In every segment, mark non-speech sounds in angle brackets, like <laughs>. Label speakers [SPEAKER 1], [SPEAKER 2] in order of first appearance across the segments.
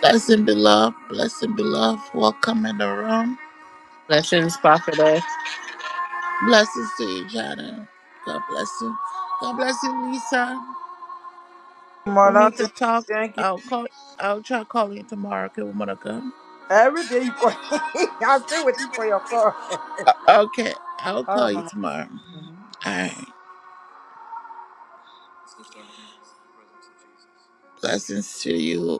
[SPEAKER 1] Blessing beloved, blessing beloved, welcome in the room.
[SPEAKER 2] Blessings, prophetess.
[SPEAKER 1] Blessings to you, Jana. God bless you. God bless you, Lisa. We
[SPEAKER 3] Mama,
[SPEAKER 1] need to
[SPEAKER 3] thank,
[SPEAKER 1] talk.
[SPEAKER 3] thank you.
[SPEAKER 1] I'll call. I'll try calling you tomorrow. Okay, woman of God.
[SPEAKER 3] Every day you call, <laughs> I'll stay waiting for your call.
[SPEAKER 1] O- Okay, I'll
[SPEAKER 3] All
[SPEAKER 1] call
[SPEAKER 3] right,
[SPEAKER 1] you
[SPEAKER 3] Mama.
[SPEAKER 1] tomorrow. All
[SPEAKER 3] Mhm.
[SPEAKER 1] right. Blessings to you,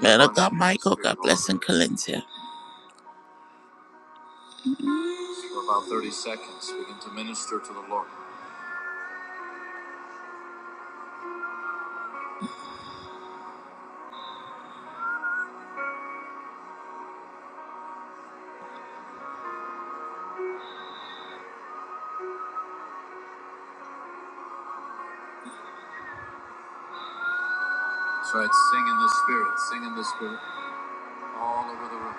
[SPEAKER 1] man of God, Michael. God bless and Calentia. For about thirty seconds, begin to minister to the Lord. That's right. Sing in the Spirit. Sing in the Spirit. All over the room.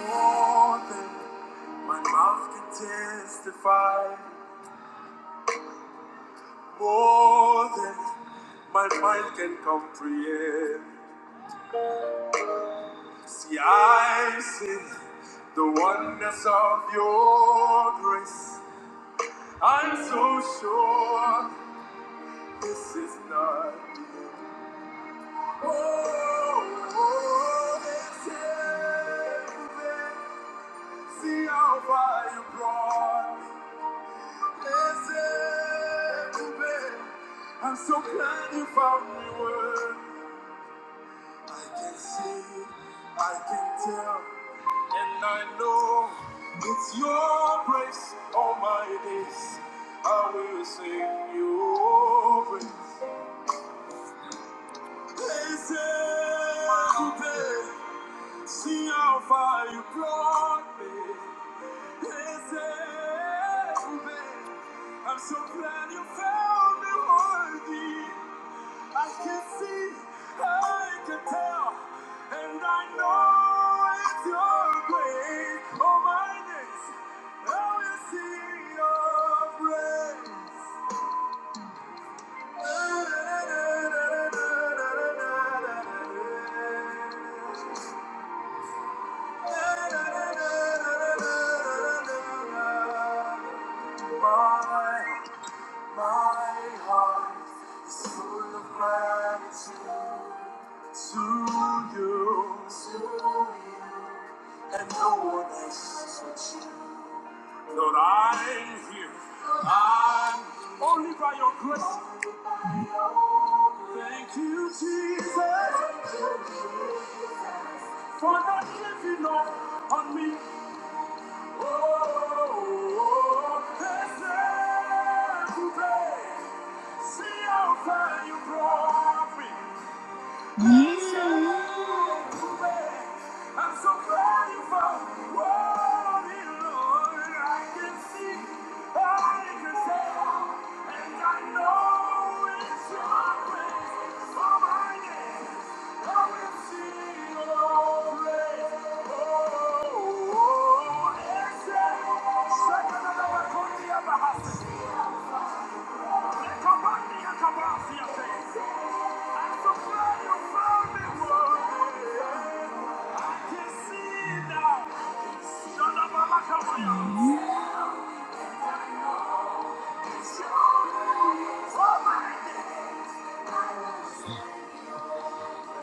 [SPEAKER 1] More than my mouth can testify more than my mind can comprehend. See, I sing the wonders of your grace. I'm so sure this is not. I'm so glad you found me where I can see, I can tell, and I know it's your grace all my days. I will sing your praise. Blessed be. See how far you brought me. Listen, babe. I'm so glad you found me worthy. I can see, I can tell, and I know it's your grace. Oh, my days, I will see your grace. to To you. you, you. and no one else but you. Lord, I'm here. I'm here. only by your grace. Thank you, Jesus, for not giving up on me. Today, see how far you brought me. I'm so glad you found Lord, I can see, I can tell, and I know it's your grace. So my name, I will sing your praise. Oh, oh, oh, excellent. Shaka la la la,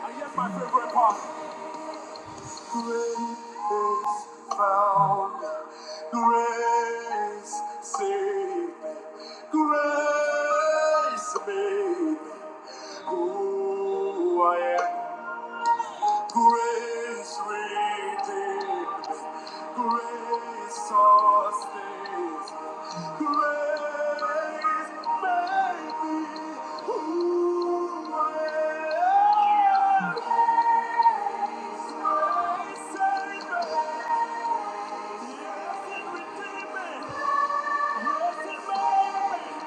[SPEAKER 1] I hear my favorite part. Grace found me. Grace saved me. Grace made me. who I am. Grace redeemed, grace sustains, grace made me who I am. Grace grace saved me, yes, it redeemed me, yes, it made me.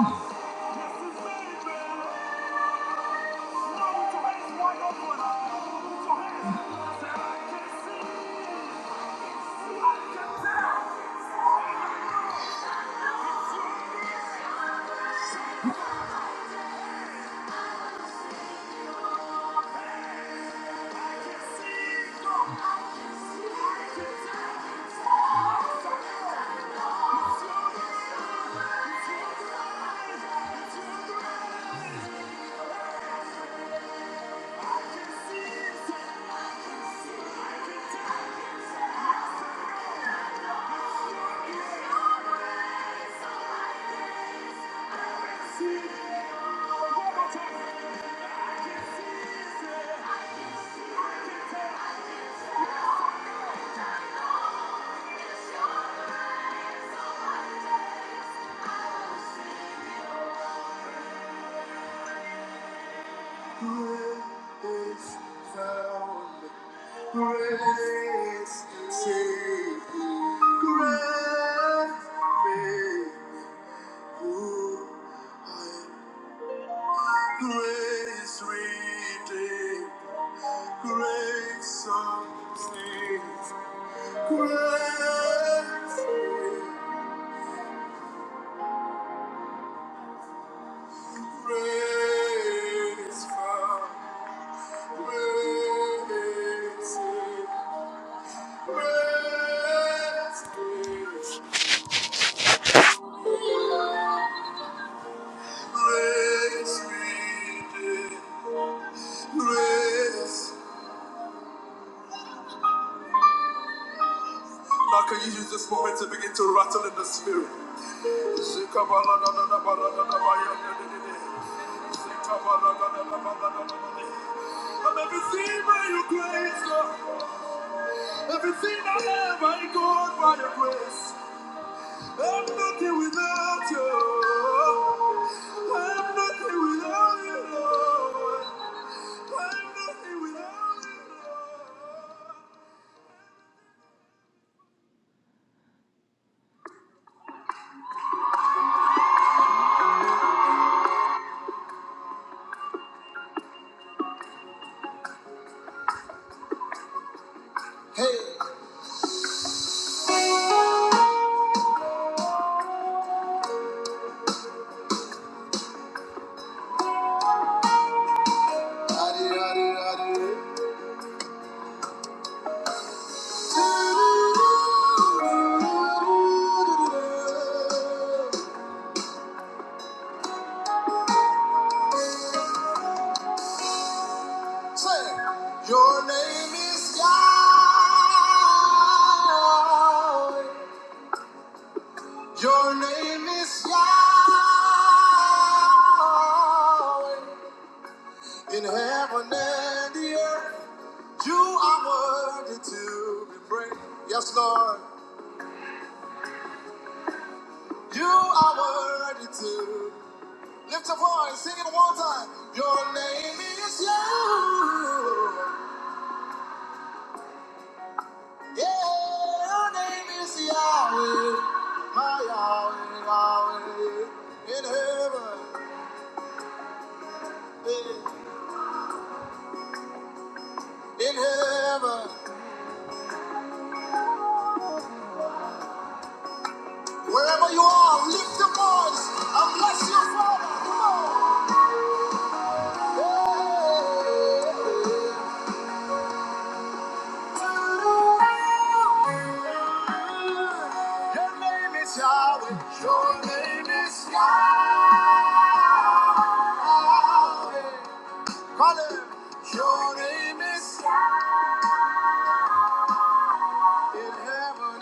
[SPEAKER 1] Jesus. <laughs> Thank you. Grace found me. Grace saved me. Grace. Grace redeemed, grace sustains, grace, grace found, grace saved, grace gives, grace redeemed, grace. Now can you use this moment to begin to rattle in the spirit? Everything by your grace, Lord. Everything I have, I got by your grace. I'm nothing without you. I'm nothing without you, Lord. I'm nothing without you, Lord. Adi, adi, adi. Do, do, do, do, do, do, do, do. Say, your name is Yahweh. Your name is Yahweh. In heaven and the earth, you are worthy to be praised. Yes, Lord, you are worthy to. Lift your voice, sing it one time. Your name is Yahweh. Yeah, your name is Yahweh, my Yahweh, Yahweh. In heaven, eh, in heaven, wherever you are, lift your voice and bless your Father. Come on. Yeah. Your name is Yahweh, your name is Yahweh. Call him. Your name is In heaven and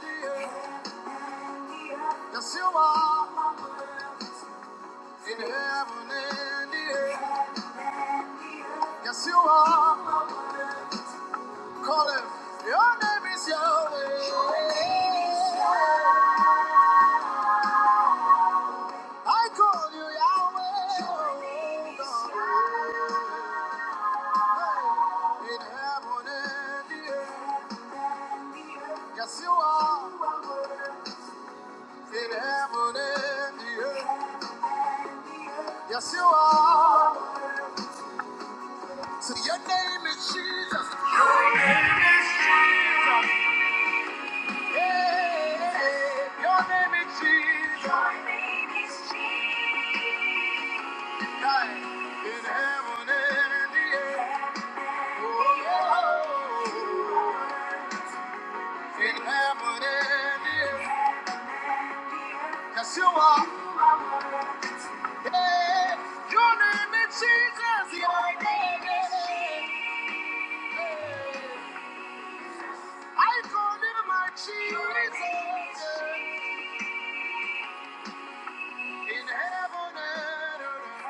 [SPEAKER 1] the earth, yes you are. In heaven and the earth, yes you are. Call him. Your name is Yahweh. I call you Yahweh. oh God. Hey. In heaven and the earth, yes you are. In heaven and the earth. Yes, you are. So your name is Jesus. Your name is Jesus. Yeah, your name is Jesus. Right. In heaven and in the earth. Oh, yeah. in heaven and in the earth. Yes, you are. Yeah, your name is Jesus. Your name is Jesus. I call him my Jesus. In heaven and earth.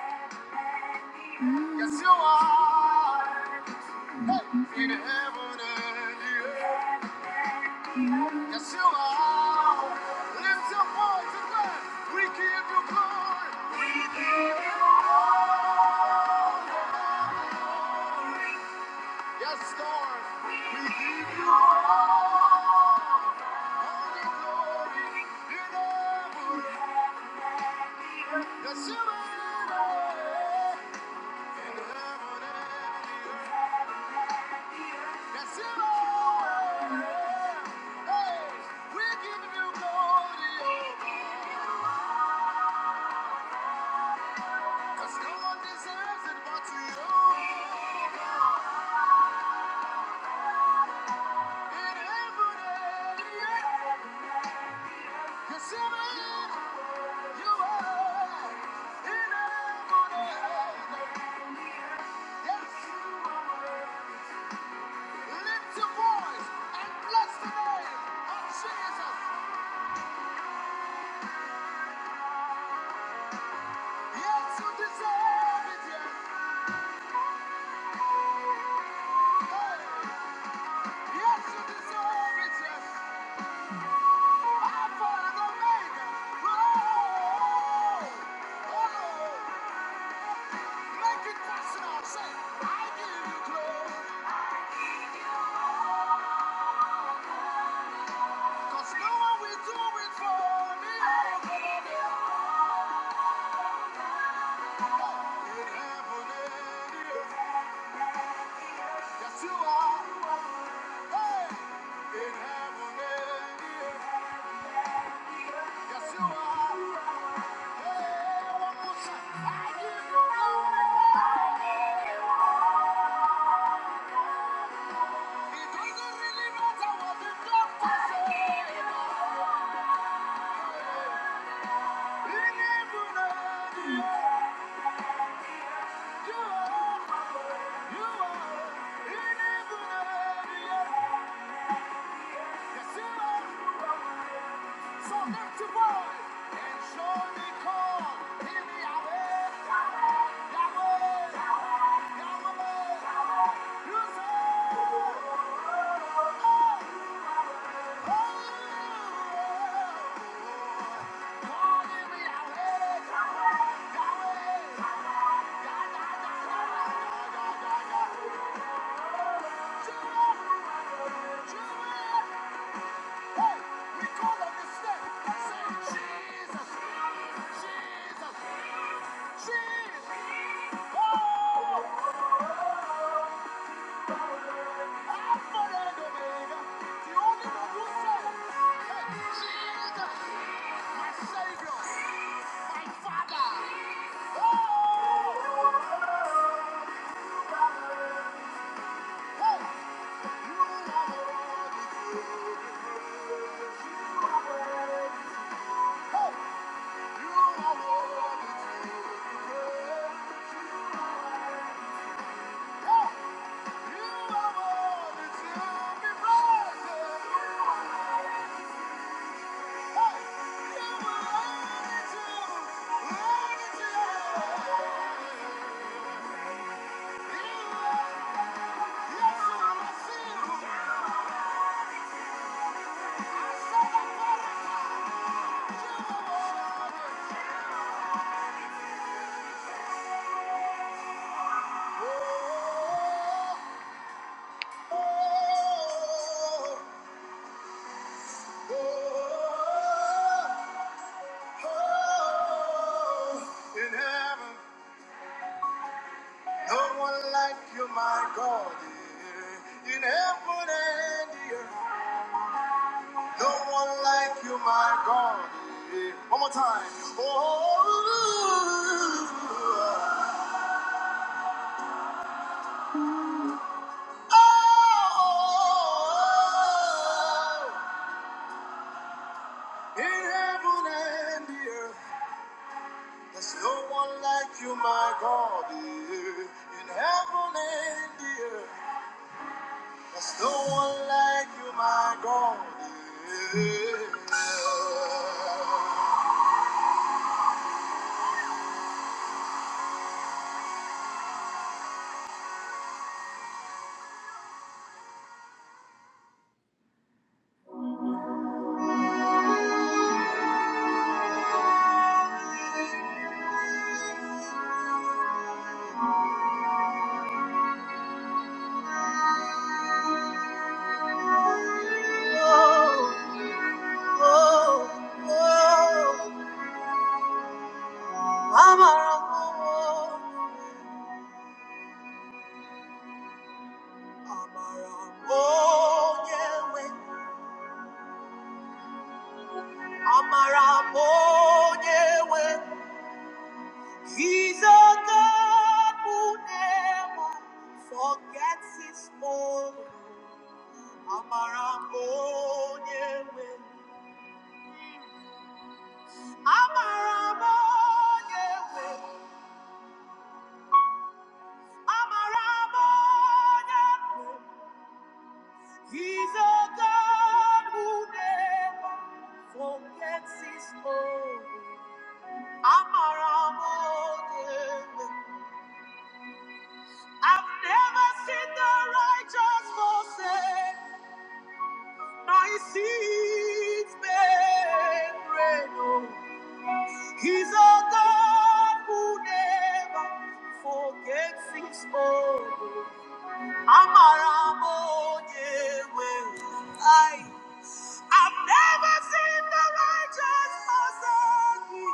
[SPEAKER 1] Yes, you are. Hey, in heaven and the earth. Yes, you are. Lift your voice and God. We give you glory. Yes, Lord. We give you all the glory in heaven. Yes, you are. In heaven and the earth. Yes, you are. Hey, we give you glory, oh God. 'Cause no one deserves it but you. Make it personal. Say, I give you glory. 'Cause no one do it for me. In heaven and yes, you are. In heaven and yes, you are. really In heaven and In heaven and earth. Yes, So lift your voice and surely call him Yahweh, Yahweh, Yahweh, Yahweh, Yahweh, Yahweh, We call on this name. Say, Jesus, Jesus, Jesus. Oh, Alpha and Omega, the only one who saves. Hey, Jesus, my Savior, my Father. Oh, hey, Hey, Oh oh, oh, oh. Oh, In heaven, no one like you, my God. yeah. In heaven and the earth, no one like you, my God. yeah. One more time. Oh, oh, in heaven and the earth, there's no one like you, my God. yeah. In heaven and the earth. There's no one like you, my God. Oh, oh, oh. Amara, oh, Amara, oh, Yahweh. Amara, oh, Yahweh. He's a God who never forgets his own. Amara, oh, Yahweh. Amara m onye nwe, amara m onye nwe, He's a, he's a, amara m onye nwe. Aye. I've never seen the righteous forsaken,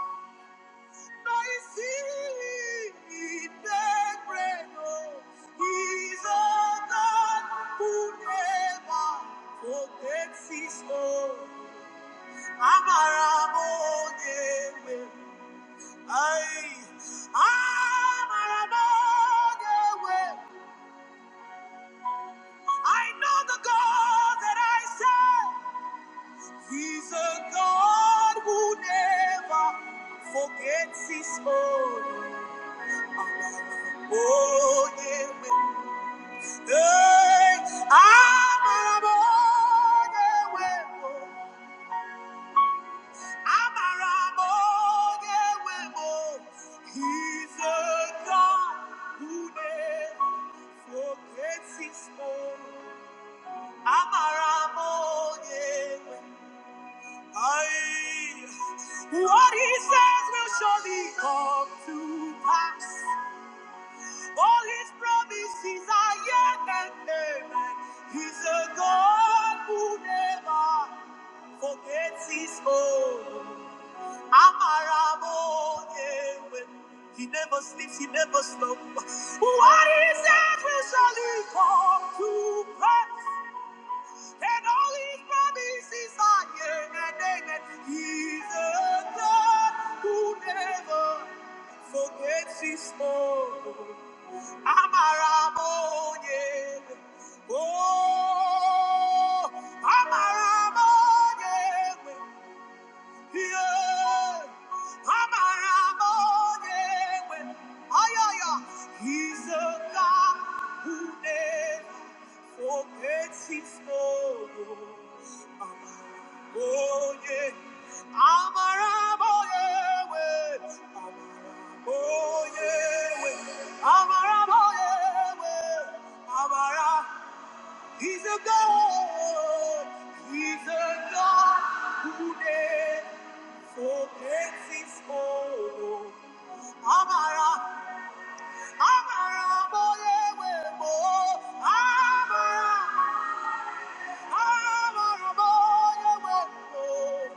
[SPEAKER 1] nor his seed beg bread. Oh, he's a God who never forgets his own. Amara m onye nwe. I am another way. I know the God that I serve. He's a God who never forgets his own. Oh, yeah. Hey, I'm another way. I'm another way. He's a God who never forgets his own. Amaramoye. Aye. What he says will surely come to pass. All his promises are yet and amen. He's a God who never forgets his own. Amaramoye. He never sleeps, he never slumbers. What he says will surely come to pass. And all his promises are yea and amen. He's a God who never forgets his own. I'm a Ramon, yeah. Oh, I'm a Ramon, yeah. Yeah. I'm a Ramon, yeah. oh, ay, ay. He's a God who never forgets his own. I'm a Oh yeah, I'm a rebel, yeah, wait. Oh yeah, wait. I'm a rebel, yeah, wait. I'm a ra- He's a God. He's a God who never forgets his own. I'm a ra- I'm a rebel, yeah, wait. Oh, I'm a ra- I'm a rebel, yeah, wait.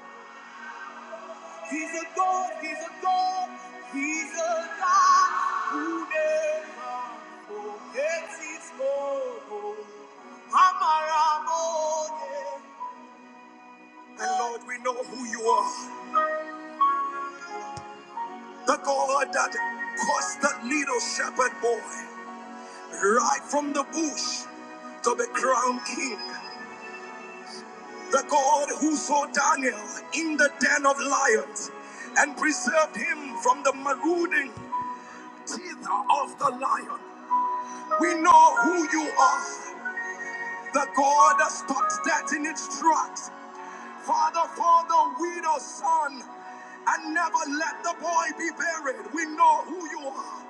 [SPEAKER 1] He's a God, He's a God, He's a God who never forgets His own. Amarabode. And Lord, we know who you are, the God that caused that little shepherd boy right from the bush to be crowned king, the God who saw Daniel in the den of lions and preserved him from the marauding teeth of the lion. We know who you are, the God that stops death in its tracks. Father, Father, we the Son, and never let the boy be buried. We know who you are.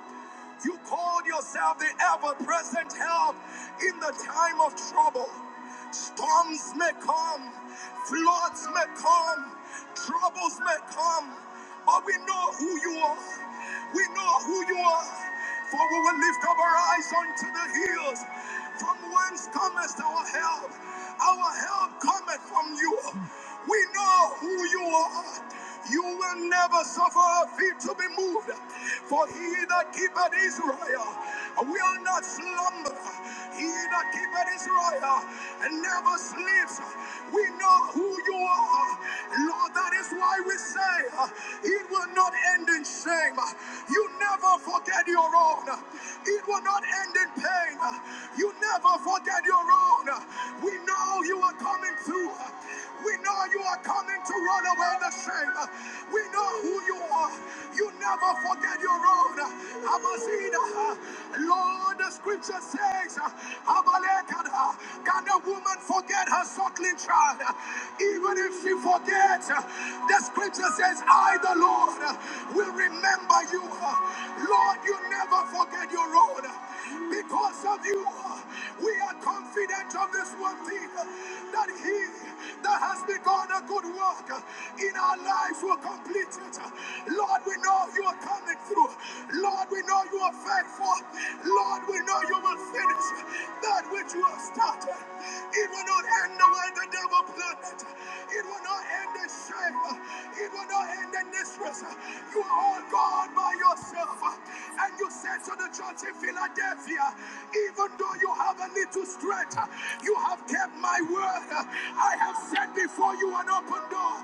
[SPEAKER 1] You called yourself the ever present help in the time of trouble. Storms may come, floods may come, troubles may come, but we know who you are. We know who you are, for we will lift up our eyes unto the hills. From whence cometh our help? Our help cometh from you. We know who you are. You will never suffer our feet to be moved. For he that keepeth Israel will not slumber. He that keepeth Israel never sleeps. We know who you are. Lord, that is why we say uh, it will not end in shame. You never forget your own. It will not end in pain. You never forget your own. We know you are coming through. We know you are coming to roll away the shame. We know who you are. You never forget your own. Abazida. Lord, the scripture says, Abalekada. Can a woman forget her suckling child? Even if she forgets, the scripture says, I, the Lord, will remember you. Lord, you never forget your own. Because of you, we are confident of this one thing that He that has begun a good work in our lives will complete it. Lord, we know you are coming through. Lord, we know you are faithful. Lord, we know you will finish that which you have started. It will not end the way the devil planned it. It will not end in shame. It will not end in distress. You are all God by yourself. And you said to the church in Philadelphia, even though you have a little strength, you have kept my word. I have set before you an open door.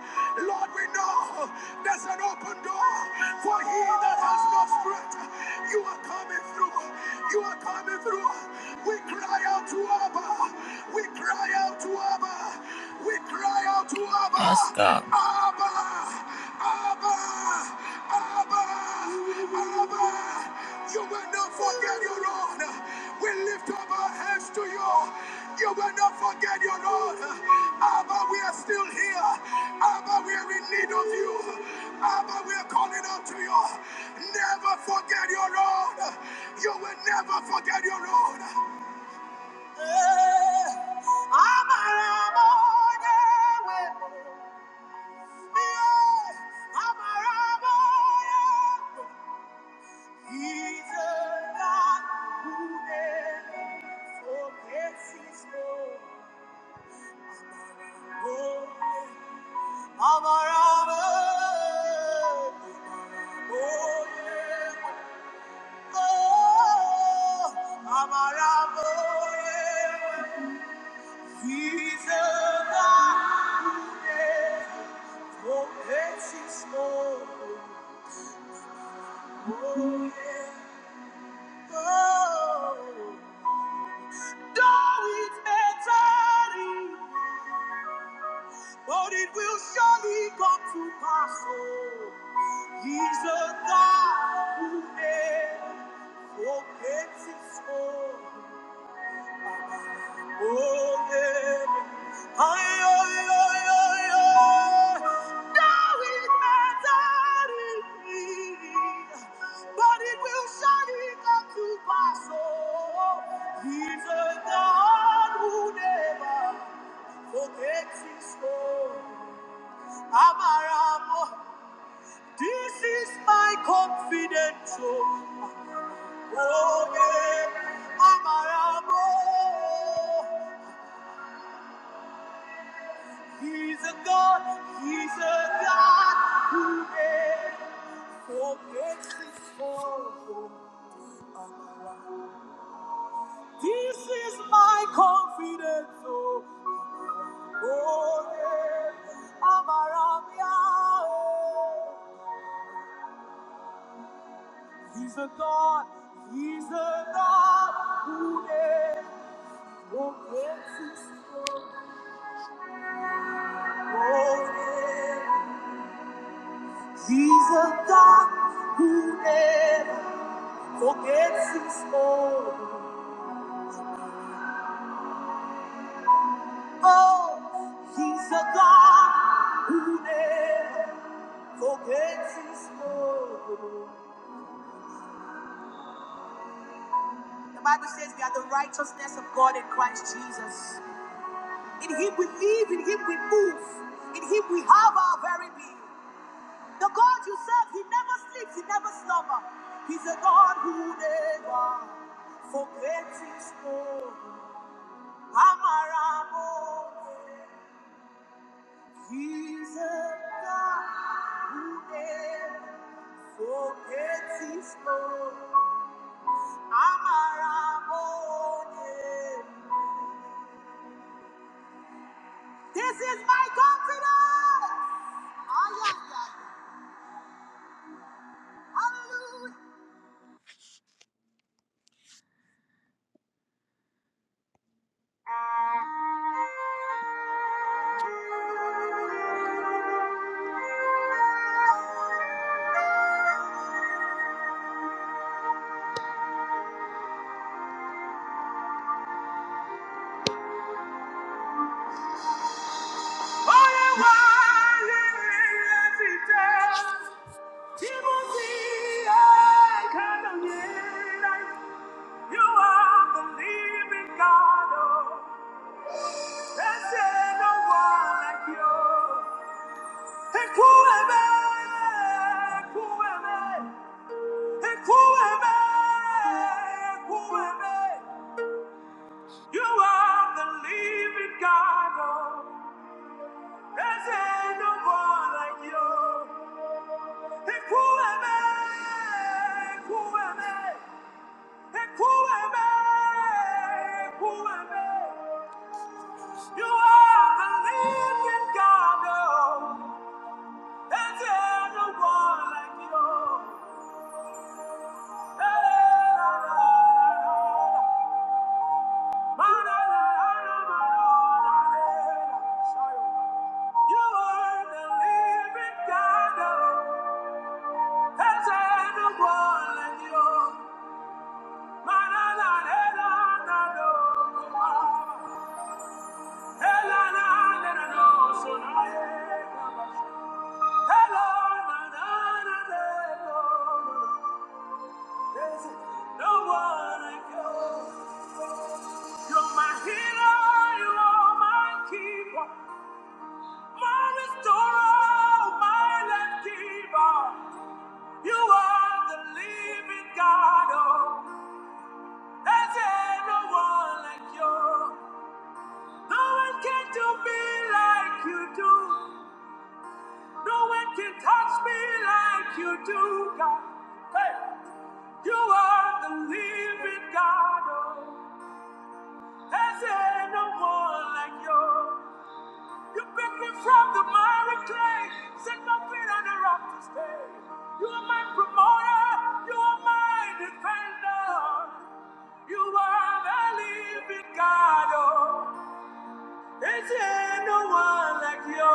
[SPEAKER 1] Lord, we know there's an open door for he that has no strength. You are coming through. You are coming through. We cry we cry out to Abba. We cry out to Abba. Yes, God. Abba. Abba. Abba. Abba. You will not forget your honor. We lift up our hands to you. You will not forget your honor. Abba, we are still here. Abba, we are in need of you. Abba, we are calling on you. Abba, Abba, Abba. He's a God who never forgets his love. He's a God. This is my confidence. Oh, oh yeah. Amaramia. He's a God. He's a God who never forgets his love. Oh, yeah. He's a God who never forgets his own. Oh, he's a God who never forgets his own. The Bible says we are the righteousness of God in Christ Jesus. In him we live, in him we move, in him we have our very being. The God you serve, he never sleeps, he never slumbers. He's a God who never forgets his own. He's a God who never forgets His love. Amarabo, this is my confidence. Ay, ay, ay. Hallelujah. All the while as he tells Timothy, I can hear You are the living God. Oh. There's no one like you. And who am I? Who am I? And who am I? Who am I? You are the living God. oh. There's no one like you. And who am I? Who am I? And who am I? Who am I? You are the living God. oh. Hello, There's no one I go. You're my healer, you're my keeper, my restorer, my life giver. You are the living God, oh. There's no one like you. No one can do me like you do. No one can touch me like you do, God. Hey, you are the living God, oh. Has there no one like you? You picked me from the miry clay, set my feet on the rock to stay. You are my promoter, you are my defender. You are the living God. Oh, is there no one like you?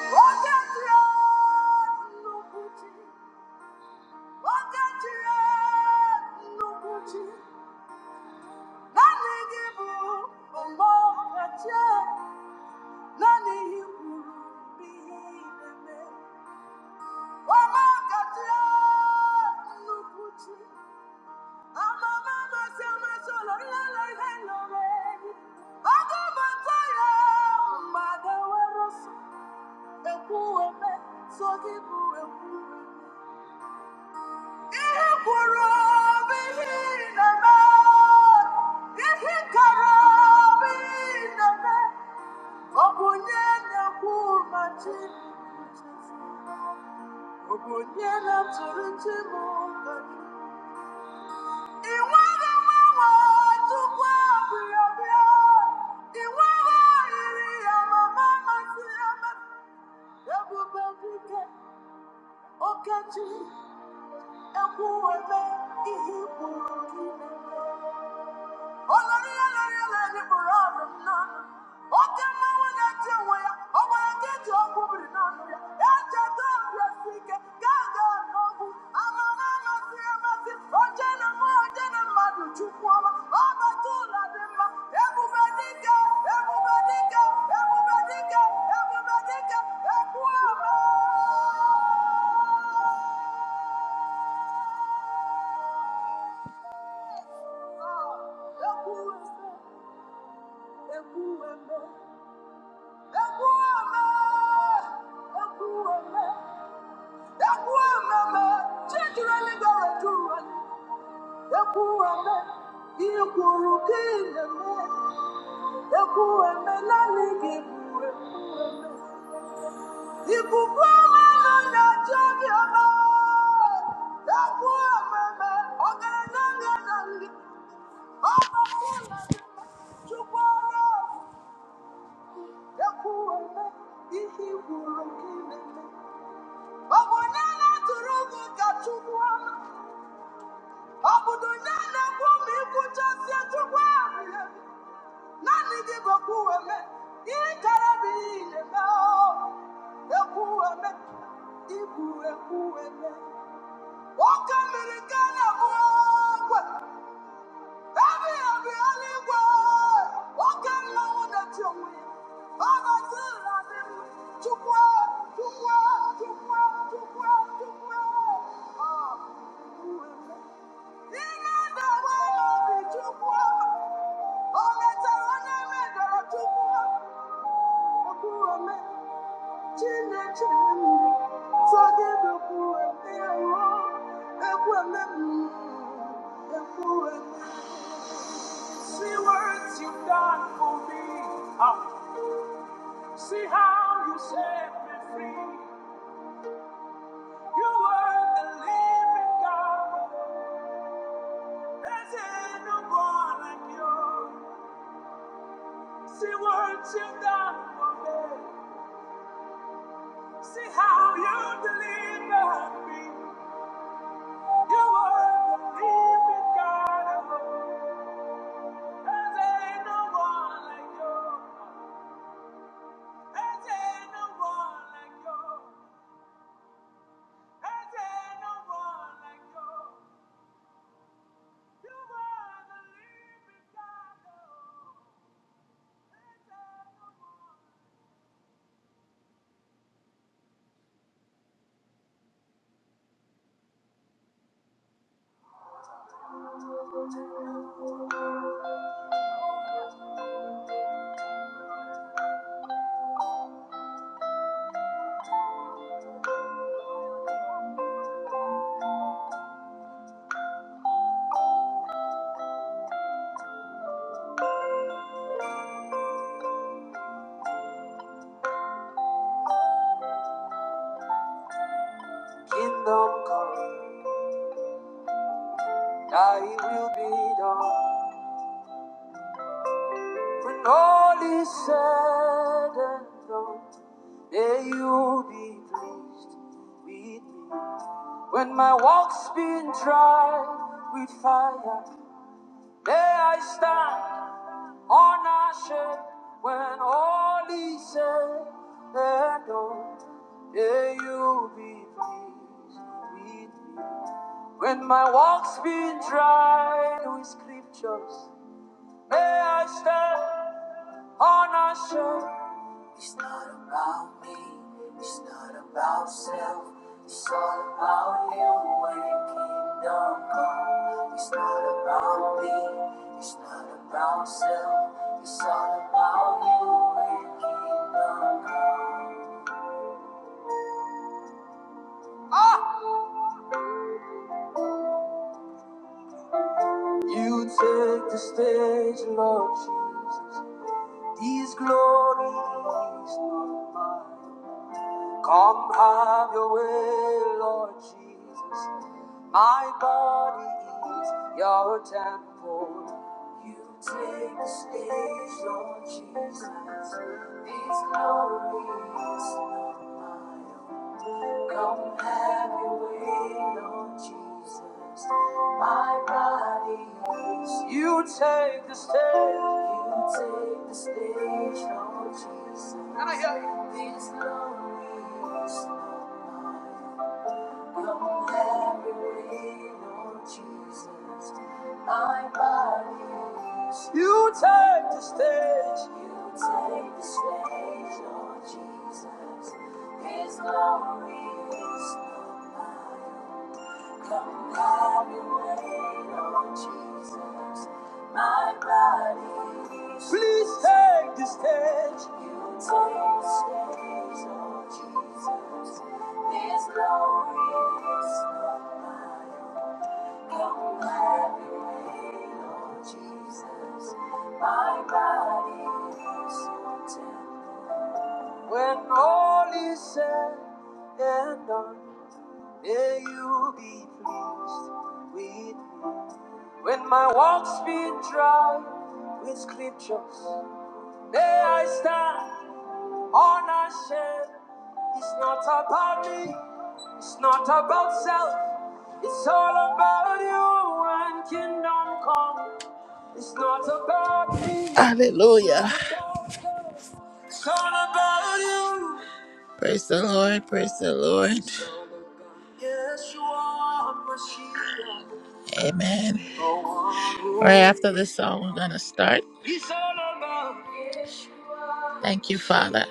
[SPEAKER 1] On the throne, no beauty. On the throne, no beauty. Nothing evil, but more than you. Ihe kwuru obi ihe na-eme, ihe kara obi ihe na-eme, ọ bụ onye na-ekwu ma chi Obonyela tụrụ nchebe ụka. Ị nweghị mmanwụ Chukwu abụghị ọbịa. Ị nweghị oyiri ya ma mma mmasị ya ma. Ebube dike, oke chi, ekwu eme ihe Thank you. Chukwu ọrụ, ekwu eme ihe i kwuru ka ị na-eme. Ọka mere Ghana bụ Baby, I'm really good. Walking alone at your wheel. Father, good, I did it. Too well, too well, too well, too well, too well. Ah, who is it? Sing it the way of the too well. Oh, let's run and make it a too well. The poor man, chin and chin. So give the poor man a roll. The poor man, See what you've done for me. Ah, see how you set me free. You are the living God. There's no one like you. See what you've done for me. See how you delivered me. You are the living God. There's no one like you. There's no one like you. There's no one like you. When all is said and done, may you be pleased with me. When my walk's been tried with fire, may I stand unashamed. When all is said and done, may you be pleased with me. When my walk's been tried with scriptures. May I stand unanswered. It's not about me, it's not about self. It's all about you. when Your kingdom come. It's not about me, it's not about self. It's all about You when Your kingdom come. You take the stage, Lord Jesus. These glories, not mine. Come have Your way, Lord Jesus. My body is your temple. You take the stage, Lord Jesus. These glories not mine. Come have your way, Lord Jesus. My body is. You take the stage. You take the stage, Lord Jesus. These glories not mine. Come every way, Lord Jesus. My body is. You take the stage. You take the stage, Lord Jesus. His glory is no matter. Come have your way, Lord Jesus. My body is Please take the stage. You take the stage, Lord Jesus. This glory is not mine. Come have your way, Lord Jesus. My body is your temple. When all is said and done, may you be pleased. with. me. When my walk's been dry with scriptures, may I stand on a shame. It's not about me, it's not about self, it's all about you and kingdom come. It's not about me, Hallelujah. it's all about you. Praise the Lord. Praise the Lord. Yes, you are my shield. Amen. Right after this song, we're going to start. Thank you, Father,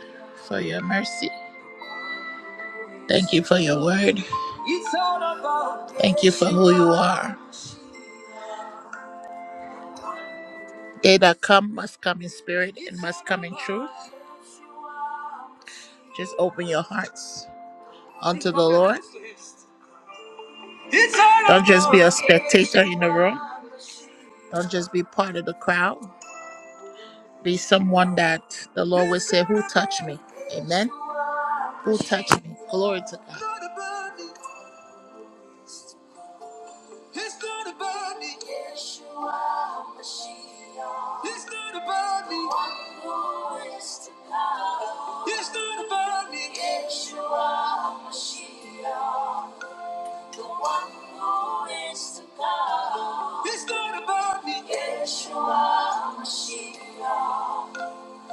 [SPEAKER 1] for your mercy. Thank you for your word. Thank you for who you are. They that come must come in spirit and must come in truth. Just open your hearts unto the Lord. Don't just be a spectator in the room. Don't just be part of the crowd. Be someone that the Lord will say, Who touched me? Amen. Who touched me? Glory to God. Yeshua Mashiach, who is to come. Yeshua Mashiach, the one who is to come. Yeshua Mashiach,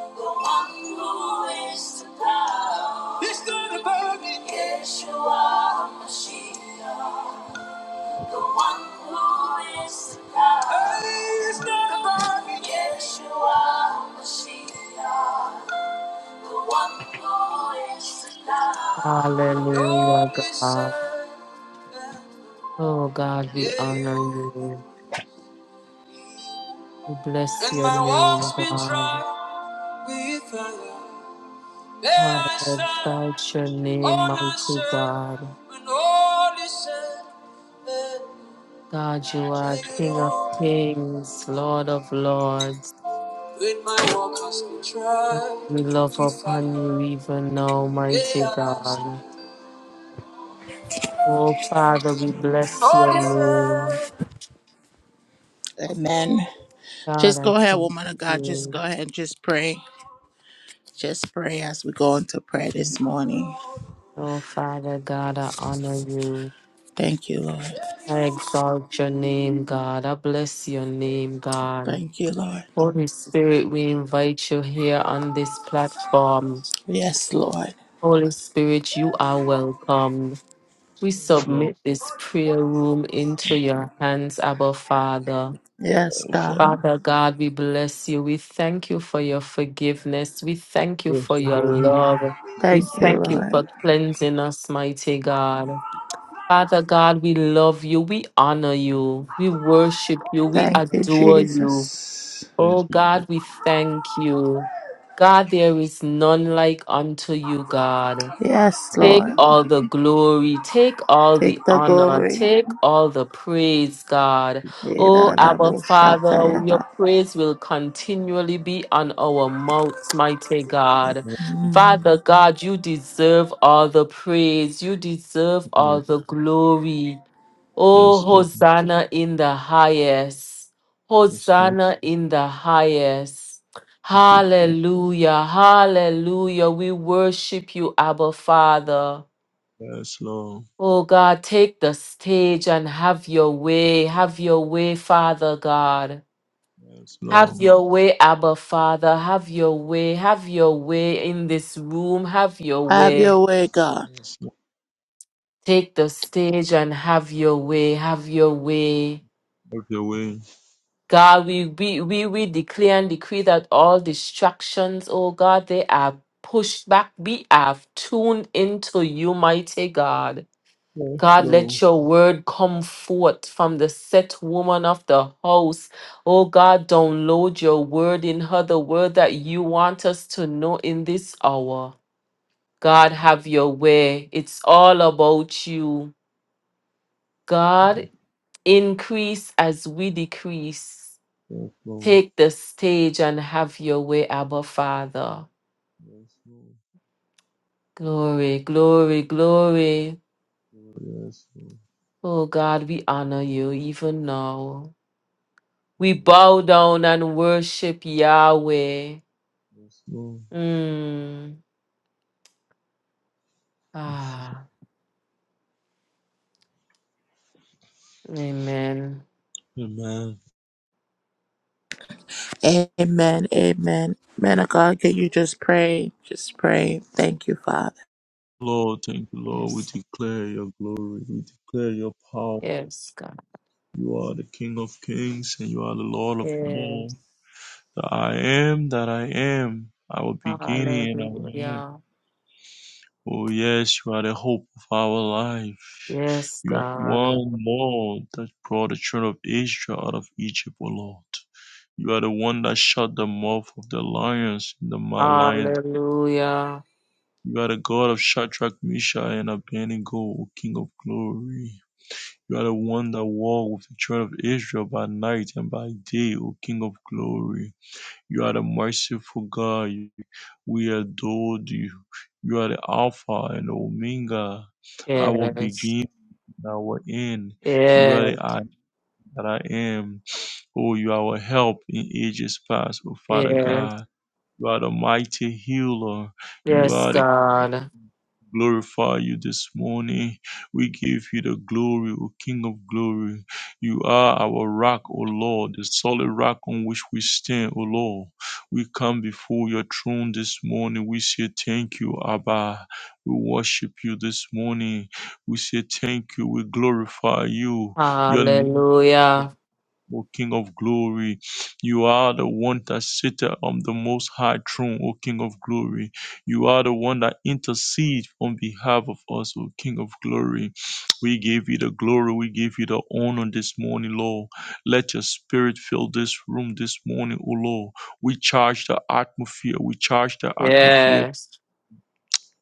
[SPEAKER 1] the one who is to come. He's not above me. Yeshua Mashiach, the one who is to come. Hey, He's not above me. Yeshua Mashiach. One voice aloud.
[SPEAKER 2] Hallelujah,
[SPEAKER 1] Holy
[SPEAKER 2] God.
[SPEAKER 1] Son,
[SPEAKER 2] Oh, God,
[SPEAKER 1] yeah,
[SPEAKER 2] we honor
[SPEAKER 1] you.
[SPEAKER 2] you. We bless
[SPEAKER 1] And
[SPEAKER 2] your
[SPEAKER 1] my walks
[SPEAKER 2] name,
[SPEAKER 1] be
[SPEAKER 2] God.
[SPEAKER 1] tried with fire. There I
[SPEAKER 2] Hallelujah,
[SPEAKER 1] stand,
[SPEAKER 2] exalt your name, mighty
[SPEAKER 1] unashamed,
[SPEAKER 2] God.
[SPEAKER 1] when all is said
[SPEAKER 2] God, you are
[SPEAKER 1] and
[SPEAKER 2] King of
[SPEAKER 1] done.
[SPEAKER 2] kings, Lord of lords.
[SPEAKER 1] When my walk has been tried
[SPEAKER 2] We love
[SPEAKER 1] with
[SPEAKER 2] upon you
[SPEAKER 1] fire,
[SPEAKER 2] even now, mighty
[SPEAKER 1] there I stand,
[SPEAKER 2] God. Oh, Father, we bless your
[SPEAKER 1] all is said.
[SPEAKER 2] name.
[SPEAKER 1] Amen.
[SPEAKER 2] God,
[SPEAKER 1] Just
[SPEAKER 2] I
[SPEAKER 1] go ahead,
[SPEAKER 2] thank
[SPEAKER 1] woman of God. Just
[SPEAKER 2] you.
[SPEAKER 1] go ahead and just pray. Just pray as we go into prayer this morning.
[SPEAKER 2] Oh, Father God, I honor you.
[SPEAKER 1] Thank you, Lord.
[SPEAKER 2] I exalt your name, God. I bless your name, God.
[SPEAKER 1] Thank you, Lord.
[SPEAKER 2] Holy Spirit, we invite you here on this platform.
[SPEAKER 1] Yes, Lord.
[SPEAKER 2] Holy Spirit, you are welcome. We
[SPEAKER 4] Yes, Lord.
[SPEAKER 2] submit this prayer room into your hands, Abba Father.
[SPEAKER 1] Yes,
[SPEAKER 4] Oh, Father.
[SPEAKER 1] God.
[SPEAKER 2] Father God, we bless you. We thank you for your forgiveness. We thank you
[SPEAKER 4] Yes,
[SPEAKER 2] for your
[SPEAKER 4] Lord.
[SPEAKER 2] love. We
[SPEAKER 1] Thank you,
[SPEAKER 2] thank
[SPEAKER 4] Thank,
[SPEAKER 2] you
[SPEAKER 1] Lord.
[SPEAKER 2] for cleansing us, mighty God. Father God, we love you. We honor
[SPEAKER 4] you.
[SPEAKER 2] you. We worship you. We
[SPEAKER 1] Thank you,
[SPEAKER 2] adore you.
[SPEAKER 1] Jesus.
[SPEAKER 4] thank
[SPEAKER 2] Oh
[SPEAKER 4] you.
[SPEAKER 2] God, we thank you. God, there is none like unto you, God.
[SPEAKER 1] Yes,
[SPEAKER 2] Take
[SPEAKER 1] Lord.
[SPEAKER 2] all the glory, take all
[SPEAKER 1] Take
[SPEAKER 2] the
[SPEAKER 1] the
[SPEAKER 2] honor,
[SPEAKER 1] glory.
[SPEAKER 2] take all the praise, God. Oh,
[SPEAKER 4] Lord.
[SPEAKER 2] Abba Father, your praise will continually be on our mouths, mighty
[SPEAKER 4] Lord.
[SPEAKER 2] God.
[SPEAKER 4] Lord.
[SPEAKER 2] Father God, you deserve all the praise, you deserve all the glory. Oh,
[SPEAKER 4] Yes, Lord.
[SPEAKER 2] Hosanna in the highest,
[SPEAKER 4] Yes, Lord.
[SPEAKER 2] Hosanna in the highest.
[SPEAKER 4] Thank you.
[SPEAKER 2] Hallelujah. Hallelujah. We worship you, Abba Father.
[SPEAKER 4] Yes, Lord.
[SPEAKER 2] Oh God, take the stage and have your way. Have your way, Father God.
[SPEAKER 4] Yes,
[SPEAKER 2] Have
[SPEAKER 4] Lord.
[SPEAKER 2] your way, Abba Father. Have your way. Have your way in this room. Have your
[SPEAKER 1] Have
[SPEAKER 2] way.
[SPEAKER 1] your way, God.
[SPEAKER 4] Yes, Lord.
[SPEAKER 2] Take the stage and have your way. Have your way.
[SPEAKER 4] Have your way.
[SPEAKER 2] God, we, we, we, we declare and decree that all distractions, oh God, they are pushed back. We have tuned into you, mighty God.
[SPEAKER 4] Yes,
[SPEAKER 2] God, let
[SPEAKER 4] Lord.
[SPEAKER 2] your word come forth from the set woman of the house. Oh God, download your word in her, the word that you want us to know in this hour. God,
[SPEAKER 4] Mm.
[SPEAKER 2] have your way. It's all about you. God,
[SPEAKER 4] Mm.
[SPEAKER 2] increase as we decrease.
[SPEAKER 4] Yes, Lord.
[SPEAKER 2] Take the stage and have your way, Abba Father.
[SPEAKER 4] Yes, Lord.
[SPEAKER 2] Glory, glory, glory.
[SPEAKER 4] Yes, Lord.
[SPEAKER 2] Oh God, we honor you even now. We
[SPEAKER 4] Lord.
[SPEAKER 2] bow down and worship Yahweh.
[SPEAKER 4] Yes, Lord.
[SPEAKER 2] Mm.
[SPEAKER 4] Yes.
[SPEAKER 2] Ah, amen.
[SPEAKER 4] Amen.
[SPEAKER 1] Amen. Amen. Man of God, can you just pray? Just pray. Thank you, Father.
[SPEAKER 4] Lord, thank you, Lord. We
[SPEAKER 2] Yes,
[SPEAKER 4] declare your glory. We declare your power.
[SPEAKER 2] yes, God.
[SPEAKER 4] You are the King of kings and you are the Lord of
[SPEAKER 2] Yes.
[SPEAKER 4] lords. The I am that I am, our beginning and our end.
[SPEAKER 2] Hallelujah.
[SPEAKER 4] Oh, yes, you are the hope of our life.
[SPEAKER 2] Yes,
[SPEAKER 4] You are
[SPEAKER 2] God.
[SPEAKER 4] one Lord that brought the children of Israel out of Egypt, O Lord. You are the one that shut the mouth of the lions in the ma- lion.
[SPEAKER 2] Hallelujah.
[SPEAKER 4] You are the God of Shadrach, Meshach, and Abednego, O King of glory. You are the one that war with the children of Israel by night and by day, O King of glory. You are the merciful God. We adore you. You are the Alpha and Omega, our
[SPEAKER 2] Yes,
[SPEAKER 4] beginning and our end. You are
[SPEAKER 2] yes,
[SPEAKER 4] the I that I am. Oh, you are our help in ages past, O Father
[SPEAKER 2] yes.
[SPEAKER 4] God. You are the mighty healer. You
[SPEAKER 2] Yes,
[SPEAKER 4] are the
[SPEAKER 2] God.
[SPEAKER 4] glorify you this morning. We give you the glory, O King of glory. You are our rock, O Lord, the solid rock on which we stand, O Lord. We come before your throne this morning. We say thank you, Abba. We worship you this morning. We say thank you. We glorify you. Your name
[SPEAKER 2] Hallelujah.
[SPEAKER 4] O King of glory. You are the one that sitteth on the most high throne, O King of glory. You are the one that intercedes on behalf of us, O King of glory. We give you the glory. We give you the honor this morning, Lord. Let your spirit fill this room this morning, O Lord. We charge the atmosphere. We charge the atmosphere
[SPEAKER 2] Yes.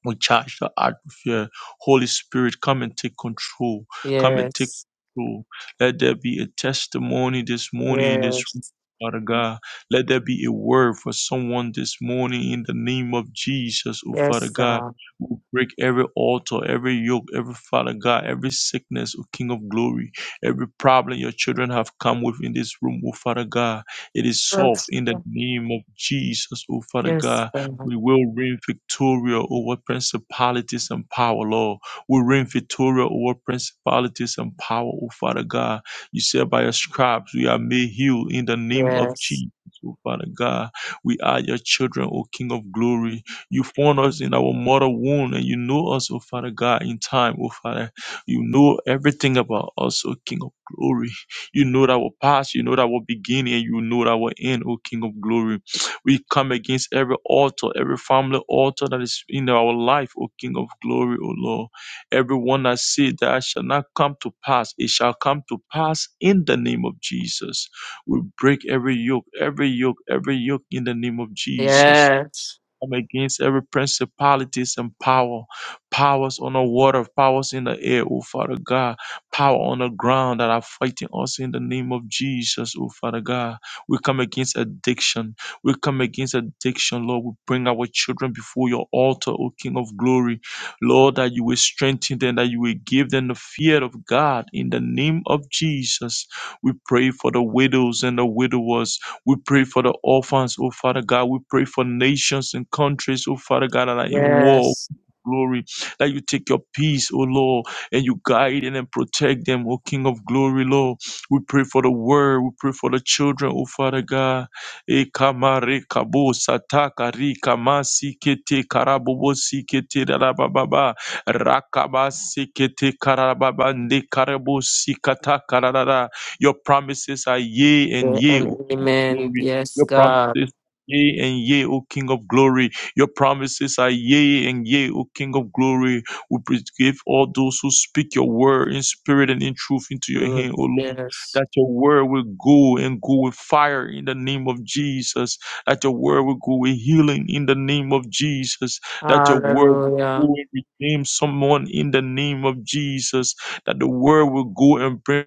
[SPEAKER 4] we charge the atmosphere. Holy Spirit, come and take control. Come and take
[SPEAKER 2] Yes.
[SPEAKER 4] control. Let there be a testimony this morning in this room,
[SPEAKER 2] Yes.
[SPEAKER 4] Father God. Let there be a word for someone this morning in the name of Jesus, oh Father
[SPEAKER 2] Yes,
[SPEAKER 4] God.
[SPEAKER 2] God.
[SPEAKER 4] We Break every altar, every yoke, every Father God, every sickness, O King of glory, every problem your children have come with in this room, O Father God. It is solved
[SPEAKER 2] Yes,
[SPEAKER 4] in the
[SPEAKER 2] God.
[SPEAKER 4] name of Jesus, O Father
[SPEAKER 2] Yes,
[SPEAKER 4] God.
[SPEAKER 2] God.
[SPEAKER 4] We will reign victoria over principalities and power, Lord. We reign victoria over principalities and power, oh Father God. You said by your stripes we are made healed in the name of
[SPEAKER 2] Yes.
[SPEAKER 4] Jesus, oh Father God. We are your children, O King of glory. You formed us in our mother womb and you know us, O Father God, in time, O Father. You know everything about us, O King of glory. You know our past, you know our beginning, and you know our end, O King of glory. We come against every altar, every family altar that is in our life, O King of glory, O Lord. Everyone that said that shall not come to pass, it shall come to pass in the name of Jesus. We break every yoke, every yoke, every yoke in the name of Jesus
[SPEAKER 2] Yes.
[SPEAKER 4] come against every principalities and power, powers on the water, powers in the air, oh Father God, power on the ground that are fighting us in the name of Jesus, oh Father God. We come against addiction. We come against addiction, Lord. We bring our children before your altar, O King of glory. Lord, that you will strengthen them, that you will give them the fear of God in the name of Jesus. We pray for the widows and the widowers. We pray for the orphans, oh Father God. We pray for nations and countries, oh Father God, that are in war.
[SPEAKER 2] Yes.
[SPEAKER 4] Glory that you take your peace, oh Lord, and you guide and then protect them, oh King of glory, Lord. We pray for the word, we pray for the children, oh Father God. E kamare kabo sataka ri kamasi kete karabobo si kete rarababa rakaba si kete karababa nde karabo si kata kararara. Your promises are yea and
[SPEAKER 2] Yeah,
[SPEAKER 4] yea,
[SPEAKER 2] And
[SPEAKER 4] O King of
[SPEAKER 2] amen.
[SPEAKER 4] glory.
[SPEAKER 2] Yes,
[SPEAKER 4] Your
[SPEAKER 2] God.
[SPEAKER 4] promises Yea and yea, O King of glory. Your promises are yea and yea, O King of glory. We praise- give all those who speak your word in spirit and in truth into your
[SPEAKER 2] Good.
[SPEAKER 4] hand, O Lord,
[SPEAKER 2] Yes.
[SPEAKER 4] that your word will go and go with fire in the name of Jesus, that your word will go with healing in the name of Jesus, that your word will
[SPEAKER 2] Hallelujah.
[SPEAKER 4] go and redeem someone in the name of Jesus, that the word will go and bring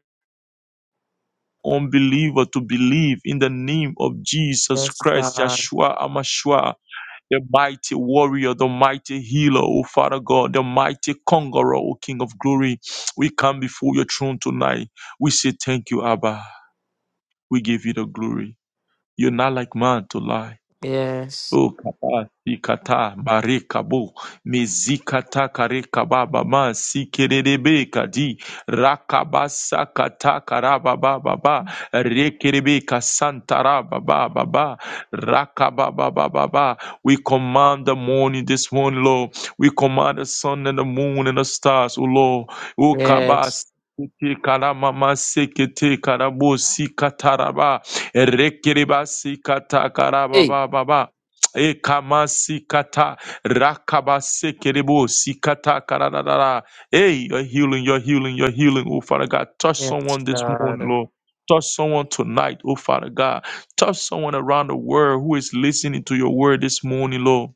[SPEAKER 4] unbeliever to believe in the name of Jesus
[SPEAKER 2] Yes,
[SPEAKER 4] Christ,
[SPEAKER 2] God.
[SPEAKER 4] Yeshua Amashua, the mighty warrior, the mighty healer, O Father God, the mighty conqueror, O King of glory. We come before your throne tonight. We say thank you, Abba. We give you the glory. You're not like man to lie.
[SPEAKER 2] Yes.
[SPEAKER 4] O kata, ikata barika bu mizikata kareka baba ma sikerebe kadi rakabasa kata karaba baba ba rekerebe kasantara baba baba rakaba baba baba we command the morning this morning Lord we command the sun and the moon and the stars O Lord ukabas
[SPEAKER 2] Yes.
[SPEAKER 4] Karamama sekete karabo sikataraba rekereba sikata karaba
[SPEAKER 2] Hey.
[SPEAKER 4] baba ba. Ekamasikata rakabasekeribo sikata karadadara. Hey, your healing, your healing, your healing. Oh, Father God, touch
[SPEAKER 2] Yes,
[SPEAKER 4] someone this morning,
[SPEAKER 2] God.
[SPEAKER 4] Lord. Touch someone tonight, oh Father God. Touch someone around the world who is listening to your word this morning, Lord.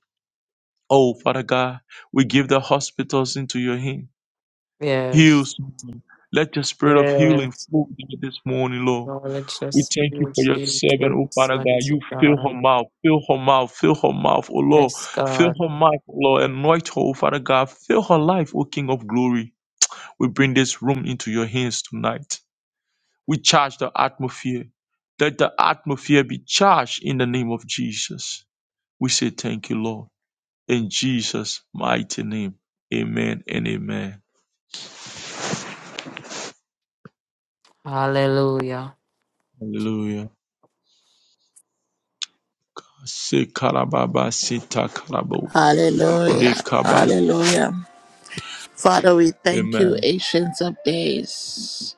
[SPEAKER 4] Oh, Father God, we give the hospitals into your hand.
[SPEAKER 2] Yes.
[SPEAKER 4] Heals. Let your spirit of healing
[SPEAKER 2] Yes.
[SPEAKER 4] flow into this morning, Lord.
[SPEAKER 2] Knowledge of
[SPEAKER 4] We thank you
[SPEAKER 2] spirit.
[SPEAKER 4] for your servant,
[SPEAKER 2] Take
[SPEAKER 4] oh
[SPEAKER 2] us,
[SPEAKER 4] Father God. You
[SPEAKER 2] mighty
[SPEAKER 4] fill her
[SPEAKER 2] God.
[SPEAKER 4] mouth, fill her mouth, fill her mouth, oh Lord.
[SPEAKER 2] Yes,
[SPEAKER 4] Fill
[SPEAKER 2] God.
[SPEAKER 4] her mouth, oh Lord. Anoint her, oh Father God. Fill her life, oh King of glory. We bring this room into your hands tonight. We charge the atmosphere. Let the atmosphere be charged in the name of Jesus. We say thank you, Lord. In Jesus' mighty name. Amen and amen.
[SPEAKER 2] Hallelujah.
[SPEAKER 4] Hallelujah. Se karababa sita karabo.
[SPEAKER 1] Hallelujah.
[SPEAKER 4] Rekabas.
[SPEAKER 1] Hallelujah. Father, we thank you,
[SPEAKER 4] Amen.
[SPEAKER 1] Ancients of Days,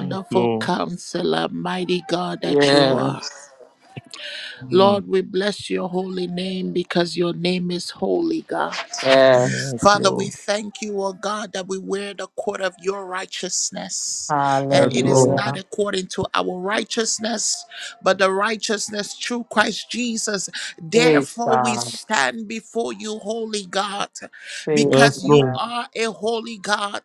[SPEAKER 4] Yes, Lord.
[SPEAKER 1] counselor, mighty God that you are.
[SPEAKER 2] Yes.
[SPEAKER 4] Mm.
[SPEAKER 1] Lord, we bless your holy name because your name is holy, God.
[SPEAKER 2] Yes.
[SPEAKER 4] Yes,
[SPEAKER 1] Father, we
[SPEAKER 4] Lord.
[SPEAKER 1] thank you, O God, that we wear the court of your righteousness. And
[SPEAKER 4] Yes,
[SPEAKER 1] it is
[SPEAKER 4] Lord.
[SPEAKER 1] not
[SPEAKER 2] Hallelujah.
[SPEAKER 1] according to our righteousness, but the righteousness through Christ Jesus.
[SPEAKER 2] Praise
[SPEAKER 1] Therefore, we
[SPEAKER 2] God.
[SPEAKER 1] stand before you, holy God,
[SPEAKER 2] Praise
[SPEAKER 4] Yes,
[SPEAKER 1] because you
[SPEAKER 4] Lord.
[SPEAKER 2] God.
[SPEAKER 1] are a holy God.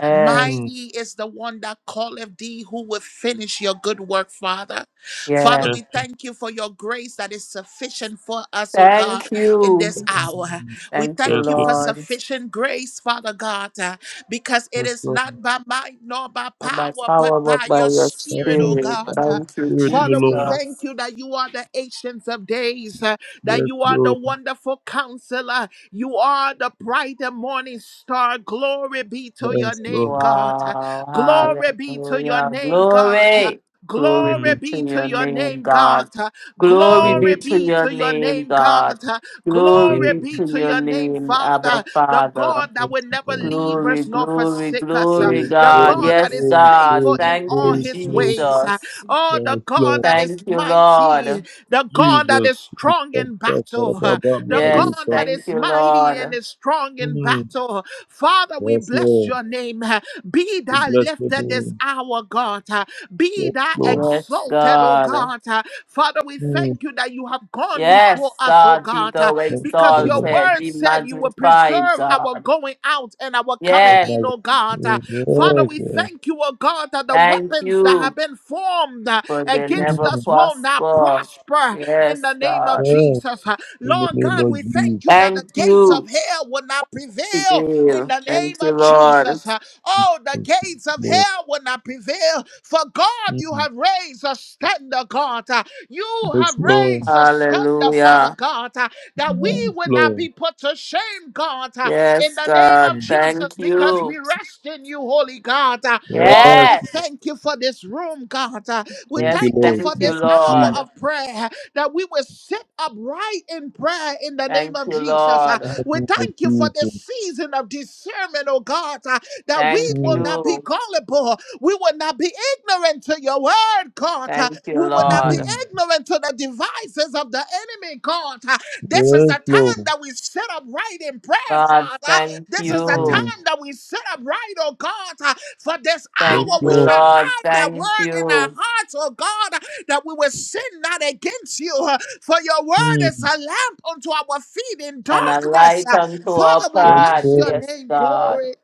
[SPEAKER 2] Yes.
[SPEAKER 4] Mm.
[SPEAKER 1] Mighty is the one that calleth thee who will finish your good work, Father. Father,
[SPEAKER 2] Yes.
[SPEAKER 4] Yes,
[SPEAKER 1] we thank you for your grace that is sufficient for us, O God,
[SPEAKER 2] Thank
[SPEAKER 1] in this
[SPEAKER 2] you.
[SPEAKER 1] hour.
[SPEAKER 4] Mm.
[SPEAKER 1] We
[SPEAKER 2] Thank you,
[SPEAKER 4] yes,
[SPEAKER 1] thank you for
[SPEAKER 2] Lord.
[SPEAKER 1] sufficient grace, Father God, uh, because it is
[SPEAKER 4] Lord. Yes, Lord.
[SPEAKER 1] not by might nor by
[SPEAKER 2] Not by
[SPEAKER 1] power,
[SPEAKER 2] power,
[SPEAKER 1] but
[SPEAKER 2] but
[SPEAKER 1] by
[SPEAKER 2] by
[SPEAKER 1] your
[SPEAKER 2] your
[SPEAKER 1] spirit, oh
[SPEAKER 4] Mm.
[SPEAKER 2] spirit.
[SPEAKER 1] God. Uh,
[SPEAKER 4] Thank
[SPEAKER 2] Thank you,
[SPEAKER 4] Spirit, my
[SPEAKER 1] Father, we
[SPEAKER 4] Lord.
[SPEAKER 2] Jesus.
[SPEAKER 1] thank you that you are the ancients of days, uh, that
[SPEAKER 4] Yes,
[SPEAKER 1] you are the
[SPEAKER 4] Lord.
[SPEAKER 1] wonderful counselor, you are the bright and morning star. Glory be to your
[SPEAKER 4] Yes, Lord.
[SPEAKER 1] name, God. Uh,
[SPEAKER 2] Wow,
[SPEAKER 1] Glory be to your
[SPEAKER 2] hallelujah.
[SPEAKER 1] name, God. Uh,
[SPEAKER 2] Glory. Glory
[SPEAKER 1] Glory
[SPEAKER 2] be
[SPEAKER 4] Mm.
[SPEAKER 1] be
[SPEAKER 2] to
[SPEAKER 1] to
[SPEAKER 2] your
[SPEAKER 1] your
[SPEAKER 2] name,
[SPEAKER 1] name,
[SPEAKER 2] God.
[SPEAKER 1] God. uh.
[SPEAKER 2] Glory
[SPEAKER 4] Yes,
[SPEAKER 2] be
[SPEAKER 1] Glory
[SPEAKER 2] to
[SPEAKER 1] be
[SPEAKER 2] your
[SPEAKER 1] to your
[SPEAKER 2] name,
[SPEAKER 1] name, God.
[SPEAKER 2] God. Glory
[SPEAKER 4] yes,
[SPEAKER 1] Glory
[SPEAKER 2] be
[SPEAKER 1] be
[SPEAKER 2] to
[SPEAKER 1] to
[SPEAKER 2] your
[SPEAKER 1] your name,
[SPEAKER 2] name, Abba
[SPEAKER 1] Father. The God
[SPEAKER 2] Father.
[SPEAKER 1] that
[SPEAKER 4] yes,
[SPEAKER 1] will never
[SPEAKER 4] Lord.
[SPEAKER 1] leave
[SPEAKER 2] Glory,
[SPEAKER 1] us nor
[SPEAKER 2] glory,
[SPEAKER 1] forsake us. uh,
[SPEAKER 2] glory,
[SPEAKER 4] Glory,
[SPEAKER 1] The
[SPEAKER 2] God.
[SPEAKER 4] glory,
[SPEAKER 1] God that
[SPEAKER 2] Yes,
[SPEAKER 1] is
[SPEAKER 4] glory,
[SPEAKER 2] God.
[SPEAKER 1] faithful
[SPEAKER 4] glory,
[SPEAKER 1] in
[SPEAKER 2] Thank
[SPEAKER 1] all
[SPEAKER 2] you,
[SPEAKER 4] glory,
[SPEAKER 1] his
[SPEAKER 4] glory.
[SPEAKER 1] ways. uh,
[SPEAKER 2] Jesus.
[SPEAKER 1] Oh,
[SPEAKER 4] Yes,
[SPEAKER 1] the God
[SPEAKER 4] Lord.
[SPEAKER 1] that is
[SPEAKER 2] Thank you,
[SPEAKER 1] mighty.
[SPEAKER 2] Lord.
[SPEAKER 1] The God that
[SPEAKER 4] Jesus.
[SPEAKER 1] is strong in
[SPEAKER 4] Baba,
[SPEAKER 1] battle. uh, The
[SPEAKER 4] Maria,
[SPEAKER 2] Yes,
[SPEAKER 1] God
[SPEAKER 4] Baba.
[SPEAKER 1] that
[SPEAKER 2] thank
[SPEAKER 1] is
[SPEAKER 2] you,
[SPEAKER 1] mighty and
[SPEAKER 2] Lord.
[SPEAKER 1] is strong in
[SPEAKER 4] Mm.
[SPEAKER 1] battle. Father, we
[SPEAKER 4] Yes,
[SPEAKER 1] bless
[SPEAKER 4] Lord.
[SPEAKER 1] your name name. uh, Be
[SPEAKER 4] We
[SPEAKER 1] thou
[SPEAKER 4] bless your
[SPEAKER 1] lifted this
[SPEAKER 4] name.
[SPEAKER 1] hour, God. uh, Be
[SPEAKER 4] Yes,
[SPEAKER 1] thou
[SPEAKER 4] Lord.
[SPEAKER 2] Yes,
[SPEAKER 1] exalted, oh
[SPEAKER 2] God.
[SPEAKER 1] God. uh. Father, we
[SPEAKER 4] Mm.
[SPEAKER 1] thank you that you have gone before
[SPEAKER 2] Yes,
[SPEAKER 1] us, oh
[SPEAKER 2] God, be
[SPEAKER 1] God, uh,
[SPEAKER 2] thou
[SPEAKER 4] Yes,
[SPEAKER 1] because your
[SPEAKER 4] Lord.
[SPEAKER 2] exalted,
[SPEAKER 1] word
[SPEAKER 2] be
[SPEAKER 1] said you will
[SPEAKER 2] magnified,
[SPEAKER 1] preserve our
[SPEAKER 2] God.
[SPEAKER 1] going out and our coming
[SPEAKER 2] Yes.
[SPEAKER 1] in, oh God. uh. Father,
[SPEAKER 4] yes,
[SPEAKER 2] Mm.
[SPEAKER 1] we
[SPEAKER 4] Lord.
[SPEAKER 1] thank you, oh God, that the
[SPEAKER 2] Thank
[SPEAKER 1] weapons that
[SPEAKER 2] you
[SPEAKER 1] have been formed uh,
[SPEAKER 2] for they
[SPEAKER 1] against
[SPEAKER 2] never
[SPEAKER 4] Mhm.
[SPEAKER 1] us will not
[SPEAKER 2] prosper.
[SPEAKER 1] prosper in the
[SPEAKER 2] Yes,
[SPEAKER 1] name of
[SPEAKER 2] God.
[SPEAKER 4] Yes.
[SPEAKER 1] Jesus. Uh,
[SPEAKER 4] In the
[SPEAKER 1] Lord
[SPEAKER 4] name
[SPEAKER 1] God,
[SPEAKER 4] of
[SPEAKER 1] we
[SPEAKER 4] Jesus.
[SPEAKER 1] thank you that the
[SPEAKER 2] Thank
[SPEAKER 1] gates of
[SPEAKER 2] you,
[SPEAKER 1] hell will not prevail in
[SPEAKER 2] Sibyl.
[SPEAKER 1] the name
[SPEAKER 2] Thank you,
[SPEAKER 1] of
[SPEAKER 2] Lord.
[SPEAKER 1] Jesus. Uh, Oh, the gates of
[SPEAKER 4] Lord.
[SPEAKER 1] hell will not prevail. For God, you
[SPEAKER 4] Mhm.
[SPEAKER 1] have raised a standard, God. Uh, You have
[SPEAKER 4] Yes, Lord.
[SPEAKER 1] raised a standard, Father
[SPEAKER 2] Hallelujah.
[SPEAKER 1] God, uh, that we
[SPEAKER 4] Yes,
[SPEAKER 1] will not
[SPEAKER 4] Lord.
[SPEAKER 1] be put to shame, God, uh, in
[SPEAKER 2] Yes,
[SPEAKER 1] the name
[SPEAKER 2] God.
[SPEAKER 1] of
[SPEAKER 4] Mhm.
[SPEAKER 1] Jesus,
[SPEAKER 2] Thank
[SPEAKER 1] because
[SPEAKER 2] you.
[SPEAKER 1] we rest in you, Holy God. Uh, Oh,
[SPEAKER 4] Yes,
[SPEAKER 1] we
[SPEAKER 2] Yes.
[SPEAKER 4] Lord.
[SPEAKER 1] thank you for this room, God. Uh, We
[SPEAKER 4] Thank
[SPEAKER 2] Yes,
[SPEAKER 4] you,
[SPEAKER 1] thank you
[SPEAKER 4] Lord.
[SPEAKER 1] for
[SPEAKER 2] thank you,
[SPEAKER 1] this hour
[SPEAKER 4] Please.
[SPEAKER 2] Lord.
[SPEAKER 1] of prayer that we will sit upright in prayer in the name
[SPEAKER 2] Thank
[SPEAKER 1] of
[SPEAKER 2] you,
[SPEAKER 1] Jesus. Uh,
[SPEAKER 4] In
[SPEAKER 2] Lord.
[SPEAKER 4] the
[SPEAKER 1] We
[SPEAKER 4] name of
[SPEAKER 1] thank you for this
[SPEAKER 4] Jesus.
[SPEAKER 1] season of discernment, oh God, uh, that we
[SPEAKER 2] Thank
[SPEAKER 1] will
[SPEAKER 4] Mhm.
[SPEAKER 1] not be
[SPEAKER 2] you.
[SPEAKER 1] gullible. We will not be ignorant to your word, God. Uh,
[SPEAKER 2] Thank you,
[SPEAKER 1] We will not be
[SPEAKER 2] Lord.
[SPEAKER 4] Mhm.
[SPEAKER 1] ignorant to the devices of the enemy, God. Uh, This is
[SPEAKER 4] Yes,
[SPEAKER 1] the time
[SPEAKER 4] Lord.
[SPEAKER 1] that we sit upright in prayer,
[SPEAKER 2] God,
[SPEAKER 1] Father.
[SPEAKER 2] thank
[SPEAKER 1] This is the
[SPEAKER 2] you.
[SPEAKER 4] Mhm.
[SPEAKER 1] time that we set up right, oh God. Uh, For this
[SPEAKER 4] Yes,
[SPEAKER 1] hour,
[SPEAKER 2] Thank
[SPEAKER 1] we
[SPEAKER 2] you,
[SPEAKER 1] shall
[SPEAKER 4] Lord.
[SPEAKER 2] Lord.
[SPEAKER 1] hide that
[SPEAKER 2] Thank
[SPEAKER 1] word in
[SPEAKER 2] you.
[SPEAKER 1] our hearts, oh God, uh, that we will sin not against you. Uh, For your word is a
[SPEAKER 4] Mhm.
[SPEAKER 1] lamp unto our feet in
[SPEAKER 2] and a
[SPEAKER 1] darkness.
[SPEAKER 2] light
[SPEAKER 1] Uh,
[SPEAKER 2] unto our
[SPEAKER 1] Father, we
[SPEAKER 4] Yes,
[SPEAKER 1] bless
[SPEAKER 2] path.
[SPEAKER 4] Lord.
[SPEAKER 1] your
[SPEAKER 2] Yes,
[SPEAKER 1] name.
[SPEAKER 2] God.
[SPEAKER 1] Glory.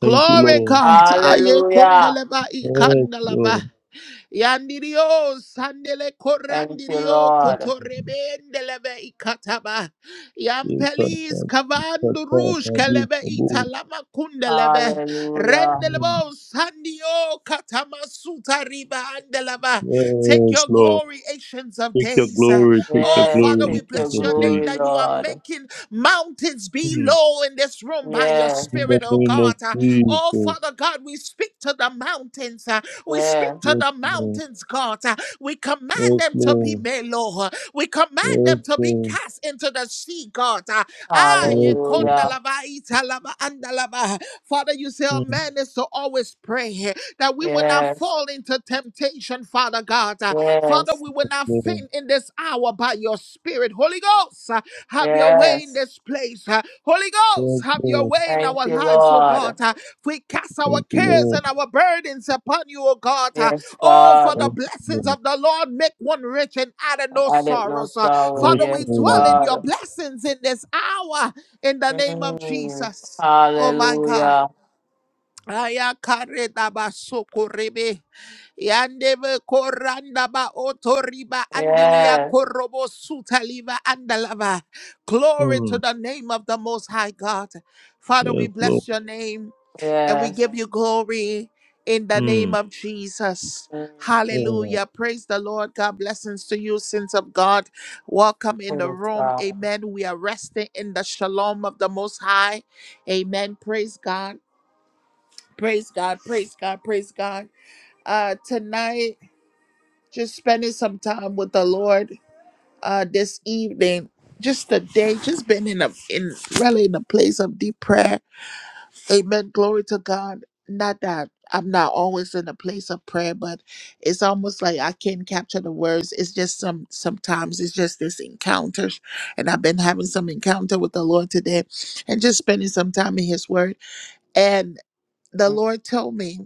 [SPEAKER 4] Thank you,
[SPEAKER 1] Glory,
[SPEAKER 4] Lord.
[SPEAKER 1] God. Aye,
[SPEAKER 2] Hallelujah.
[SPEAKER 1] kondeleba,
[SPEAKER 4] Yes,
[SPEAKER 1] ikandeleba.
[SPEAKER 4] Lord.
[SPEAKER 1] Yandirio sandele
[SPEAKER 2] Thank you,
[SPEAKER 1] korandirio
[SPEAKER 2] Lord.
[SPEAKER 1] kotorebendelebe ikataba.
[SPEAKER 4] Yes, Lord. Yes,
[SPEAKER 1] Yampelis kavandu
[SPEAKER 4] Lord.
[SPEAKER 1] rush
[SPEAKER 4] Yes,
[SPEAKER 1] kelebe italama kundelebe.
[SPEAKER 2] Hallelujah.
[SPEAKER 4] Lord.
[SPEAKER 1] Rendelebo sandio katama sutariba riba andeleba. Take
[SPEAKER 4] Yes,
[SPEAKER 1] your
[SPEAKER 4] Lord.
[SPEAKER 1] glory, ancients of
[SPEAKER 4] Take your
[SPEAKER 1] days.
[SPEAKER 4] glory, take your
[SPEAKER 1] Oh,
[SPEAKER 2] Yes,
[SPEAKER 4] glory
[SPEAKER 1] Father,
[SPEAKER 4] in
[SPEAKER 1] we
[SPEAKER 2] take your
[SPEAKER 1] bless
[SPEAKER 4] Jesus'
[SPEAKER 1] your
[SPEAKER 4] name.
[SPEAKER 1] name
[SPEAKER 2] glory,
[SPEAKER 1] that you are
[SPEAKER 2] Lord.
[SPEAKER 1] making mountains
[SPEAKER 4] Hmm.
[SPEAKER 1] below flow in this room by your
[SPEAKER 2] Yes,
[SPEAKER 4] In the
[SPEAKER 1] spirit, oh
[SPEAKER 4] name of
[SPEAKER 1] God. Uh, Oh,
[SPEAKER 4] Jesus.
[SPEAKER 1] Father God, we speak to the mountains. uh, We speak
[SPEAKER 2] yes.
[SPEAKER 1] to
[SPEAKER 4] Yes,
[SPEAKER 1] the
[SPEAKER 4] Lord.
[SPEAKER 1] mountains, God. Uh, We command
[SPEAKER 4] Yes,
[SPEAKER 1] them to be
[SPEAKER 4] Lord.
[SPEAKER 1] made low. uh, We command
[SPEAKER 4] Yes,
[SPEAKER 1] them to be
[SPEAKER 4] Lord.
[SPEAKER 1] cast into the sea, God. Uh, Ah, ye
[SPEAKER 4] Yes,
[SPEAKER 1] konda
[SPEAKER 2] Hallelujah.
[SPEAKER 1] lava, ita lava, anda lava. Father, you say
[SPEAKER 4] Lord.
[SPEAKER 1] a
[SPEAKER 4] Hmm.
[SPEAKER 1] man is to always pray eh, that we will not
[SPEAKER 2] Yes,
[SPEAKER 1] fall into temptation, Father God. Uh, uh, Father,
[SPEAKER 2] yes,
[SPEAKER 1] we will not
[SPEAKER 4] Lord.
[SPEAKER 1] faint in this hour by your spirit. Holy Ghost, uh, have your way in
[SPEAKER 2] yes.
[SPEAKER 1] this place. Uh, Holy Ghost,
[SPEAKER 4] Yes,
[SPEAKER 1] have your
[SPEAKER 4] Lord.
[SPEAKER 1] way in
[SPEAKER 2] Thank
[SPEAKER 1] our
[SPEAKER 2] you,
[SPEAKER 1] lives, oh
[SPEAKER 2] Lord.
[SPEAKER 1] God. Uh, We cast our
[SPEAKER 4] Thank you,
[SPEAKER 1] cares
[SPEAKER 4] Lord.
[SPEAKER 1] and our burdens upon you, oh God. Uh,
[SPEAKER 2] Yes,
[SPEAKER 1] Oh, for the
[SPEAKER 4] Yes,
[SPEAKER 2] God.
[SPEAKER 1] blessings
[SPEAKER 4] Lord.
[SPEAKER 1] of the Lord make one rich and add no
[SPEAKER 2] I did no
[SPEAKER 1] sorrows. Uh,
[SPEAKER 2] sorrow.
[SPEAKER 1] Father, we
[SPEAKER 4] Yes,
[SPEAKER 2] Yes,
[SPEAKER 1] dwell
[SPEAKER 4] Lord.
[SPEAKER 1] in your
[SPEAKER 2] God.
[SPEAKER 1] blessings in this hour in the name of
[SPEAKER 2] Mm.
[SPEAKER 1] Jesus. Oh my God.
[SPEAKER 2] Hallelujah.
[SPEAKER 1] Aya kareda ba sokorebe yandebe koranda ba otoriba andilia
[SPEAKER 2] Yes,
[SPEAKER 1] korobo sutaliva andalava. Glory
[SPEAKER 4] Hmm.
[SPEAKER 1] to the name of the Most High God. Father, we
[SPEAKER 4] Yes, Lord.
[SPEAKER 1] bless your name and we
[SPEAKER 2] yes.
[SPEAKER 1] give you glory in the name
[SPEAKER 4] Hmm.
[SPEAKER 1] of Jesus.
[SPEAKER 2] Mm.
[SPEAKER 4] Yes, Lord.
[SPEAKER 1] Hallelujah. Praise the Lord. God blessings to you, sins of God. Welcome in the
[SPEAKER 2] Praise
[SPEAKER 1] room.
[SPEAKER 2] God.
[SPEAKER 1] Amen. We are resting in the shalom of the Most High. Amen. Praise God. Praise God, praise God, praise God. Uh tonight, just spending some time with the Lord uh this evening. Just the day, just been in a in really in a place of deep prayer. Amen. Glory to God. Not that I'm not always in a place of prayer, but it's almost like I can't capture the words. It's just some sometimes it's just this encounters. And I've been having some encounter with the Lord today and just spending some time in his word. And the Lord told me.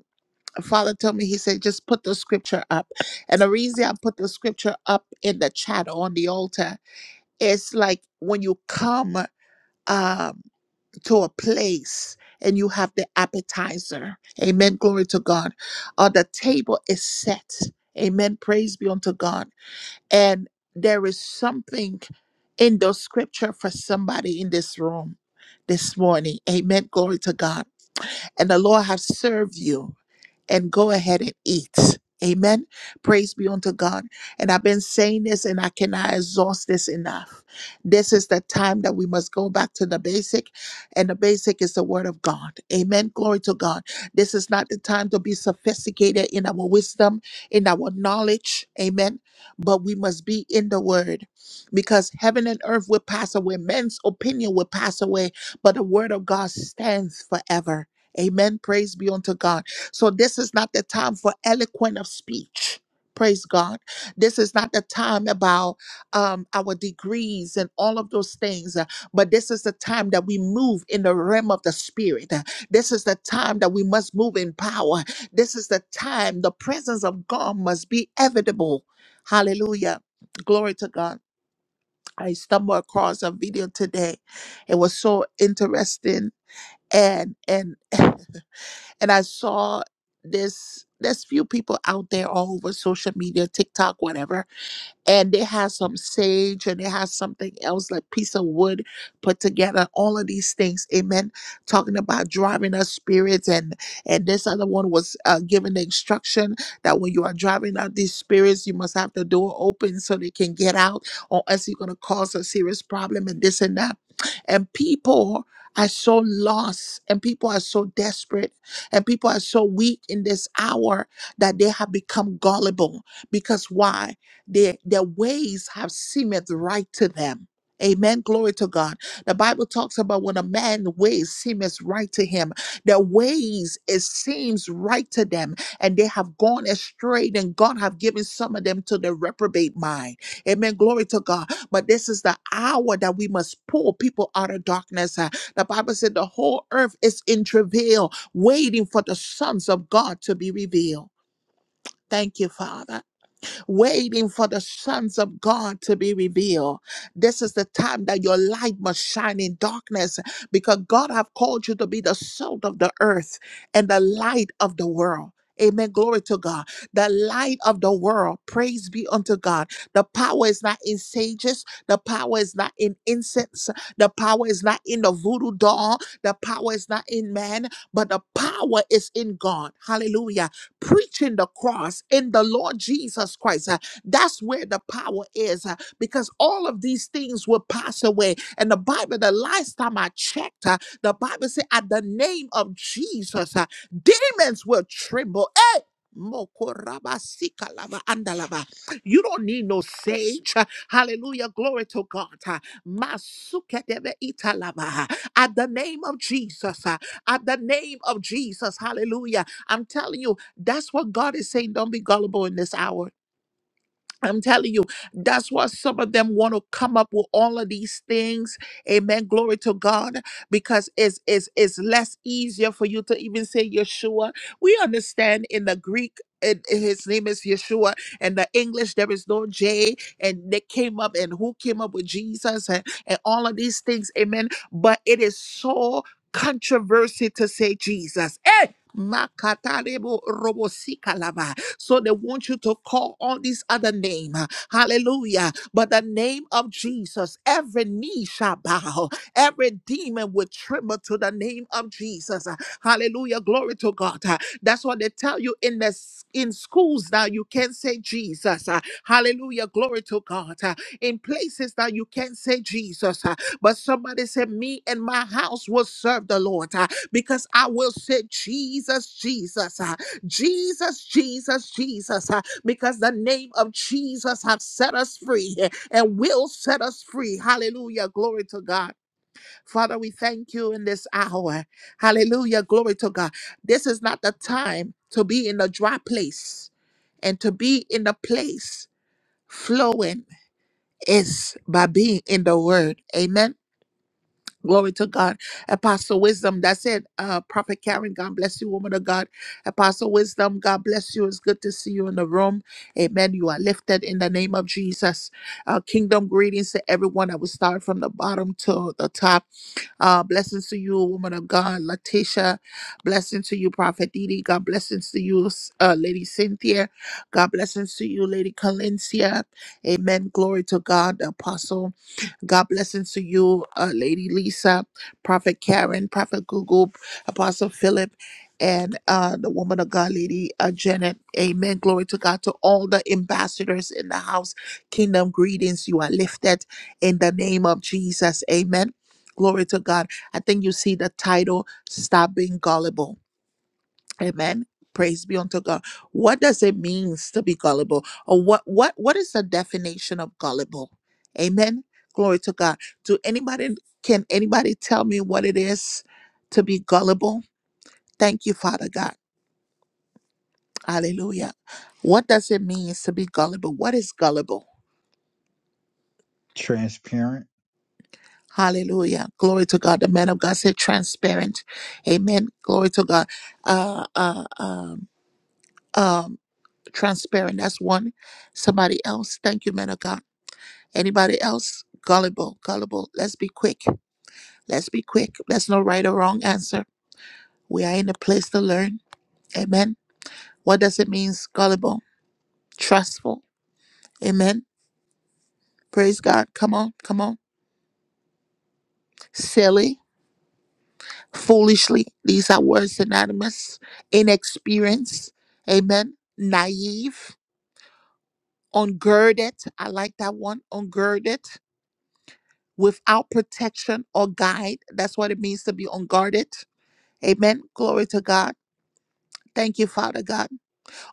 [SPEAKER 1] Father told me, he said, just put the scripture up. And the reason I put the scripture up in the chat on the altar is like when you come um, to a place and you have the appetizer. Amen. Glory to God. Or the table is set. Amen. Praise be unto God. And there is something in the scripture for somebody in this room this morning. Amen. Glory to God. And the Lord has served you and go ahead and eat. Amen. Praise be unto God. And I've been saying this and I cannot exhaust this enough. This is the time that we must go back to the basic, and the basic is the word of God. Amen. Glory to God. This is not the time to be sophisticated in our wisdom, in our knowledge. Amen. But we must be in the word because heaven and earth will pass away, men's opinion will pass away, but the word of God stands forever. Amen. Praise be unto God. So this is not the time for eloquent of speech. Praise God. This is not the time about um, our degrees and all of those things, uh, but this is the time that we move in the realm of the spirit. Uh, This is the time that we must move in power. This is the time the presence of God must be evidable. Hallelujah. Glory to God. I stumbled across a video today. It was so interesting and and <laughs> and I saw this. There's few people out there all over social media, TikTok, whatever, and they had some sage and they had something else like piece of wood put together all of these things amen talking about driving out spirits and and this other one was uh, giving the instruction that when you are driving out these spirits you must have the door open so they can get out or else you're going to cause a serious problem and this and that and people are so lost and people are so desperate and people are so weak in this hour that they have become gullible because why their, their ways have seemeth right to them. Amen. Glory to God. The Bible talks about when a man's ways seemeth right to him, their ways it seems right to them, and they have gone astray, and God have given some of them to the reprobate mind. Amen. Glory to God. But this is the hour that we must pull people out of darkness. Uh, The Bible said the whole earth is in travail, waiting for the sons of God to be revealed. Thank you, Father waiting for the sons of God to be revealed. This is the time that your light must shine in darkness because God have called you to be the salt of the earth and the light of the world. Amen. Glory to God. The light of the world. Praise be unto God. The power is not in sages. The power is not in incense. The power is not in the voodoo doll. The power is not in man, but the power is in God. Hallelujah preaching the cross in the Lord Jesus Christ. Uh, That's where the power is uh, because all of these things will pass away. And the Bible, the last time I checked, uh, the Bible said, at the name of Jesus, uh, demons will tremble. Hey! Mokoraba sikalaba andalaba. You don't need no sage. uh, Hallelujah. Glory to God. uh, Masukedebe italaba, uh, At the name of Jesus. uh, At the name of Jesus. Hallelujah. I'm telling you, that's what God is saying. Don't be gullible in this hour. I'm telling you, that's why some of them want to come up with all of these things. Amen. Glory to God. Because it's, it's, it's less easier for you to even say Yeshua. We understand in the Greek, it, his name is Yeshua. and the English, there is no J. And they came up and who came up with Jesus and, and all of these things. Amen. But it is so controversy to say Jesus. Hey! Makatarebo robo so they want you to call on this other name. Hallelujah. But the name of Jesus, every knee shall bow, every demon will tremble to the name of Jesus. Hallelujah. Glory to God. That's what they tell you in the s- in schools now. You can't say Jesus. Hallelujah. Glory to God. In places that you can't say Jesus. But somebody said, Me and my house will serve the Lord uh, because I will say Jesus, Jesus. Jesus, Jesus, Jesus, uh, because the name of Jesus have set us free uh, and will set us free. Hallelujah. Glory to God. Father, we thank you in this hour. Hallelujah. Glory to God. This is not the time to be in a dry place and to be in the place flowing is by being in the word. Amen. Glory to God. Apostle Wisdom. That's it. Uh, Prophet Karen, God bless you, woman of God. Apostle Wisdom, God bless you. It's good to see you in the room. Amen. You are lifted in the name of Jesus. Uh, kingdom greetings to everyone. I will start from the bottom to the top. Uh, blessings to you, woman of God. Letitia, blessings to you, Prophet Didi. God blessings to you, uh, Lady Cynthia. God blessings to you, Lady Calencia. Amen. Glory to God, Apostle. God blessings to you, uh, Lady Lisa, Prophet Karen, Prophet Google, Apostle Philip, and uh, the woman of God, Lady uh, Janet. Amen. Glory to God to all the ambassadors in the house. Kingdom greetings. You are lifted in the name of Jesus. Amen. Glory to God. I think you see the title, Stop Being Gullible Amen. Praise be unto God. What does it mean to be gullible? Or what what what is the definition of gullible? Amen. Glory to God. Do anybody can anybody tell me what it is to be gullible? Thank you, Father God. Hallelujah. What does it mean to be gullible? What is gullible?
[SPEAKER 5] transparent
[SPEAKER 1] Hallelujah. Glory to God. The man of God said transparent. Amen. Glory to God. Uh uh um um transparent. That's one. Somebody else. Thank you, man of God. Anybody else? Gullible, gullible. Let's be quick. Let's be quick. There's no right or wrong answer. We are in a place to learn. Amen. What does it mean, gullible? Trustful. Amen. Praise God. Come on, come on. Silly, foolishly. These are words synonymous. Inexperienced. Amen. Naive. Ungirded. I like that one. Ungirded. Without protection or guide. That's what it means to be unguarded. Amen. Glory to God Thank you, Father God.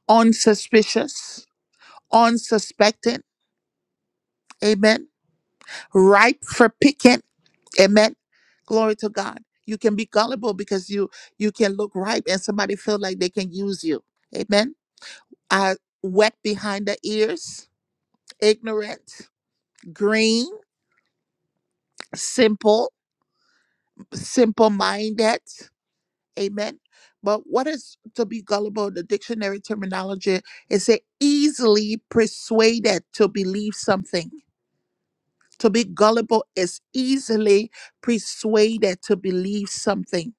[SPEAKER 1] Unsuspicious, unsuspecting. Amen. Ripe for picking. Amen. Glory to God. You can be gullible because you you can look ripe and somebody feel like they can use you. Amen. Uh, wet behind the ears, ignorant, green, simple, simple minded. Amen. But what is to be gullible? The dictionary terminology is say easily persuaded to believe something To be gullible is easily persuaded to believe something.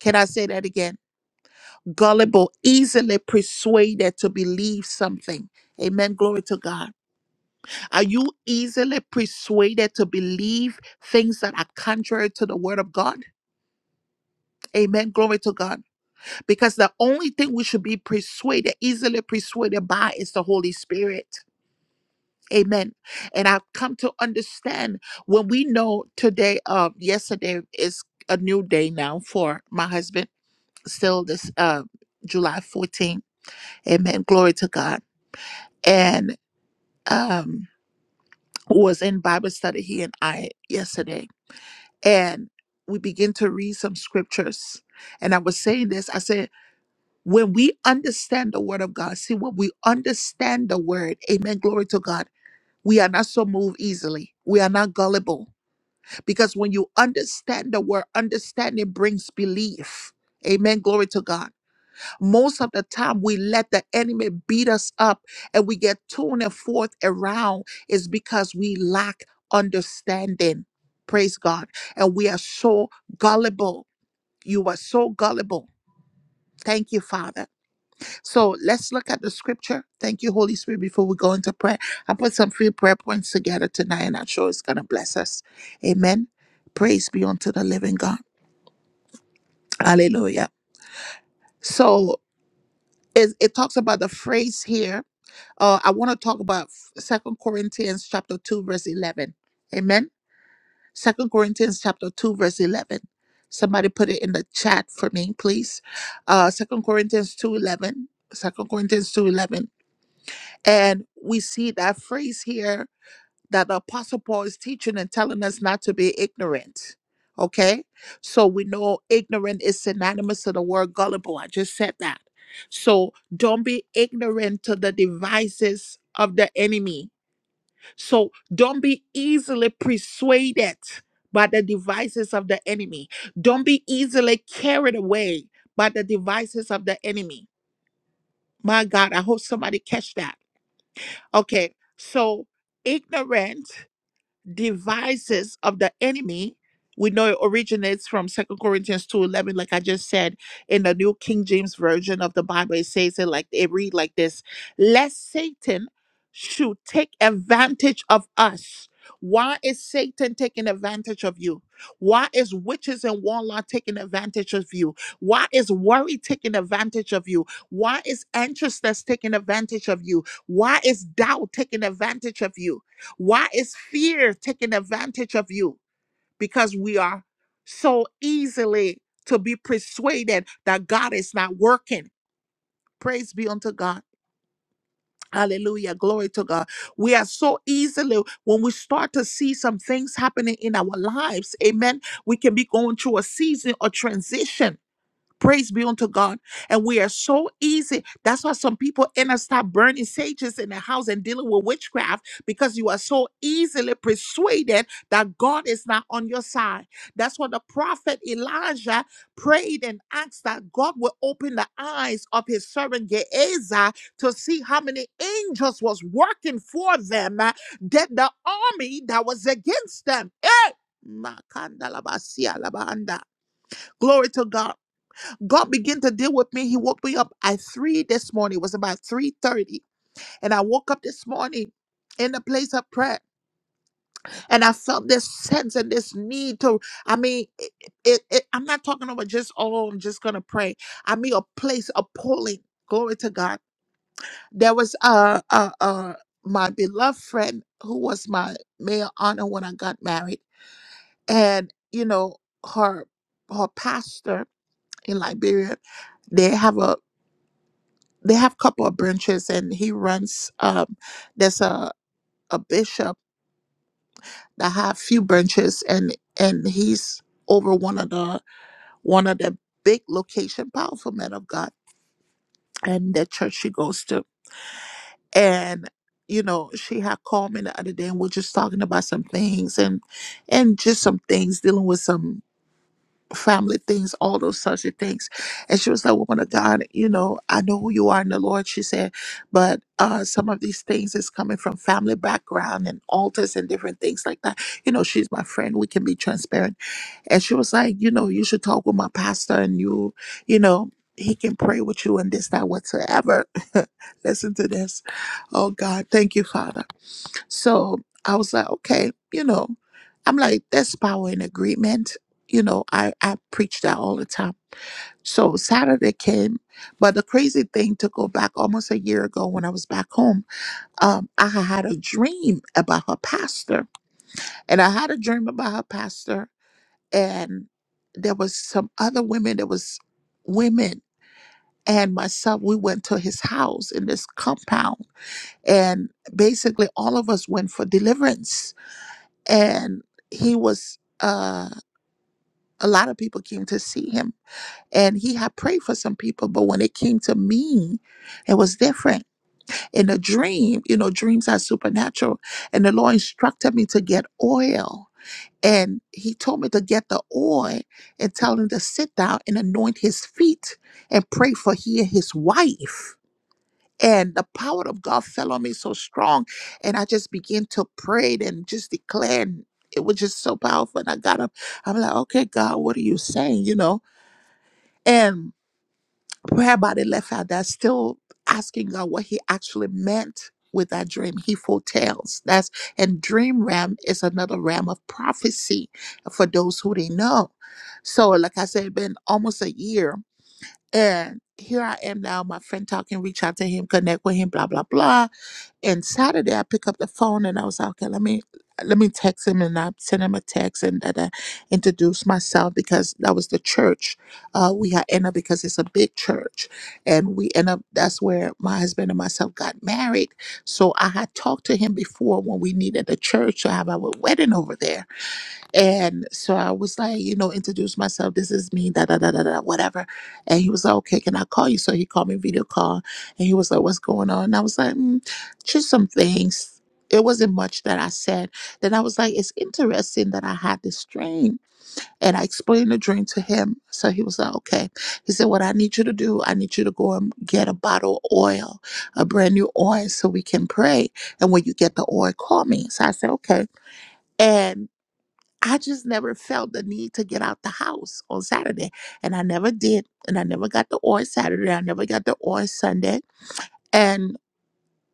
[SPEAKER 1] Can I say that again? Gullible, easily persuaded to believe something. Amen. Glory to God. Are you easily persuaded to believe things that are contrary to the word of God? Amen. Glory to God. Because the only thing we should be persuaded, easily persuaded by, is the Holy Spirit. Amen. And I've come to understand when we know today, uh, yesterday is a new day now for my husband, still this uh, July 14th. Amen. Glory to God. And um, was in Bible study, he and I, yesterday. And we begin to read some scriptures. And I was saying this I said, when we understand the word of God, see, when we understand the word, amen, glory to God, we are not so moved easily. We are not gullible Because when you understand the word, understanding brings belief. Amen. Glory to God. Most of the time, we let the enemy beat us up and we get torn and forth around is because we lack understanding. Praise God. And we are so gullible. You are so gullible. Thank you, Father. So let's look at the scripture. Thank you, Holy Spirit, before we go into prayer. I put some few prayer points together tonight, and I'm sure it's going to bless us. Amen. Praise be unto the living God. Hallelujah. So it, it talks about the phrase here. Uh, I want to talk about Second Corinthians chapter 2, verse 11. Amen. Second Corinthians chapter 2, verse 11. Somebody put it in the chat for me, please. Uh, 2 Corinthians 2.11. eleven. Second Corinthians 2.11. And we see that phrase here that the Apostle Paul is teaching and telling us not to be ignorant. Okay? So we know ignorant is synonymous to the word gullible. I just said that. So don't be ignorant to the devices of the enemy. So don't be easily persuaded by the devices of the enemy. Don't be easily carried away by the devices of the enemy. My God, I hope somebody catch that Okay, so ignorant devices of the enemy we know it originates from second corinthians 2.11 like i just said in the new king james version of the bible it says it like it read like this lest satan should take advantage of us why is satan taking advantage of you why is witches and warlock taking advantage of you why is worry taking advantage of you why is anxiousness taking advantage of you why is doubt taking advantage of you why is fear taking advantage of you? Because we are so easily to be persuaded that God is not working. Praise be unto God. Hallelujah. Glory to God. We are so easily, when we start to see some things happening in our lives, amen, we can be going through a season or transition. Praise be unto God. And we are so easy. That's why some people end up start burning sages in the house and dealing with witchcraft because you are so easily persuaded that God is not on your side. That's why the prophet Elijah prayed and asked that God would open the eyes of his servant Gehazi to see how many angels was working for them, uh, that the army that was against them. Hey! Makandalabasialabanda. Glory to God. God began to deal with me. He woke me up at three this morning. It was about three thirty, and I woke up this morning in the place of prayer, and I felt this sense and this need to. I mean, it, it, it- I'm not talking about just oh, I'm just gonna pray. I mean, a place, of pulling. Glory to God. There was uh uh uh my beloved friend who was my male honor when I got married, and you know her her pastor in Liberia. They have a they have a couple of branches and he runs um there's a, a bishop that have few branches and and he's over one of the one of the big location powerful men of god and the church she goes to and you know she had called me the other day and we're just talking about some things and and just some things dealing with some family things, all those sorts of things. And she was like, Woman of God, you know, I know who you are in the Lord, she said, but uh, some of these things is coming from family background and altars and different things like that. You know, she's my friend. We can be transparent and she was like, you know, you should talk with my pastor and you, you know, he can pray with you and this, that, whatsoever. <laughs> Listen to this. Oh God, thank you, Father. So I was like, okay, you know, I'm like, there's power in agreement. You know, I, I preach that all the time. So Saturday came, but the crazy thing to go back almost a year ago when I was back home, um, I had had a dream about her pastor. And I had a dream about her pastor and there was some other women there was women and myself we went to his house in this compound and basically all of us went for deliverance and he was uh a lot of people came to see him and he had prayed for some people but when it came to me it was different in a dream you know dreams are supernatural and the lord instructed me to get oil And he told me to get the oil and tell him to sit down and anoint his feet and pray for he and his wife. And the power of God fell on me so strong. And I just began to pray and just declare. And it was just so powerful. And I got up. I'm like, okay, God, what are you saying? You know? And prayer body left out that's still asking God what he actually meant with that dream. He foretells. That's and dream realm is another realm of prophecy for those who they know. So like I said, been almost a year and here I am now, my friend talking, reach out to him, connect with him, blah, blah, blah. And Saturday I pick up the phone and I was like, okay, let me let me text him and I sent him a text and that I introduced myself because that was the church. Uh, we had ended up because it's a big church. And we end up that's where my husband and myself got married. So I had talked to him before when we needed a church to have our wedding over there. And so I was like, you know, introduce myself. This is me, da da da da da, whatever. And he was like, okay, can I call you? So he called me video call, and he was like, what's going on? And I was like, mm, just some things. It wasn't much that I said. Then I was like, it's interesting that I had this dream. And I explained the dream to him. So he was like, okay. He said, what I need you to do, I need you to go and get a bottle of oil, a brand new oil, so we can pray. And when you get the oil, call me. So I said, okay. And I just never felt the need to get out the house on Saturday. And I never did. And I never got the oil Saturday. I never got the oil Sunday. And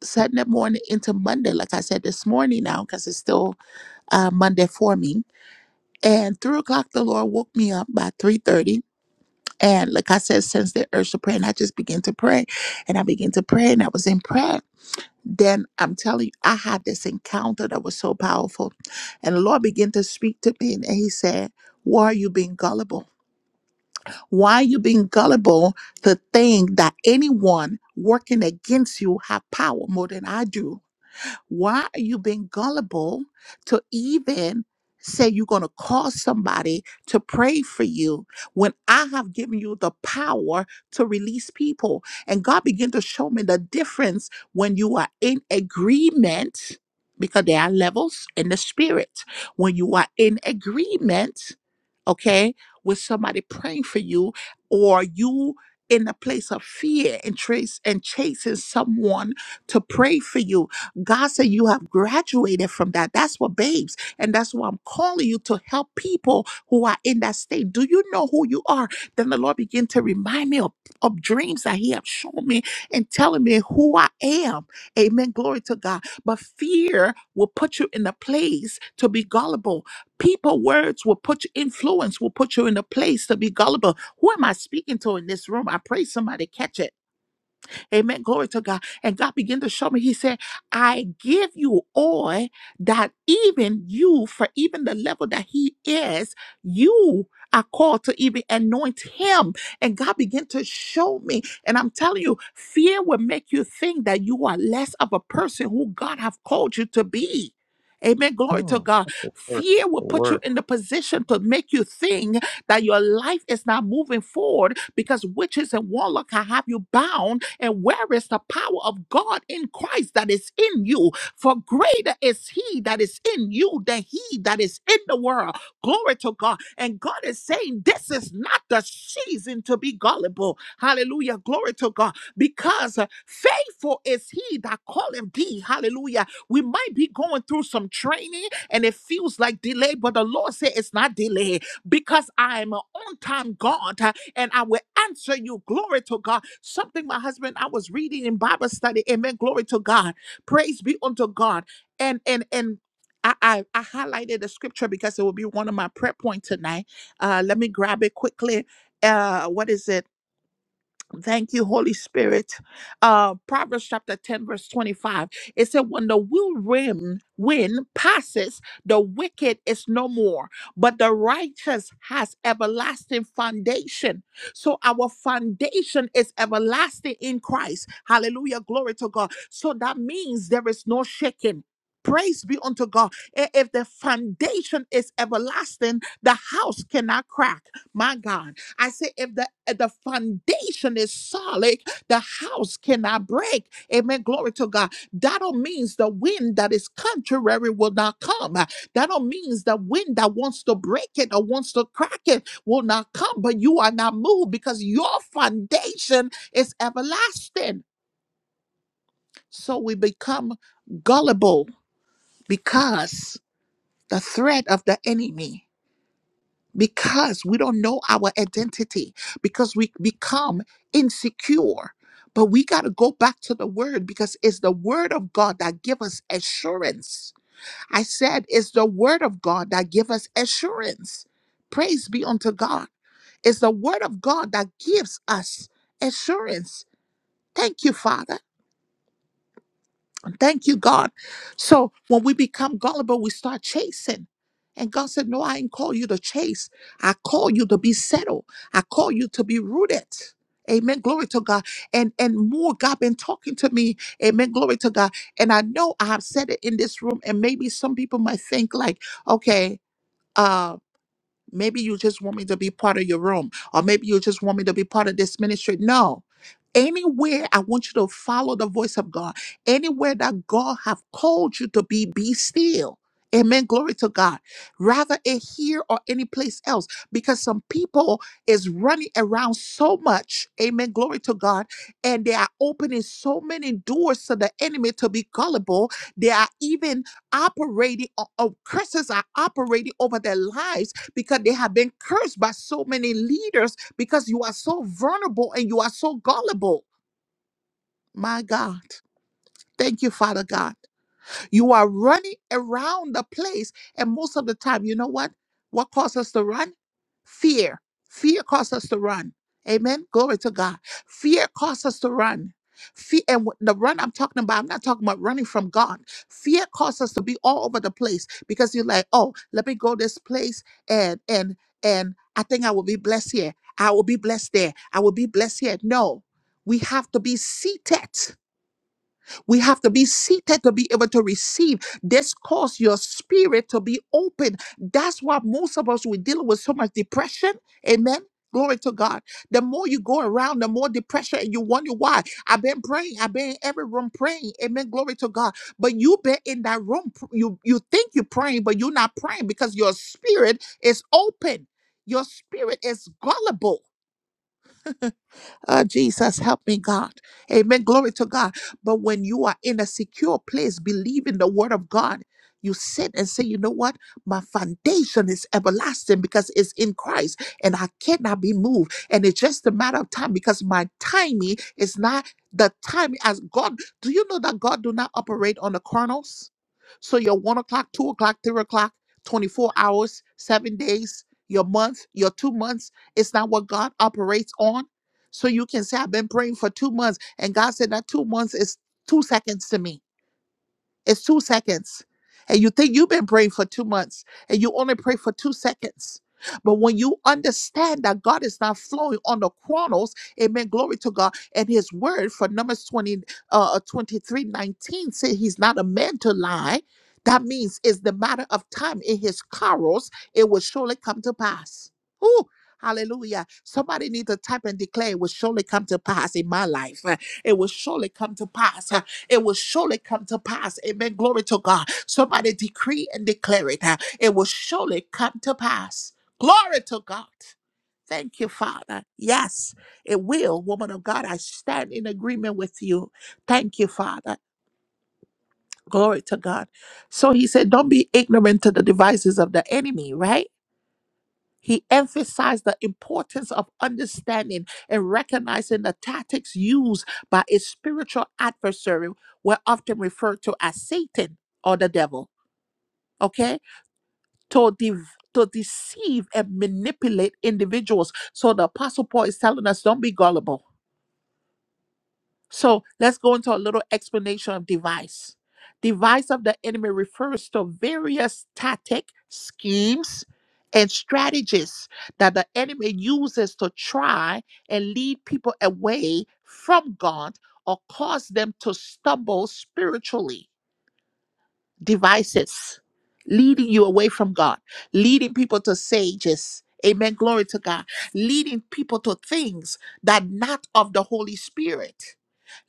[SPEAKER 1] Sunday morning into Monday, like I said this morning now, because it's still uh, Monday for me. And three o'clock, the Lord woke me up by 3.30. And like I said, since the urge of prayer, and I just began to pray. And I began to pray, and I was in prayer. Then I'm telling you, I had this encounter that was so powerful. And the Lord began to speak to me, and he said, why are you being gullible? Why you being gullible to think that anyone working against you have power more than I do? Why are you being gullible to even say you're going to call somebody to pray for you when I have given you the power to release people? And God began to show me the difference when you are in agreement, because there are levels in the spirit. When you are in agreement, okay, with somebody praying for you, or you in a place of fear and trace and chasing someone to pray for you. God said you have graduated from that. That's what babes, and that's why I'm calling you to help people who are in that state. Do you know who you are? Then the Lord began to remind me of, of dreams that He have shown me and telling me who I am. Amen. Glory to God. But fear will put you in a place to be gullible People words will put you influence will put you in a place to be gullible. Who am I speaking to in this room? I pray somebody catch it. Amen. Glory to God. And God began to show me, He said, I give you oil that even you, for even the level that He is, you are called to even anoint Him. And God began to show me. And I'm telling you, fear will make you think that you are less of a person who God have called you to be. Amen. Glory to
[SPEAKER 4] Hmm.
[SPEAKER 1] God.
[SPEAKER 4] Work.
[SPEAKER 1] Fear will
[SPEAKER 4] The
[SPEAKER 1] put you
[SPEAKER 4] work.
[SPEAKER 1] in the position to make you think that your life is not moving forward because witches and warlock can have you bound and where is the power of God in Christ that is in you? For greater is He that is in you than He that is in the world. Glory to God. And God is saying, This is not the season to be gullible. Hallelujah. Glory to God. Because uh, faithful is He that calleth thee. Hallelujah. We might be going through some training and it feels like delay, but the Lord said it's not delay because I am an on time God. uh, and I will answer you. Glory to God. Something my husband, I was reading in Bible study. Amen. Glory to God. Praise be unto God. And and and I, I, I highlighted the scripture because it will be one of my prayer points tonight. Uh, let me grab it quickly. Uh, what is it? Thank you, Holy Spirit. Uh, Proverbs chapter 10, verse 25. It said, When the will rim wind passes, the wicked is no more, but the righteous has everlasting foundation. So our foundation is everlasting in Christ. Hallelujah. Glory to God. So that means there is no shaking. Praise be unto God. I- If the foundation is everlasting, the house cannot crack. My God. I say, if the if the foundation is solid, the house cannot break. Amen. Glory to God. That don't means the wind that is contrary will not come. That don't means the wind that wants to break it or wants to crack it will not come. But you are not moved because your foundation is everlasting. So we become gullible because the threat of the enemy. because we don't know our identity because we become insecure but we got to go back to the word because it's the word of god that give us assurance i said it's the word of god that give us assurance praise be unto god it's the word of god that gives us assurance thank you father Thank you, God. So when we become gullible, we start chasing. And God said, No, I didn't call you to chase. I call you to be settled. I call you to be rooted. Amen. Glory to God. And and more God been talking to me. Amen. Glory to God. And I know I have said it in this room. And maybe some people might think like, okay, uh, Maybe you just want me to be part of your room, or maybe you just want me to be part of this ministry. No. Anywhere I want you to follow the voice of God. Anywhere that God have called you to be, be still. Amen. Glory to God. Rather it here or any place else. Because some people is running around so much. Amen. Glory to God. And they are opening so many doors to the enemy to be gullible. They are even operating, or or curses are operating over their lives because they have been cursed by so many leaders because you are so vulnerable and you are so gullible. My God. Thank you, Father God. You are running around the place. And most of the time, you know what? What causes us to run? Fear. Fear causes us to run. Amen. Glory to God. Fear causes us to run. Fear and wh- the run I'm talking about, I'm not talking about running from God. Fear causes us to be all over the place because you're like, oh, let me go this place and and and I think I will be blessed here. I will be blessed there. I will be blessed here. No, we have to be seated. We have to be seated to be able to receive. This cause your spirit to be open. That's why most of us we dealing with so much depression. Amen. Glory to God. The more you go around, the more depression, and you wonder why. I've been praying. I've been in every room praying. Amen. Glory to God. But you been in that room. pr- You you think you're praying, but you're not praying because your spirit is open. Your spirit is gullible. Uh, Jesus, help me, God. Amen. Glory to God. But when you are in a secure place, believing the word of God, you sit and say, you know what? My foundation is everlasting because it's in Christ and I cannot be moved. And it's just a matter of time because my timing is not the time as God. Do you know that God do not operate on the chronos? So your one o'clock, two o'clock, three o'clock, 24 hours, seven days, your month, your two months, it's not what God operates on so you can say, I've been praying for two months. And God said that two months is two seconds to me. It's two seconds. And you think you've been praying for two months and you only pray for two seconds. But when you understand that God is not flowing on the chronos, amen, glory to God. And his word for Numbers 20, uh, uh, 23 nineteen say he's not a man to lie. That means it's the matter of time in his carols, it will surely come to pass. Ooh, hallelujah. Somebody need to type and declare it will surely come to pass in my life. Uh, It will surely come to pass it will surely come to pass. Amen. Glory to God. Somebody decree and declare it. huh? It will surely come to pass. Glory to God. Thank you, Father. Yes, it will, woman of God. I stand in agreement with you. Thank you, Father. Glory to God. So he said, Don't be ignorant to the devices of the enemy, right? He emphasized the importance of understanding and recognizing the tactics used by a spiritual adversary were often referred to as Satan or the devil, okay? To, de- to deceive and manipulate individuals. So the Apostle Paul is telling us don't be gullible So let's go into a little explanation of device. Device of the enemy refers to various tactic, schemes, and strategies that the enemy uses to try and lead people away from God or cause them to stumble spiritually devices leading you away from God, leading people to sages. Amen. Glory to God. Leading people to things that not of the Holy Spirit,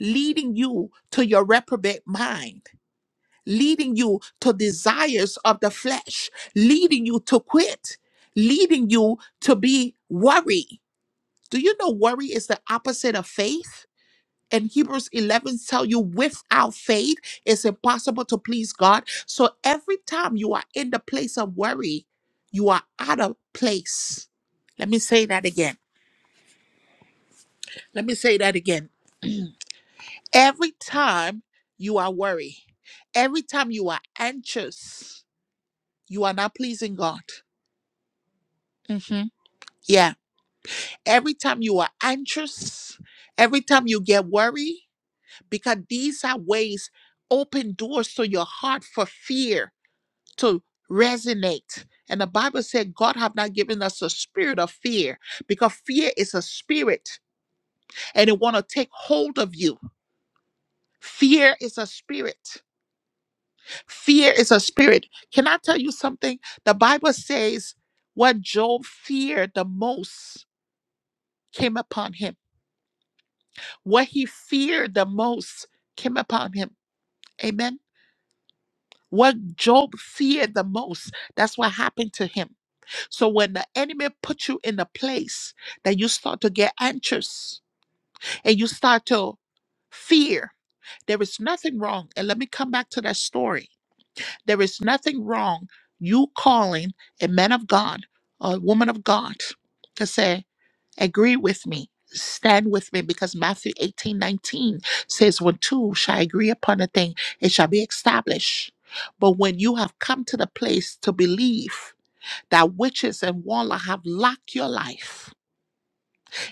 [SPEAKER 1] leading you to your reprobate mind, leading you to desires of the flesh, leading you to quit, leading you to be worried. Do you know worry is the opposite of faith? and Hebrews 11 tell you without faith it's impossible to please God. So every time you are in the place of worry, you are out of place. Let me say that again. Let me say that again. <clears throat> every time you are worried, every time you are anxious, you are not pleasing God. Mhm. Yeah. Every time you are anxious, every time you get worried, because these are ways open doors to your heart for fear to resonate. And the Bible said God have not given us a spirit of fear because fear is a spirit and it want to take hold of you. Fear is a spirit. Fear is a spirit. Can I tell you something? The Bible says what Job feared the most came upon him. What he feared the most came upon him. Amen. What Job feared the most, that's what happened to him. So when the enemy puts you in a place that you start to get anxious and you start to fear, there is nothing wrong. And let me come back to that story. There is nothing wrong you calling a man of God or a woman of God to say, agree with me. Stand with me because Matthew 18 19 says, When two shall agree upon a thing, it shall be established. But when you have come to the place to believe that witches and warlock have locked your life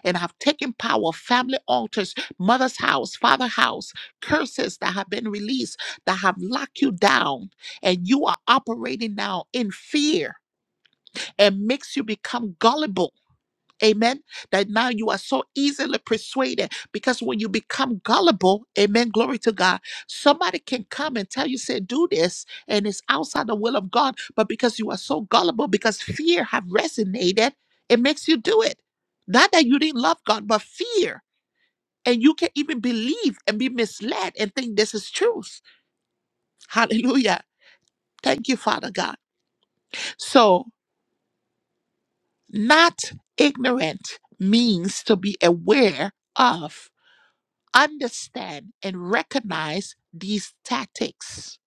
[SPEAKER 1] and have taken power of family altars mother's house father's house curses that have been released that have locked you down and you are operating now in fear and makes you become gullible Amen. That now you are so easily persuaded because when you become gullible, amen, glory to God, somebody can come and tell you, say, do this, and it's outside the will of God. But because you are so gullible, because fear have resonated, it makes you do it. Not that you didn't love God, but fear. And you can even believe and be misled and think this is truth. Hallelujah. Thank you, Father God. So, not ignorant means to be aware of understand and recognize these tactics.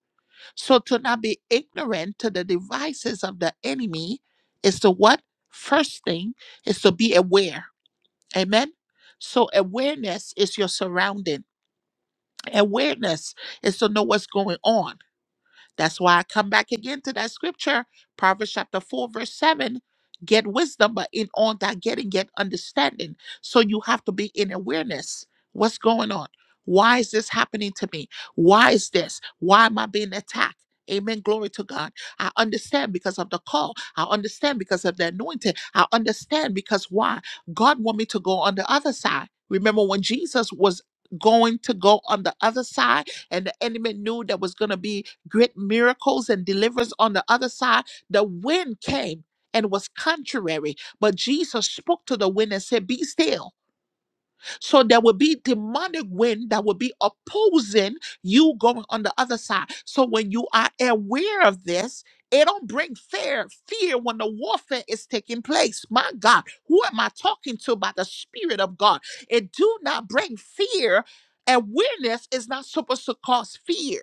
[SPEAKER 1] So to not be ignorant to the devices of the enemy is to what? First thing is to be aware. Amen. So awareness is your surrounding. Awareness is to know what's going on that's why I come back again to that scripture, Proverbs chapter 4, verse 7. Get wisdom, but in all that getting, get understanding. So you have to be in awareness. What's going on? Why is this happening to me? Why is this? Why am I being attacked? Amen. Glory to God. I understand because of the call. I understand because of the anointing. I understand because why? God want me to go on the other side. Remember when Jesus was going to go on the other side and the enemy knew there was going to be great miracles and deliverance on the other side, the wind came and was contrary. But Jesus spoke to the wind and said, Be still so there will be demonic wind that will be opposing you going on the other side. So when you are aware of this, it don't bring fear, fear when the warfare is taking place. My God, who am I talking to by the Spirit of God? It do not bring fear. Awareness is not supposed to cause fear.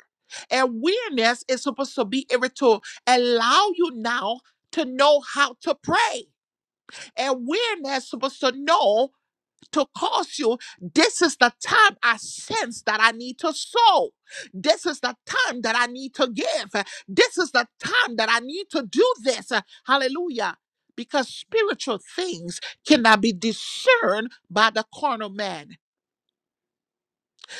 [SPEAKER 1] Awareness is supposed to be able to allow you now to know how to pray. Awareness supposed to know to cause you. This is the time I sense that I need to sow. This is the time that I need to give. This is the time that I need to do this. Hallelujah. Because spiritual things cannot be discerned by the carnal man.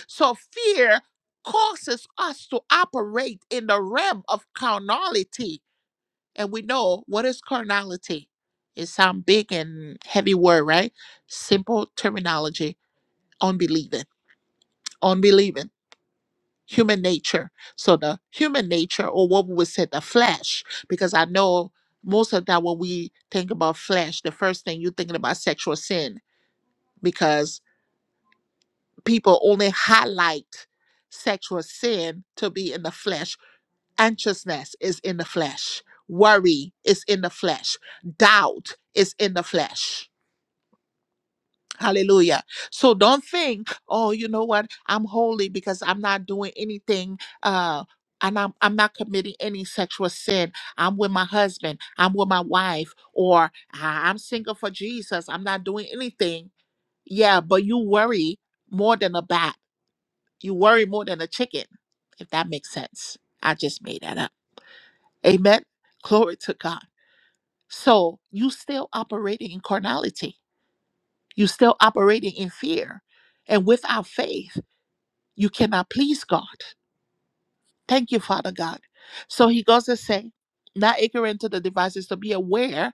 [SPEAKER 1] So fear causes us to operate in the realm of carnality. And we know what is carnality? It sounds big and heavy word, right? Simple terminology, unbelieving. on believing human nature so the human nature or what we would say the flesh because i know most of that when we think about flesh the first thing you're thinking about sexual sin because people only highlight sexual sin to be in the flesh anxiousness is in the flesh worry is in the flesh doubt is in the flesh Hallelujah. So don't think, oh, you know what? I'm holy because I'm not doing anything uh and I'm I'm not committing any sexual sin. I'm with my husband, I'm with my wife, or "I- I'm single for Jesus. I'm not doing anything. Yeah, but you worry more than a bat. You worry more than a chicken, if that makes sense. I just made that up. Amen. Glory to God. So you still operating in carnality you're still operating in fear. And without faith, you cannot please God. Thank you, Father God. So he goes to say, not ignorant to the devices, to be aware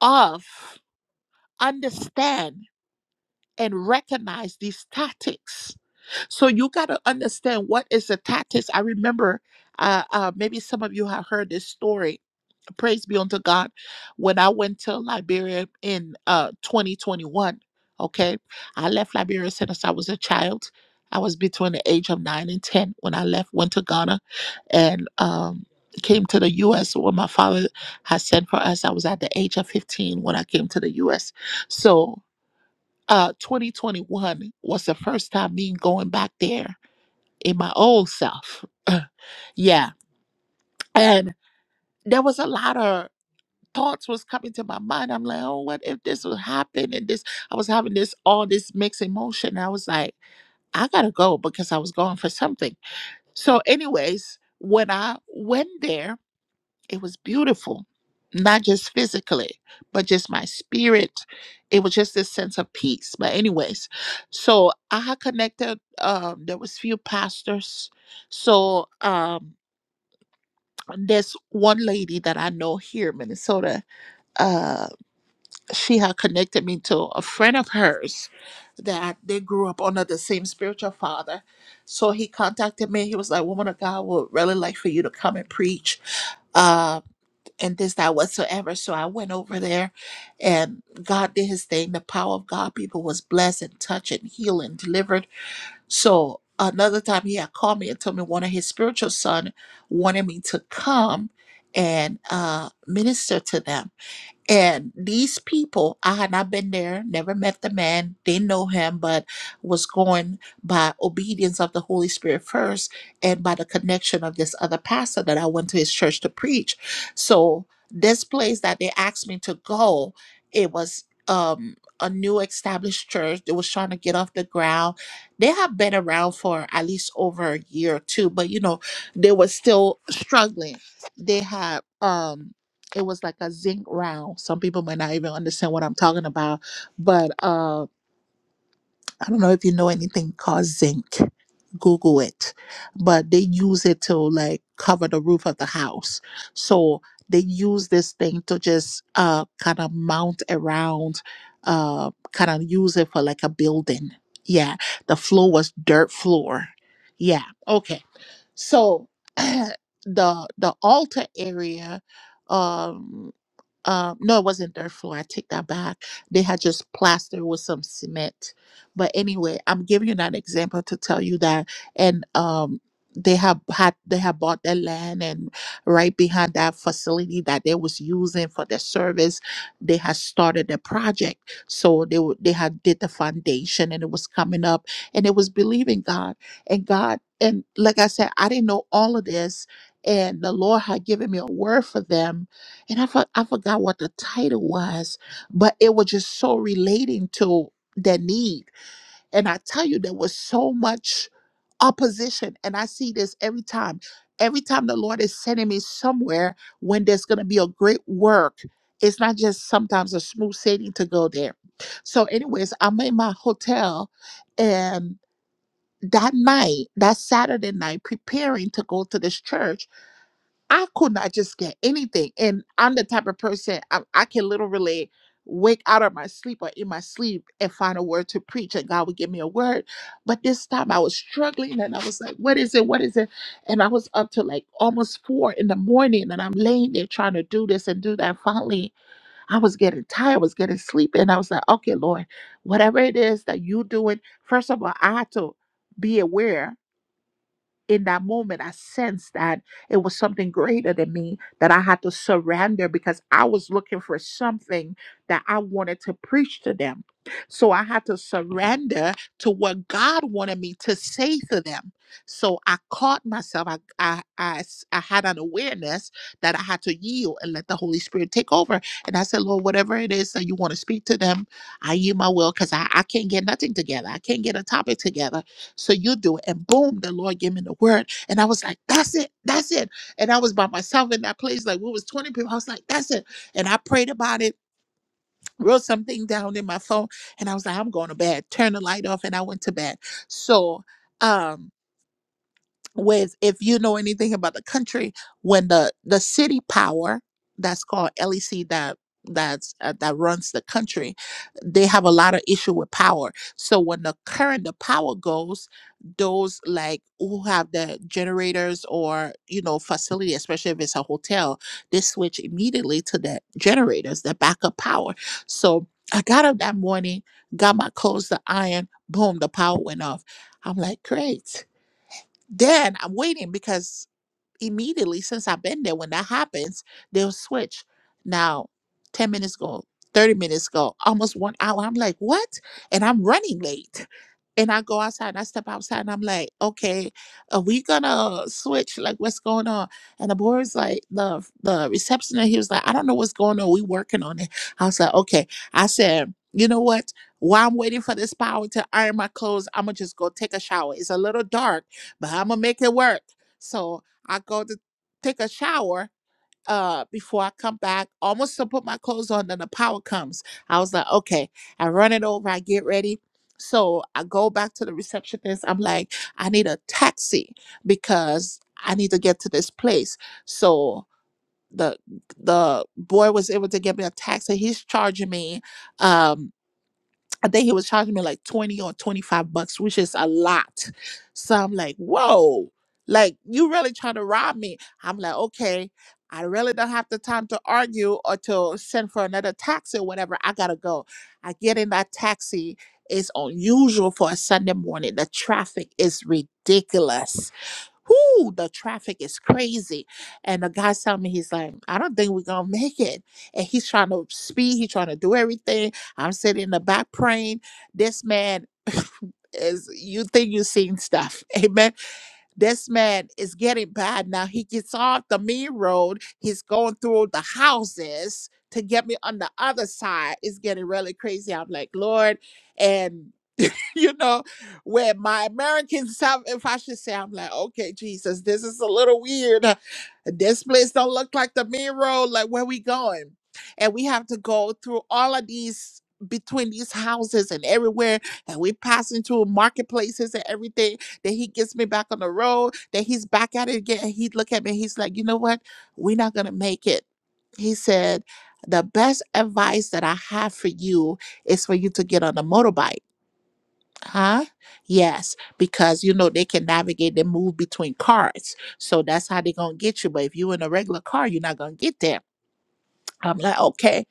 [SPEAKER 1] of, understand, and recognize these tactics. So you got to understand what is the tactics. I remember uh, uh, maybe some of you have heard this story praise be unto God. When I went to Liberia in uh 2021, okay, I left Liberia since I was a child. I was between the age of nine and ten when I left, went to Ghana, and um came to the U.S. where my father had sent for us. I was at the age of 15 when I came to the U.S. So. Uh, 2021 was the first time me going back there in my old self. <clears throat> <laughs> yeah. And there was a lot of thoughts was coming to my mind. I'm like, oh, what if this would happen? And this, I was having this all this mixed emotion. I was like, I gotta go because I was going for something. So, anyways, when I went there, it was beautiful, not just physically, but just my spirit. It was just this sense of peace. But anyways, so I had connected. Um, there was few pastors. So um, there's one lady that I know here in Minnesota. Uh, she had connected me to a friend of hers that they grew up under the same spiritual father. So he contacted me. He was like, Woman of God would really like for you to come and preach uh, and this, that, whatsoever. So I went over there and God did his thing. The power of God, people was blessed and touched and healed and delivered. So another time he had called me and told me one of his spiritual son wanted me to come and uh, minister to them. And these people, I had not been there, never met the man, didn't know him, but was going by obedience of the Holy Spirit first and by the connection of this other pastor that I went to his church to preach. So this place that they asked me to go, it was um a new established church. They was trying to get off the ground. They have been around for at least over a year or two, but you know, they were still struggling. They had um it was like a zinc round. Some people might not even understand what I'm talking about, but uh, I don't know if you know anything called zinc. Google it, but they use it to like cover the roof of the house. So they use this thing to just uh kind of mount around, uh kind of use it for like a building. Yeah, the floor was dirt floor. Yeah, okay. So <clears throat> the the altar area. um uh, no, it wasn't their floor. I take that back. They had just plastered with some cement. But anyway, I'm giving you that example to tell you that. And um, they have had they have bought their land, and right behind that facility that they was using for their service, they had started the project. So they were- they had did the foundation, and it was coming up, and it was believing God and God. And like I said, I didn't know all of this, and the Lord had given me a word for them and I, for, I forgot what the title was, but it was just so relating to the need. And I tell you, there was so much opposition. And I see this every time. Every time the Lord is sending me somewhere when there's going to be a great work, it's not just sometimes a smooth sailing to go there. So, anyways, I'm in my hotel and that night, that Saturday night, preparing to go to this church I could not just get anything. And I'm the type of person I, I can literally wake out of my sleep or in my sleep and find a word to preach, and God would give me a word. But this time I was struggling and I was like, What is it? What is it? And I was up to like almost four in the morning and I'm laying there trying to do this and do that. Finally, I was getting tired, I was getting sleepy, and I was like, Okay, Lord, whatever it is that you're doing, first of all, I had to be aware in that moment, I sensed that it was something greater than me that I had to surrender because I was looking for something that I wanted to preach to them. So I had to surrender to what God wanted me to say to them. So I caught myself. I, I, I, s- I had an awareness that I had to yield and let the Holy Spirit take over. And I said, Lord, whatever it is that you want to speak to them, I yield my will because I, I can't get nothing together. I can't get a topic together. So you do it. And boom, the Lord gave me the word. And I was like, that's it. That's it. And I was by myself in that place. Like, what was 20 people? I was like, that's it. And I prayed about it, wrote something down in my phone. And I was like, I'm going to bed. Turn the light off. And I went to bed. So, um, with if you know anything about the country when the the city power that's called lec that that's uh, that runs the country they have a lot of issue with power so when the current the power goes those like who have the generators or you know facility especially if it's a hotel they switch immediately to the generators the backup power so i got up that morning got my clothes to iron boom the power went off i'm like great then I'm waiting because immediately since I've been there, when that happens, they'll switch. Now, 10 minutes go, 30 minutes go, almost one hour. I'm like, what? And I'm running late and I go outside and I step outside and I'm like, okay, are we gonna switch? Like, what's going on? And the boys like, the the receptionist, he was like, I don't know what's going on. We working on it. I was like, okay. I said, you know what? While I'm waiting for this power to iron my clothes, I'm gonna just go take a shower. It's a little dark, but I'm gonna make it work. So I go to take a shower uh before I come back, almost to put my clothes on, then the power comes. I was like, okay, I run it over, I get ready. So I go back to the receptionist. I'm like, I need a taxi because I need to get to this place. So the the boy was able to get me a taxi. He's charging me. um, I think he was charging me like 20 or 25 bucks, which is a lot. So I'm like, whoa, like you really trying to rob me. I'm like, okay, I really don't have the time to argue or to send for another taxi or whatever. I gotta go. I get in that taxi. It's unusual for a Sunday morning. The traffic is ridiculous whoo, the traffic is crazy. And the guy's telling me, he's like, I don't think we're gonna <laughs> make it. And he's trying to speed, he's trying to do everything. I'm sitting in the back praying. This man <laughs> is you think you've seen stuff. <laughs> Amen. This man is getting bad now. He gets off the main road, he's going through the houses to get me on the other side. It's getting really crazy. I'm like, Lord, and <laughs> you know, where my American self, if I should say, I'm like, okay, Jesus, this is a little weird. This place don't look like the main road. Like, where we going? And we have to go through all of these between these houses and everywhere and we passing through marketplaces and everything then he gets me back on the road then he's back at it again and he look at me he's like you know what we're not gonna make it he said the best advice that i have for you is for you to get on a motorbike Huh? Yes, because you know they can navigate and move between cars. So that's how they're gonna get you. But if you in a regular car, you're not gonna get there. I'm like, okay.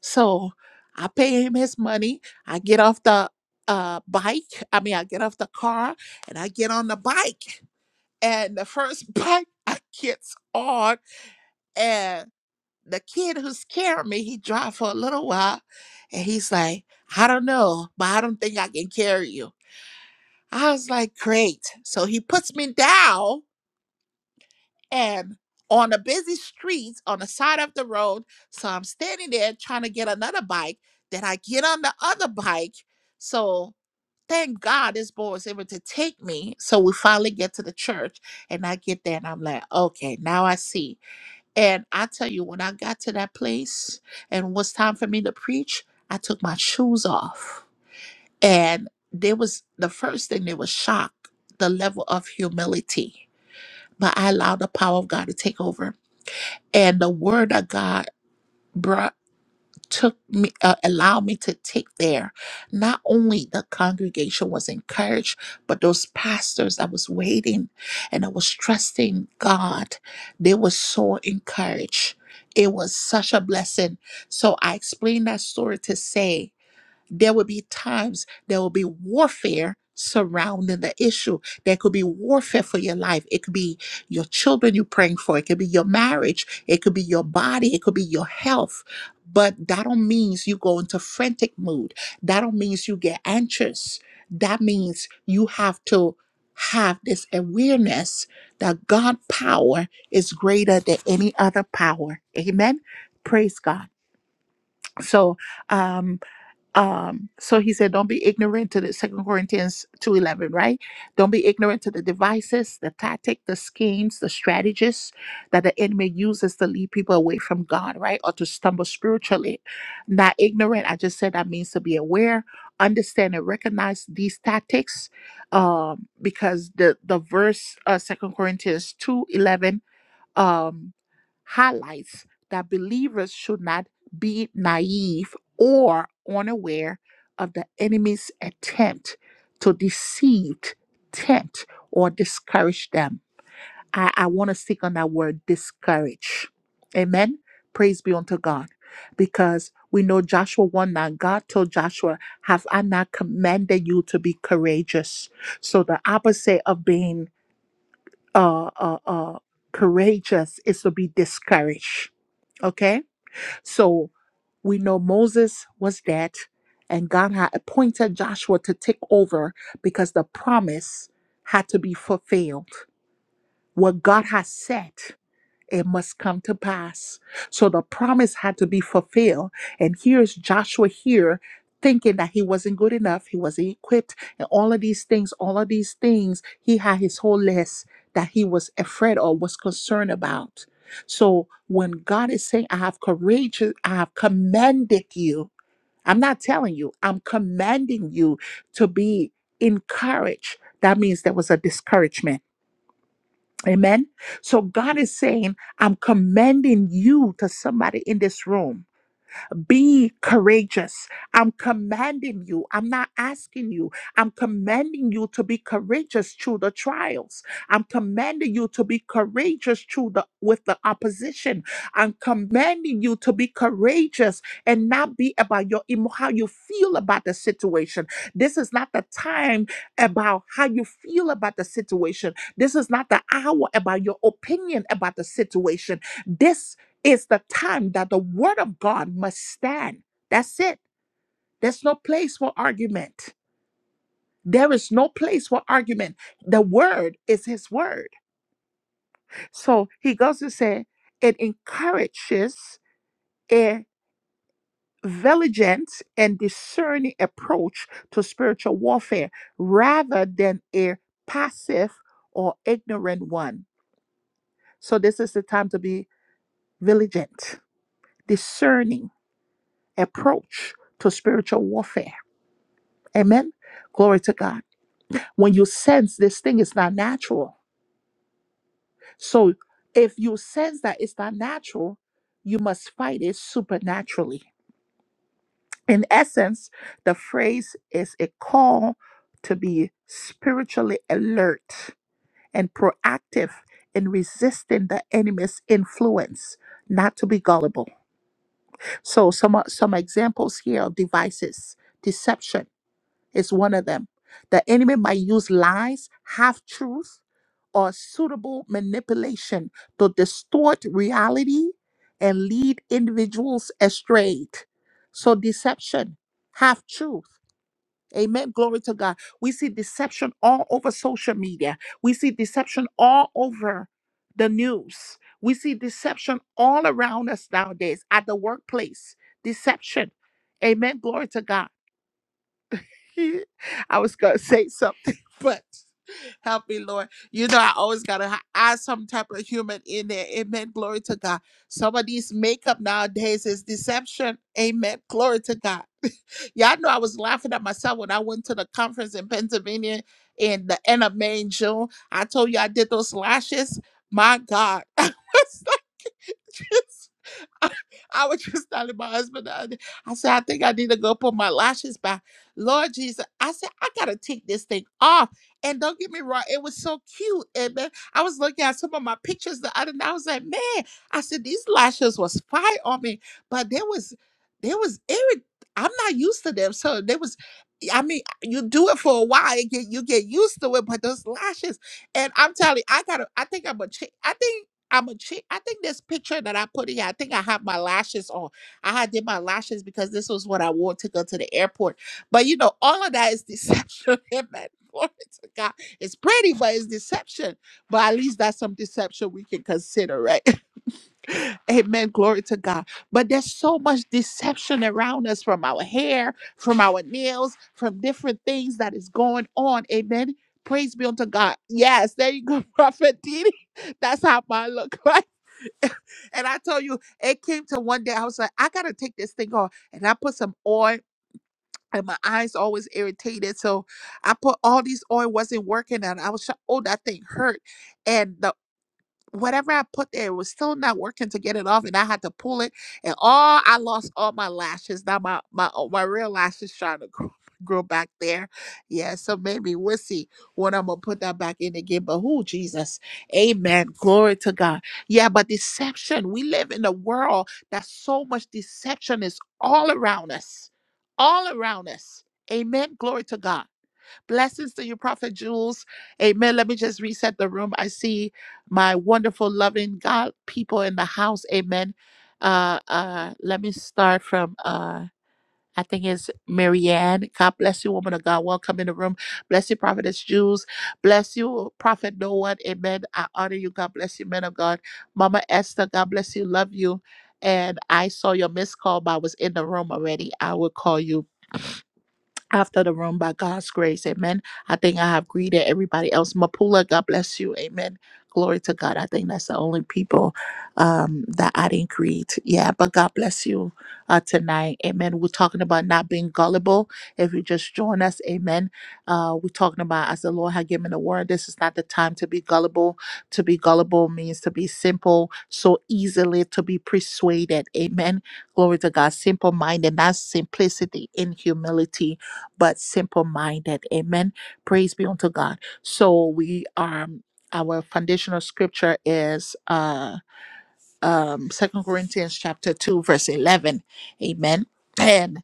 [SPEAKER 1] So I pay him his money. I get off the uh bike. I mean I get off the car and I get on the bike. And the first <laughs> bike I gets on and the kid who's carrying me, he drive for a little while and he's like, I don't know, but I don't think I can carry you. I was like, great. So he puts me down and on a busy street on the side of the road. So I'm standing there trying to get another bike. Then I get on the other bike. So thank God this boy was able to take me. So we finally get to the church and I get there and I'm like, okay, now I see. And I tell you, when I got to that place and it was time for me to preach, I took my shoes off and there was the first thing, there was shock, the level of humility. But I allowed the power of God to take over. And the word of God brought took me uh, allowed me to take there not only the congregation was encouraged but those pastors that was waiting and that was trusting god they were so encouraged it was such a blessing so i explained that story to say there will be times there will be warfare surrounding the issue. There could be warfare for your life. It could be your children you're praying for. It could be your marriage. It could be your body. It could be your health. But that don't means you go into frantic mood. That don't means you get anxious. That means you have to have this awareness that God power is greater than any other power. Amen. Praise God. So, um um so he said don't be ignorant to the second corinthians 2.11 right don't be ignorant to the devices the tactic the schemes the strategies that the enemy uses to lead people away from god right or to stumble spiritually not ignorant i just said that means to be aware understand and recognize these tactics um because the the verse uh second corinthians 2.11 um, highlights that believers should not be naive or unaware of the enemy's attempt to deceive, tempt, or discourage them. I, I want to stick on that word discourage. Amen. Praise be unto God. Because we know Joshua 1 9, God told Joshua, Have I not commanded you to be courageous? So the opposite of being uh, uh, uh, courageous is to be discouraged. Okay? So we know Moses was dead, and God had appointed Joshua to take over because the promise had to be fulfilled. What God has said it must come to pass. So the promise had to be fulfilled. And here's Joshua here thinking that he wasn't good enough, he wasn't equipped, and all of these things, all of these things, he had his whole list that he was afraid or was concerned about. So when God is saying, I have courage, I have commanded you, I'm not telling you, I'm commanding you to be encouraged. That means there was a discouragement Amen. So God is saying, I'm commending you to somebody in this room. Be courageous. I'm commanding you. I'm not asking you. I'm commanding you to be courageous through the trials. I'm commanding you to be courageous through the with the opposition. I'm commanding you to be courageous and not be about your emo- how you feel about the situation. This is not the time about how you feel about the situation. Situation. This is not the hour about your opinion about the situation. This it's the time that the word of God must stand. That's it. There's no place for argument. There is no place for argument. The word is his word. So he goes to say, it encourages a vigilant and discerning approach to spiritual warfare rather than a passive or ignorant one. So this is the time to be vigilant, discerning approach to spiritual warfare Amen. Glory to God. When you sense this thing is not natural. So if you sense that it's not natural, you must fight it supernaturally. In essence, the phrase is a call to be spiritually alert and proactive in resisting the enemy's influence, not to be gullible. So some some examples here of devices. Deception is one of them. The enemy might use lies, half truth or suitable manipulation to distort reality and lead individuals astray. So, deception, half truth. Amen. Glory to God. We see deception all over social media, we see deception all over the news, we see deception all around us nowadays at the workplace. Deception. Amen. Glory to God. <laughs> I was going to say something, <laughs> but. Help me, Lord. You know, I always got to add some type of human in there. Amen. Glory to God. Some of these makeup nowadays is deception. Amen. Glory to God. <laughs> Y'all know I was laughing at myself when I went to the conference in Pennsylvania in the end of May and June. I told you I did those lashes. My God. <laughs> I was like, <laughs> <laughs> I was just telling my husband, the other- day, I said, I think I need to go put my lashes back. Lord Jesus, I said, I gotta take this thing off. And don't get me wrong, it was so cute. And man, I was looking at some of my pictures the other night. I was like, man, I said, these lashes was fire on me, but there was, there was irrit. I'm not used to them. So there was, I mean, you do it for a while, you get, you get used to it, but those lashes, and I'm telling you, I gotta, I think I'm a change. I think I'm a chick. I think this picture that I put in here, I think I had my lashes on. I had did my lashes because this was what I wore to go to the airport. But you know, all of that is deception. <laughs> Amen. Glory to God. It's pretty, but it's deception. But at least that's some deception we can consider, right? <laughs> Amen. Glory to God. But there's so much deception around us from our hair, from our nails, from different things that is going on. Amen. Praise be unto God. Yes, there you go, <laughs> Prophet Didi. That's how mine look <laughs> <laughs> and I tell you, it came to one day I was like, I gotta take this thing off. And I put some oil and my eyes always irritated. So I put all these oil wasn't working and I was shocked. Oh, that thing hurt. And the whatever I put there it was still not working to get it off, and I had to pull it, and all I lost all my lashes. Now my my uh, my real lashes trying to grow, <laughs> grow back there. Yeah, so maybe we'll see when I'm gonna put that back in again. But who Jesus, Amen, glory to God. Yeah, but deception. We live in a world that so much deception is all around us, all around us. Amen, glory to God. Blessings to you, Prophet Jules. Amen. Let me just reset the room. I see my wonderful, loving God people in the house. Amen. Uh, uh, let me start from uh, I think it's Marianne. God bless you, woman of God. Welcome in the room. Bless you, Prophetess Jules. Bless you, Prophet No One. Amen. I honor you. God bless you, men of God. Mama Esther. God bless you. Love you. And I saw your missed call, but I was in the room already. I will call you after the room by God's grace. Amen. I think I have greeted everybody else. Mapula, God bless you. Amen. Glory to God. I think that's the only people um, that I didn't greet. Yeah, but God bless you uh, tonight. Amen. We're talking about not being gullible. If you just join us, amen. Uh, we're talking about as the Lord had given the word, this is not the time to be gullible. To be gullible means to be simple, so easily to be persuaded. Amen. Glory to God. Simple minded, that's simplicity in humility but simple minded. Amen. Praise be unto God. So we are our foundational scripture is uh um second Corinthians chapter two, verse eleven. Amen. And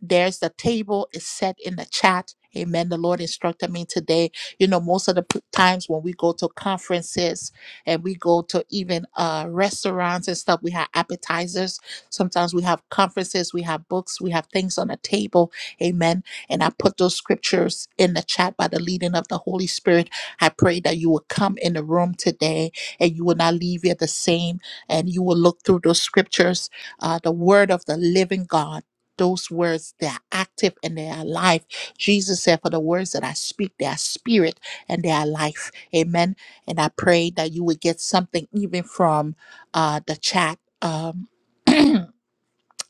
[SPEAKER 1] there's the table is set in the chat. Amen. The Lord instructed me today. You know, most of the p- times when we go to conferences and we go to even uh, restaurants and stuff, we have appetizers. Sometimes we have conferences, we have books, we have things on the table. Amen. And I put those scriptures in the chat by the leading of the Holy Spirit. I pray that you will come in the room today and you will not leave here the same and you will look through those scriptures, uh, the word of the living God those words they are active and they are alive jesus said for the words that i speak they are spirit and they are life amen and i pray that you will get something even from uh the chat um <clears throat>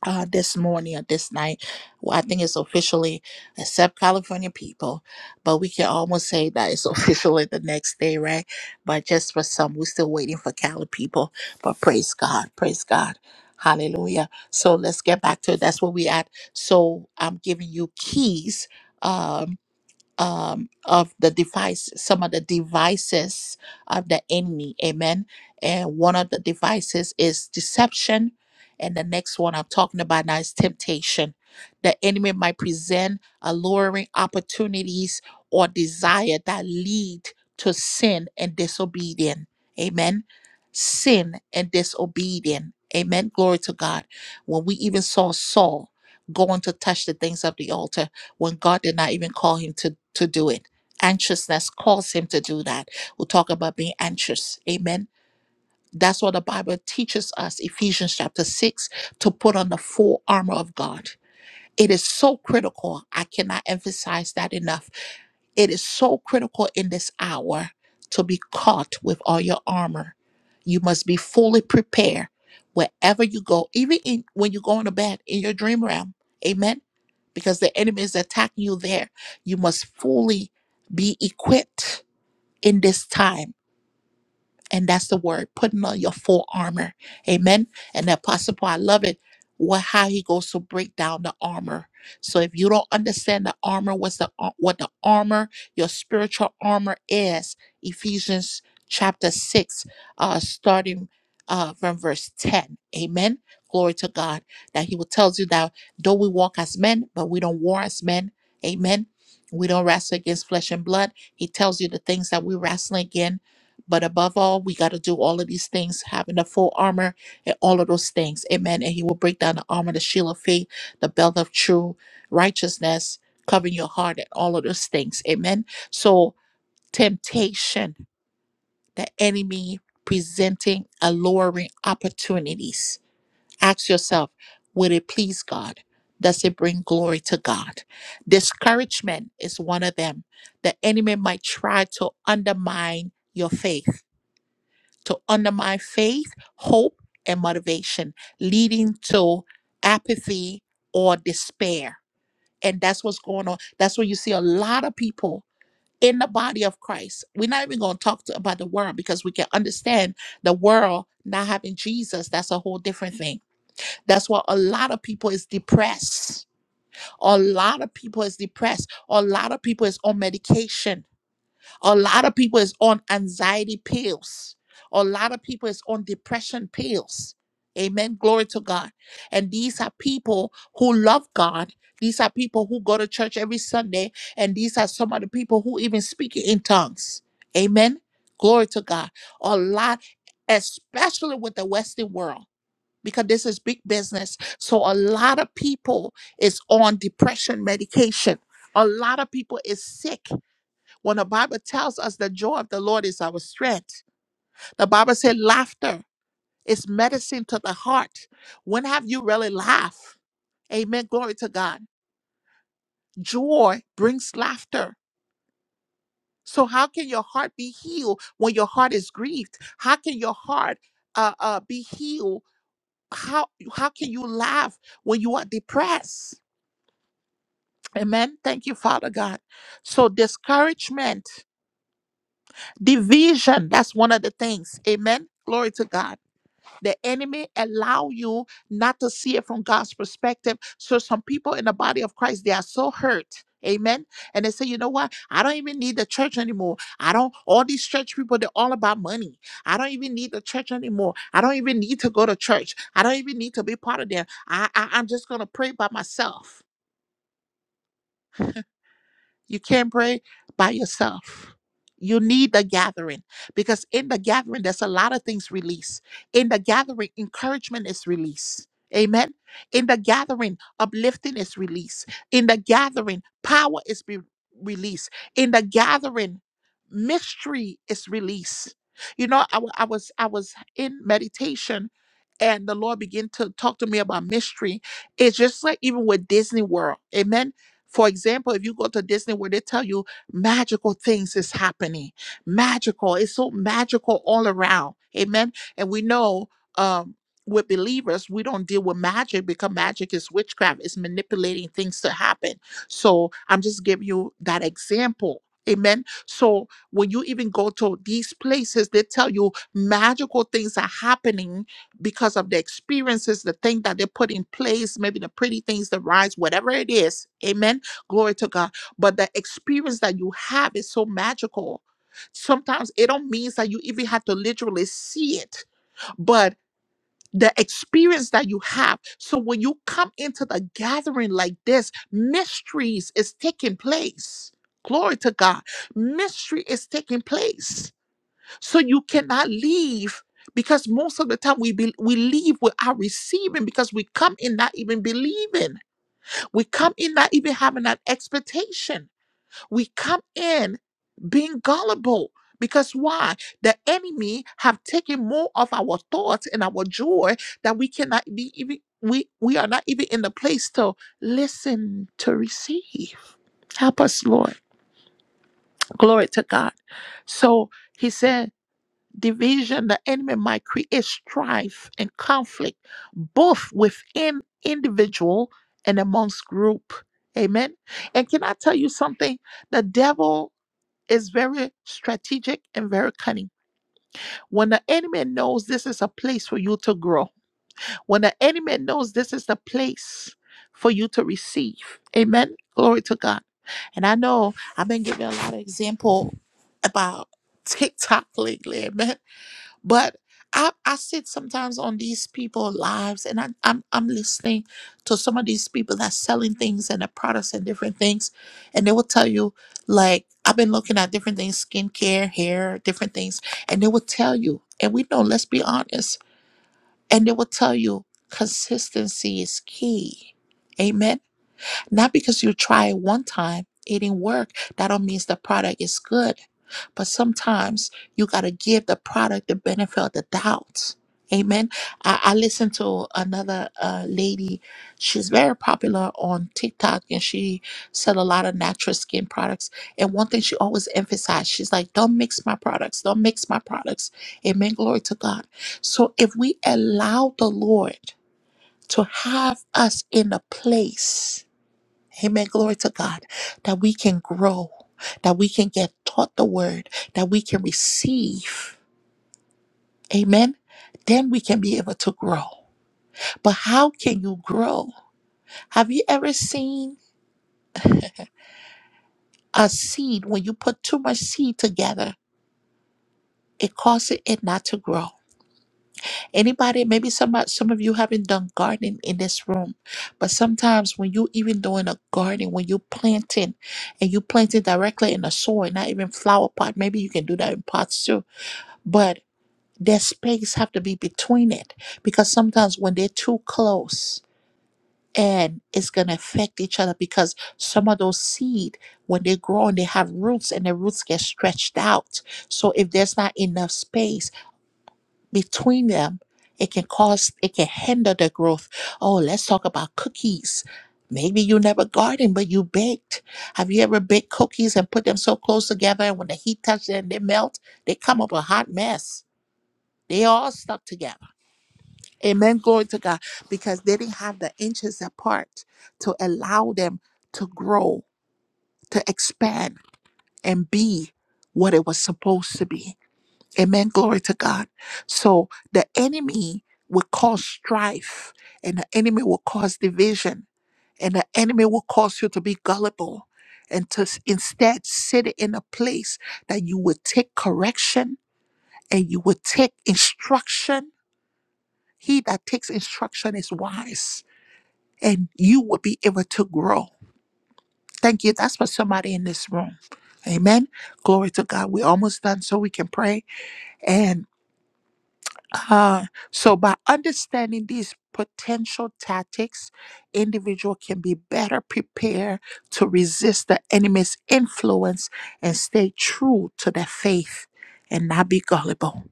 [SPEAKER 1] uh, this morning or this night. Well, I think it's officially, except California people, but we can almost say that it's <laughs> officially the next day, right? But just for some, we're still waiting for Cali people. But praise God, praise God. Hallelujah. So let's get back to it. That's where we at. So I'm giving you keys. Um um, of the device, some of the devices of the enemy. Amen. And one of the devices is deception. And the next one I'm talking about now is temptation. The enemy might present alluring opportunities or desire that lead to sin and disobedience. Amen. Sin and disobedience. Amen. Glory to God. When we even saw Saul going to touch the things of the altar, when God did not even call him to, to do it. Anxiousness calls him to do that. We'll talk about being anxious. Amen. That's what the Bible teaches us, Ephesians chapter 6, to put on the full armor of God. It is so critical. I cannot emphasize that enough. It is so critical in this hour to be caught with all your armor. You must be fully prepared wherever you go, even in, when you go into bed in your dream realm. Amen because the enemy is attacking you there. You must fully be equipped in this time and that's the word, putting on your full armor. Amen. And the apostle Paul, I love it. What how he goes to break down the armor. So if you don't understand the armor, what's the ar- what the armor, your spiritual armor is, Ephesians chapter six, uh, starting uh from verse 10. Amen. Glory to God. That he will tells you that though we walk as men, but we don't war as men. Amen. We don't wrestle against flesh and blood. He tells you the things that we wrestling against but above all, we got to do all of these things, having the full armor and all of those things. Amen. And he will break down the armor, the shield of faith, the belt of true righteousness, covering your heart, and all of those things. Amen. So, temptation, the enemy presenting alluring opportunities. Ask yourself, will it please God? Does it bring glory to God? Discouragement is one of them. The enemy might try to undermine your faith to undermine faith, hope, and motivation, leading to apathy or despair. And that's what's going on. That's what you see a lot of people in the body of Christ. We're not even going to talk to, about the world because we can understand the world not having Jesus. That's a whole different thing. That's why a lot of people is depressed. A lot of people is depressed. A lot of people is on medication a lot of people is on anxiety pills. A lot of people is on depression pills. Amen. Glory to God. And these are people who love God. These are people who go to church every Sunday. And these are some of the people who even speak in tongues. Amen. Glory to God. A lot, especially with the Western world, because this is big business. So a lot of people is on depression medication. A lot of people is sick when the Bible tells us the joy of the Lord is our strength, the Bible said laughter is medicine to the heart. When have you really laughed? Amen. Glory to God. Joy brings laughter. So, how can your heart be healed when your heart is grieved? How can your heart uh, uh, be healed? How, how can you laugh when you are depressed? Amen. Thank you, Father God. So, discouragement, division, that's one of the things. Amen. Glory to God The enemy allow you not to see it from God's perspective. So some people in the body of Christ, they are so hurt. Amen. And they say, you know what? I don't even need the church anymore. I don't, all these church people, they're all about money. I don't even need the church anymore. I don't even need to go to church. I don't even need to be part of them. I, I I'm just gonna pray by myself. You can't pray by yourself. You need the gathering because in the gathering, there's a lot of things released. In the gathering, encouragement is released. Amen. In the gathering, uplifting is released. In the gathering, power is be released. In the gathering, mystery is released. You know, I, wa- I was I was in meditation, and the Lord began to talk to me about mystery. It's just like even with Disney World, Amen for example, if you go to Disney where they tell you magical things is happening, magical, it's so magical all around. Amen. And we know um with believers, we don't deal with magic because magic is witchcraft, it's manipulating things to happen. So I'm just giving you that example. Amen. So when you even go to these places, they tell you magical things are happening because of the experiences, the thing that they put in place, maybe the pretty things, the rides, whatever it is. Amen. Glory to God. But the experience that you have is so magical. Sometimes it don't mean that you even have to literally see it, but the experience that you have. So when you come into the gathering like this, mysteries is taking place. Glory to God. Mystery is taking place so you cannot leave because most of the time we be, we leave without receiving because we come in not even believing. We come in not even having an expectation. We come in being gullible because why? The enemy have taken more of our thoughts and our joy that we cannot be even we we are not even in the place to listen to receive. Help us, Lord. Glory to God. So he said division, the enemy might create strife and conflict, both within individual and amongst group. Amen. And can I tell you something? The devil is very strategic and very cunning. When the enemy knows this is a place for you to grow, when the enemy knows this is the place for you to receive. Amen. Glory to God. And I know I've been giving a lot of example about TikTok lately. Amen. But I, I sit sometimes on these people's lives and I, I'm, I'm listening to some of these people that's selling things and the products and different things. And they will tell you, like, I've been looking at different things, skincare, hair, different things. And they will tell you, and we know, let's be honest. And they will tell you, consistency is key. Amen. Not because you try it one time, it didn't work. That don't mean the product is good. But sometimes you gotta give the product the benefit of the doubt. Amen. I, I listened to another uh, lady. She's very popular on TikTok and she sell a lot of natural skin products. And one thing she always emphasized, she's like, don't mix my products. Don't mix my products. Amen. Glory to God. So if we allow the Lord to have us in a place Amen. Glory to God. That we can grow, that we can get taught the word, that we can receive. Amen. Then we can be able to grow. But how can you grow? Have you ever seen a seed when you put too much seed together? It causes it not to grow. Anybody, maybe some some of you haven't done gardening in this room, but sometimes when you even doing a garden, when you planting, and you planting directly in the soil, not even flower pot. Maybe you can do that in pots too but their space have to be between it because sometimes when they're too close and it's going to affect each other because some of those seed when they grow and they have roots and the roots get stretched out so if there's not enough space between them it can cause it can hinder the growth oh let's talk about cookies maybe you never garden but you baked have you ever baked cookies and put them so close together and when the heat touches them they melt they come up a hot mess they all stuck together. Amen. Glory to God. Because they didn't have the inches apart to allow them to grow, to expand, and be what it was supposed to be. Amen. Glory to God. So the enemy will cause strife, and the enemy will cause division, and the enemy will cause you to be gullible and to s- instead sit in a place that you would take correction and you would take instruction He that takes instruction is wise, and you will be able to grow. Thank you. That's for somebody in this room. Amen. Glory to God. We're almost done, so we can pray. And uh, so, by understanding these potential tactics, individual can be better prepared to resist the enemy's influence and stay true to their faith and not be gullible.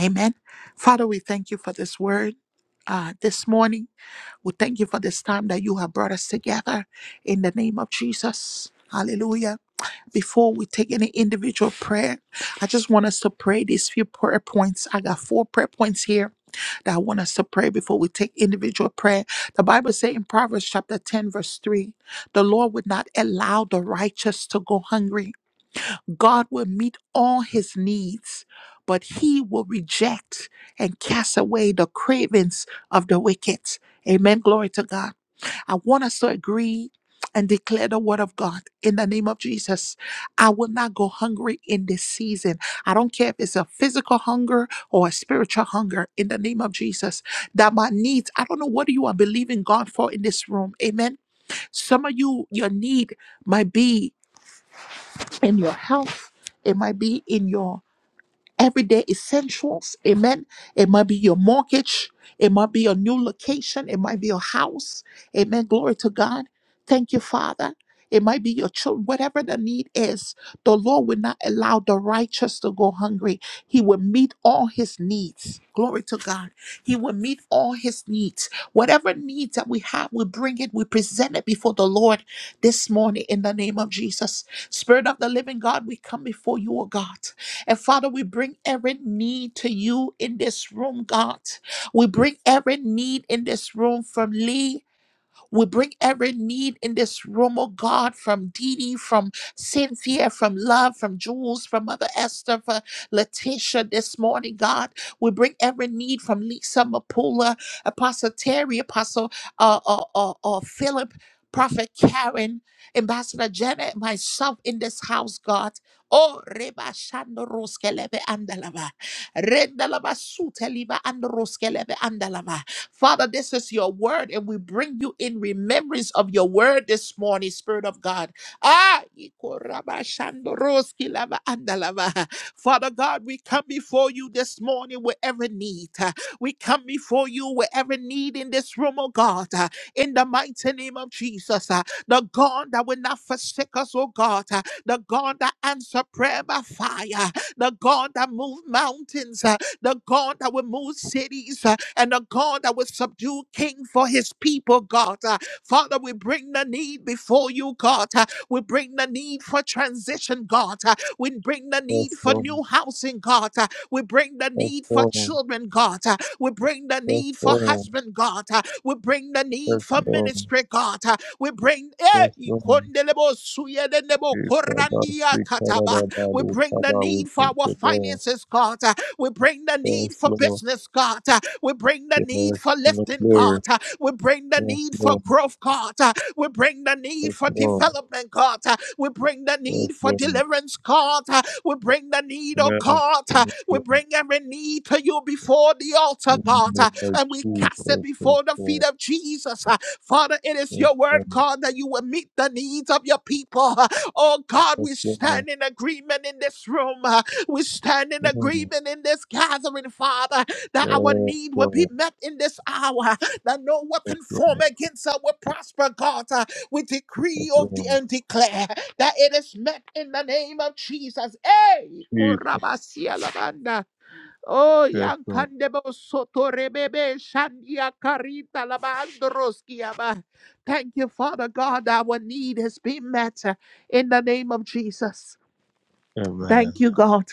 [SPEAKER 1] Amen. Father, we thank you for this word uh, this morning. We thank you for this time that you have brought us together in the name of Jesus. Hallelujah. Before we take any individual prayer, I just want us to pray these few prayer points. I got four prayer points here that I want us to pray before we take individual prayer. The Bible says in Proverbs chapter 10, verse 3, the Lord would not allow the righteous to go hungry God will meet all his needs, but he will reject and cast away the cravings of the wicked. Amen. Glory to God. I want us to agree and declare the word of God in the name of Jesus. I will not go hungry in this season. I don't care if it's a physical hunger or a spiritual hunger in the name of Jesus. That my needs, I don't know what you are believing God for in this room. Amen. Some of you, your need might be in your health, it might be in your everyday essentials. Amen. It might be your mortgage. It might be your new location. It might be your house. Amen. Glory to God. Thank you, Father. It might be your children, whatever the need is. The Lord will not allow the righteous to go hungry. He will meet all his needs. Glory to God. He will meet all his needs. Whatever needs that we have, we bring it, we present it before the Lord this morning in the name of Jesus. Spirit of the living God, we come before you, O God. And Father, we bring every need to you in this room, God. We bring every need in this room from Lee. We bring every need in this room, oh God, from Dee Dee, from Cynthia, from Love, from Jules, from Mother Esther, for Letitia this morning, God. We bring every need from Lisa Mapula, Apostle Terry, Apostle uh, uh, uh, uh, Philip, Prophet Karen, Ambassador Janet, and myself in this house, God. Oh, Reba Shando Roskelebe Andalava. Rendalava Suteliva and Roskelebe Andalava. Father, this is your word, and we bring you in remembrance of your word this morning, Spirit of God. Ah, ikorabashandoroski lava andalava. Father God, we come before you this morning with every need. We come before you with every need in this room, oh God, uh, in the mighty name of Jesus. uh, The God that will not forsake us, oh God. uh, The God that answer prayer by fire. The God that move mountains the God that will move cities, uh, and the God that will subdue king for his people, God. Uh, Father, we bring the need before you, God. Uh, We bring the need for transition, God. Uh, We bring the need
[SPEAKER 4] Yes,
[SPEAKER 1] for
[SPEAKER 4] Lord.
[SPEAKER 1] new housing, God. Uh, We bring the
[SPEAKER 4] Yes,
[SPEAKER 1] need for
[SPEAKER 4] Lord.
[SPEAKER 1] children, God. Uh, We bring the
[SPEAKER 4] Yes,
[SPEAKER 1] need for
[SPEAKER 4] Lord.
[SPEAKER 1] husband, God. Uh, We bring the need
[SPEAKER 4] Yes,
[SPEAKER 1] for
[SPEAKER 4] Lord.
[SPEAKER 1] ministry, God. Uh, We bring
[SPEAKER 4] Yes, Lord.
[SPEAKER 1] Eh, suye de nebo korandia kataba. We bring the need
[SPEAKER 4] We
[SPEAKER 1] for
[SPEAKER 4] thank
[SPEAKER 1] our
[SPEAKER 4] you, Lord.
[SPEAKER 1] finances, God. Uh, We bring the need
[SPEAKER 4] Yes,
[SPEAKER 1] for
[SPEAKER 4] Lord.
[SPEAKER 1] business, God. Uh, We bring the
[SPEAKER 4] Yes,
[SPEAKER 1] need for
[SPEAKER 4] King of
[SPEAKER 1] lifting,
[SPEAKER 4] glory.
[SPEAKER 1] God. Uh, We bring the
[SPEAKER 4] Yes,
[SPEAKER 1] need for
[SPEAKER 4] Lord.
[SPEAKER 1] growth, God. Uh, We bring the need
[SPEAKER 4] Yes,
[SPEAKER 1] for
[SPEAKER 4] Lord.
[SPEAKER 1] development, God. Uh, We bring the
[SPEAKER 4] Yes,
[SPEAKER 1] need for
[SPEAKER 4] Lord.
[SPEAKER 1] deliverance, God. Uh, We bring the need, oh
[SPEAKER 4] Yes,
[SPEAKER 1] God. Uh,
[SPEAKER 4] King of
[SPEAKER 1] We
[SPEAKER 4] glory.
[SPEAKER 1] bring every need to you before the altar,
[SPEAKER 4] In the name
[SPEAKER 1] God
[SPEAKER 4] of
[SPEAKER 1] and we cast it
[SPEAKER 4] Jesus. Yes,
[SPEAKER 1] before the feet
[SPEAKER 4] Lord.
[SPEAKER 1] of Jesus. Uh, Father, it is
[SPEAKER 4] Yes,
[SPEAKER 1] your
[SPEAKER 4] Lord.
[SPEAKER 1] word, God, that you will meet the needs of your people. Uh, Oh God,
[SPEAKER 4] Yes,
[SPEAKER 1] we
[SPEAKER 4] Lord.
[SPEAKER 1] stand in agreement in this room. Uh, We stand in
[SPEAKER 4] Mm.
[SPEAKER 1] agreement in this gathering, Father, that our
[SPEAKER 4] Yes,
[SPEAKER 1] need will be
[SPEAKER 4] Lord.
[SPEAKER 1] met in this hour, that no
[SPEAKER 4] Yes,
[SPEAKER 1] weapon formed
[SPEAKER 4] Lord.
[SPEAKER 1] against us will prosper, God. Uh, We
[SPEAKER 4] Yes,
[SPEAKER 1] decree of the
[SPEAKER 4] Lord.
[SPEAKER 1] and declare that it is met in the name of Jesus. Hey,
[SPEAKER 4] Jesus.
[SPEAKER 1] Kurabasialabanda. Oh,
[SPEAKER 4] Yes, Lord.
[SPEAKER 1] Yankandebo Soto Rebebe Shandia Carita Labandroskiaba. Thank you, Father God. Our need has been met uh, in the name of Jesus.
[SPEAKER 4] Amen.
[SPEAKER 1] Thank you, God.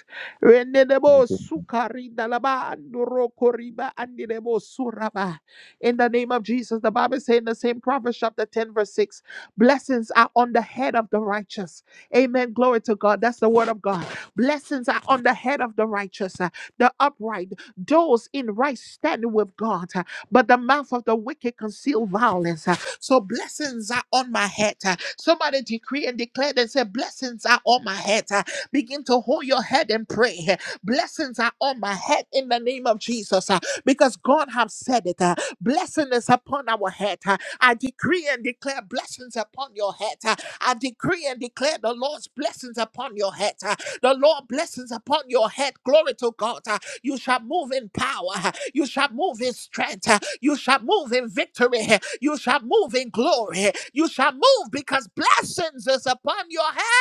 [SPEAKER 4] Thank
[SPEAKER 1] Renedebo
[SPEAKER 4] you,
[SPEAKER 1] sukari dalaba andoro koriba andidebo suraba. In the name of Jesus, the Bible says in the same Proverbs chapter 10, verse 6, blessings are on the head of the righteous. Amen. Glory to God. That's the word of God. Blessings are on the head of the righteous, uh, the upright, those in right standing with God. uh, But the mouth of the wicked conceal violence. uh, So blessings are on my head. uh. Somebody decree and declare and say, blessings are on my head. uh, Begin to hold your head and pray. Blessings are on my head in the name of Jesus uh, because God has said it. uh, Blessing is upon our head. uh, I decree and declare blessings upon your head. uh, I decree and declare the Lord's blessings upon your head. uh, The Lord blessings upon your head. Glory to God. uh, You shall move in power. uh, You shall move in strength. uh, You shall move in victory. uh, You shall move in glory. uh, You shall move because blessings is upon your head.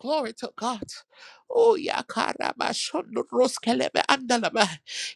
[SPEAKER 1] Glory to God. Oh, yeah, karaba shondo roskelebe andalaba.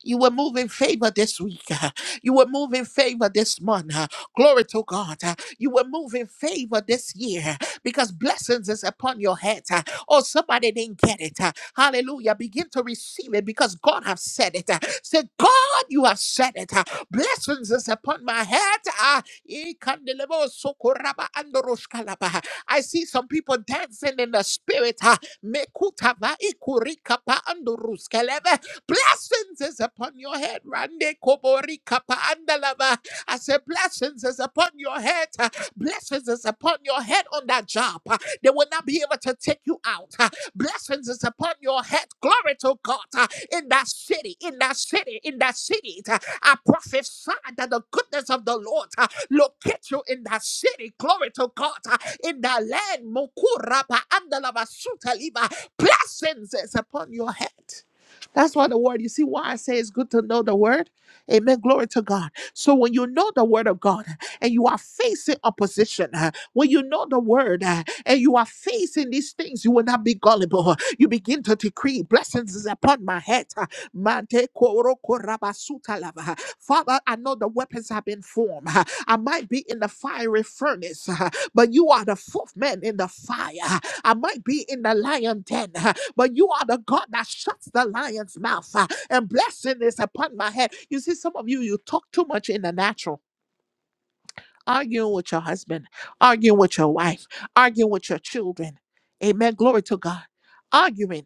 [SPEAKER 1] You will move in favor this week. uh, You will move in favor this month. uh, Glory to God. uh, You will move in favor this year uh, because blessings is upon your head. uh, Oh, somebody didn't get it. uh, Hallelujah. Begin to receive it because God have said it. uh, Say, God, you have said it. uh, Blessings is upon my head. Ah, ikandelebo sokoraba andoroshkalaba. I see some people dancing in the spirit. ah. Mekutava ikurikapa anduruskeleve. Blessings is upon your head. Rande koborikapa andalava. I say blessings is upon your head. ah. Blessings is upon your head on that job. ah. They will not be able to take you out uh, Blessings is upon your head. Glory to God. uh, In that city, in that city, in that city. uh, I prophesy that the goodness of the Lord uh, locate you in that city. Glory to God. uh, In that land. Mokuraba andalaba sutaliba. Blessings is upon your head. That's why the word, you see why I say it's good to know the word? Amen. Glory to God. So when you know the word of God, and you are facing opposition, uh, when you know the word uh, and you are facing these things, you will not be gullible. You begin to decree blessings is upon my head. uh, Mante koro korabasuta lava. Father, I know the weapons have been formed. uh, I might be in the fiery furnace, uh, but you are the fourth man in the fire. uh, I might be in the lion den, uh, but you are the God that shuts the lion's mouth. uh, And blessing is upon my head. You see, some of you, you talk too much in the natural arguing with your husband, arguing with your wife, arguing with your children. Amen. Glory to God. Arguing.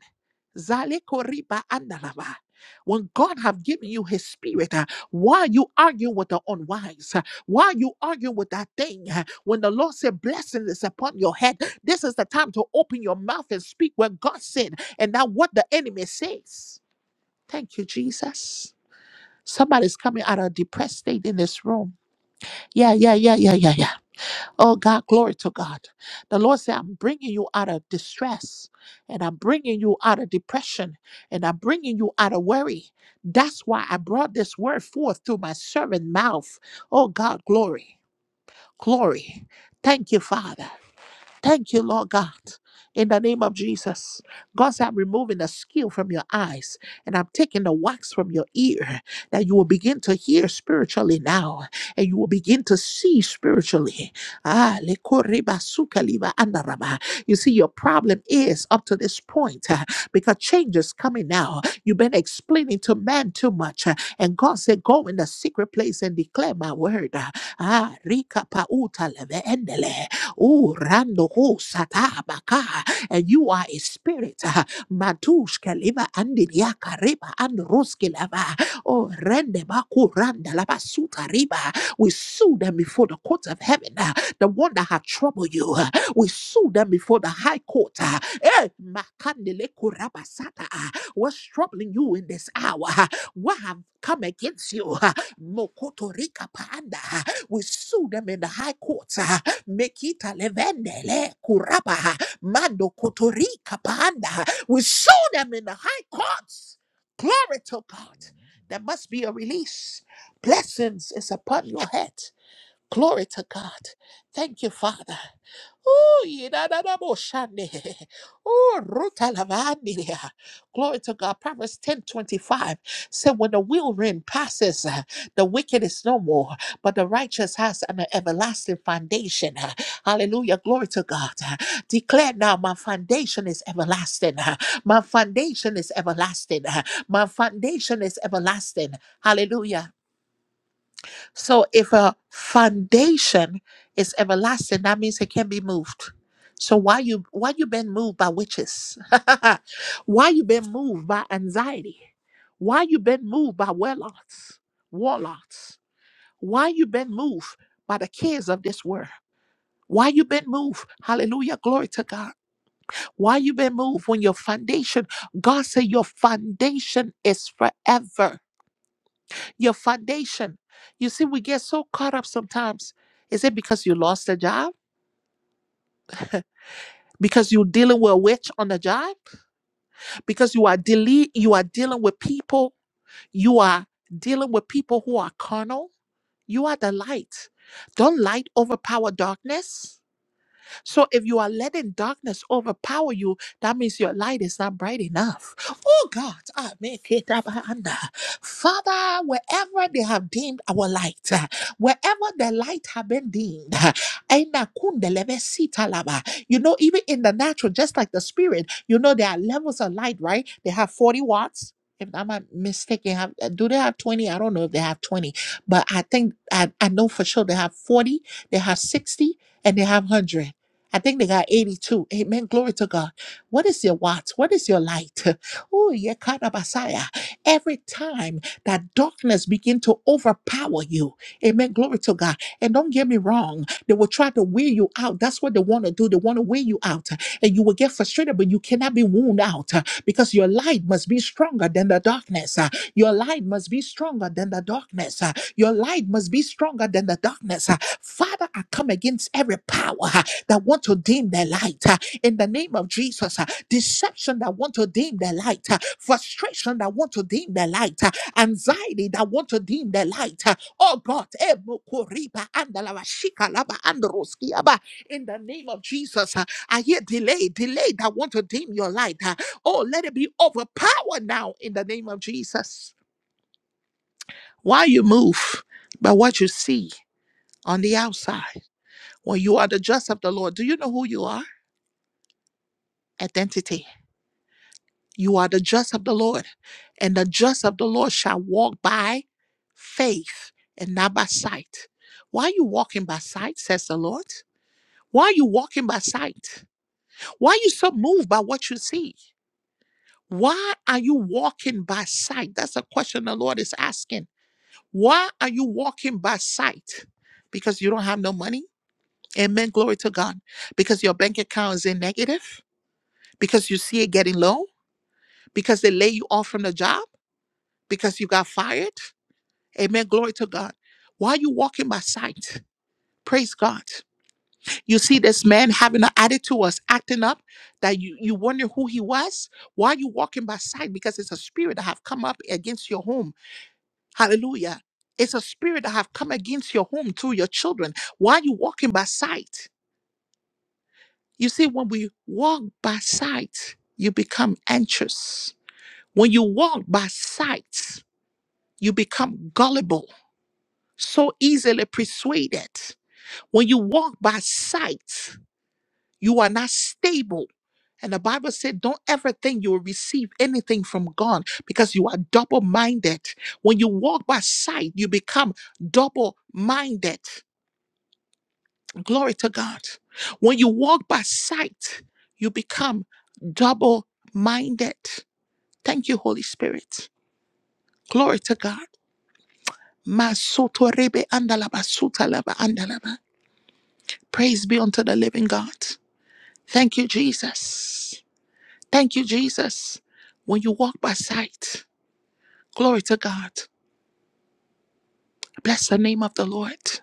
[SPEAKER 1] Zale koriba andalava. When God have given you his spirit, uh, why you arguing with the unwise? Uh, Why you arguing with that thing? Uh, When the Lord said blessing is upon your head, this is the time to open your mouth and speak what God said and not what the enemy says. Thank you, Jesus. Somebody's coming out of a depressed state in this room. Yeah, yeah, yeah, yeah, yeah, yeah. Oh God, glory to God. The Lord said, I'm bringing you out of distress and I'm bringing you out of depression and I'm bringing you out of worry. That's why I brought this word forth through my servant mouth. Oh God, glory, glory. Thank you, Father. Thank you, Lord God, in the name of Jesus. God said, I'm removing the skill from your eyes and I'm taking the wax from your ear that you will begin to hear spiritually now and you will begin to see spiritually. Ah, le lekoriba sukaliba andaraba. You see, your problem is up to this point uh, because change is coming now. You've been explaining to man too much. uh, And God said, Go in the secret place and declare my word. Ah, rika pa pauta leve endele. Oh, rando ho satabaka. And you are a spirit. ah, Matushka leva andiriaka reba and lava. Oh, rende baku randa lava suta riba. We sue them before the courts of heaven. ah, The one that have troubled you. We sue them before the high court. ah. Eh, makandele kurabasata, ah. What's troubling you in this hour? ah? What have come against you? ah? Mokotorika panda. ah. We sue them in the high court. ah. Mekita levendele kuraba. ah. Mando kotorika panda. ah. We sue them in the high courts. Glory to God. There must be a release. Blessings is upon your head. Glory to God. Thank you, Father. Oh, yidadadaboshande. Oh, rutalavandia. Glory to God. Proverbs ten twenty five said, When the whirlwind passes, uh, the wicked is no more, but the righteous has an everlasting foundation. Uh, Hallelujah. Glory to God. Uh, Declare now, my foundation is everlasting. Uh, My foundation is everlasting. Uh, My foundation is everlasting. Hallelujah. So if a foundation is everlasting, that means it can be moved. So why you why you been moved by witches? <laughs> why you been moved by anxiety? Why you been moved by warlocks? Warlocks. Why you been moved by the cares of this world? Why you been moved? Hallelujah, glory to God. Why you been moved when your foundation? God said your foundation is forever your foundation. You see, we get so caught up sometimes. Is it because you lost a job? Because you're dealing with a witch on the job? Because you are dele- you are dealing with people, you are dealing with people who are carnal. You are the light. Don't light overpower darkness? So if you are letting darkness overpower you, that means your light is not bright enough. Oh God, ah, make it up, and, uh, Father, wherever they have dimmed our light, uh, wherever the light have been dimmed, uh, ena kundelebe sitalaba. you know, even in the natural, just like the spirit, you know, there are levels of light, right? They have 40 watts. If I'm not mistaken, have, uh, do they have 20? I don't know if they have 20, but I think I, I know for sure they have 40, they have 60, and they have 100. I think they got 82. Amen. Glory to God. What is your watch? What is your light? <laughs> Oh, Yekarabasaya. Every time that darkness begin to overpower you. Amen. Glory to God. And don't get me wrong. They will try to wear you out. That's what they want to do. They want to wear you out. And you will get frustrated, but you cannot be wound out uh, because your light must be stronger than the darkness. uh, Your light must be stronger than the darkness. Your light must be stronger than the darkness. Ah, Father, I come against every power ah, that want to dim their light. ah, In the name of Jesus, Ah, deception that want to dim their light, ah, frustration that want to dim their light, ah, anxiety that want to dim their light. ah. Oh God, eh, mokoriba andalaba, shikalaba, androskiaba. in the name of Jesus, ah, I hear delay, delay that want to dim your light. ah. Oh, let it be overpowered now in the name of Jesus. Why you move by what you see on the outside. When you are the just of the Lord, do you know who you are? Identity. You are the just of the Lord, and the just of the Lord shall walk by faith and not by sight. Why are you walking by sight, says the Lord? Why are you walking by sight? Why are you so moved by what you see? Why are you walking by sight? That's a question the Lord is asking. Why are you walking by sight? Because you don't have no money? Amen. Glory to God. Because your bank account is in negative, because you see it getting low, because they lay you off from the job, because you got fired. Amen. Glory to God. Why are you walking by sight? Praise God. You see this man having an attitude was acting up that you, you wonder who he was. Why are you walking by sight? Because it's a spirit that have come up against your home. Hallelujah. It's a spirit that have come against your home through your children. Why are you walking by sight? You see, when we walk by sight, you become anxious. When you walk by sight, you become gullible, so easily persuaded. When you walk by sight, you are not stable. And the Bible said, don't ever think you will receive anything from God because you are double minded. When you walk by sight, you become double minded. Glory to God. When you walk by sight, you become double minded. Thank you, Holy Spirit. Glory to God. Masoto rebe andalaba sutalaba andalaba. Praise be unto the living God. Thank you, Jesus. Thank you, Jesus. When you walk by sight, glory to God. Bless the name of the Lord.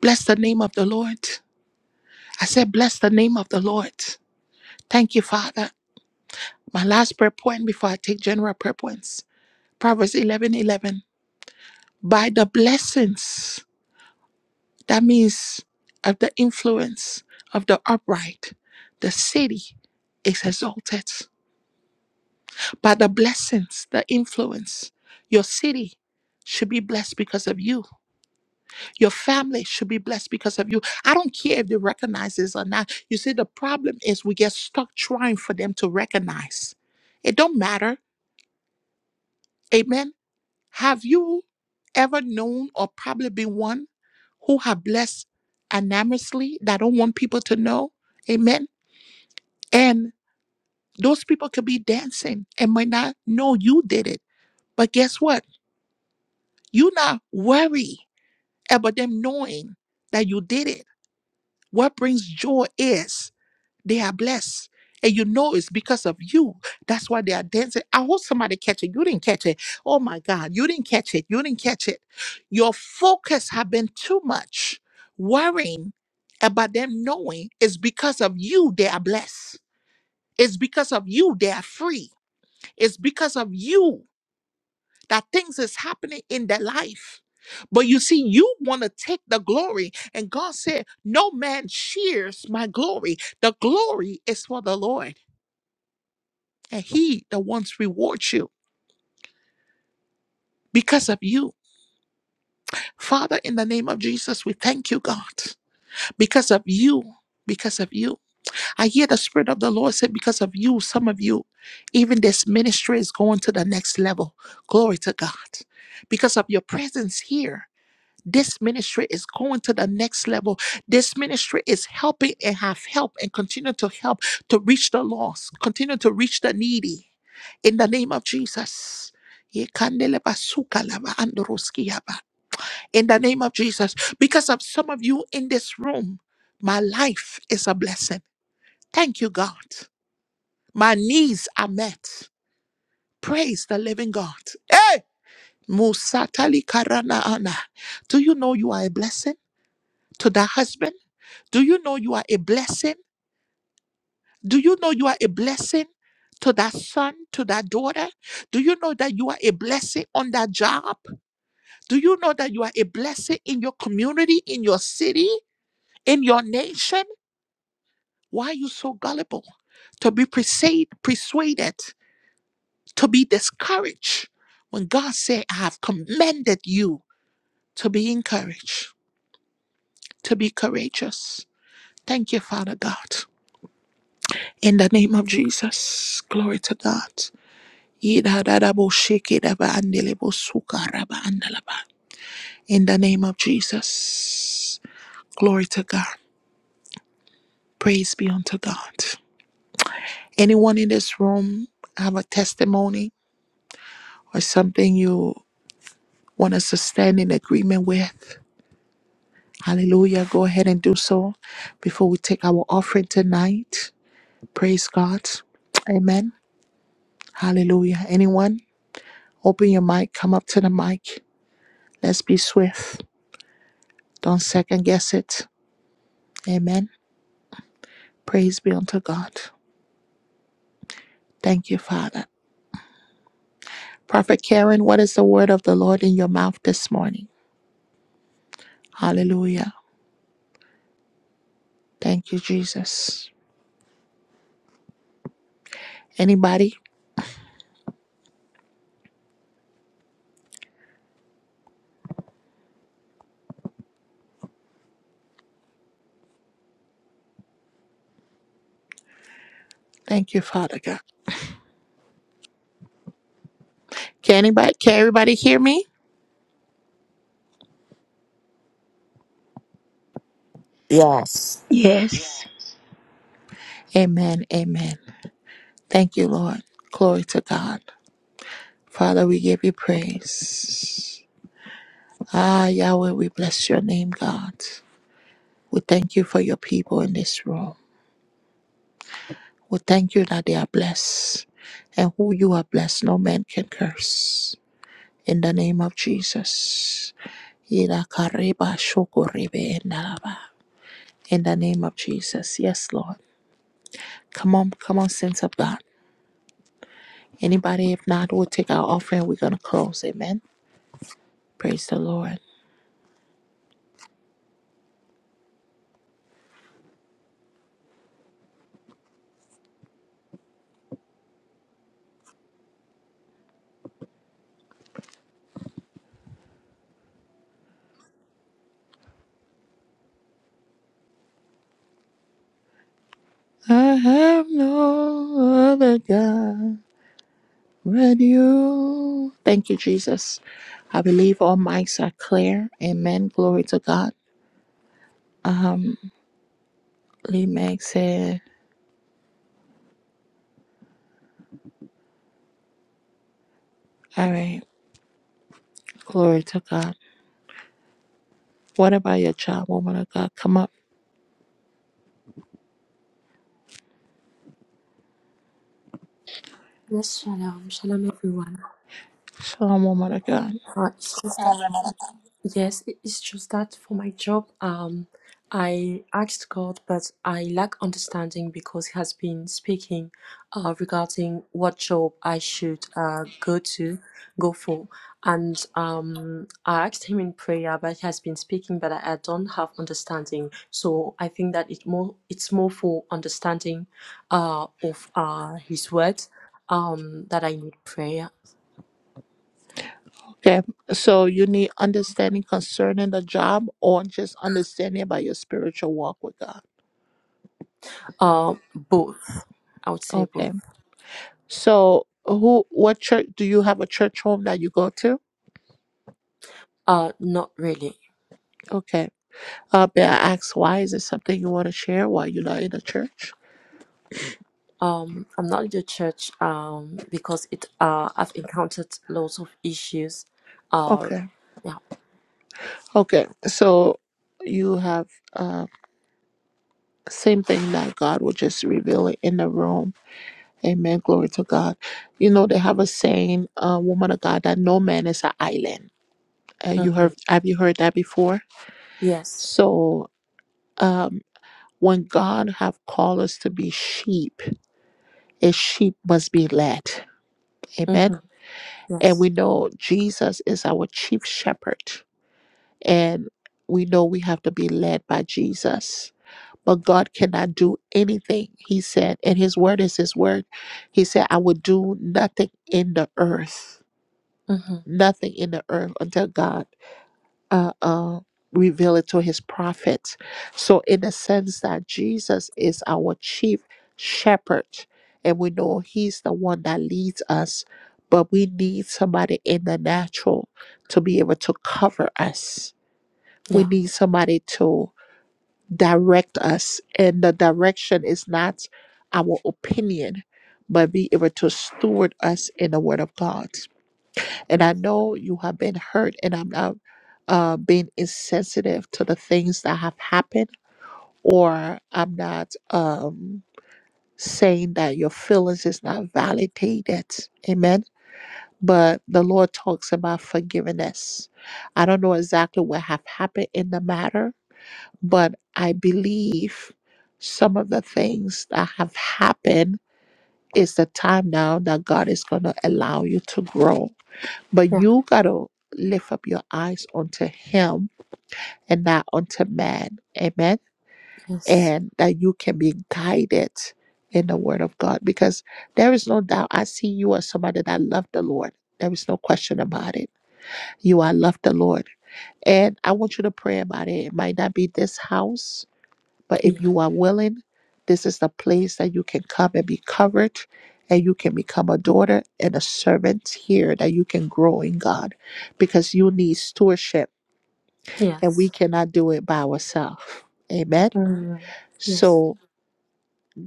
[SPEAKER 1] Bless the name of the Lord. I said, bless the name of the Lord. Thank you, Father. My last prayer point before I take general prayer points Proverbs eleven eleven. By the blessings, that means of the influence of the upright, the city is exalted. By the blessings, the influence, your city should be blessed because of you. Your family should be blessed because of you. I don't care if they recognize this or not. You see, the problem is we get stuck trying for them to recognize. It don't matter. Amen. Have you ever known or probably been one who have blessed anonymously that don't want people to know. Amen. And those people could be dancing and might not know you did it. But guess what? You not worry about them knowing that you did it. What brings joy is They are blessed. And you know it's because of you. That's why they are dancing. I hope somebody catch it. You didn't catch it. Oh my God. You didn't catch it. You didn't catch it. Your focus have been too much worrying about them knowing it's because of you they are blessed. It's because of you they are free. It's because of you that things is happening in their life. But you see, you want to take the glory. And God said, No man shares my glory. The glory is for the Lord. and he that once rewards you because of you. Father, in the name of Jesus, we thank you, God, because of you. Because of you. I hear the Spirit of the Lord say, because of you, some of you, even this ministry is going to the next level. Glory to God. Because of your presence here. This ministry is going to the next level. This ministry is helping and have helped and continue to help to reach the lost, continue to reach the needy. In the name of Jesus. In the name of Jesus. Because of some of you in this room, my life is a blessing. Thank you, God. My needs are met. Praise the living God. Hey! Musatali Karana Ana, Do you know you are a blessing? to that husband? Do you know you are a blessing? Do you know you are a blessing to that son, to that daughter? Do you know that you are a blessing on that job? Do you know that you are a blessing in your community, in your city, in your nation? Why are you so gullible? To be persuade, persuaded, to be discouraged when God said, I have commended you to be encouraged, to be courageous. Thank you, Father God. In the name of Jesus, glory to God. Yidadadaboshikidabaandelebusukarabandalaba. In the name of Jesus, glory to God. Praise be unto God. Anyone in this room have a testimony or something you want us to stand in agreement with? Hallelujah. Go ahead and do so before we take our offering tonight. Praise God. Amen. Hallelujah. Anyone? Open your mic. Come up to the mic. Let's be swift. Don't second guess it. Amen. Praise be unto God. Thank you, Father. Prophet Karen, what is the word of the Lord in your mouth this morning? Hallelujah. Thank you, Jesus. Anybody? Thank you, Father God. Can anybody can everybody hear me?
[SPEAKER 6] Yes.
[SPEAKER 7] Yes.
[SPEAKER 1] Amen. Amen. Thank you, Lord. Glory to God. Father, we give you praise. Ah, Yahweh, we bless your name, God. We thank you for your people in this room. We thank you that they are blessed, and who you are blessed, no man can curse. In the name of Jesus. Ira kareba shoko rebe endalaba. In the name of Jesus. Yes, Lord. Come on, come on, saints of God. Anybody, if not, we'll take our offering. We're going to close. Amen. Praise the Lord. I have no other God but you. Thank you, Jesus. Believe all mics are clear. Amen. Glory to God. Amen.
[SPEAKER 8] Yes, shalom, shalom, everyone. Uh, it's just, yes, it- it's just that for my job, um, I asked God, but I lack understanding because He has been speaking, uh, regarding what job I should uh go to, go for, and um, I asked Him in prayer, but He has been speaking, but I, I don't have understanding. So I think that it more it's more for understanding, uh, of uh His word, um, that I need prayer.
[SPEAKER 1] Okay, so you need understanding concerning the job or just understanding about your spiritual walk with God.
[SPEAKER 8] Uh, both. I would say
[SPEAKER 1] Okay,
[SPEAKER 8] both.
[SPEAKER 1] so who, what church, do you have a church home that you go to?
[SPEAKER 8] Uh, not really.
[SPEAKER 1] Okay, uh, may I ask why? Is it something you want to share while you're not in a church?
[SPEAKER 8] Um, I'm not in the church. Um, because it. Uh, I've encountered lots of issues. Uh,
[SPEAKER 1] Okay,
[SPEAKER 8] yeah.
[SPEAKER 1] okay, so you have uh, same thing that God will just reveal it in the room. Amen. Glory to God. You know, they have a saying, uh, woman of God, that no man is an island. Uh, you
[SPEAKER 8] Mm-hmm.
[SPEAKER 1] heard, have you heard that before?
[SPEAKER 8] Yes.
[SPEAKER 1] So um, when God have called us to be sheep, a sheep must be led. Amen.
[SPEAKER 8] Mm-hmm.
[SPEAKER 1] And
[SPEAKER 8] Yes.
[SPEAKER 1] we know Jesus is our chief shepherd. And we know we have to be led by Jesus. But God cannot do anything. He said, and his word is his word. He said, I will do nothing in the earth,
[SPEAKER 8] Mm-hmm.
[SPEAKER 1] nothing in the earth until God. uh, uh, reveal it to his prophets. So, in the sense that Jesus is our chief shepherd, and we know he's the one that leads us, but we need somebody in the natural to be able to cover us. We
[SPEAKER 8] Yeah.
[SPEAKER 1] need somebody to direct us, and the direction is not our opinion, but be able to steward us in the Word of God. And I
[SPEAKER 8] Yes.
[SPEAKER 1] know you have been hurt, and I'm not uh, being insensitive to the things that have happened, or I'm not um, saying that your feelings is not validated. Amen. But the Lord talks about forgiveness. I don't know exactly what have happened in the matter, but I believe some of the things that have happened is the time now that God is going to allow you to grow but
[SPEAKER 8] Yeah.
[SPEAKER 1] you got to lift up your eyes unto Him and not unto man. Amen.
[SPEAKER 8] Yes.
[SPEAKER 1] And that you can be guided in the Word of God because there is no doubt. I see you as somebody that loved the Lord. There is no question about it. You are loved the Lord. And I want you to pray about it. It might not be this house but if
[SPEAKER 8] Yeah.
[SPEAKER 1] you are willing, this is the place that you can come and be covered and you can become a daughter and a servant here that you can grow in God because you need stewardship and we
[SPEAKER 8] Yes.
[SPEAKER 1] cannot do it by ourselves. Amen.
[SPEAKER 8] Mm-hmm. Yes.
[SPEAKER 1] So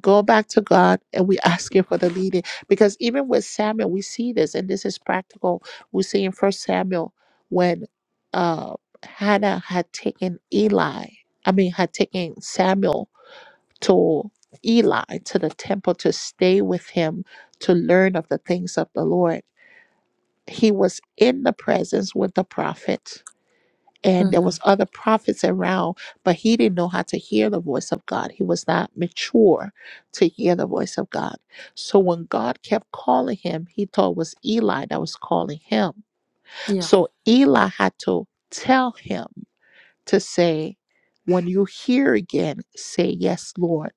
[SPEAKER 1] go back to God and we <laughs> ask Him for the leading because even with Samuel, we see this and this is practical. We see in First Samuel when uh, Hannah had taken Eli, I mean, had taken Samuel to Eli to the temple to stay with him to learn of the things of the Lord. He was in the presence with the prophet and there
[SPEAKER 8] Mm-hmm.
[SPEAKER 1] was other prophets around, but he didn't know how to hear the voice of God. He was not mature to hear the voice of God. So when God kept calling him, he thought it was Eli that was calling him.
[SPEAKER 8] Yeah.
[SPEAKER 1] So Eli had to tell him to say, when you hear again, say, Yes, Lord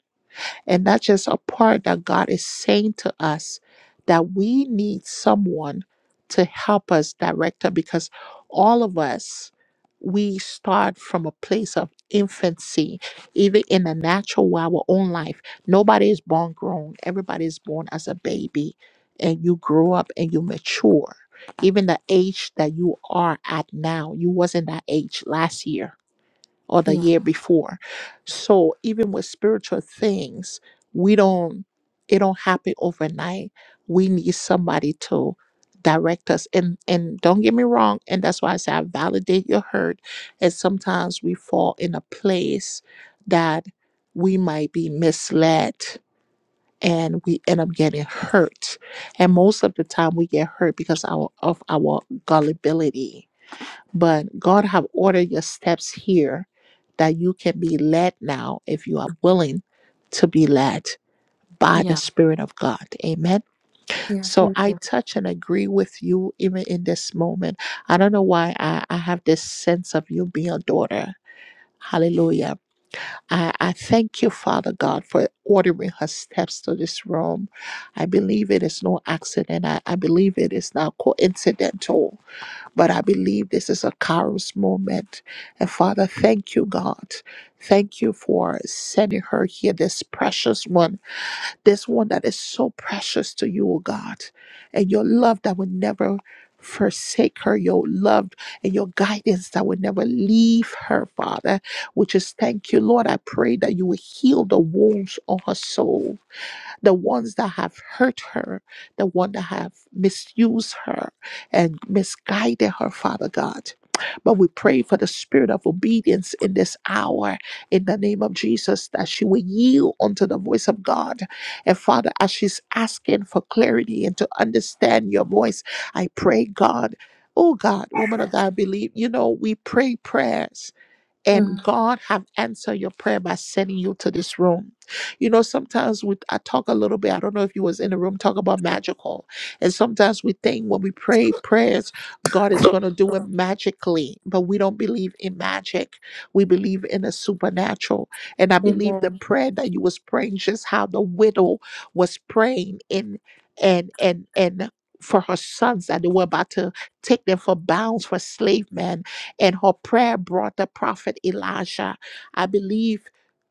[SPEAKER 1] and that's just a part that God is saying to us that we need someone to help us direct her because all of us, we start from a place of infancy, even in the natural way, our own life. Nobody is born grown, everybody is born as a baby, and you grow up and you mature. Even the age that you are at now, you wasn't that age last year or the
[SPEAKER 8] Yeah.
[SPEAKER 1] year before. So even with spiritual things, we don't it don't happen overnight. We need somebody to direct us. And and don't get me wrong, and that's why I say I validate your hurt. And sometimes we fall in a place that we might be misled and we end up getting hurt. And most of the time we get hurt because our of our gullibility but God have ordered your steps here that you can be led now if you are willing to be led by the
[SPEAKER 8] Yeah.
[SPEAKER 1] Spirit of God. Amen.
[SPEAKER 8] Yeah.
[SPEAKER 1] So
[SPEAKER 8] Thank
[SPEAKER 1] I
[SPEAKER 8] you.
[SPEAKER 1] touch and agree with you even in this moment. I don't know why I, I have this sense of you being a daughter. Hallelujah. I, I thank you, Father God, for ordering her steps to this room. I believe it is no accident. I, I believe it is not coincidental but I believe this is a Kairos moment. And Father, thank you, God. Thank you for sending her here, this precious one, this one that is so precious to you, oh God. And your love that will never forsake her, your love and your guidance that will never leave her, Father. Which is thank you, Lord. I pray that you will heal the wounds on her soul the ones that have hurt her, the one that have misused her and misguided her, Father God. But we pray for the spirit of obedience in this hour in the name of Jesus that she will yield unto the voice of God. And Father, as she's asking for clarity and to understand your voice, I pray, God, oh God, woman of God, I believe, you know, we pray prayers and
[SPEAKER 8] Mm-hmm.
[SPEAKER 1] God have answered your prayer by sending you to this room. You know, sometimes we I talk a little bit. I don't know if you was in the room talk about magical, and sometimes we think when we pray prayers, God is going to do it magically, but we don't believe in magic. We believe in the supernatural, and I believe the
[SPEAKER 8] Amen.
[SPEAKER 1] prayer that you was praying, just how the widow was praying in and and and for her sons that they were about to take them for bounds for slave men and her prayer brought the prophet Elijah. I believe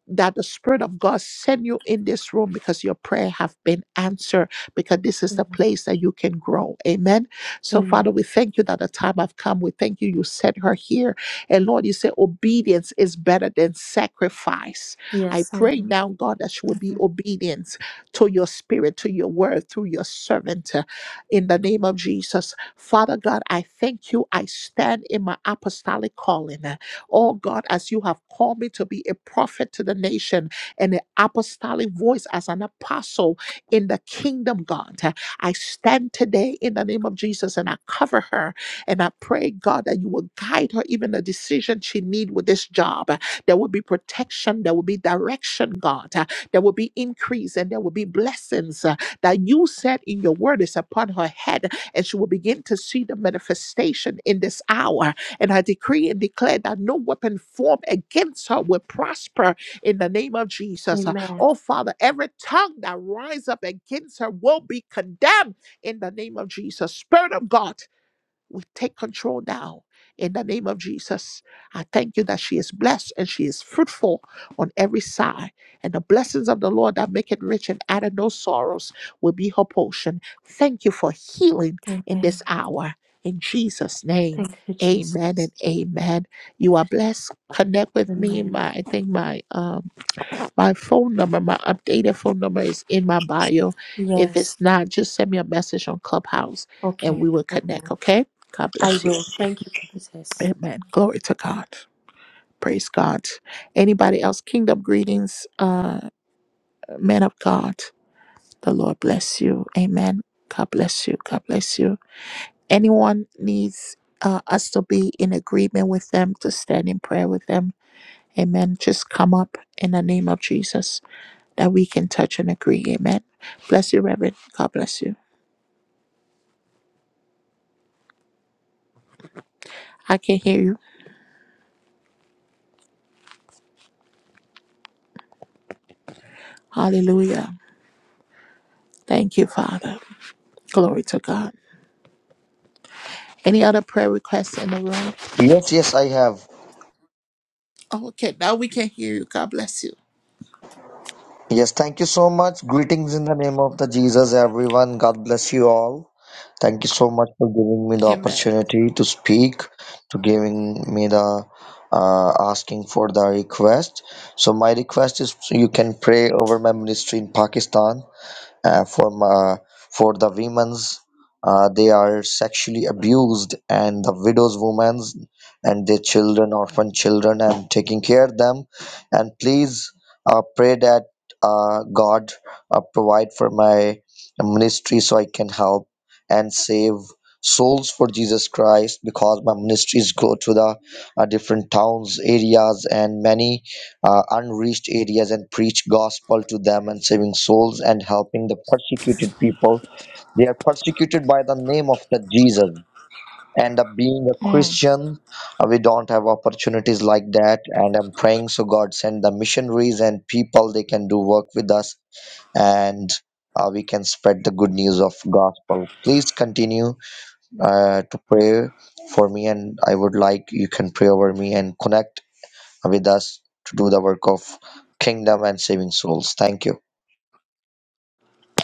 [SPEAKER 1] that the spirit of God sent you in this room because your prayer have been answered because this is the
[SPEAKER 8] Amen.
[SPEAKER 1] place that you can grow. Amen. So
[SPEAKER 8] Amen.
[SPEAKER 1] Father, we thank you that the time have come. We thank you you sent her here. And Lord, you say obedience is better than sacrifice. I
[SPEAKER 8] Yes. I
[SPEAKER 1] pray
[SPEAKER 8] know.
[SPEAKER 1] now, God, that she will be
[SPEAKER 8] Mhm.
[SPEAKER 1] obedient to your spirit, to your word, through your servant. uh, In the name of Jesus, Father God, I thank you. I stand in my apostolic calling. Oh God, as you have called me to be a prophet to the nation and an apostolic voice as an apostle in the kingdom, God. I stand today in the name of Jesus and I cover her and I pray, God, that you will guide her even the decision she need with this job. There will be protection, there will be direction, God. There will be increase and there will be blessings uh, that you said in your word is upon her head and she will begin to see the manifestation in this hour. And I decree and declare that no weapon formed against her will prosper in the name of Jesus. Uh,
[SPEAKER 8] Amen.
[SPEAKER 1] Oh, Father, every tongue that rises up against her will be condemned in the name of Jesus. Spirit of God, we take control now in the name of Jesus. I thank you that she is blessed and she is fruitful on every side. And the blessings of the Lord that make it rich and add no sorrows will be her portion. Thank you for healing in
[SPEAKER 8] Amen.
[SPEAKER 1] this hour. In Jesus' name,
[SPEAKER 8] Thank you, Jesus.
[SPEAKER 1] amen and amen.
[SPEAKER 8] Thank
[SPEAKER 1] You are
[SPEAKER 8] you,
[SPEAKER 1] blessed. Connect with me.
[SPEAKER 8] Amen.
[SPEAKER 1] My I think my um my phone number, my updated phone number is in my bio. If it's
[SPEAKER 8] Yes.
[SPEAKER 1] not, just send me a message on Clubhouse and
[SPEAKER 8] Okay.
[SPEAKER 1] we will
[SPEAKER 8] I will.
[SPEAKER 1] connect, okay? God
[SPEAKER 8] I
[SPEAKER 1] bless you.
[SPEAKER 8] will. Thank you, prophetess.
[SPEAKER 1] Amen. Glory to God. Praise God. Anybody else? Kingdom greetings, uh, man of God. The Lord bless you. Amen. God bless you. God bless you. Anyone needs uh, us to be in agreement with them, to stand in prayer with them. Amen. Just come up in the name of Jesus. that we can touch and agree. Amen. Bless you, Reverend. God bless you. I can hear you. Hallelujah. Thank you, Father. Glory to God. Any other prayer requests in the room?
[SPEAKER 9] Yes, yes, I have.
[SPEAKER 1] Oh, okay, now we can hear you. God bless you.
[SPEAKER 9] Yes, thank you so much. Greetings in the name of the Jesus, everyone. God bless you all. Thank you so much for giving me the
[SPEAKER 1] Amen.
[SPEAKER 9] opportunity to speak, to giving me the uh, asking for the request. So my request is you can pray over my ministry in Pakistan. uh, for ma- for the women's uh, they are sexually abused and the widows women's and their children orphan children and taking care of them and please uh, pray that uh, god uh, provide for my ministry so i can help and save souls for jesus christ because my ministries go to the uh, different towns areas and many uh, unreached areas and preach gospel to them and saving souls and helping the persecuted people they are persecuted by the name of the jesus and uh, being a christian uh, we don't have opportunities like that and i'm praying so god send the missionaries and people they can do work with us and uh, we can spread the good news of gospel please continue uh, to pray for me and i would like you can pray over me and connect with us to do the work of kingdom and saving souls. Thank you.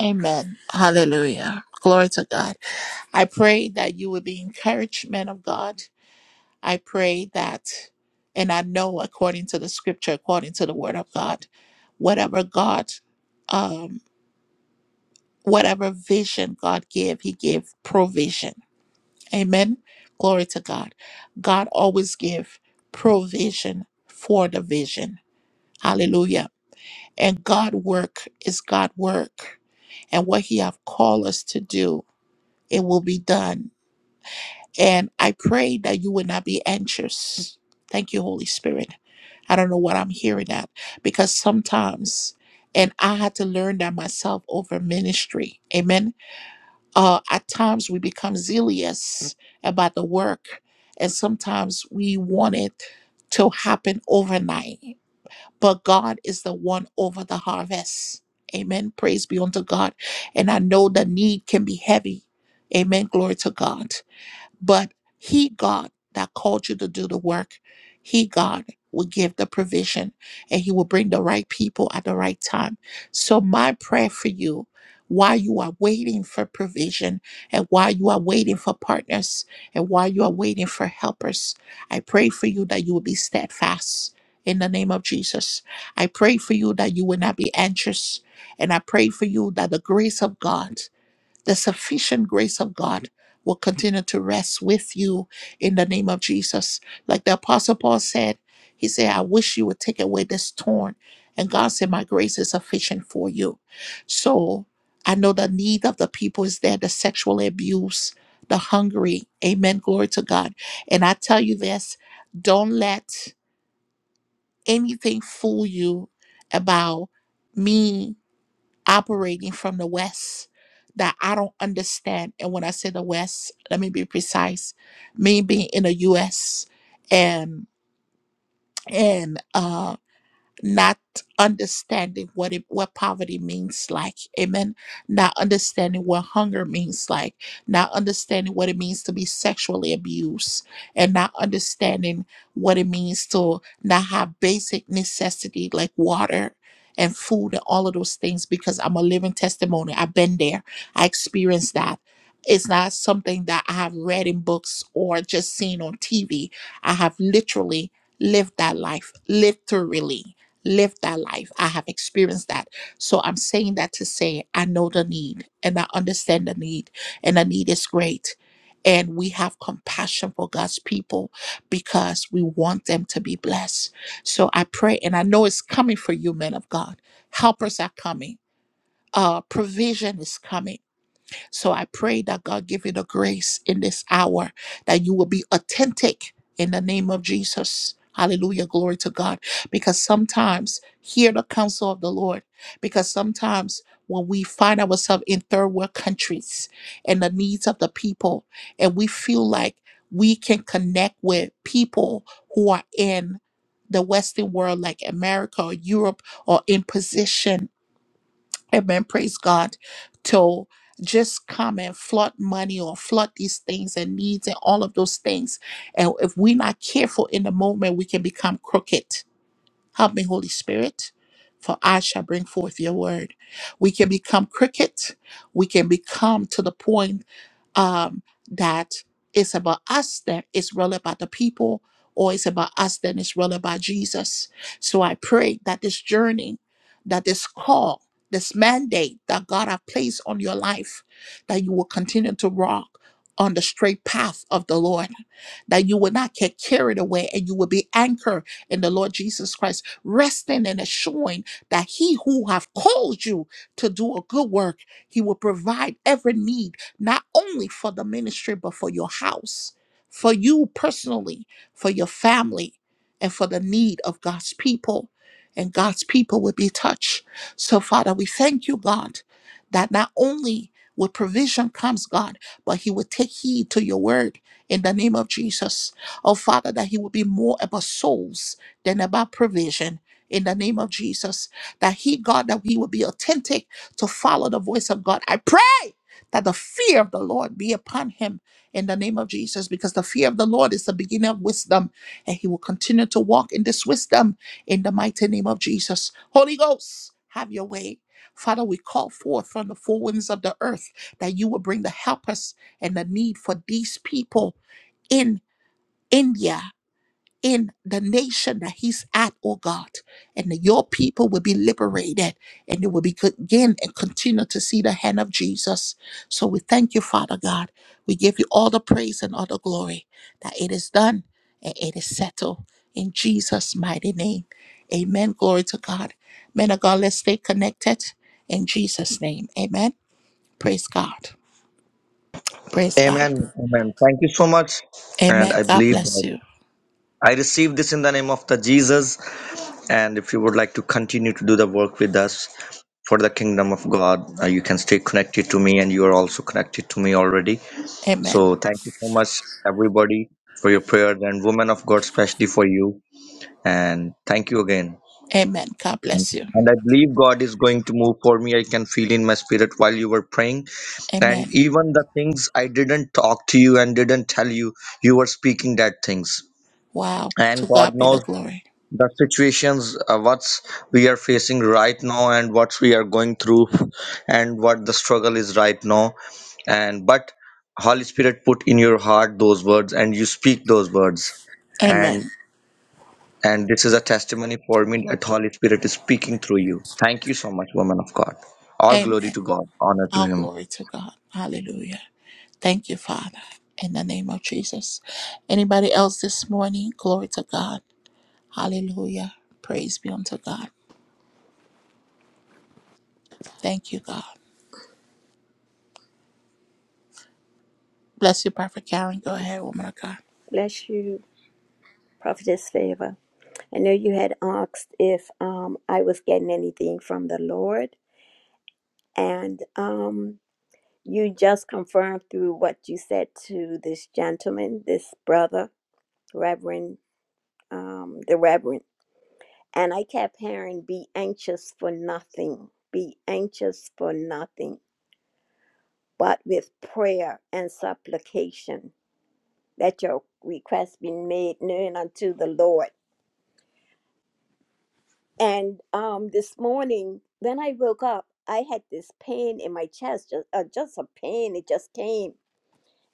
[SPEAKER 1] Amen. Hallelujah. Glory to God. I pray that you would be encouraged, men of God. I pray that, and I know according to the scripture, according to the word of God, whatever God um. whatever vision God gave, He gave provision. Amen. Glory to God. God always give provision for the vision. Hallelujah. And God work is God work. And what He have called us to do, it will be done. And I pray that you will not be anxious. Thank you, Holy Spirit. I don't know what I'm hearing at because sometimes, and I had to learn that myself over ministry. Amen uh, at times we become zealous about the work, and sometimes we want it to happen overnight. But God is the one over the harvest. Amen. Praise be unto God. And I know the need can be heavy. Amen. Glory to God. But He, God, that called you to do the work, He, God, will give the provision and He will bring the right people at the right time. So, my prayer for you while you are waiting for provision and while you are waiting for partners and while you are waiting for helpers, I pray for you that you will be steadfast in the name of Jesus. I pray for you that you will not be anxious. And I pray for you that the grace of God the sufficient grace of God will continue to rest with you in the name of Jesus. Like the Apostle Paul said, he said, I wish you would take away this thorn. And God said, My grace is sufficient for you. So I know the need of the people is there, the sexual abuse, the hungry. Amen. Glory to God. And I tell you this don't let anything fool you about me operating from the West that I don't understand. And when I say the West, let me be precise. Me being in the US and and uh not understanding what it, what poverty means like amen not understanding what hunger means like not understanding what it means to be sexually abused and not understanding what it means to not have basic necessity like water and food and all of those things because I'm a living testimony I've been there I experienced that it's not something that I have read in books or just seen on TV I have literally lived that life literally Lived that life. I have experienced that. So I'm saying that to say I know the need and I understand the need, and the need is great. And we have compassion for God's people because we want them to be blessed. So I pray, and I know it's coming for you, men of God. Helpers are coming. Uh, provision is coming so I pray that God give you the grace in this hour that you will be authentic in the name of Jesus. Hallelujah. Glory to God. Because sometimes hear the counsel of the Lord. Because sometimes when we find ourselves in third world countries and the needs of the people, and we feel like we can connect with people who are in the Western world, like America or Europe, or in position Amen. Praise God. To just come and flood money or flood these things and needs and all of those things. And if we're not careful in the moment, we can become crooked. Help me, Holy Spirit, for I shall bring forth your word. We can become crooked. We can become to the point um, that it's about us that it's really about the people or it's about us then it's really about jesus so i pray that this journey that this call this mandate that god have placed on your life that you will continue to walk on the straight path of the lord that you will not get carried away and you will be anchored in the lord jesus christ resting and assuring that he who have called you to do a good work he will provide every need not only for the ministry, but for your house, for you personally, for your family, and for the need of God's people. And God's people would be touched. So, Father, we thank you, God, that not only with provision comes, God, but He would take heed to your word in the name of Jesus. Oh, Father, that He would be more about souls than about provision in the name of Jesus. That He, God, that we would be authentic to follow the voice of God. I pray that the fear of the Lord be upon him in the name of Jesus, because the fear of the Lord is the beginning of wisdom, and he will continue to walk in this wisdom in the mighty name of Jesus. Holy Ghost, have your way. Father, we call forth from the four winds of the earth that you will bring the helpers and the need for these people in India in the nation that he's at, oh God, and that your people will be liberated and they will be again and continue to see the hand of Jesus. So we thank you, Father God. We give you all the praise and all the glory that it is done and it is settled in Jesus' mighty name. Amen. Glory to God. Men of God, let's stay connected in Jesus' name. Amen. Praise God. Praise God.
[SPEAKER 9] Amen. Amen. Thank you so much. And
[SPEAKER 1] Amen.
[SPEAKER 9] I
[SPEAKER 1] God
[SPEAKER 9] believe
[SPEAKER 1] bless
[SPEAKER 9] that
[SPEAKER 1] you.
[SPEAKER 9] I received this in the name of the Jesus. And if you would like to continue to do the work with us for the kingdom of God, uh, you can stay connected to me, and you are also connected to me already.
[SPEAKER 1] Amen.
[SPEAKER 9] So thank you so much, everybody, for your prayers and women of God, especially for you. And thank you again.
[SPEAKER 1] Amen. God bless you.
[SPEAKER 9] And I believe God is going to move for me. I can feel in my spirit while you were praying And
[SPEAKER 1] Amen.
[SPEAKER 9] even the things I didn't talk to you and didn't tell you, you were speaking that things.
[SPEAKER 1] Wow.
[SPEAKER 9] And
[SPEAKER 1] To
[SPEAKER 9] God
[SPEAKER 1] God be the
[SPEAKER 9] knows
[SPEAKER 1] glory.
[SPEAKER 9] the situations, uh, what's we are facing right now, and what we are going through, and what the struggle is right now. And but Holy Spirit put in your heart those words, and you speak those words. And
[SPEAKER 1] Amen.
[SPEAKER 9] and this is a testimony for me that Holy Spirit is speaking through you. Thank you so much, woman of God. All glory to
[SPEAKER 1] Amen.
[SPEAKER 9] God, honor to
[SPEAKER 1] All
[SPEAKER 9] Him.
[SPEAKER 1] glory to God. Hallelujah. Thank you, Father, in the name of Jesus. Anybody else this morning? Glory to God. Hallelujah. Praise be unto God. Thank you, God. Bless you, Prophet Karen. Go ahead, woman of God.
[SPEAKER 10] Bless you, Prophetess Favor. I know you had asked if um, I was getting anything from the Lord, and um, you just confirmed through what you said to this gentleman, this brother, Reverend, um, the Reverend. And I kept hearing, be anxious for nothing, be anxious for nothing, but with prayer and supplication, let your request be made known unto the Lord And um, this morning, when I woke up, I had this pain in my chest, just, uh, just a pain. It just came,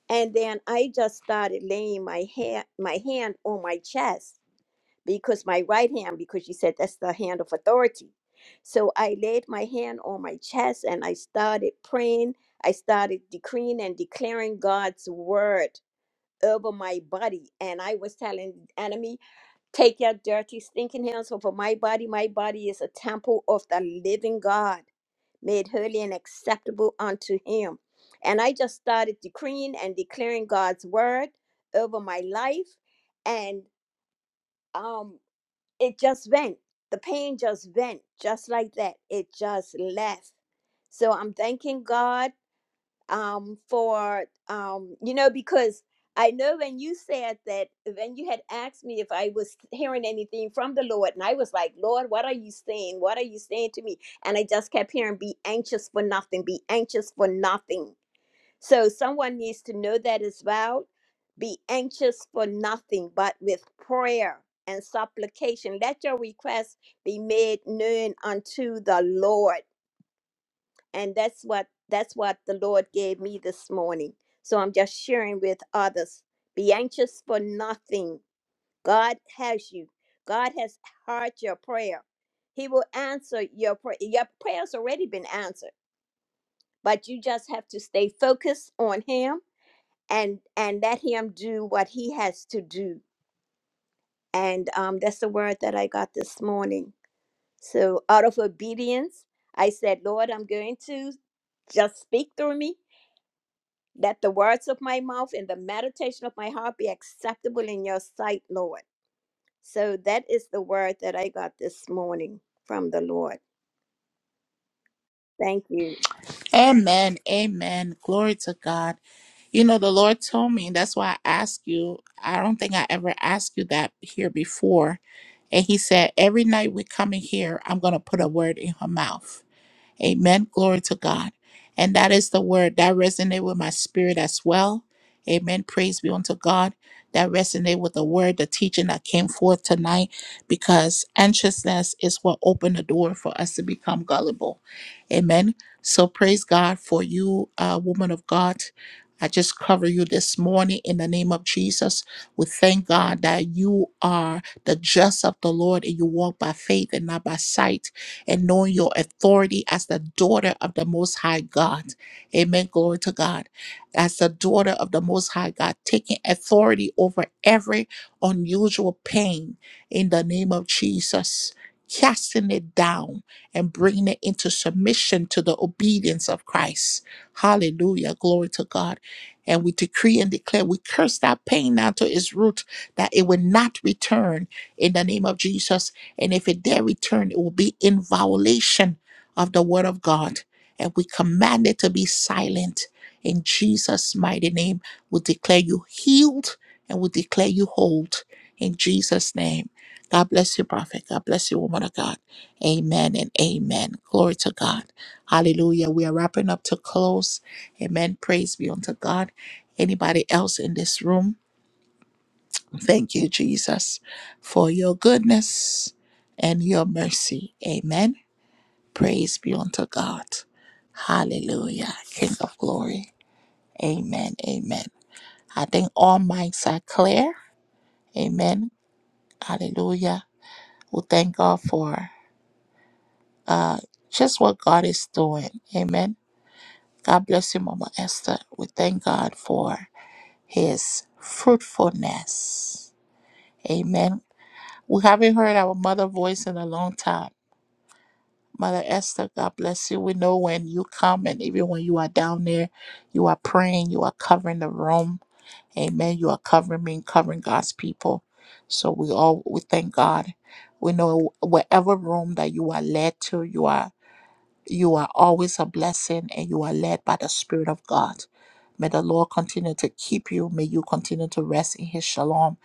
[SPEAKER 10] and then I just started laying my hand, my hand on my chest because my right hand, because she said that's the hand of authority. So I laid my hand on my chest and I started praying. I started decreeing and declaring God's word over my body, and I was telling the enemy, Take your dirty, stinking hands over my body. My body is a temple of the living God, made holy and acceptable unto Him. And I just started decreeing and declaring God's word over my life. And um, it just went. The pain just went, just like that. It just left. So I'm thanking God um, for um, you know because I know when you said that when you had asked me if I was hearing anything from the Lord, and I was like, Lord, what are you saying? What are you saying to me? And I just kept hearing, be anxious for nothing, be anxious for nothing. So someone needs to know that as well. Be anxious for nothing, but with prayer and supplication, let your requests be made known unto the Lord and that's what that's what the lord gave me this morning so i'm just sharing with others be anxious for nothing god has you god has heard your prayer he will answer your prayer your prayers already been answered but you just have to stay focused on him and and let him do what he has to do and um, that's the word that i got this morning so out of obedience i said lord i'm going to just speak through me That the words of my mouth and the meditation of my heart be acceptable in your sight, Lord. So that is the word that I got this morning from the Lord. Thank you.
[SPEAKER 1] Amen. Amen. Glory to God. You know, the Lord told me, that's why I asked you. I don't think I ever asked you that here before. And He said, Every night we come in here, I'm going to put a word in her mouth. Amen. Glory to God. And that is the word that resonated with my spirit as well. Amen. Praise be unto God. That resonated with the word, the teaching that came forth tonight, because anxiousness is what opened the door for us to become gullible. Amen. So praise God for you, uh, woman of God. I just cover you this morning in the name of Jesus. We thank God that you are the just of the Lord and you walk by faith and not by sight and knowing your authority as the daughter of the Most High God. Amen. Glory to God. As the daughter of the Most High God, taking authority over every unusual pain in the name of Jesus. Casting it down and bringing it into submission to the obedience of Christ. Hallelujah. Glory to God. And we decree and declare we curse that pain now to its root that it will not return in the name of Jesus. And if it dare return, it will be in violation of the word of God. And we command it to be silent. In Jesus' mighty name, we declare you healed and we declare you whole. In Jesus' name. God bless you, prophet. God bless you, woman of God. Amen and amen. Glory to God. Hallelujah. We are wrapping up to close. Amen. Praise be unto God. Anybody else in this room? Thank you, Jesus, for your goodness and your mercy. Amen. Praise be unto God. Hallelujah. King of glory. Amen. Amen. I think all minds are clear. Amen. Hallelujah. We thank God for uh, just what God is doing. Amen. God bless you, Mama Esther. We thank God for his fruitfulness. Amen. We haven't heard our mother voice in a long time. Mother Esther, God bless you. We know when you come and even when you are down there, you are praying, you are covering the room. Amen. You are covering me, and covering God's people. So we all we thank God. We know wherever room that you are led to, you are you are always a blessing and you are led by the Spirit of God. May the Lord continue to keep you. May you continue to rest in His shalom.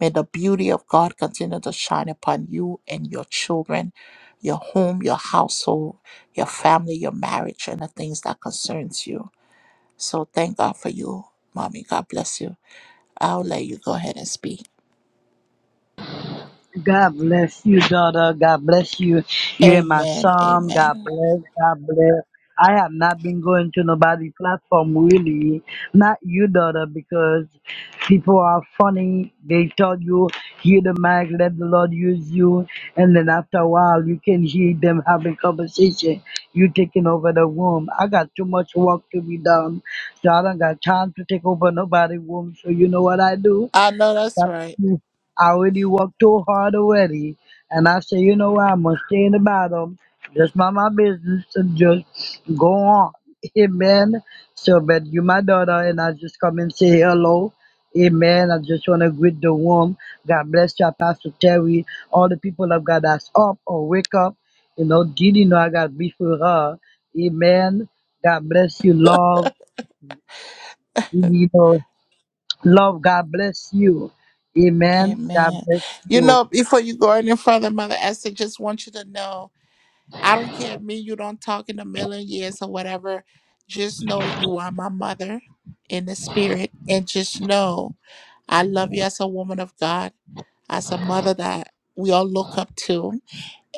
[SPEAKER 1] May the beauty of God continue to shine upon you and your children, your home, your household, your family, your marriage, and the things that concerns you. So thank God for you, mommy. God bless you. I'll let you go ahead and speak.
[SPEAKER 11] God bless you, daughter. God bless you. You're my
[SPEAKER 1] Amen.
[SPEAKER 11] psalm. God
[SPEAKER 1] Amen.
[SPEAKER 11] bless. God bless. I have not been going to nobody platform really. Not you, daughter, because people are funny. They tell you, hear the mic, let the Lord use you. And then after a while, you can hear them having conversation. You taking over the room. I got too much work to be done. So I don't got time to take over nobody's room. So you know what I do?
[SPEAKER 1] I know that's right.
[SPEAKER 11] I already worked too hard already, and I say, you know what? I'm gonna stay in the bottom, just mind my business, and just go on. <laughs> Amen. So, but you my daughter, and I just come and say hello. Amen. I just want to greet the room. God bless you, Pastor Terry. All the people of God that's up or wake up. You know, Didi know I got beef with her. Amen. God bless you, love. You know, love. God bless you. Amen. God
[SPEAKER 1] Amen.
[SPEAKER 11] bless
[SPEAKER 1] You
[SPEAKER 11] you.
[SPEAKER 1] know, before you go any further, Mother Esther, just want you to know I don't care if me you don't talk in a million years or whatever. Just know you are my mother in the spirit. And just know I love you as a woman of God, as a mother that we all look up to.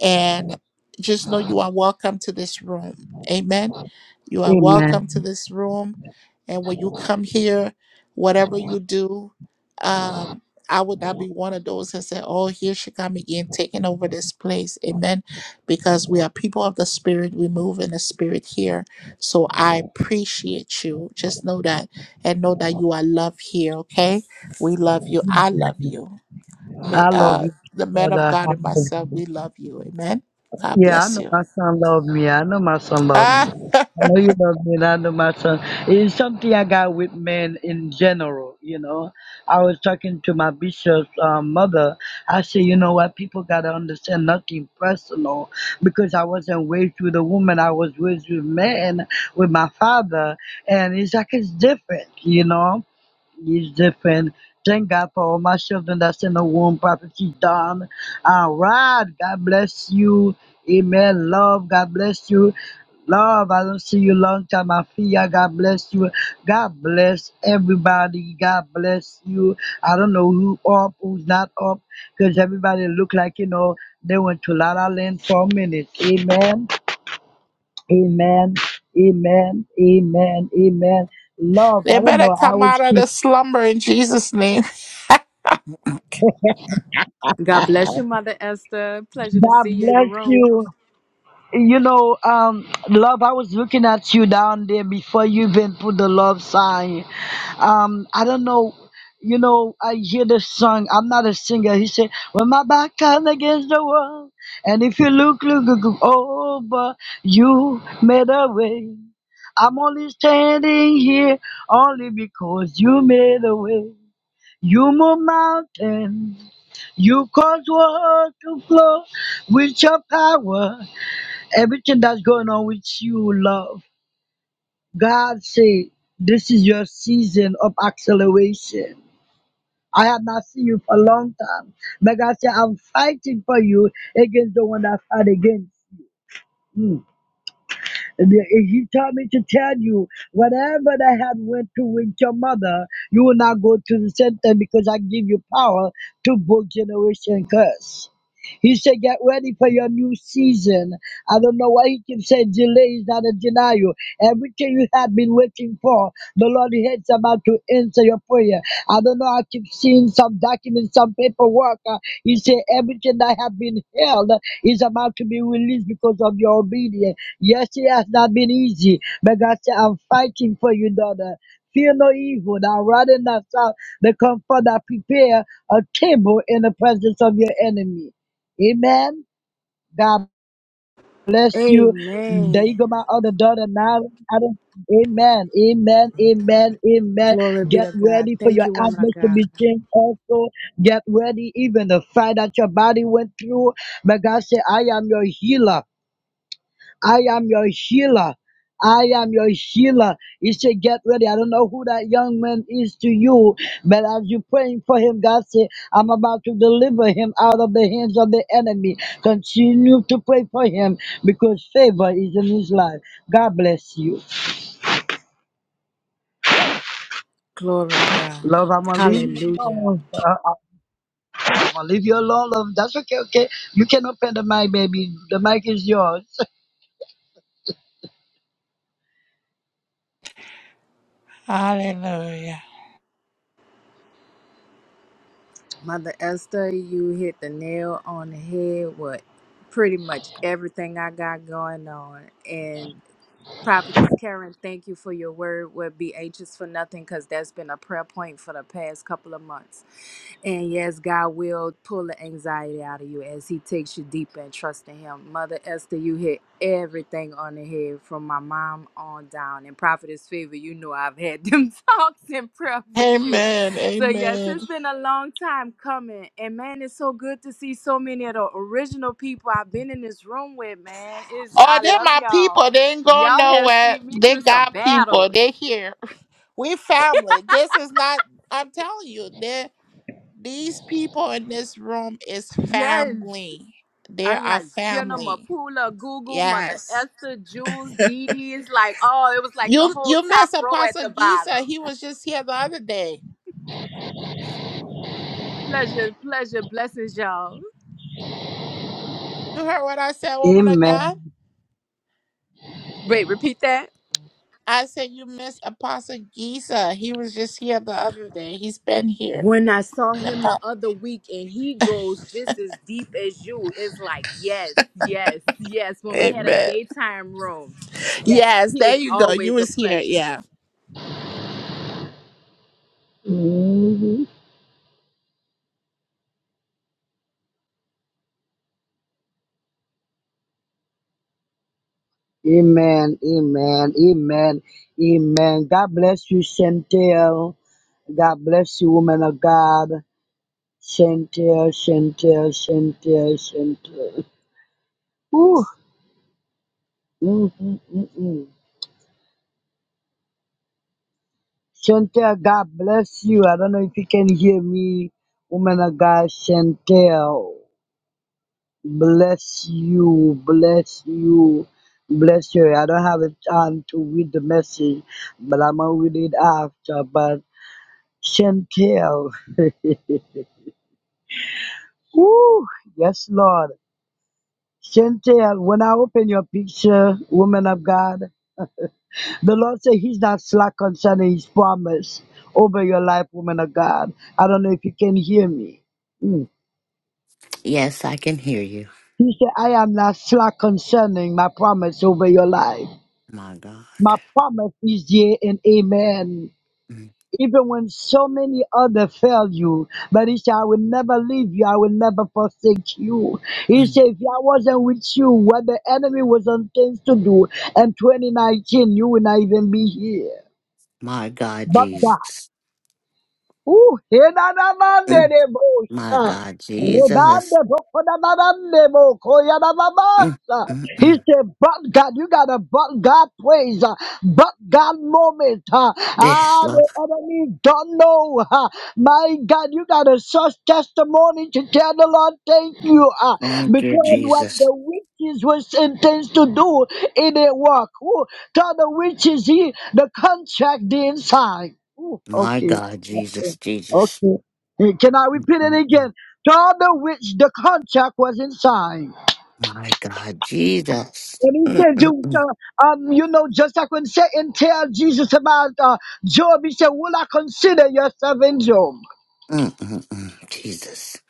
[SPEAKER 1] And just know you are welcome to this room. Amen. You are
[SPEAKER 11] Amen.
[SPEAKER 1] welcome to this room. And when you come here, whatever you do, um, I would not be one of those that say, Oh, here she come again, taking over this place. Amen. Because we are people of the spirit. We move in the spirit here. So I appreciate you. Just know that and know that you are loved here, okay? We love you. I love you mi-
[SPEAKER 11] I love
[SPEAKER 1] uh,
[SPEAKER 11] you,
[SPEAKER 1] the men of
[SPEAKER 11] brother. I
[SPEAKER 1] God and
[SPEAKER 11] love
[SPEAKER 1] myself,
[SPEAKER 11] you.
[SPEAKER 1] we love you. Amen. God
[SPEAKER 11] Yeah, I
[SPEAKER 1] bless
[SPEAKER 11] know
[SPEAKER 1] you.
[SPEAKER 11] my son love me. I know my son love
[SPEAKER 1] Ah,
[SPEAKER 11] me.
[SPEAKER 1] <laughs>
[SPEAKER 11] I know you love me, and I know my son. It's something I got with men in general, you know. I was talking to my bishop's um, mother. I said, you know what, people got to understand nothing personal because I wasn't raised with a woman. I was raised with men, with my father. And it's like it's different, you know. is different. Thank God for all my children that's in the womb. Prophecy Dawn. All right. God bless you. Amen. Love. God bless you. Love. I don't see you long time. I feel ya. God bless you. God bless everybody. God bless you. I don't know who up, who's not up, because everybody look like, you know, they went to La La Land for a minute. Amen. Amen. Amen. Amen. Amen. Love.
[SPEAKER 1] they
[SPEAKER 11] I don't
[SPEAKER 1] better
[SPEAKER 11] know. I
[SPEAKER 1] come
[SPEAKER 11] always
[SPEAKER 1] out of the
[SPEAKER 11] keep
[SPEAKER 1] slumber in Jesus' name.
[SPEAKER 12] God bless you, Mother Esther. Pleasure to see
[SPEAKER 11] God
[SPEAKER 12] you in the
[SPEAKER 11] bless
[SPEAKER 12] room.
[SPEAKER 11] you. You know, um, love, I was looking at you down there before you even put the love sign. Um, I don't know. You know, I hear the song. I'm not a singer. He said, When my back turned against the wall, and if you look, look, look look over, you made a way. I'm only standing here only because you made a way. You move mountains. You cause water to flow with your power. Everything that's going on with you, love. God say, this is your season of acceleration. I have not seen you for a long time. But God said, I'm fighting for you against the one that fight against. The- He told me to tell you, whatever that had went through with your mother, you will not go to the same thing because I give you power to book generation curse. He said, get ready for your new season. I don't know why he keeps saying delay is not a denial. Everything you had been waiting for, the Lord is about to answer your prayer. I don't know, I keep seeing some documents, some paperwork. Uh, he said, everything that have been held is about to be released because of your obedience. Yes, it has not been easy, but God said, I'm fighting for you, daughter. Fear no evil. Thou rather not south the comfort that prepare a table in the presence of your enemy. Amen. God bless you. There you go,
[SPEAKER 12] Amen.
[SPEAKER 11] my other daughter. Now, I don't- amen, amen, amen, amen.
[SPEAKER 12] Glory be
[SPEAKER 11] Get
[SPEAKER 12] to God.
[SPEAKER 11] ready for
[SPEAKER 12] Thank
[SPEAKER 11] your
[SPEAKER 12] you, woman of
[SPEAKER 11] atmosphere to
[SPEAKER 12] God.
[SPEAKER 11] be changed also. Get ready, even the fight that your body went through. But God said, I am your healer. I am your healer. I am your healer. He said, Get ready. I don't know who that young man is to you, but as you're praying for him, God said, I'm about to deliver him out of the hands of the enemy. Continue to pray for him because favor is in his life. God bless you.
[SPEAKER 12] Glory to God.
[SPEAKER 11] Love, I'm going to leave you
[SPEAKER 12] Hallelujah.
[SPEAKER 11] alone. Uh, uh, I'm going to leave you alone, love. That's okay, okay. You can open the mic, baby. The mic is yours.
[SPEAKER 1] <laughs> Hallelujah.
[SPEAKER 12] Mother Esther, you hit the nail on the head with pretty much everything I got going on. and. Prophetess Karen, thank you for your word. We'll be anxious for nothing because that's been a prayer point for the past couple of months. And yes, God will pull the anxiety out of you as He takes you deeper and trust in Him. Mother Esther, you hit everything on the head from my mom on down. And Prophetess Favor, you know I've had them <laughs> talks and prayer with you.
[SPEAKER 1] Amen.
[SPEAKER 12] So, yes,
[SPEAKER 1] Amen.
[SPEAKER 12] it's been a long time coming. And man, it's so good to see so many of the original people I've been in this room with, man. Is
[SPEAKER 1] Oh,
[SPEAKER 12] I
[SPEAKER 1] they're
[SPEAKER 12] love
[SPEAKER 1] my
[SPEAKER 12] y'all.
[SPEAKER 1] people. They ain't going
[SPEAKER 12] Y'all have
[SPEAKER 1] nowhere.
[SPEAKER 12] seen me
[SPEAKER 1] They
[SPEAKER 12] through some
[SPEAKER 1] got people.
[SPEAKER 12] battles.
[SPEAKER 1] They here. <laughs> We family. This is not. I'm telling you, they these people in this room is
[SPEAKER 12] Yes,
[SPEAKER 1] family. They
[SPEAKER 12] I'm
[SPEAKER 1] are
[SPEAKER 12] like Jenna
[SPEAKER 1] family.
[SPEAKER 12] Mapula, Google, Mother
[SPEAKER 1] Yes.
[SPEAKER 12] Esther, Jules, Dee Dee. It's like, oh, it was like the
[SPEAKER 1] You
[SPEAKER 12] whole
[SPEAKER 1] you miss
[SPEAKER 12] top row at
[SPEAKER 1] Apostle
[SPEAKER 12] the
[SPEAKER 1] Giza.
[SPEAKER 12] bottom.
[SPEAKER 1] He was just here the other day.
[SPEAKER 12] Pleasure, pleasure, blessings, y'all.
[SPEAKER 1] You heard what I said,
[SPEAKER 11] <laughs>
[SPEAKER 1] woman of
[SPEAKER 11] Amen.
[SPEAKER 1] God?
[SPEAKER 12] Wait, repeat that.
[SPEAKER 1] I said you miss Apostle Giza. He was just here the other day. He's been here.
[SPEAKER 12] When I saw
[SPEAKER 1] The
[SPEAKER 12] him the
[SPEAKER 1] pa-
[SPEAKER 12] other week and he goes just as deep as you, it's like, yes, yes, yes. When we had a
[SPEAKER 1] Amen.
[SPEAKER 12] daytime room, yes,
[SPEAKER 1] Yes,
[SPEAKER 12] he
[SPEAKER 1] there
[SPEAKER 12] is
[SPEAKER 1] you go. You
[SPEAKER 12] always a
[SPEAKER 1] was here.
[SPEAKER 12] pleasure.
[SPEAKER 1] Yeah.
[SPEAKER 11] Mhm. Amen, amen, amen, amen. God bless you, Chantel. God bless you, woman of God. Chantel, Chantel, Chantel, Chantel. Ooh, Mm, mm, mm, mm. Chantel, God bless you. I don't know if you can hear me, woman of God, Chantel. Bless you, bless you, bless you. I don't have a time to read the message, but I'm gonna read it after. But Chantel. Woo! Yes, Lord. Chantel, when I open your picture, woman of God, the Lord said He's not slack concerning His promise over your life, woman of God. I don't know if you can hear me. Mm.
[SPEAKER 13] Yes, I can hear you.
[SPEAKER 11] He said, I am not slack concerning my promise over your life.
[SPEAKER 13] My God.
[SPEAKER 11] My promise is yea and amen.
[SPEAKER 13] Mm,
[SPEAKER 11] even when so many others fail you. But he said, I will never leave you, I will never forsake you. He
[SPEAKER 13] mm.
[SPEAKER 11] said, If I wasn't with you, when the enemy was on things to do, and 2019, you will not even be here.
[SPEAKER 13] My God,
[SPEAKER 11] But the
[SPEAKER 13] Jesus.
[SPEAKER 11] Ooh,
[SPEAKER 13] Mm, My
[SPEAKER 11] henanamandedebosha.
[SPEAKER 13] God, Jesus. Mm,
[SPEAKER 11] Rebandebokodadadandebokoyadadabasa.
[SPEAKER 13] mm,
[SPEAKER 11] He
[SPEAKER 13] mm.
[SPEAKER 11] said, but God, you got a but God praise, uh, but God moment. uh,
[SPEAKER 13] Yes,
[SPEAKER 11] Ah,
[SPEAKER 13] Lord.
[SPEAKER 11] the enemy don't know. uh, My God, you got a such testimony to tell the Lord, thank you. uh,
[SPEAKER 13] Thank you,
[SPEAKER 11] Because what
[SPEAKER 13] Jesus.
[SPEAKER 11] the witches was intends to do, it didn't work. Ooh, Tell the witches he the contract the inside. Ooh,
[SPEAKER 13] My
[SPEAKER 11] okay.
[SPEAKER 13] God, Jesus, Jesus.
[SPEAKER 11] Okay. Eh, Can I repeat it
[SPEAKER 13] Mm, mm.
[SPEAKER 11] again? To all which the contract was inside.
[SPEAKER 13] My God, Jesus.
[SPEAKER 11] And he
[SPEAKER 13] Mm,
[SPEAKER 11] said,
[SPEAKER 13] mm,
[SPEAKER 11] to,
[SPEAKER 13] mm.
[SPEAKER 11] to, um, you know, just like when Satan tell Jesus about uh, Job, he said, Will I consider yourself in Job?
[SPEAKER 13] Mm, mm, mm. Jesus.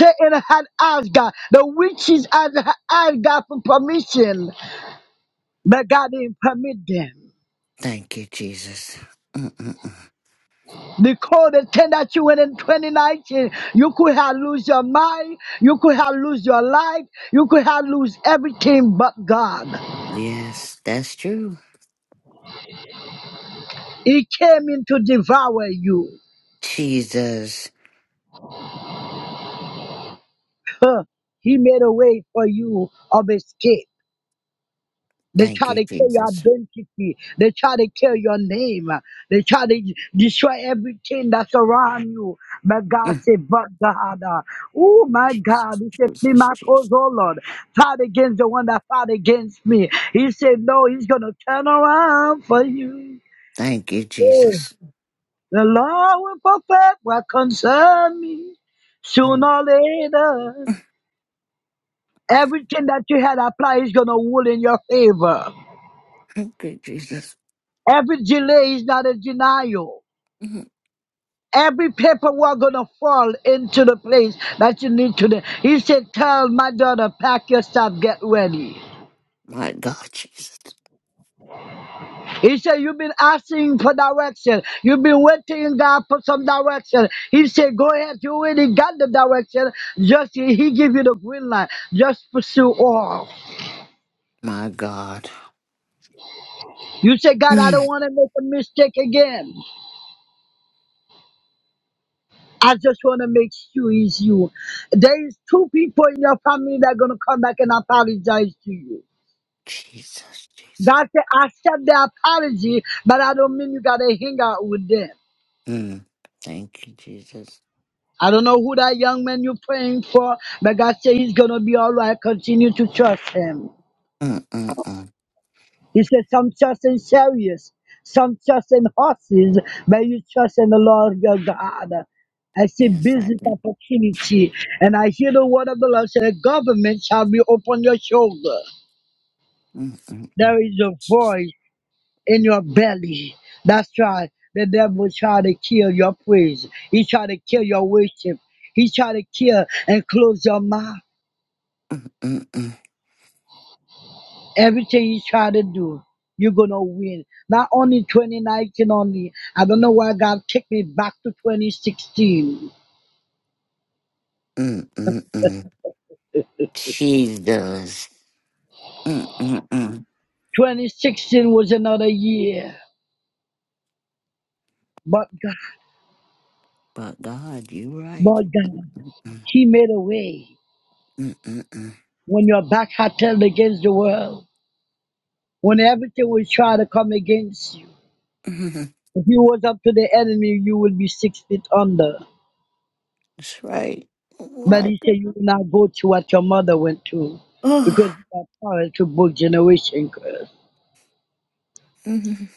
[SPEAKER 11] Satan had asked God, the witches had had asked God for permission, but God didn't permit them.
[SPEAKER 13] Thank you, Jesus. Mm, mm, mm.
[SPEAKER 11] Because the thing that you went in 2019, you could have lose your mind, you could have lose your life, you could have lose everything but God.
[SPEAKER 13] Yes, that's true.
[SPEAKER 11] He came in to devour you.
[SPEAKER 13] Jesus.
[SPEAKER 11] Huh. He made a way for you of escape. They
[SPEAKER 13] Thank
[SPEAKER 11] try
[SPEAKER 13] you,
[SPEAKER 11] to kill your
[SPEAKER 13] Jesus.
[SPEAKER 11] identity. They try to kill your name. They try to destroy everything that's around you. But God
[SPEAKER 13] Mm,
[SPEAKER 11] said, but God, uh, oh my God,
[SPEAKER 13] Jesus,
[SPEAKER 11] he said, plead
[SPEAKER 13] Jesus,
[SPEAKER 11] my cause,
[SPEAKER 13] Jesus.
[SPEAKER 11] oh Lord. Fight against the one that fought against me. He said, no, he's going to turn around for you.
[SPEAKER 13] Thank you,
[SPEAKER 11] Oh,
[SPEAKER 13] Jesus.
[SPEAKER 11] the Lord will perfect what concern me sooner
[SPEAKER 13] Mm.
[SPEAKER 11] or later. Everything that you had applied is going to rule in your favor.
[SPEAKER 13] <laughs> Thank you, Jesus.
[SPEAKER 11] Every delay is not a denial.
[SPEAKER 13] Mm.
[SPEAKER 11] Every paperwork going to fall into the place that you need today. He said, tell my daughter, pack your stuff, get ready.
[SPEAKER 13] My God, Jesus.
[SPEAKER 11] He said, you've been asking for direction. You've been waiting God for some direction. He said, go ahead. You already got the direction. Just, he give you the green light. Just pursue all.
[SPEAKER 13] My God.
[SPEAKER 11] You say, God, I don't
[SPEAKER 13] Mm.
[SPEAKER 11] want to make a mistake again. I just want to make sure it's you. There is two people in your family that are going to come back and apologize to you.
[SPEAKER 13] Jesus, Jesus.
[SPEAKER 11] God said, I accept the apology, but I don't mean you got to hang out with them.
[SPEAKER 13] Mm. Thank you, Jesus.
[SPEAKER 11] I don't know who that young man you're praying for, but God said he's going to be all right. Continue to trust him.
[SPEAKER 13] Mm, mm, mm.
[SPEAKER 11] He said, Some trust in chariots, some trust in horses, but you trust in the Lord your God. I see
[SPEAKER 13] Yes, I
[SPEAKER 11] business
[SPEAKER 13] do.
[SPEAKER 11] opportunity, and I hear the word of the Lord say, The government shall be upon your shoulder.
[SPEAKER 13] Mm, mm, mm.
[SPEAKER 11] There is a void in your belly. That's right. The devil tried to kill your praise. He tried to kill your worship. He tried to kill and close your mouth.
[SPEAKER 13] Mm, mm, mm.
[SPEAKER 11] Everything you try to do, you're gonna win. Not only 2019 only. I don't know why God took me back to 2016.
[SPEAKER 13] Mm, mm, mm. Jesus. Mm, mm, mm.
[SPEAKER 11] 2016 was another year, but God,
[SPEAKER 13] But God, you're right.
[SPEAKER 11] but God,
[SPEAKER 13] Mm,
[SPEAKER 11] He made a way
[SPEAKER 13] mm, mm, mm.
[SPEAKER 11] when your back had turned against the world, when everything was trying to come against you.
[SPEAKER 13] Mm,
[SPEAKER 11] If you was up to the enemy, you would be six feet under.
[SPEAKER 13] That's right. Oh,
[SPEAKER 11] But
[SPEAKER 13] my
[SPEAKER 11] He said
[SPEAKER 13] God.
[SPEAKER 11] you will not go to what your mother went to, because
[SPEAKER 13] Oh.
[SPEAKER 11] you are power to both generation curse.
[SPEAKER 13] Mm,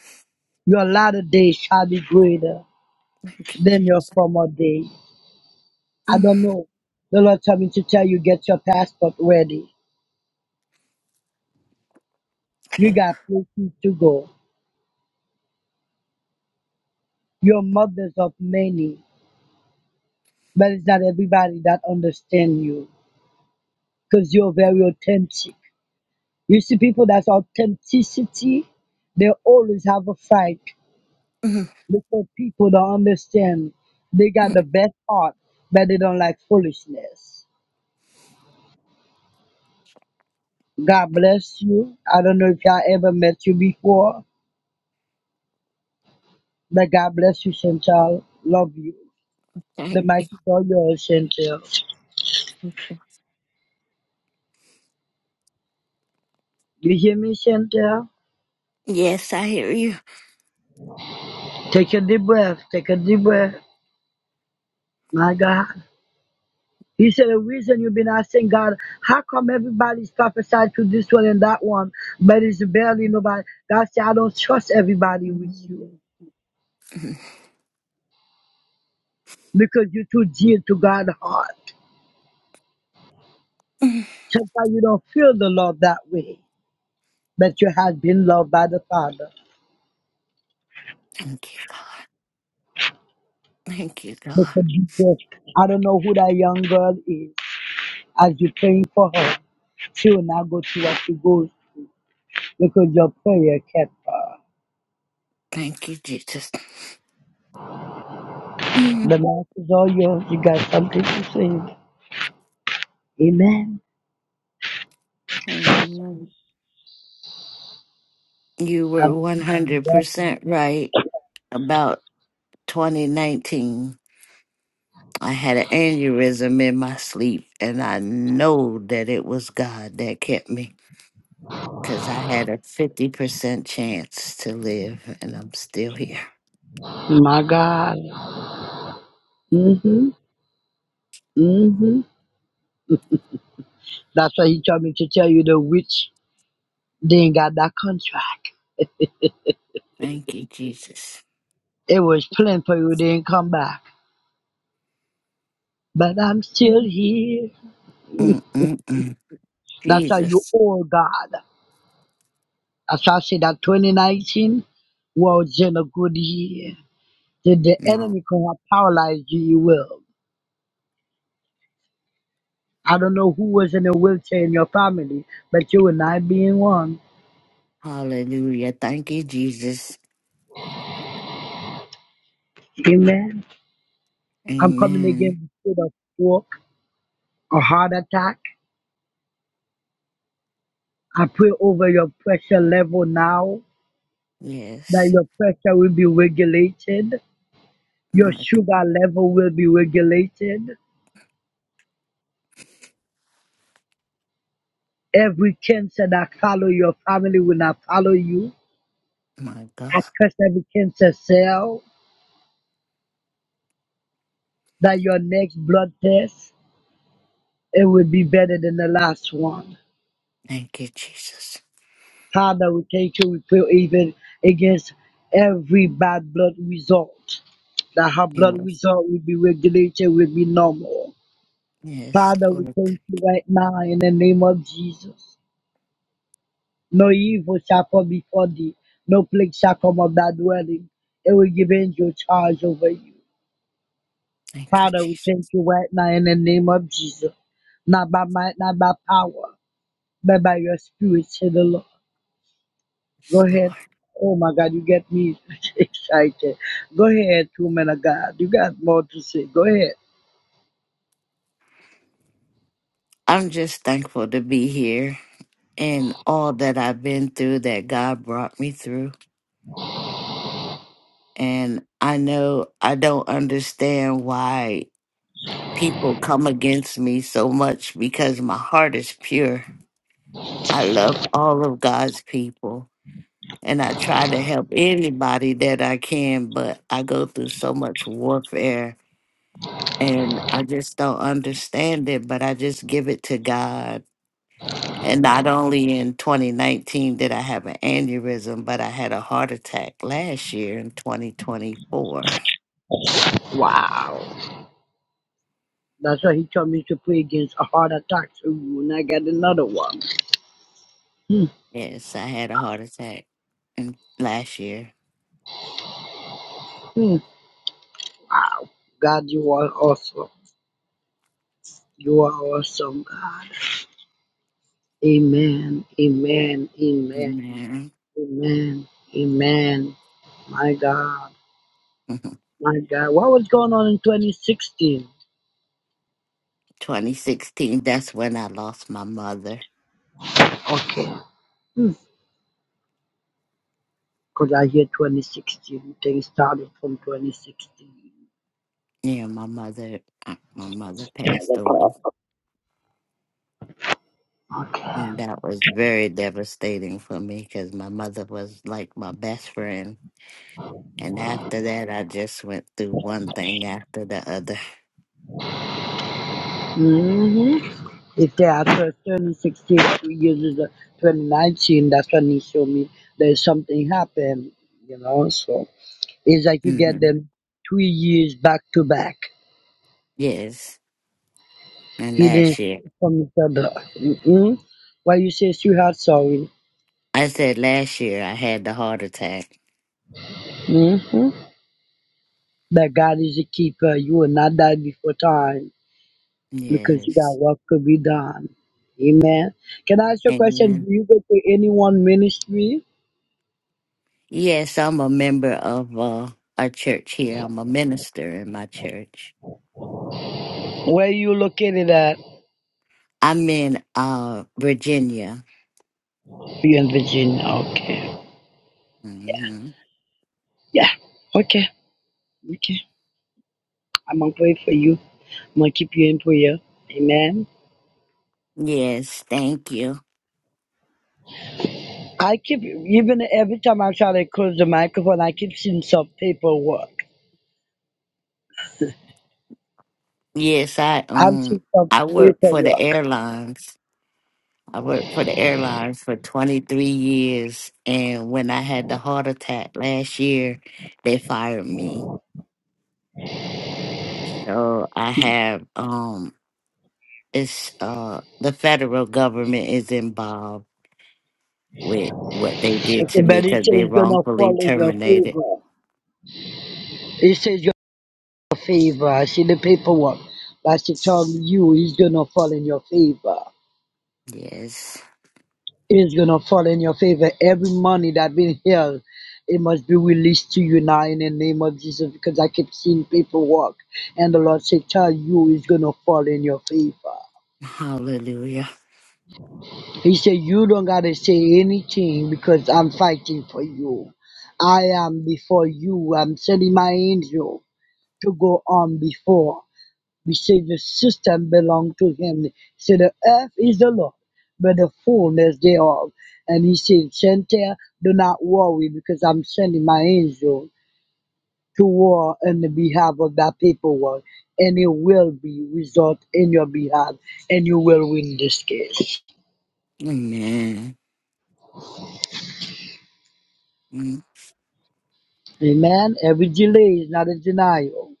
[SPEAKER 11] Your latter day shall be greater
[SPEAKER 13] Thank you,
[SPEAKER 11] than your
[SPEAKER 13] Jesus.
[SPEAKER 11] former day. I
[SPEAKER 13] Mm,
[SPEAKER 11] don't know. The Lord told me to tell you, get your passport ready. You
[SPEAKER 13] mm,
[SPEAKER 11] got places to go. You're mothers of many, but it's not everybody that understand you because you're very authentic. You see, people that's authenticity, they always have a fight
[SPEAKER 13] <laughs>
[SPEAKER 11] because people don't understand. They got the
[SPEAKER 13] mm.
[SPEAKER 11] best heart, but they don't like foolishness. God bless you. I don't know if y'all ever met you before. The God bless you, Chantel. Love you.
[SPEAKER 13] Thank
[SPEAKER 11] The
[SPEAKER 13] you.
[SPEAKER 11] mic is all yours, Chantel. You hear me, Chantel?
[SPEAKER 13] Yes, I hear you.
[SPEAKER 11] Take a deep breath. Take a deep breath. My God. He said, the reason you've been asking God, how come everybody's prophesied to this one and that one, but it's barely nobody? God said, I don't trust everybody with you
[SPEAKER 13] Mm,
[SPEAKER 11] because you're too dear to God's heart.
[SPEAKER 13] mm.
[SPEAKER 11] Sometimes you don't feel the love that way, but you have been loved by the Father.
[SPEAKER 13] Thank you, God. Thank you, God.
[SPEAKER 11] Because Jesus, I don't know who that young girl is. as you're praying for her. She will not go through what she goes because your prayer kept her.
[SPEAKER 13] Thank you, Jesus. Mm,
[SPEAKER 11] The mouth is all yours. You got something to say. Amen.
[SPEAKER 13] mm. You were
[SPEAKER 11] Hallelujah.
[SPEAKER 13] 100% right about 2019. I had an aneurysm in my sleep, and I know that it was God that kept me because I had a 50% chance to live, and I'm still here.
[SPEAKER 11] My God. Mm-hmm. Mm-hmm. That's why he told me to tell you the witch didn't got that contract.
[SPEAKER 13] Thank you, Jesus.
[SPEAKER 11] It was planned for you, didn't come back. But I'm still here.
[SPEAKER 13] Mm-mm-mm.
[SPEAKER 11] That's how you
[SPEAKER 13] Jesus.
[SPEAKER 11] owe God. That's why I say that 2019 was in a good year. Did the
[SPEAKER 13] No.
[SPEAKER 11] enemy come and paralyze you? You will. I don't know who was in a wheelchair in your family, but you will not be in one.
[SPEAKER 13] Hallelujah. Thank you, Jesus.
[SPEAKER 11] Amen. I'm coming against
[SPEAKER 13] Amen.
[SPEAKER 11] the spirit of stroke, a heart attack. I pray over your pressure level now that
[SPEAKER 13] Yes.
[SPEAKER 11] your pressure will be regulated, your
[SPEAKER 13] My
[SPEAKER 11] sugar level will be regulated. Every cancer that follow your family will not follow you.
[SPEAKER 13] my God.
[SPEAKER 11] I curse every cancer cell that your next blood test. it would be better than the last one.
[SPEAKER 13] Thank you, Jesus.
[SPEAKER 11] Father, we thank you. We pray even against every bad blood result. That her blood
[SPEAKER 13] Yes.
[SPEAKER 11] result will be regulated, will be normal.
[SPEAKER 13] Yes,
[SPEAKER 11] Father, we
[SPEAKER 13] Lord.
[SPEAKER 11] thank you right now in the name of Jesus. No evil shall come before thee. No plague shall come of thy dwelling. It will give angel charge over you.
[SPEAKER 13] Thank you,
[SPEAKER 11] Father, we
[SPEAKER 13] Jesus.
[SPEAKER 11] thank you right now in the name of Jesus. Not by might, not by power, but by your spirit, said the Lord. Go
[SPEAKER 13] Yes,
[SPEAKER 11] ahead.
[SPEAKER 13] Lord.
[SPEAKER 11] Oh my God, you get me <laughs> excited. Go ahead, woman of God. You got more to say. Go ahead.
[SPEAKER 13] I'm just thankful to be here and all that I've been through that God brought me through. And I know I don't understand why people come against me so much because my heart is pure. I love all of God's people and I try to help anybody that I can, but I go through so much warfare and I just don't understand it, but I just give it to God. And not only in 2019 did I have an aneurysm, but I had a heart attack last year in 2024.
[SPEAKER 11] Wow. That's why he told me to pray against a heart attack. Ooh, and I got another one. Hmm,
[SPEAKER 13] Yes, I had a heart attack in, last year.
[SPEAKER 11] hmm. wow. God, you are awesome. You are awesome, God. Amen. Amen. Amen.
[SPEAKER 13] Amen. <laughs>
[SPEAKER 11] Amen. Amen. My God. My God. What was going on in 2016?
[SPEAKER 13] 2016, that's when I lost my mother.
[SPEAKER 11] Okay. Because I hear 2016. Things started from 2016.
[SPEAKER 13] Yeah, my mother, uh, my mother passed away.
[SPEAKER 11] Okay.
[SPEAKER 13] That was very devastating for me because my mother was like my best friend. And after that, I just went through one thing after the other.
[SPEAKER 11] hmm If they are 2016, two years is the 2019, that's when he showed me there's something happened, you know. So it's like you get
[SPEAKER 13] hmm
[SPEAKER 11] them two years back to back.
[SPEAKER 13] Yes. And
[SPEAKER 11] He
[SPEAKER 13] last year,
[SPEAKER 11] from each other. Mm-hmm. Why you say sweetheart sorry?
[SPEAKER 13] I said last year I had the heart attack.
[SPEAKER 11] Mm-hmm. That God is a keeper. You will not die before time. because you got
[SPEAKER 13] Yes.
[SPEAKER 11] work to be done. Amen. Can I ask you a question? Do
[SPEAKER 13] Amen.
[SPEAKER 11] you go to any one ministry?
[SPEAKER 13] Yes, I'm a member of uh, a church here. I'm a minister in my church.
[SPEAKER 11] Where you located at?
[SPEAKER 13] I'm in uh, Virginia.
[SPEAKER 11] You in Virginia. Okay.
[SPEAKER 13] hmm
[SPEAKER 11] Yeah. Okay. Okay. I'm gonna pray for you. I'm gonna keep you in prayer. Amen.
[SPEAKER 13] Yes, thank you.
[SPEAKER 11] I keep even every time I try to close the microphone, I keep seeing some paperwork.
[SPEAKER 13] Yes, I
[SPEAKER 11] I'm
[SPEAKER 13] um
[SPEAKER 11] seeing some
[SPEAKER 13] I worked for the
[SPEAKER 11] paperwork.
[SPEAKER 13] airlines. I worked for the airlines for 23 years and when I had the heart attack last year, they fired me. So I have um it's uh the federal government is involved with what they did
[SPEAKER 11] Okay,
[SPEAKER 13] to me
[SPEAKER 11] but it
[SPEAKER 13] cuz
[SPEAKER 11] says
[SPEAKER 13] they
[SPEAKER 11] it's gonna
[SPEAKER 13] wrongfully
[SPEAKER 11] fall in your
[SPEAKER 13] terminated.
[SPEAKER 11] favor. It says your favor. See the paperwork. Pastor told you He's gonna fall in your favor.
[SPEAKER 13] Yes.
[SPEAKER 11] It's gonna fall in your favor. Every money that been held, it must be released to you now in the name of Jesus. Because I keep seeing paperwork, and the Lord said, "Tell you it's gonna fall in your favor."
[SPEAKER 13] Hallelujah.
[SPEAKER 11] He said, "You don't gotta say anything because I'm fighting for you. I am before you. I'm sending my angel to go on before." We say the system belong to him. Say the earth is the Lord, but the fullness thereof. And he said, Chantel, do not worry because I'm sending my angel to war on the behalf of that paperwork. And it will be resolved in your behalf and you will win this case.
[SPEAKER 13] Amen. Mm.
[SPEAKER 11] Amen. Every delay is not a denial.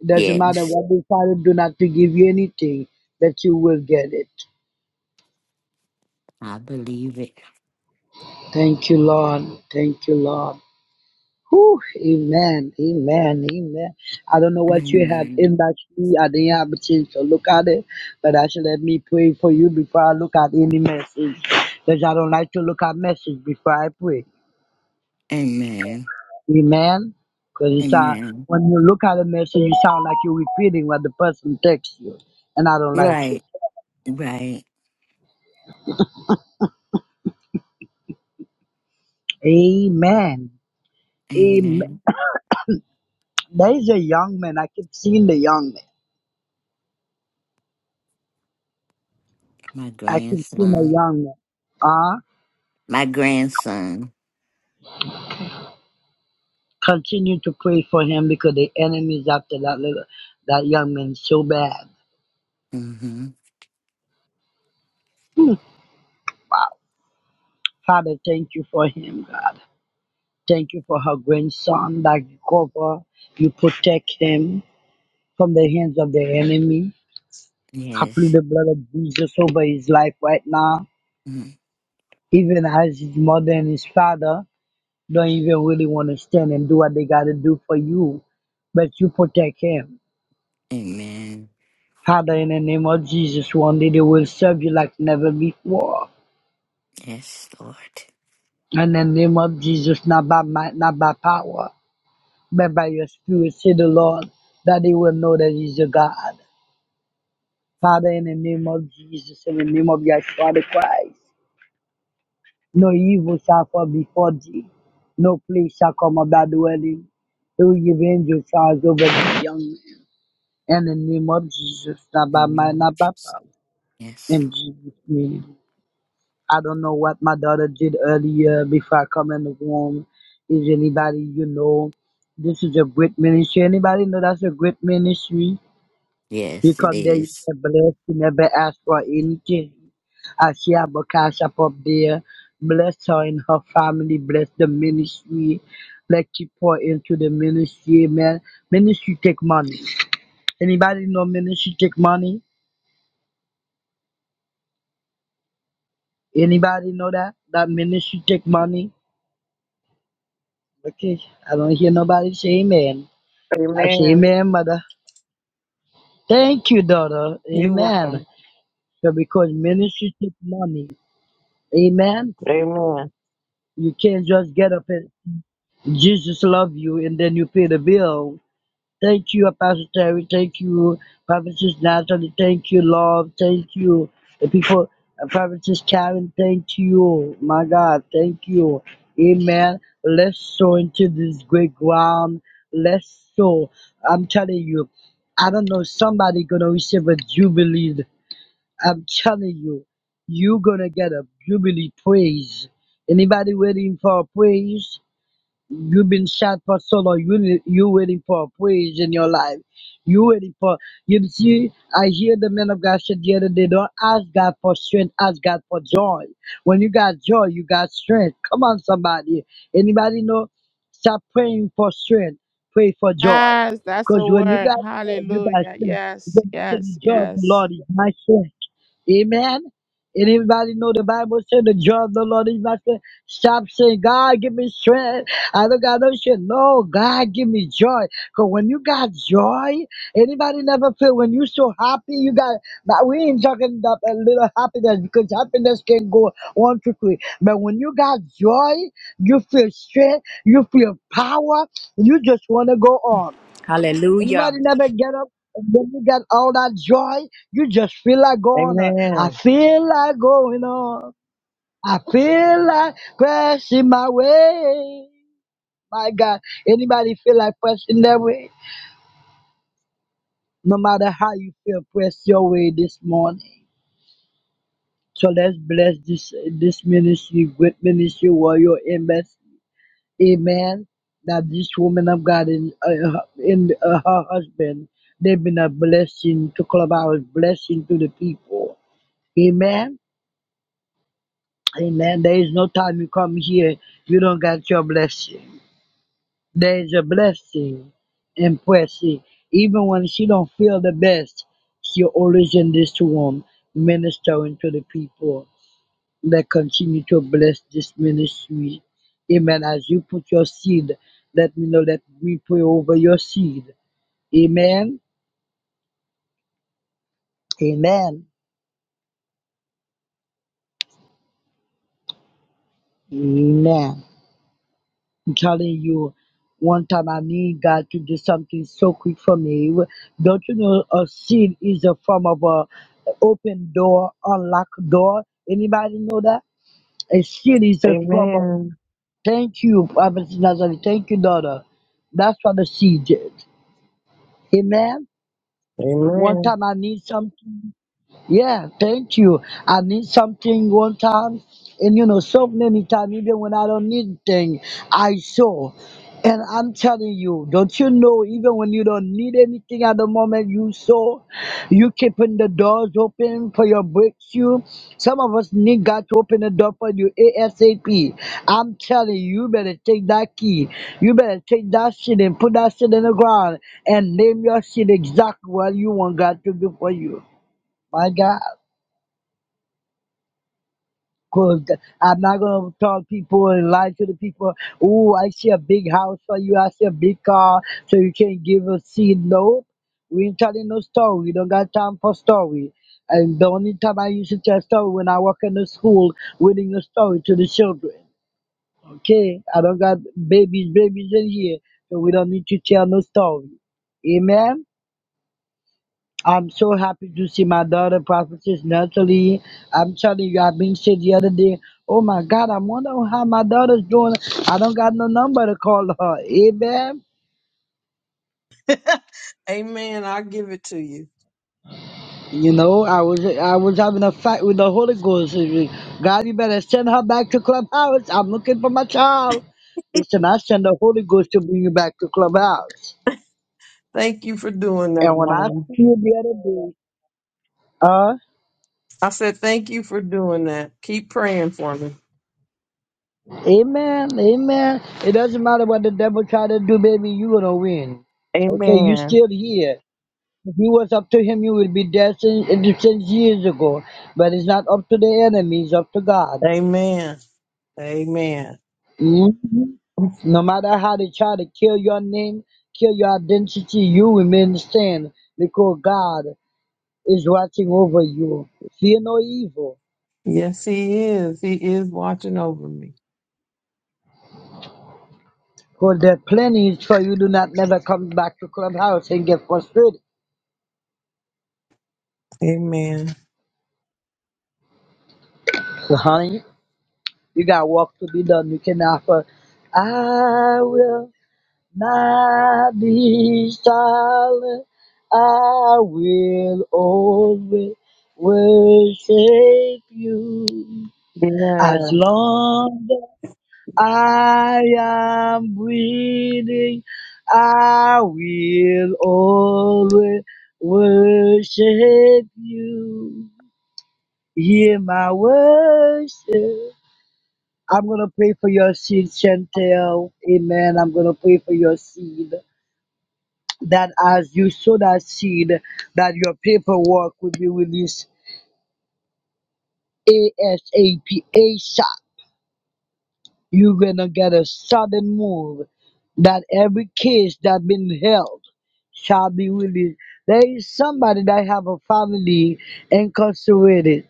[SPEAKER 11] It doesn't matter
[SPEAKER 13] Yes,
[SPEAKER 11] what the Father do not to give you anything, that you will get it.
[SPEAKER 13] I believe it.
[SPEAKER 11] Thank you, Lord. Thank you, Lord. Whew, amen, amen, amen. I don't know what you had
[SPEAKER 13] Amen.
[SPEAKER 11] inbox me. I didn't have a chance to look at it, but actually, let me pray for you before I look at any message, because I don't like to look at message before I pray.
[SPEAKER 13] Amen.
[SPEAKER 11] Amen. Because it's uh,
[SPEAKER 13] Amen.
[SPEAKER 11] when you look at a message, you sound like you're repeating what the person texts you, and I don't like it.
[SPEAKER 13] Right, right.
[SPEAKER 11] Amen. Amen.
[SPEAKER 13] Amen.
[SPEAKER 11] There is a young man. I keep seeing the young man.
[SPEAKER 13] My
[SPEAKER 11] I keep seeing a
[SPEAKER 13] grandson.
[SPEAKER 11] young man. Uh-huh.
[SPEAKER 13] My grandson.
[SPEAKER 11] Continue to pray for him because the enemy is after that little that young man so bad.
[SPEAKER 13] Mm-hmm.
[SPEAKER 11] Father, thank you for him, God. Thank you for her grandson that you cover, you protect him from the hands of the enemy. I plead
[SPEAKER 13] Yes.
[SPEAKER 11] the blood of Jesus over his life right now,
[SPEAKER 13] Mm.
[SPEAKER 11] even as his mother and his father don't even really want to stand and do what they got to do for you, but you protect him.
[SPEAKER 13] Amen.
[SPEAKER 11] Father, in the name of Jesus, one day they will serve you like never before.
[SPEAKER 13] Yes, Lord.
[SPEAKER 11] In the name of Jesus, not by might, not by power, but by your spirit, say the Lord, that they will know that He's a God. Father, in the name of Jesus, in the name of Yeshua the Christ, no evil shall fall before thee, no place shall come about dwelling. He will give angel charge over the young man. In the name of Jesus, not by might,
[SPEAKER 13] Mm.
[SPEAKER 11] not by power.
[SPEAKER 13] Yes.
[SPEAKER 11] In Jesus' name. I don't know what my daughter did earlier before I come in the room. Is anybody you know? This is a great ministry. Anybody know that's a great ministry? You
[SPEAKER 13] Yes, it
[SPEAKER 11] come there, you
[SPEAKER 13] is.
[SPEAKER 11] get blessed, you never ask for anything. I see Abba Cash up up there. Bless her and her family. Bless the ministry. Let you pour into the ministry, man. Ministry take money. Anybody know ministry take money? Anybody know that? That ministry take money? Okay, I don't hear nobody say amen. I say
[SPEAKER 14] Amen.
[SPEAKER 11] amen, mother. Thank you, daughter.
[SPEAKER 14] You
[SPEAKER 11] Amen.
[SPEAKER 14] welcome.
[SPEAKER 11] So because ministry takes money. Amen.
[SPEAKER 14] Amen.
[SPEAKER 11] You can't just get up and Jesus love you and then you pay the bill. Thank you, Apostle Terry. Thank you, Prophetess Natalie. Thank you, Love. Thank you, the people, uh, Prophetess Karen. Thank you, my God. Thank you. Amen. Let's sow into this great ground. Let's sow. I'm telling you, I don't know, somebody gonna receive a jubilee. I'm telling you, you gonna get a jubilee praise. Anybody waiting for a praise? You've been shot for so long. You you waiting for a praise in your life. You waiting for you see. I hear the men of God said the other day, don't ask God for strength, ask God for joy. When you got joy, you got strength. Come on, somebody. Anybody know? Stop praying for strength. Pray for joy.
[SPEAKER 1] Yes, that's
[SPEAKER 11] Because
[SPEAKER 1] the
[SPEAKER 11] when you
[SPEAKER 1] word.
[SPEAKER 11] got joy, you got
[SPEAKER 1] Hallelujah.
[SPEAKER 11] strength.
[SPEAKER 1] Yes,
[SPEAKER 11] Because you said the
[SPEAKER 1] yes,
[SPEAKER 11] joy of the
[SPEAKER 1] yes.
[SPEAKER 11] Lord is my strength. Amen. And everybody know the Bible said the joy of the Lord is my strength. Stop saying, God, give me strength. I don't got no shit. No, God, give me joy. Because when you got joy, anybody never feel when you so happy, you got, now we ain't talking about a little happiness because happiness can go on quickly. But when you got joy, you feel strength, you feel power, you just want to go on. Anybody
[SPEAKER 12] Hallelujah.
[SPEAKER 11] never get up and when you got all that joy, you just feel like going on. I
[SPEAKER 14] Amen.
[SPEAKER 11] feel like going on. I feel like pressing my way. My God, anybody feel like pressing their way? No matter how you feel, press your way this morning. So let's bless this this ministry, great ministry, warrior embassy. Amen. That this woman of God and uh, and uh, her husband, they've been a blessing to Clubhouse, blessing to the people. Amen. Amen. There is no time you come here, you don't get your blessing. There is a blessing in pressing. Even when she don't feel the best, she always in this room ministering to the people. Let continue to bless this ministry. Amen. As you put your seed, let me know that we pray over your seed. Amen. Amen. Amen. I'm telling you, one time I need God to do something so quick for me. Don't you know a seed is a form of a open door, unlocked door? Anybody know that? A seed is a form of
[SPEAKER 14] Amen.
[SPEAKER 11] thank you, Prophet Nazareth. Thank you, daughter. That's what the seed is. Amen. One
[SPEAKER 14] Amen.
[SPEAKER 11] time I need something. Yeah, thank you. I need something one time, and you know, so many times, even when I don't need thing, I saw. And I'm telling you, don't you know, even when you don't need anything at the moment, you sow, you keeping the doors open for your breakthrough. Some of us need God to open the door for you ASAP. I'm telling you, you better take that key. You better take that shit and put that shit in the ground and name your shit exactly what you want God to do for you. My God. Cause I'm not gonna tell people and lie to the people. Oh, I see a big house for you. I see a big car, so you can give a seed. No, we ain't telling no story. We don't got time for story. And the only time I used to tell story when I work in the school, reading a story to the children. Okay, I don't got babies, babies in here, so we don't need to tell no story. Amen. I'm so happy to see my daughter, Prophetess Natalie. I'm telling you, I've been sick the other day. Oh my God, I wonder how my daughter's doing. I don't got no number to call her. Amen.
[SPEAKER 14] <laughs> Amen. I give it to you.
[SPEAKER 11] You know, I was I was having a fight with the Holy Ghost. God, you better send her back to Clubhouse. I'm looking for my child. Listen, I send the Holy Ghost to bring you back to Clubhouse.
[SPEAKER 14] Thank you for doing that,
[SPEAKER 11] And when I
[SPEAKER 14] Mom.
[SPEAKER 11] see you the other day, huh?
[SPEAKER 14] I said thank you for doing that. Keep praying for me.
[SPEAKER 11] Amen. Amen. It doesn't matter what the devil try to do, baby. You gonna win. Okay, you
[SPEAKER 14] Amen.
[SPEAKER 11] still here. If you was up to him, you would be dead since, since years ago. But it's not up to the enemy. It's up to God.
[SPEAKER 14] Amen. Amen.
[SPEAKER 11] hmm No matter how they try to kill your name, kill your identity, you remain stand because God is watching over you. Fear no evil.
[SPEAKER 14] Yes, he is. He is watching over me.
[SPEAKER 11] Because there are plenty for you do not never come back to clubhouse and get frustrated.
[SPEAKER 14] Amen.
[SPEAKER 11] So, honey. You got work to be done. You can offer, I will not be silent. I will always worship you. As
[SPEAKER 14] Yeah.
[SPEAKER 11] long as I am breathing, I will always worship you. Hear my worship. I'm going to pray for your seed, Chantel. Amen. I'm going to pray for your seed that as you sow that seed, that your paperwork will be released ASAP. ASAP. You're going to get a sudden move that every case that been held shall be released. There is somebody that have a family incarcerated.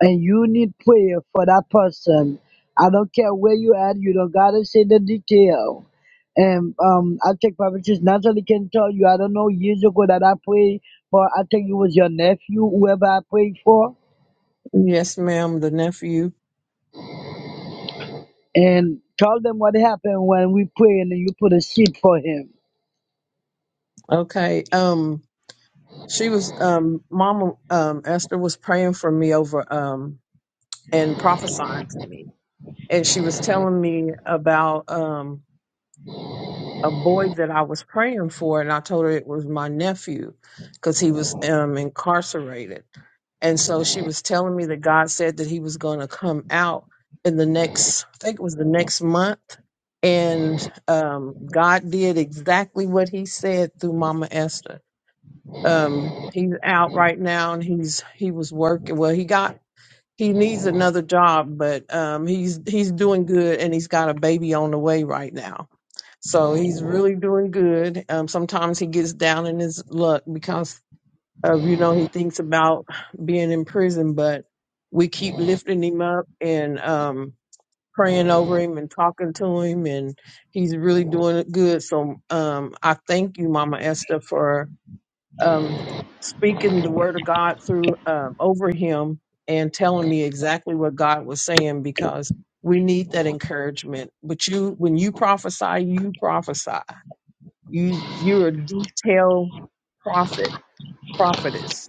[SPEAKER 11] and you need prayer for that person. I don't care where you at, you don't gotta say the detail. And um I think Prophet Natalie can tell you, I don't know years ago that I prayed for I think it was your nephew, whoever I prayed for,
[SPEAKER 14] Yes, ma'am, the nephew.
[SPEAKER 11] and tell them what happened when we pray and then you put a seed for him.
[SPEAKER 14] Okay. Um, she was um mama um Esther was praying for me over um and prophesying to me. And she was telling me about um, a boy that I was praying for, and I told her it was my nephew because he was um, incarcerated. And so she was telling me that God said that he was going to come out in the next, I think it was the next month. And um, God did exactly what he said through Mama Esther. Um, he's out right now and he's, he was working. Well, he got he needs another job, but um, he's he's doing good, and he's got a baby on the way right now. So he's really doing good. Um, sometimes he gets down in his luck because of you know he thinks about being in prison, but we keep lifting him up and um, praying over him and talking to him, and he's really doing good. So um, I thank you, Mama Esther, for um, speaking the word of God through um, over him and telling me exactly what God was saying because we need that encouragement. But you, when you prophesy, you prophesy. You you're a detailed prophet, prophetess,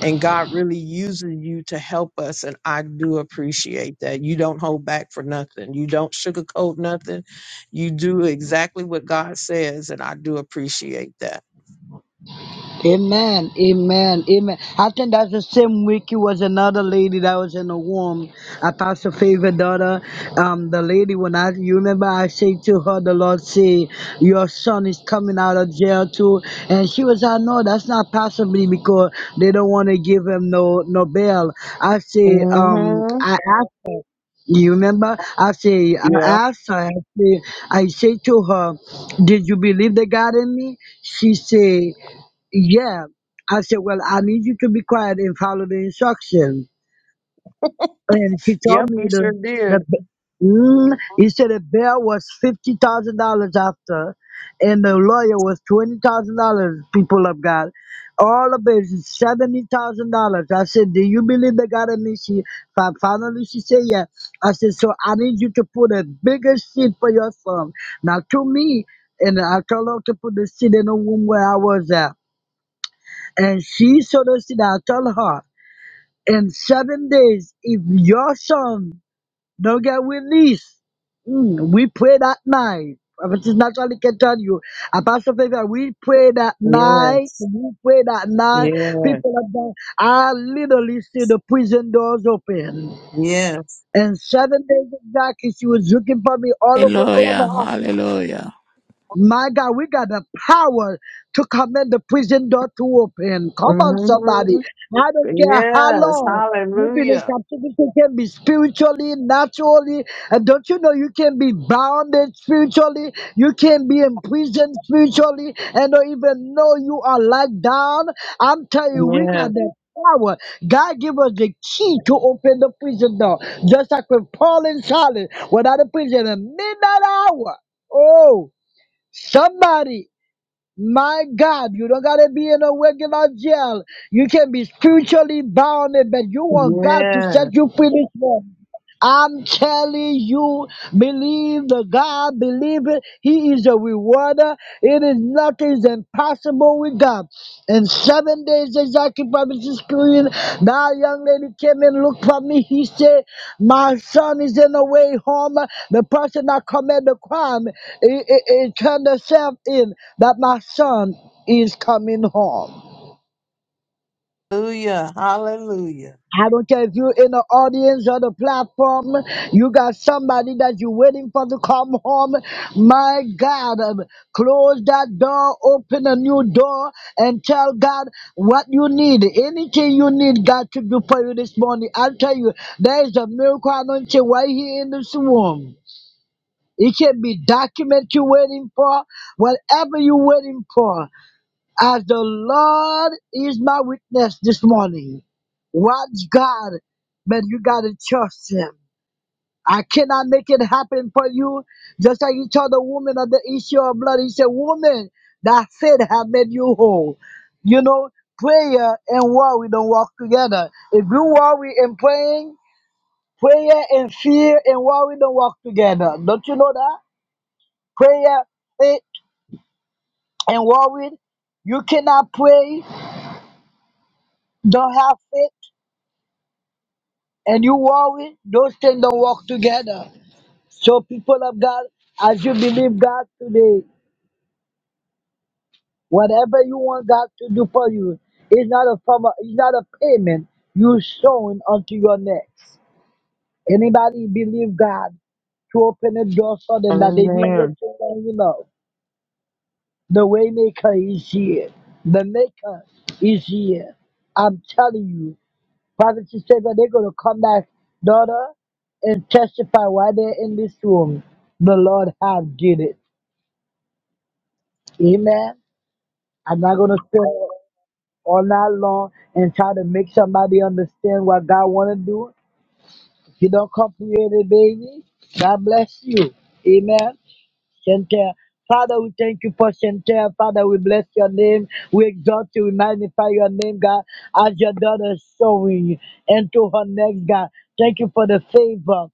[SPEAKER 14] and God really uses you to help us. And I do appreciate that. You don't hold back for nothing. You don't sugarcoat nothing. You do exactly what God says, and I do appreciate that.
[SPEAKER 11] Amen. Amen. Amen. I think that's the same week it was another lady that was in the womb. Apostle Favor daughter. Um, the lady when I you remember I say to her, the Lord say, Your son is coming out of jail too. And she was like, No, that's not possibly because they don't want to give him no no bail. I say, um,
[SPEAKER 14] Mm-hmm.
[SPEAKER 11] I asked you remember? I say I asked her, I say, I say to her, Did you believe the God in me? She said. Yeah. I said, Well, I need you to be quiet and follow the instruction. And she told
[SPEAKER 14] Yep,
[SPEAKER 11] me
[SPEAKER 14] you sure
[SPEAKER 11] the, the
[SPEAKER 14] did.
[SPEAKER 11] b- mm, he said the bill was fifty thousand dollars after and the lawyer was twenty thousand dollars, people of God. All of it is seventy thousand dollars. I said, Do you believe the God in me? She fi- finally she said yeah. I said, So I need you to put a bigger seat for your son. Now to me, and I told her to put the seat in the room where I was at. And she told us that I told her, in seven days, if your son don't get released, mm, we pray that night. Prophetess naturally can tell you. Apostle Favor, we pray that night.
[SPEAKER 14] Yes.
[SPEAKER 11] We pray that night.
[SPEAKER 14] Yeah.
[SPEAKER 11] People of God, I literally see the prison doors open.
[SPEAKER 14] Yes.
[SPEAKER 11] And seven days exactly, she was looking for me all over
[SPEAKER 1] Hallelujah.
[SPEAKER 11] Columbus.
[SPEAKER 1] Hallelujah.
[SPEAKER 11] My God, we got the power to command the prison door to open. Come on, somebody.
[SPEAKER 14] hmm
[SPEAKER 11] I don't care how
[SPEAKER 14] Yes.
[SPEAKER 11] long you've been in
[SPEAKER 14] Hallelujah.
[SPEAKER 11] captivity, you can be spiritually, naturally. And don't you know you can be bound spiritually? You can be imprisoned spiritually and don't even know you are locked down. I'm telling you, we
[SPEAKER 14] Yes.
[SPEAKER 11] got the power. God give us the key to open the prison door. Just like with Paul and Silas, without a prison, a midnight hour. Oh. Somebody, my God, you don't gotta be in a regular jail. You can be spiritually bound, but you want God to set
[SPEAKER 14] Yes.
[SPEAKER 11] you free this morning. I'm telling you, believe the God, believe it. He is a rewarder. It is nothing is impossible with God. In seven days, exactly, Prophet Sicilian, that young lady came and looked for me. He said, My son is in the way home. The person that committed the crime, it, it, it turned herself in that my son is coming home.
[SPEAKER 14] Hallelujah. Hallelujah.
[SPEAKER 11] I don't care if you're in the audience or the platform, you got somebody that you're waiting for to come home. My God, um, close that door, open a new door, and tell God what you need. Anything you need, God to do for you this morning. I'll tell you, there is a miracle anointing right here in this room. It can be document you're waiting for, whatever you're waiting for. As the Lord is my witness this morning, watch God, but you gotta trust Him. I cannot make it happen for you. Just like He told the woman of the issue of blood, He said, "Woman, that faith have made you whole." You know, prayer and worry don't walk together. If you worry and praying, prayer and fear and worry don't walk together. Don't you know that? Prayer, faith, and worry. You cannot pray, don't have faith and you worry, those things don't work together. So, people of God, as you believe God today, whatever you want God to do for you, it's not a form of, it's not a payment you sowing onto your next. Anybody believe God to open a door for them that they've been
[SPEAKER 14] Amen.
[SPEAKER 11] waiting on, you know. The waymaker is here. The maker is here. I'm telling you. Prophet Shisega, they're going to come back, daughter, and testify why they're in this room. The Lord have did it. Amen. I'm not going to sit all night long and try to make somebody understand what God want to do. If you don't comprehend it, baby, God bless you. Amen. Shantel. Father, we thank you for Shantel. Father, we bless your name. We exalt you. We magnify your name, God, as your daughter is showing into her next, God. Thank you for the favor.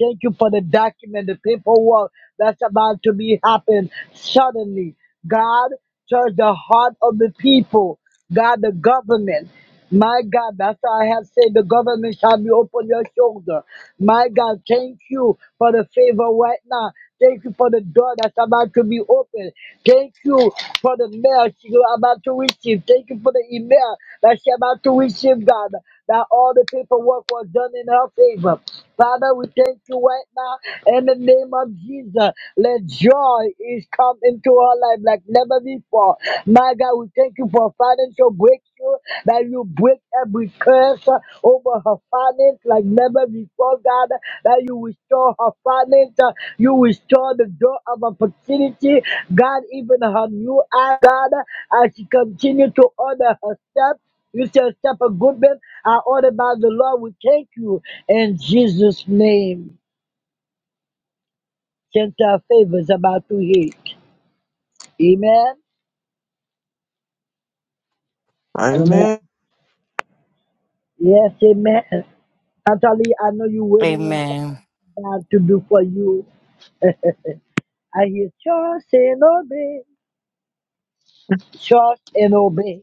[SPEAKER 11] Thank you for the document, the paperwork that's about to be happen suddenly. God, touch the heart of the people. God, the government. My God, that's why I have said the government shall be upon your shoulder. My God, thank you for the favor right now. Thank you for the door that's about to be opened. Thank you for the mail she's about to receive. Thank you for the email that she's about to receive, God that all the paperwork was done in her favor. Father, we thank you right now in the name of Jesus. Let joy is come into her life like never before. My God, we thank you for financial breakthrough that you break every curse uh, over her finance like never before, God. That you restore her finance, uh, you restore the door of opportunity, God. Even her new eye, God, as she continue to order her steps. You shall step a good bit are ordered by the Lord. We thank you in Jesus' name. Since our favor is about to hit. Amen. Amen.
[SPEAKER 14] Amen.
[SPEAKER 11] Yes, amen. Natalie, I know you're waiting on
[SPEAKER 13] Amen.
[SPEAKER 11] something God to do for you. I hear trust and obey. Trust and obey.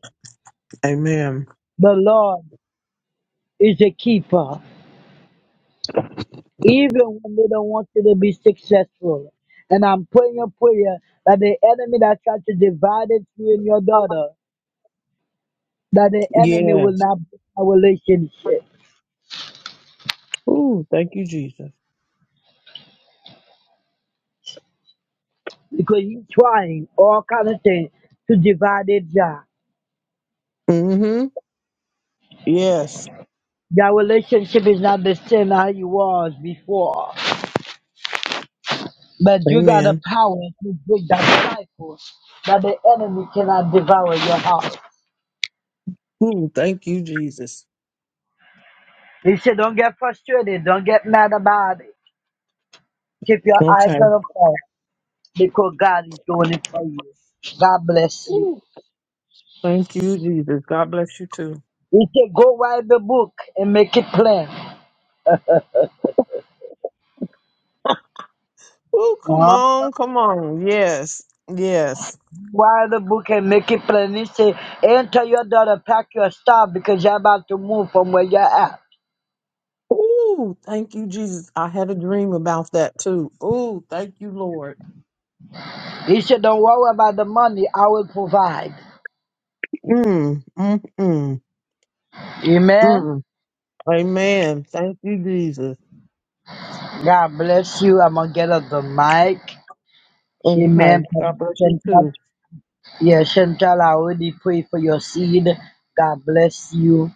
[SPEAKER 14] Amen.
[SPEAKER 11] The Lord is a keeper, even when they don't want you to be successful. And I'm praying a prayer that the enemy that tried to divide it, you and your daughter. that the enemy will
[SPEAKER 14] Yes.
[SPEAKER 11] not break our relationship
[SPEAKER 14] Ooh, thank you, Jesus.
[SPEAKER 11] because he's trying all kind of things to divide it down.
[SPEAKER 14] Mm-hmm. Yes.
[SPEAKER 11] Your relationship is not the same how you was before, but you got the
[SPEAKER 14] Amen.
[SPEAKER 11] power to break that cycle that the enemy cannot devour your heart.
[SPEAKER 14] Ooh, thank you, Jesus.
[SPEAKER 11] He said, "Don't get frustrated. Don't get mad about it. Keep your eyes
[SPEAKER 14] Okay.
[SPEAKER 11] on the prize because God is doing it for you. God bless you."
[SPEAKER 14] Ooh, thank you, Jesus. God bless you too.
[SPEAKER 11] He said, "Go write the book and make it plain."
[SPEAKER 14] <laughs> Ooh, come
[SPEAKER 11] Uh-huh.
[SPEAKER 14] on, come on. Yes. Yes.
[SPEAKER 11] Why the book and make it plain. He said, and tell your daughter, pack your stuff because you're about to move from where you're at.
[SPEAKER 14] Ooh, thank you, Jesus. I had a dream about that too. Ooh, thank you, Lord.
[SPEAKER 11] He said, don't worry about the money. I will provide.
[SPEAKER 14] Mm, mm, mm,
[SPEAKER 11] Amen.
[SPEAKER 14] mm. Amen. Thank you, Jesus.
[SPEAKER 11] God bless you. I'm going to get off the mic. Amen.
[SPEAKER 14] Okay,
[SPEAKER 11] Prophet
[SPEAKER 14] God bless you
[SPEAKER 11] Chantal.
[SPEAKER 14] too.
[SPEAKER 11] Yeah, Chantal, I already pray for your seed. God bless you.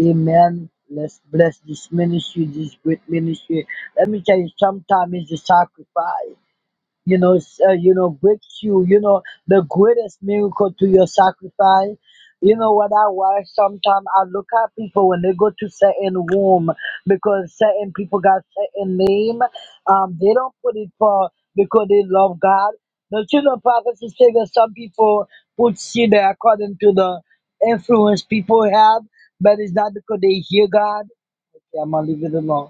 [SPEAKER 11] Amen. Let's bless this ministry, this great ministry. Let me tell you, sometimes it's a sacrifice. you know, s- uh, you know, breakthrough, you know, the greatest miracle to your sacrifice. You know what I why sometimes I look at people when they go to certain room because certain people got certain name. Um, they don't put it for because they love God. The children of prophecy say that some people put seed there according to the influence people have, but it's not because they hear God. Okay, I'm gonna leave it alone.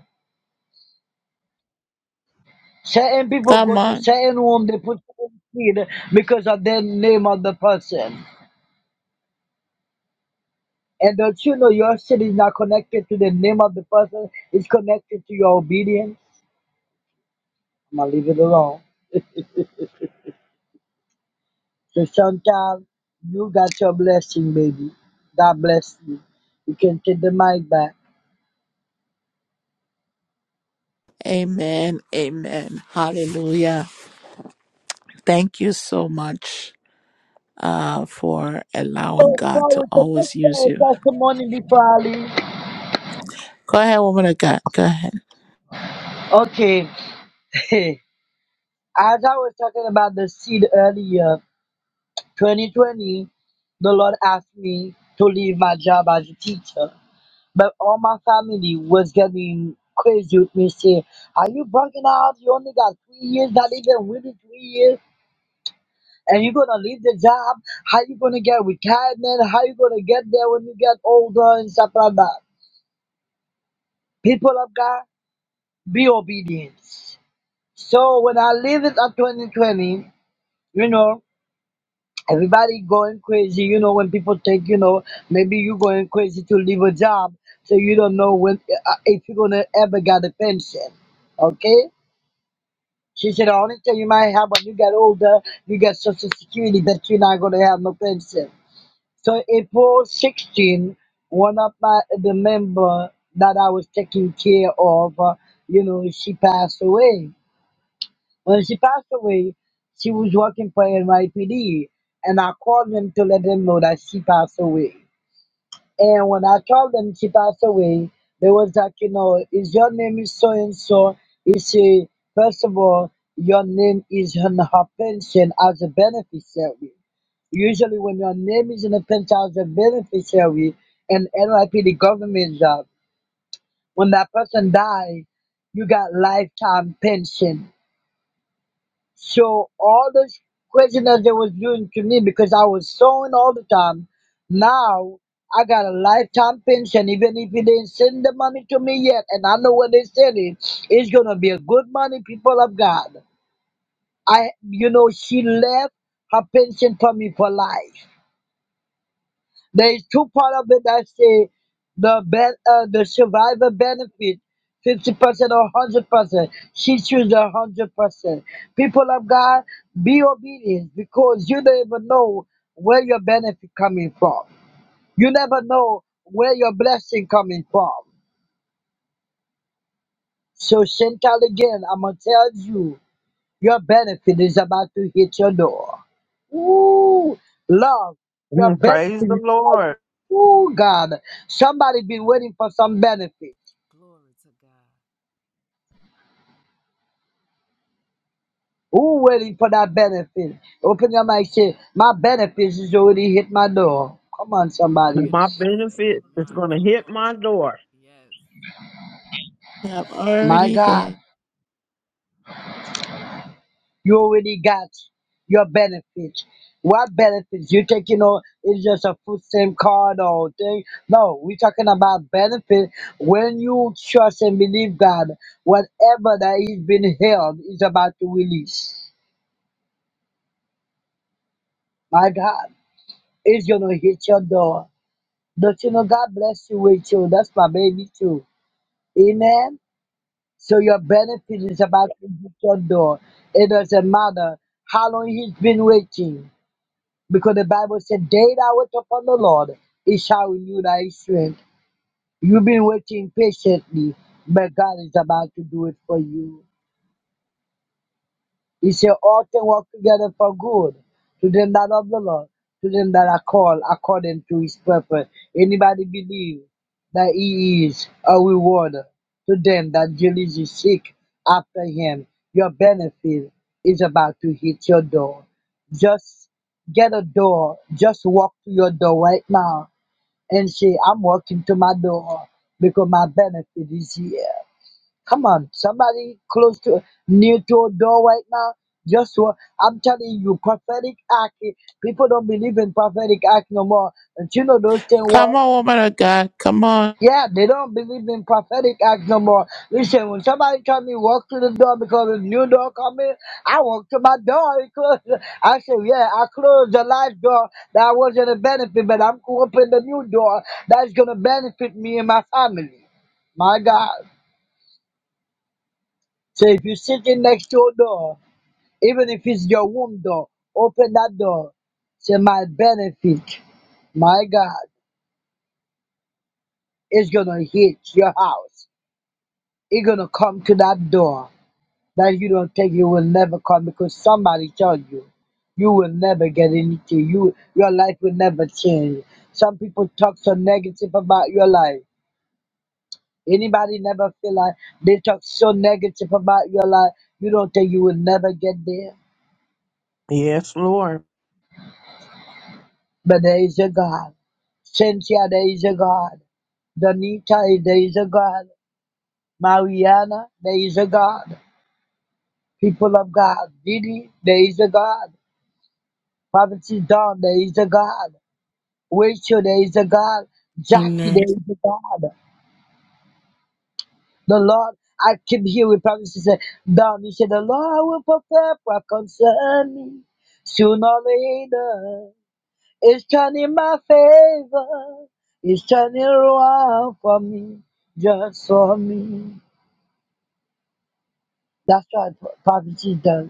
[SPEAKER 11] Certain people
[SPEAKER 1] Come
[SPEAKER 11] go to
[SPEAKER 1] on.
[SPEAKER 11] certain room, they put certain seed because of the name of the person. And don't you know your seed is not connected to the name of the person, it's connected to your obedience. I'm gonna leave it alone. So sometimes you got your blessing, baby. God bless you. You can take the mic back.
[SPEAKER 1] Amen. Amen. Hallelujah. Thank you so much. uh, for allowing
[SPEAKER 11] Oh,
[SPEAKER 1] God to
[SPEAKER 11] sorry, so
[SPEAKER 1] always
[SPEAKER 11] that's
[SPEAKER 1] use you.
[SPEAKER 11] our testimony before I leave.
[SPEAKER 1] Go ahead, woman of God. Go ahead.
[SPEAKER 11] Okay. <laughs> As I was talking about the seed earlier, 2020, the Lord asked me to leave my job as a teacher. But all my family was getting crazy with me, saying, Are you bugging out? You only got three years, not even really three years. And you're gonna leave the job? How you gonna get retirement? How you gonna get there when you get older and stuff like that? People of God, be obedient. So when I leave it at 2020, you know, Everybody going crazy, you know, when people think, you know, maybe you going crazy to leave a job, so you don't know when uh, if you're gonna ever get a pension. Okay? She said the only thing you might have when you get older, you get social security, but you're not gonna have no pension. So April 16, one of my the member that I was taking care of, uh, you know, she passed away. When she passed away, she was working for NYPD, and I called them to let them know that she passed away. And when I told them she passed away, they was like, you know, is your name is so and so? Is she first of all, your name is on her pension as a beneficiary. Usually, when your name is in a pension as a beneficiary and NYPD government job, when that person die, you got lifetime pension so all this question that they was doing to me because I was sewing all the time. Now I got a lifetime pension, even if you didn't send the money to me yet, and I know when they send it, it's gonna be a good money, people of God. I you know, she left her pension for me for life. There's two part of it that say the ben, uh, the survivor benefit, fifty percent or hundred percent. She choose a hundred percent. People of God, be obedient because you don't even know where your benefit coming from. You never know where your blessing coming from. So Chantal again, I'm gonna tell you. Your benefit is about to hit your door. Ooh, love, your
[SPEAKER 14] Mm,
[SPEAKER 11] benefit
[SPEAKER 14] Praise the
[SPEAKER 11] is about
[SPEAKER 14] Lord.
[SPEAKER 11] to, ooh, God. Somebody been waiting for some benefit.
[SPEAKER 12] Glory to God.
[SPEAKER 11] Who waiting for that benefit? Open your mouth and say, my benefits is already hit my door. Come on,
[SPEAKER 12] My
[SPEAKER 11] somebody.
[SPEAKER 14] My
[SPEAKER 12] benefits are
[SPEAKER 14] benefit
[SPEAKER 12] hidden
[SPEAKER 14] is
[SPEAKER 12] my
[SPEAKER 14] going to hit
[SPEAKER 12] door.
[SPEAKER 14] my door.
[SPEAKER 12] Yes.
[SPEAKER 1] I'm
[SPEAKER 11] My
[SPEAKER 1] already
[SPEAKER 11] God.
[SPEAKER 1] here.
[SPEAKER 11] You already got your benefits. What benefits? You taking on it's just a food stamp card or thing. No, we're talking about benefit. When you trust and believe God, whatever that is being held is about to release. My God, it's gonna hit your door. Don't you know God bless you with you? That's my baby too. Amen. So your benefit is about to hit your door. It doesn't matter how long he's been waiting. Because the Bible said, Day that wait upon the Lord, he shall renew thy strength. You've been waiting patiently, but God is about to do it for you. He said, All things work together for good to them that love the Lord, to them that are called according to his purpose. Anybody believe that he is a rewarder to them that diligently seek after him? Your benefit is about to hit your door. Just get a door, just walk to your door right now and say, I'm walking to my door because my benefit is here. Come on, somebody close to near to a door right now. Just what I'm telling you, prophetic act. People don't believe in prophetic act no more. And you know those things
[SPEAKER 1] Come
[SPEAKER 11] work.
[SPEAKER 1] on, woman of God. Come on.
[SPEAKER 11] Yeah, they don't believe in prophetic act no more. Listen, when somebody tell me walk to the door because a new door coming, I walk to my door. I close I say, yeah, I closed the last door that wasn't a benefit, but I'm opening the new door that's gonna benefit me and my family. My God. So if you're sitting next to a door Even if it's your womb door, open that door to my benefit. My God is gonna hit your house. It's gonna come to that door that you don't think it will never come because somebody told you you will never get anything. You your life will never change. Some people talk so negative about your life. Anybody never feel like they talk so negative about your life, you don't think you will never get there.
[SPEAKER 14] Yes, Lord.
[SPEAKER 11] But there is a God. Cynthia, there is a God. Donita, there is a God. Mariana, there is a God. People of God. Didi, there is a God. Prophecy Dawn, there is a God. Rachel, there is a God. Jackie,
[SPEAKER 15] Amen.
[SPEAKER 11] there is a God. The Lord, I keep hearing prophecy say, Dawn, you said, the Lord will perfect what concern me. Sooner or later. It's turning in my favor. It's turning around for me, just for me. That's what prophecy does.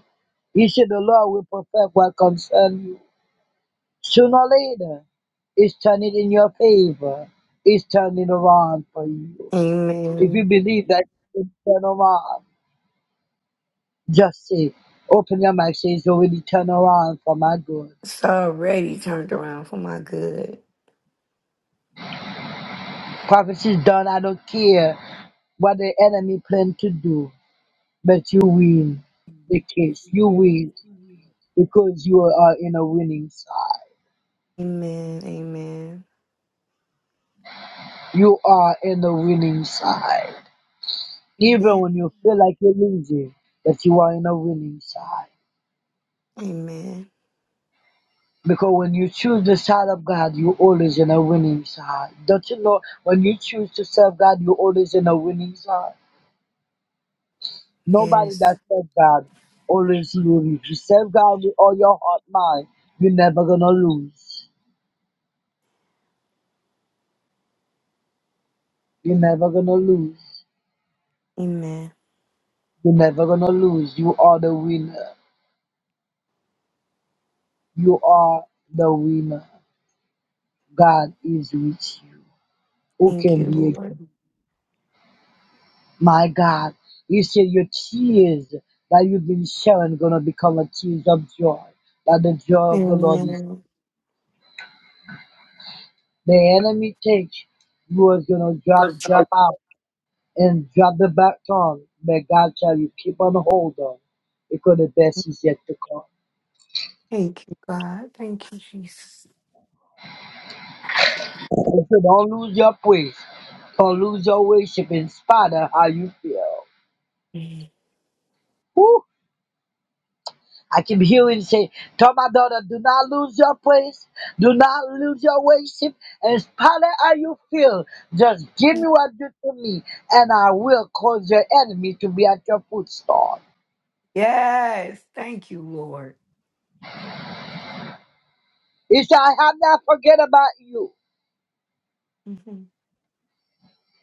[SPEAKER 11] You see, the Lord will perfect what concerns you. Sooner or later, it's turning in your favor. It's turning around for you. If you
[SPEAKER 15] Amen.
[SPEAKER 11] believe that it's turn around, just say, open your mouth, say it's already turn around for my good.
[SPEAKER 15] It's already turned around for my good.
[SPEAKER 11] Prophecy is done. I don't care what the enemy plan to do. But you win the case. You win because you are in a winning side.
[SPEAKER 15] Amen. Amen.
[SPEAKER 11] You are in the winning side. Even when
[SPEAKER 15] Amen.
[SPEAKER 11] you feel like you're losing, but you are in a winning side.
[SPEAKER 15] Amen.
[SPEAKER 11] Because when you choose the side of God, you are always in a winning side. Don't you know when you choose to serve God, you are always in a winning side? Nobody
[SPEAKER 15] Yes.
[SPEAKER 11] that serves God always lose. If you serve God with all your heart, mind, you're never gonna lose. You're never gonna lose.
[SPEAKER 15] Amen.
[SPEAKER 11] You're never gonna lose. You are the winner. You are the winner. God is with you. Who
[SPEAKER 15] Thank
[SPEAKER 11] can
[SPEAKER 15] you,
[SPEAKER 11] be against?
[SPEAKER 15] Lord.
[SPEAKER 11] you? My God, you said your tears that you've been sharing gonna become a tears of joy. That the joy of the Lord is.
[SPEAKER 15] Amen.
[SPEAKER 11] The enemy takes you is gonna drop, drop out and drop the baton. But God tell you keep on hold on, because the best is yet to come.
[SPEAKER 15] Thank you, God. Thank you, Jesus.
[SPEAKER 11] So don't lose your praise. Don't lose your worship in spite of how you feel.
[SPEAKER 15] Mhm.
[SPEAKER 11] Woo. I keep hearing say, tell my daughter, do not lose your praise, do not lose your worship, and spotted how you feel. Just give me what you do to me, and I will cause your enemy to be at your footstool.
[SPEAKER 15] Yes. Thank you, Lord.
[SPEAKER 11] He said, I have not forget about you.
[SPEAKER 15] hmm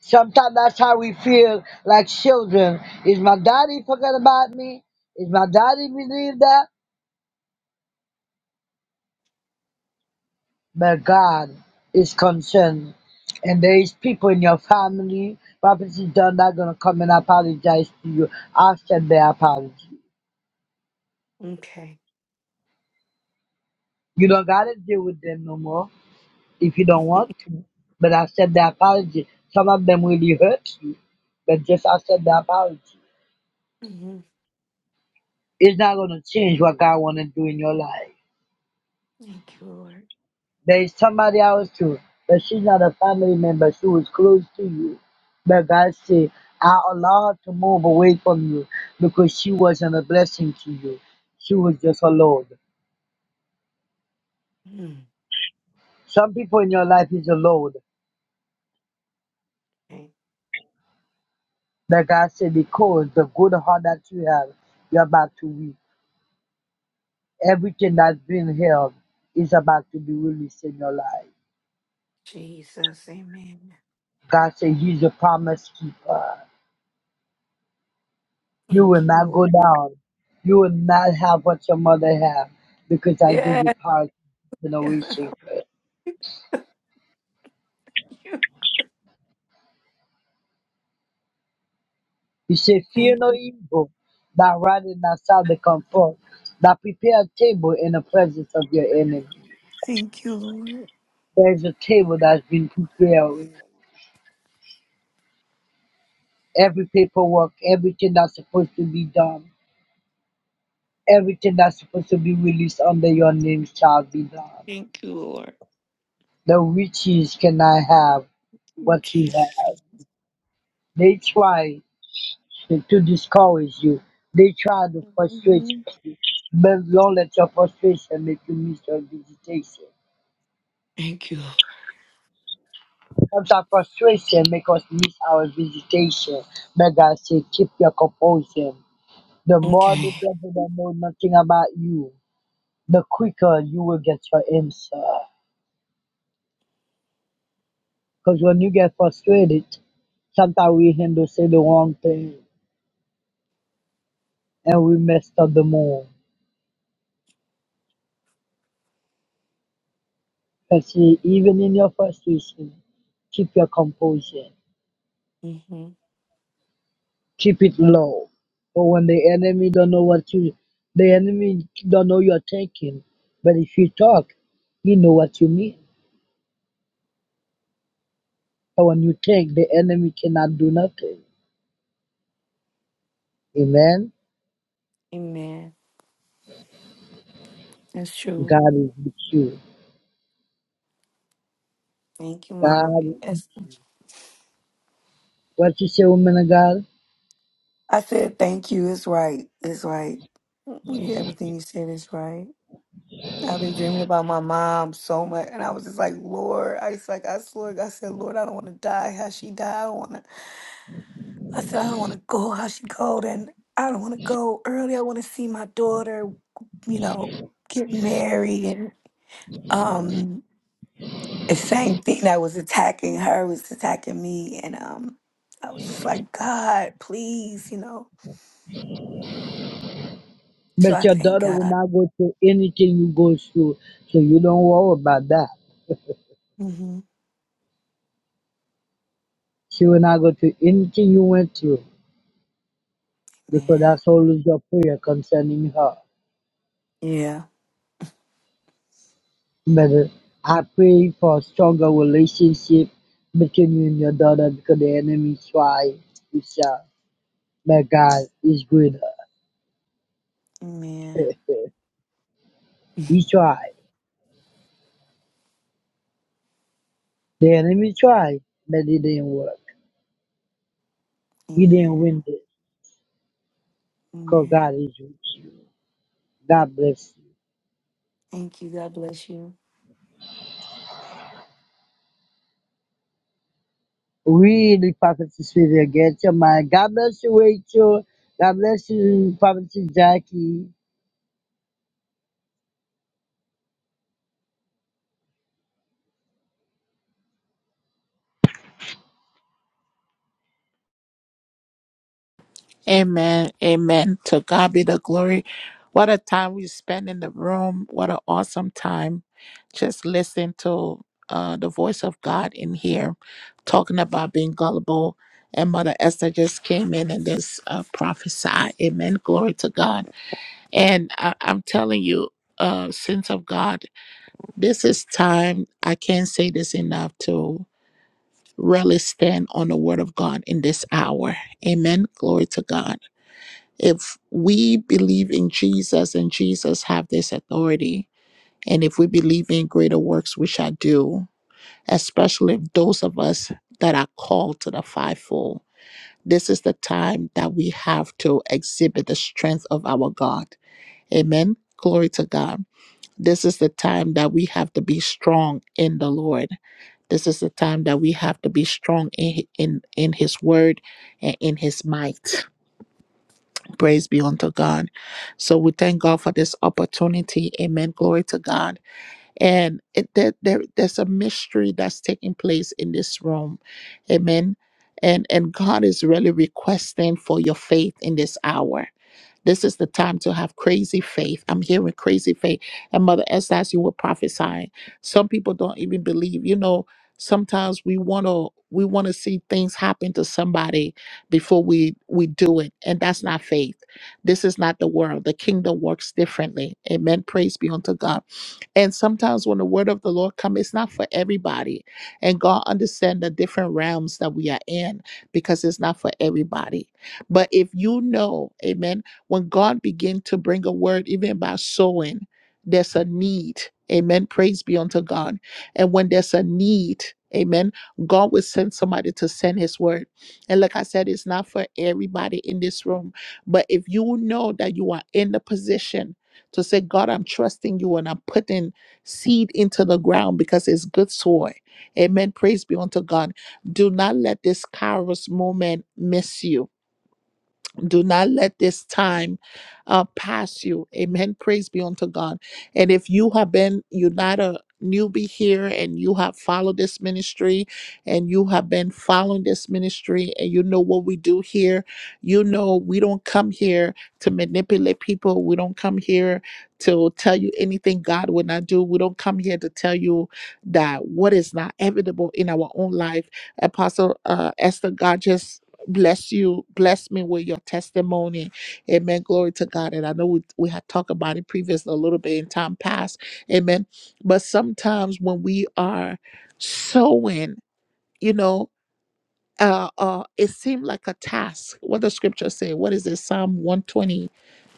[SPEAKER 11] Sometimes that's how we feel like children. Is my daddy forget about me? Is my daddy believe that? but God is concerned. And there is people in your family, prophecy done not gonna come and apologize to you after their apology.
[SPEAKER 15] Okay.
[SPEAKER 11] You don't gotta deal with them no more if you don't
[SPEAKER 15] <laughs>
[SPEAKER 11] want to. But I said the apology. Some of them really hurt you, but just I said the apology.
[SPEAKER 15] hmm
[SPEAKER 11] It's not gonna change what God wanna do in your life.
[SPEAKER 15] Thank you, Lord.
[SPEAKER 11] There's somebody else too, but she's not a family member. She was close to you. But God said, I allow her to move away from you because she wasn't a blessing to you. She was just a load.
[SPEAKER 15] Mm.
[SPEAKER 11] Some people in your life is a load.
[SPEAKER 15] Thank
[SPEAKER 11] But God said, because the good heart that you have, you're about to reap. Everything that's been held is about to be released in your life.
[SPEAKER 15] Jesus. Amen.
[SPEAKER 11] God said, He's a promise keeper. You will
[SPEAKER 15] Thank you,
[SPEAKER 11] not
[SPEAKER 15] Lord.
[SPEAKER 11] go down. You will not have what your mother had, because I give
[SPEAKER 15] Yeah.
[SPEAKER 11] you power to
[SPEAKER 15] <laughs>
[SPEAKER 11] generation curse. You say,
[SPEAKER 15] Thank you.
[SPEAKER 11] Fear no evil, that rod and that shall they come forth, that prepare a table in the presence of your enemy.
[SPEAKER 15] Thank you, Lord.
[SPEAKER 11] There is a table that's been prepared. with Every paperwork, everything that's supposed to be done, everything that's supposed to be released under your name shall be done.
[SPEAKER 15] Thank you, Lord.
[SPEAKER 11] The witches cannot have
[SPEAKER 15] Mm,
[SPEAKER 11] what you
[SPEAKER 15] Jesus.
[SPEAKER 11] have. They try. to discourage you. They try to frustrate
[SPEAKER 15] Mhm.
[SPEAKER 11] you, but don't let your frustration make you miss your visitation.
[SPEAKER 15] Thank you, Lord.
[SPEAKER 11] Sometimes frustration make us miss our visitation. But God said, keep your composure. The more the
[SPEAKER 15] Okay.
[SPEAKER 11] devil don't know nothing about you, the quicker you will get your answer. Because when you get frustrated, sometimes we handle say the wrong thing and we messed up the mood. But see, even in your frustration, keep your composure.
[SPEAKER 15] hmm
[SPEAKER 11] keep it low. But when the enemy don't know what you, the enemy don't know you're thinking. But if you talk, you know what you mean. But when you think, the enemy cannot do nothing. Amen.
[SPEAKER 15] Amen. That's true.
[SPEAKER 11] God is with you.
[SPEAKER 15] Thank you, Mama. B.
[SPEAKER 11] God,
[SPEAKER 15] That's-
[SPEAKER 11] what you say, woman of God?
[SPEAKER 15] I said thank you. It's right. It's right. You- Everything you said is right. I've been dreaming about my mom so much, and I was just like, Lord, I was like I swear, I said, Lord, I don't want to die how she died. I don't want to. I said, I don't want to go how she go, and I don't want to go early. I want to see my daughter, you know, get married um the same thing that was attacking her was attacking me and um i was just like god please you know so
[SPEAKER 11] But
[SPEAKER 15] i
[SPEAKER 11] your
[SPEAKER 15] thank
[SPEAKER 11] daughter will
[SPEAKER 15] god
[SPEAKER 11] not go through anything you go through, so you don't worry about that. <laughs>
[SPEAKER 15] mm-hmm.
[SPEAKER 11] She will not go through anything you went through, because
[SPEAKER 15] man
[SPEAKER 11] that's always your prayer concerning her.
[SPEAKER 15] yeah
[SPEAKER 11] But uh, I pray for stronger relationship between you and your daughter because the enemy try to shout, but God is greater. <laughs>
[SPEAKER 15] amen
[SPEAKER 11] he tried. The enemy tried, but it didn't work. He didn't
[SPEAKER 15] amen
[SPEAKER 11] win this because
[SPEAKER 15] amen
[SPEAKER 11] God is with you. God bless you.
[SPEAKER 15] thank you god bless you
[SPEAKER 11] Really, Prophet Sylvia, get your mind. God bless you, Rachel. God bless you, Prophet Jackie.
[SPEAKER 1] Amen. Amen. To God be the glory. What a time we spend in the room. What an awesome time. Just listen to uh, the voice of God in here talking about being gullible. And Mother Esther just came in and just uh, prophesied. Amen. Glory to God. And I- I'm telling you, uh, sins of God. This is time, I can't say this enough, to really stand on the word of God in this hour. Amen. Glory to God. If we believe in Jesus and Jesus have this authority, and if we believe in greater works we shall do, especially if those of us that are called to the fivefold, this is the time that we have to exhibit the strength of our God. Amen. Glory to God this is the time that we have to be strong in the Lord. This is the time that we have to be strong in in, in His word and in His might. Praise be unto God. So we thank God for this opportunity. Amen. Glory to God. And it, there, there, there's a mystery that's taking place in this room. Amen. And and God is really requesting for your faith in this hour this is the time to have crazy faith. I'm hearing crazy faith. And Mother Esther, as you were prophesying, some people don't even believe. You know, sometimes we want to we want to see things happen to somebody before we we do it, and that's not faith. This is not the world. The kingdom works differently. Amen. Praise be unto God. And sometimes when the word of the Lord comes, it's not for everybody. And God understand the different realms that we are in because it's not for everybody. But if you know, amen. When God begins to bring a word, even by sowing, there's a need. Amen. Praise be unto God. And when there's a need, amen, God will send somebody to send his word. And like I said, it's not for everybody in this room. But if you know that you are in the position to say, God, I'm trusting you and I'm putting seed into the ground because it's good soil. Amen. Praise be unto God. Do not let this Kairos moment miss you do not let this time uh, pass you. Amen. Praise be unto God. And if you have been, you're not a newbie here and you have followed this ministry and you have been following this ministry and you know what we do here, you know we don't come here to manipulate people. We don't come here to tell you anything God would not do. We don't come here to tell you that what is not evident in our own life. Apostle uh, Esther God bless you bless me with your testimony amen glory to god and i know we, we had talked about it previously a little bit in time past amen but sometimes when we are sowing you know uh uh it seemed like a task what the scripture say what is it psalm 120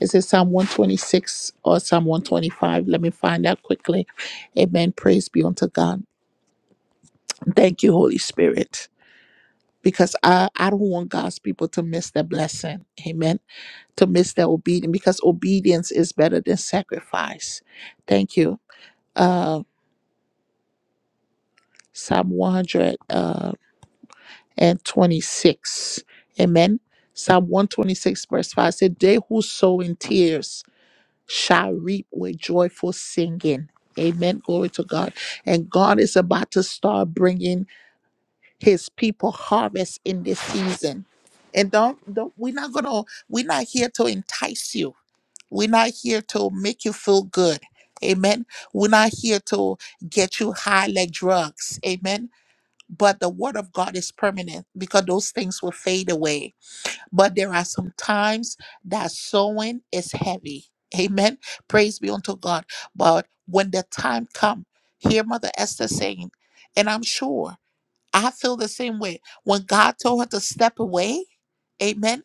[SPEAKER 1] is it psalm 126 or psalm 125 let me find out quickly amen praise be unto god thank you holy spirit because i i don't want god's people to miss the blessing amen commits their obedience because obedience is better than sacrifice. Thank you. Uh, Psalm 126. Amen. Psalm 126, verse 5 said, They who sow in tears shall reap with joyful singing. Amen. Glory to God. And God is about to start bringing his people harvest in this season. And don't, don't we're not gonna, we're not here to entice you. We're not here to make you feel good. Amen. We're not here to get you high like drugs. Amen. But the word of God is permanent because those things will fade away. But there are some times that sowing is heavy. Amen. Praise be unto God. But when the time comes, hear Mother Esther saying, and I'm sure I feel the same way. When God told her to step away, amen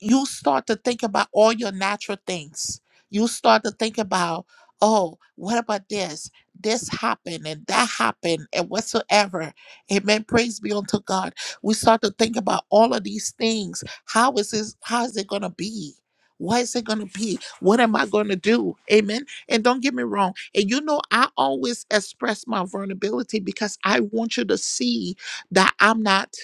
[SPEAKER 1] you start to think about all your natural things. You start to think about, oh, what about this? This happened and that happened and whatsoever. Amen. Praise be unto God. We start to think about all of these things. How is this? How is it gonna be? What is it gonna be? What am I gonna do? Amen. And don't get me wrong. And you know, I always express my vulnerability because I want you to see that I'm not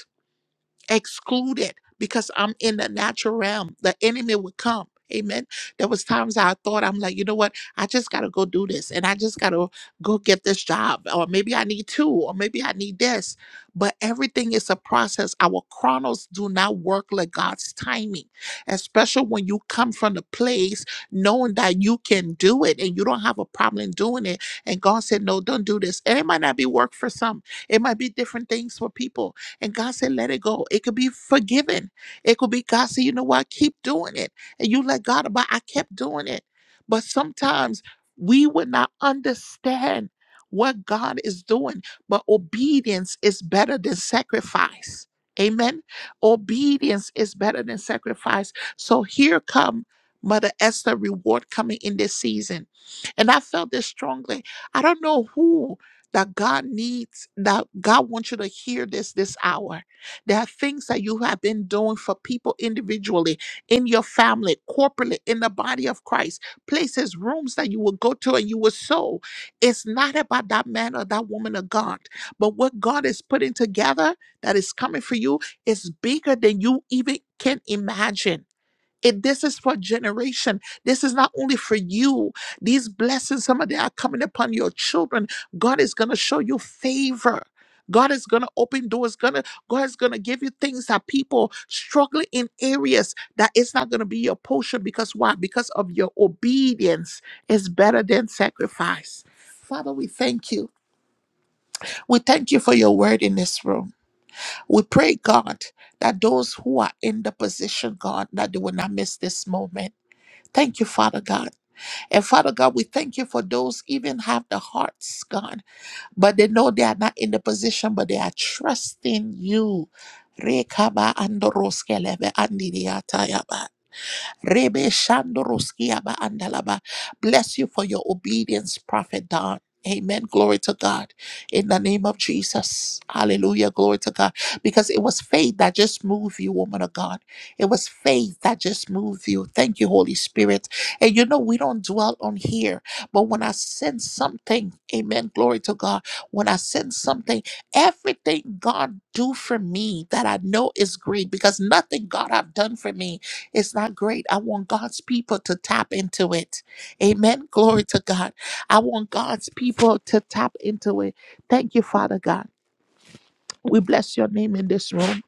[SPEAKER 1] excluded because I'm in the natural realm. The enemy would come. Amen. There was times I thought I'm like, you know what? I just gotta go do this, and I just gotta go get this job, or maybe I need two, or maybe I need this. But everything is a process. Our chronos do not work like God's timing, especially when you come from the place knowing that you can do it and you don't have a problem doing it. And God said, no, don't do this. And it might not be work for some. It might be different things for people and God said, let it go. It could be forgiven. It could be God said, you know what? Keep doing it. And you let God about I kept doing it. But sometimes we would not understand what God is doing. But obedience is better than sacrifice. Amen. Obedience is better than sacrifice. So here come Mother Esther reward coming in this season. And I felt this strongly. I don't know who that God needs, that God wants you to hear this this hour. There are things that you have been doing for people individually, in your family, corporately, in the body of Christ, places, rooms that you will go to and you will sow. It's not about that man or that woman of God, but what God is putting together that is coming for you is bigger than you even can imagine. It, this is for generation. This is not only for you. These blessings, some of them are coming upon your children. God is gonna show you favor. God is gonna open doors. Gonna God is gonna give you things that people struggling in areas that it's not gonna be your portion because why? Because of your obedience is better than sacrifice. Father, we thank you. We thank you for your word in this room. We pray, God, that those who are in the position, God, that they will not miss this moment Thank you, Father God. And Father God, we thank you for those even have the hearts, God, but they know they are not in the position, but they are trusting you. Rekaba andoroskelebe andidiatayaba. Rebe Shandoroskia ba andalaba. Bless you for your obedience, Prophet Don. Amen. Glory to God. In the name of Jesus. Hallelujah. Glory to God. Because it was faith that just moved you, woman of God. It was faith that just moved you. Thank you, Holy Spirit. And you know, we don't dwell on here, but when I sense something, amen. Glory to God. When I sense something, everything God do for me that I know is great because nothing God have done for me it's not great. I want God's people to tap into it. Amen. Glory to God. I want God's people to tap into it. Thank you, Father God. We bless your name in this room.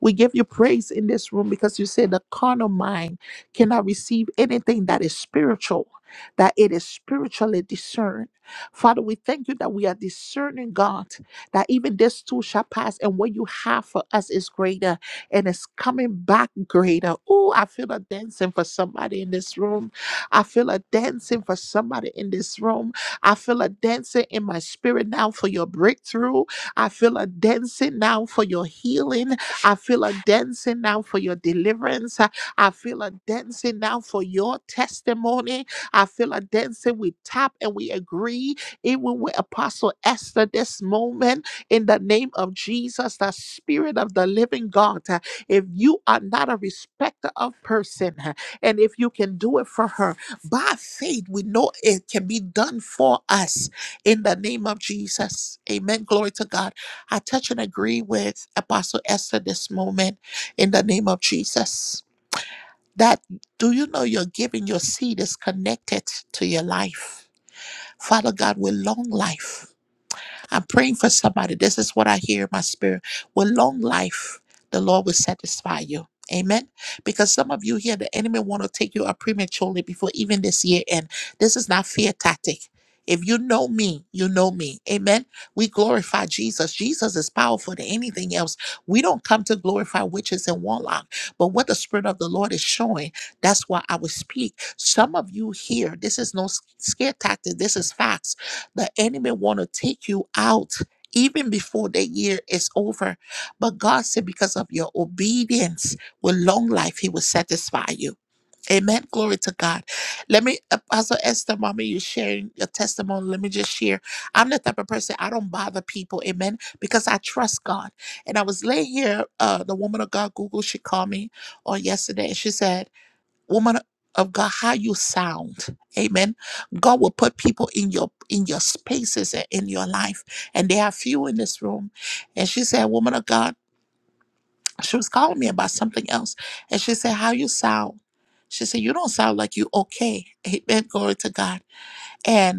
[SPEAKER 1] We give you praise in this room because you say the carnal mind cannot receive anything that is spiritual, that it is spiritually discerned. Father, we thank you that we are discerning, God, that even this too shall pass, and what you have for us is greater and it's coming back greater. Oh, I feel a dancing for somebody in this room. I feel a dancing for somebody in this room. I feel a dancing in my spirit now for your breakthrough. I feel a dancing now for your healing. I feel a dancing now for your deliverance. I I feel a dancing now for your testimony. I feel a dancing. We tap and we agree, even with Apostle Esther this moment, in the name of Jesus, the Spirit of the living God. Uh, If you are not a respecter of person, uh, and if you can do it for her, by faith, we know it can be done for us in the name of Jesus. Amen. Glory to God. I touch and agree with Apostle Esther this moment in the name of Jesus. That do you know your giving, your seed is connected to your life? Father God, with long life. I'm praying for somebody. This is what I hear in my spirit. With long life, the Lord will satisfy you. Amen. Because some of you here, the enemy want to take you up prematurely before even this year end. This is not fear tactic. If you know me, you know me. Amen. We glorify Jesus. Jesus is powerful than anything else. We don't come to glorify witches and warlock, but what the Spirit of the Lord is showing, that's why I will speak. Some of you here, this is no s- scare tactic. This is facts the enemy want to take you out even before the year is over. But God said, because of your obedience with long life, He will satisfy you. Amen. Glory to God. Let me, uh, Esther, mommy, you sharing your testimony. Let me just share. I'm the type of person I don't bother people. Amen. Because I trust God. And I was laying here. Uh, the woman of God, Google, she called me on yesterday, and she said woman of God, how you sound. Amen. God will put people in your in your spaces and in your life. And there are few in this room. And she said, Woman of God, she was calling me about something else. And she said, How you sound. She said, You don't sound like you okay. Amen. Glory to God. and.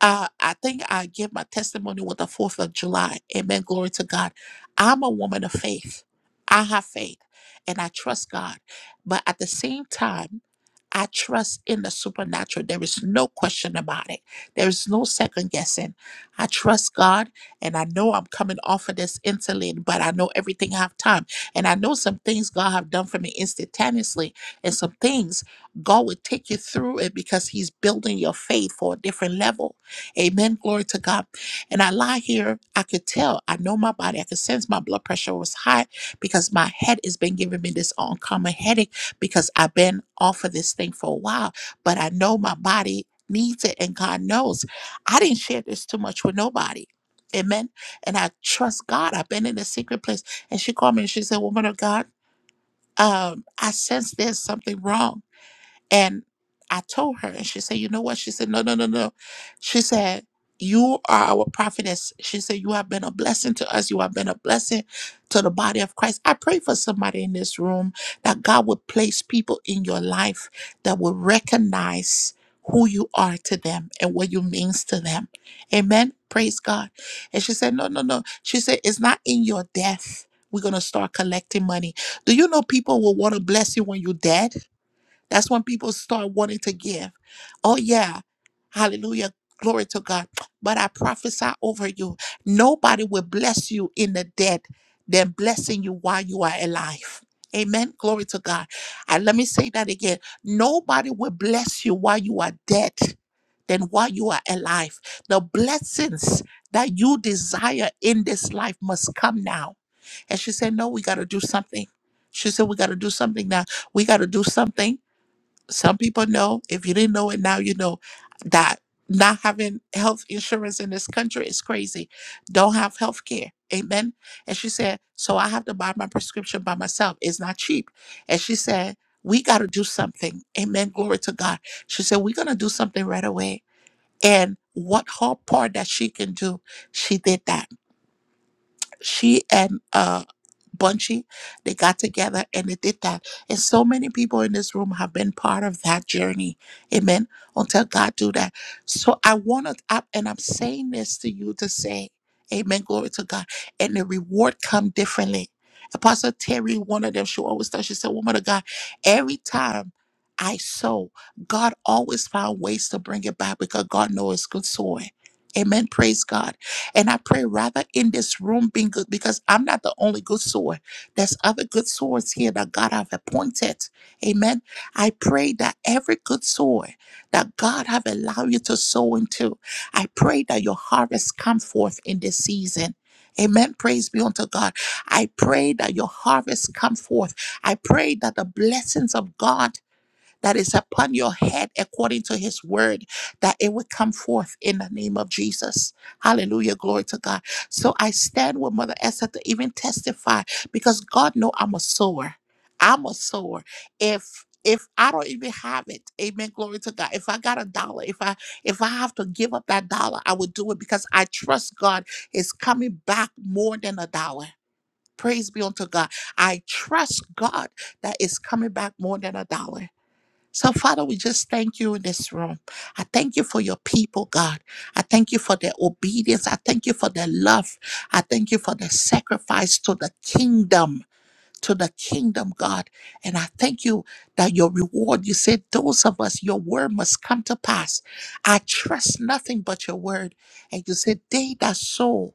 [SPEAKER 1] Uh, I think I give my testimony with the 4th of July. Amen. Glory to God. I'm a woman of faith. I have faith and I trust God. But at the same time, I trust in the supernatural. There is no question about it. There is no second guessing. I trust God and I know I'm coming off of this insulin, but I know everything have time. And I know some things God have done for me instantaneously and some things God will take you through it because he's building your faith for a different level. Amen. Glory to God. And I lie here. I could tell. I know my body. I could sense my blood pressure was high because my head has been giving me this uncommon headache because I've been off of this thing for a while. But I know my body needs it and God knows. I didn't share this too much with nobody. Amen. And I trust God. I've been in a secret place. And she called me and she said, Woman of God, um, I sense there's something wrong. And I told her, and she said, You know what? She said, No, no, no, no. She said, You are our prophetess. She said, You have been a blessing to us. You have been a blessing to the body of Christ. I pray for somebody in this room that God would place people in your life that will recognize who you are to them and what you means to them. Amen. Praise God. And she said, No, no, no. She said, It's not in your death. We're gonna start collecting money. Do you know people will want to bless you when you're dead? That's when people start wanting to give. Oh, yeah. Hallelujah. Glory to God. But I prophesy over you nobody will bless you in the dead than blessing you while you are alive. Amen. Glory to God. And let me say that again. Nobody will bless you while you are dead than while you are alive. The blessings that you desire in this life must come now. And she said, No, we got to do something. She said, We got to do something now. We got to do something some people know, if you didn't know it now, you know that not having health insurance in this country is crazy. Don't have health care. Amen. And she said, So I have to buy my prescription by myself. It's not cheap. And she said, We got to do something. Amen. Glory to God. She said, We're going to do something right away. And what her part that she can do, she did that she and uh Bunchy, they got together and they did that. And so many people in this room have been part of that journey. Amen. Until God do that. So I want to up and I'm saying this to you to say, Amen. Glory to God. And the reward come differently. Apostle Terry, one of them, she always does, she said, Woman of God, every time I sow, God always found ways to bring it back because God knows it's good sowing. Amen. Praise God. And I pray rather in this room being good because I'm not the only good sword. There's other good swords here that God have appointed. Amen. I pray that every good sword that God have allowed you to sow into, I pray that your harvest come forth in this season. Amen. Praise be unto God. I pray that your harvest come forth. I pray that the blessings of God that is upon your head according to his word, that it would come forth in the name of Jesus. Hallelujah. Glory to God. So I stand with Mother Esther to even testify because God know I'm a sower. I'm a sower. If if I don't even have it, amen. Glory to God. If I got a dollar, if I if I have to give up that dollar, I would do it because I trust God is coming back more than a dollar. Praise be unto God. I trust God that is coming back more than a dollar. So, Father, we just thank you in this room. I thank you for your people, God. I thank you for their obedience. I thank you for their love. I thank you for their sacrifice to the kingdom to the kingdom, God. And I thank you that your reward, you said, those of us, your word must come to pass. I trust nothing but your word. And you said, they that sow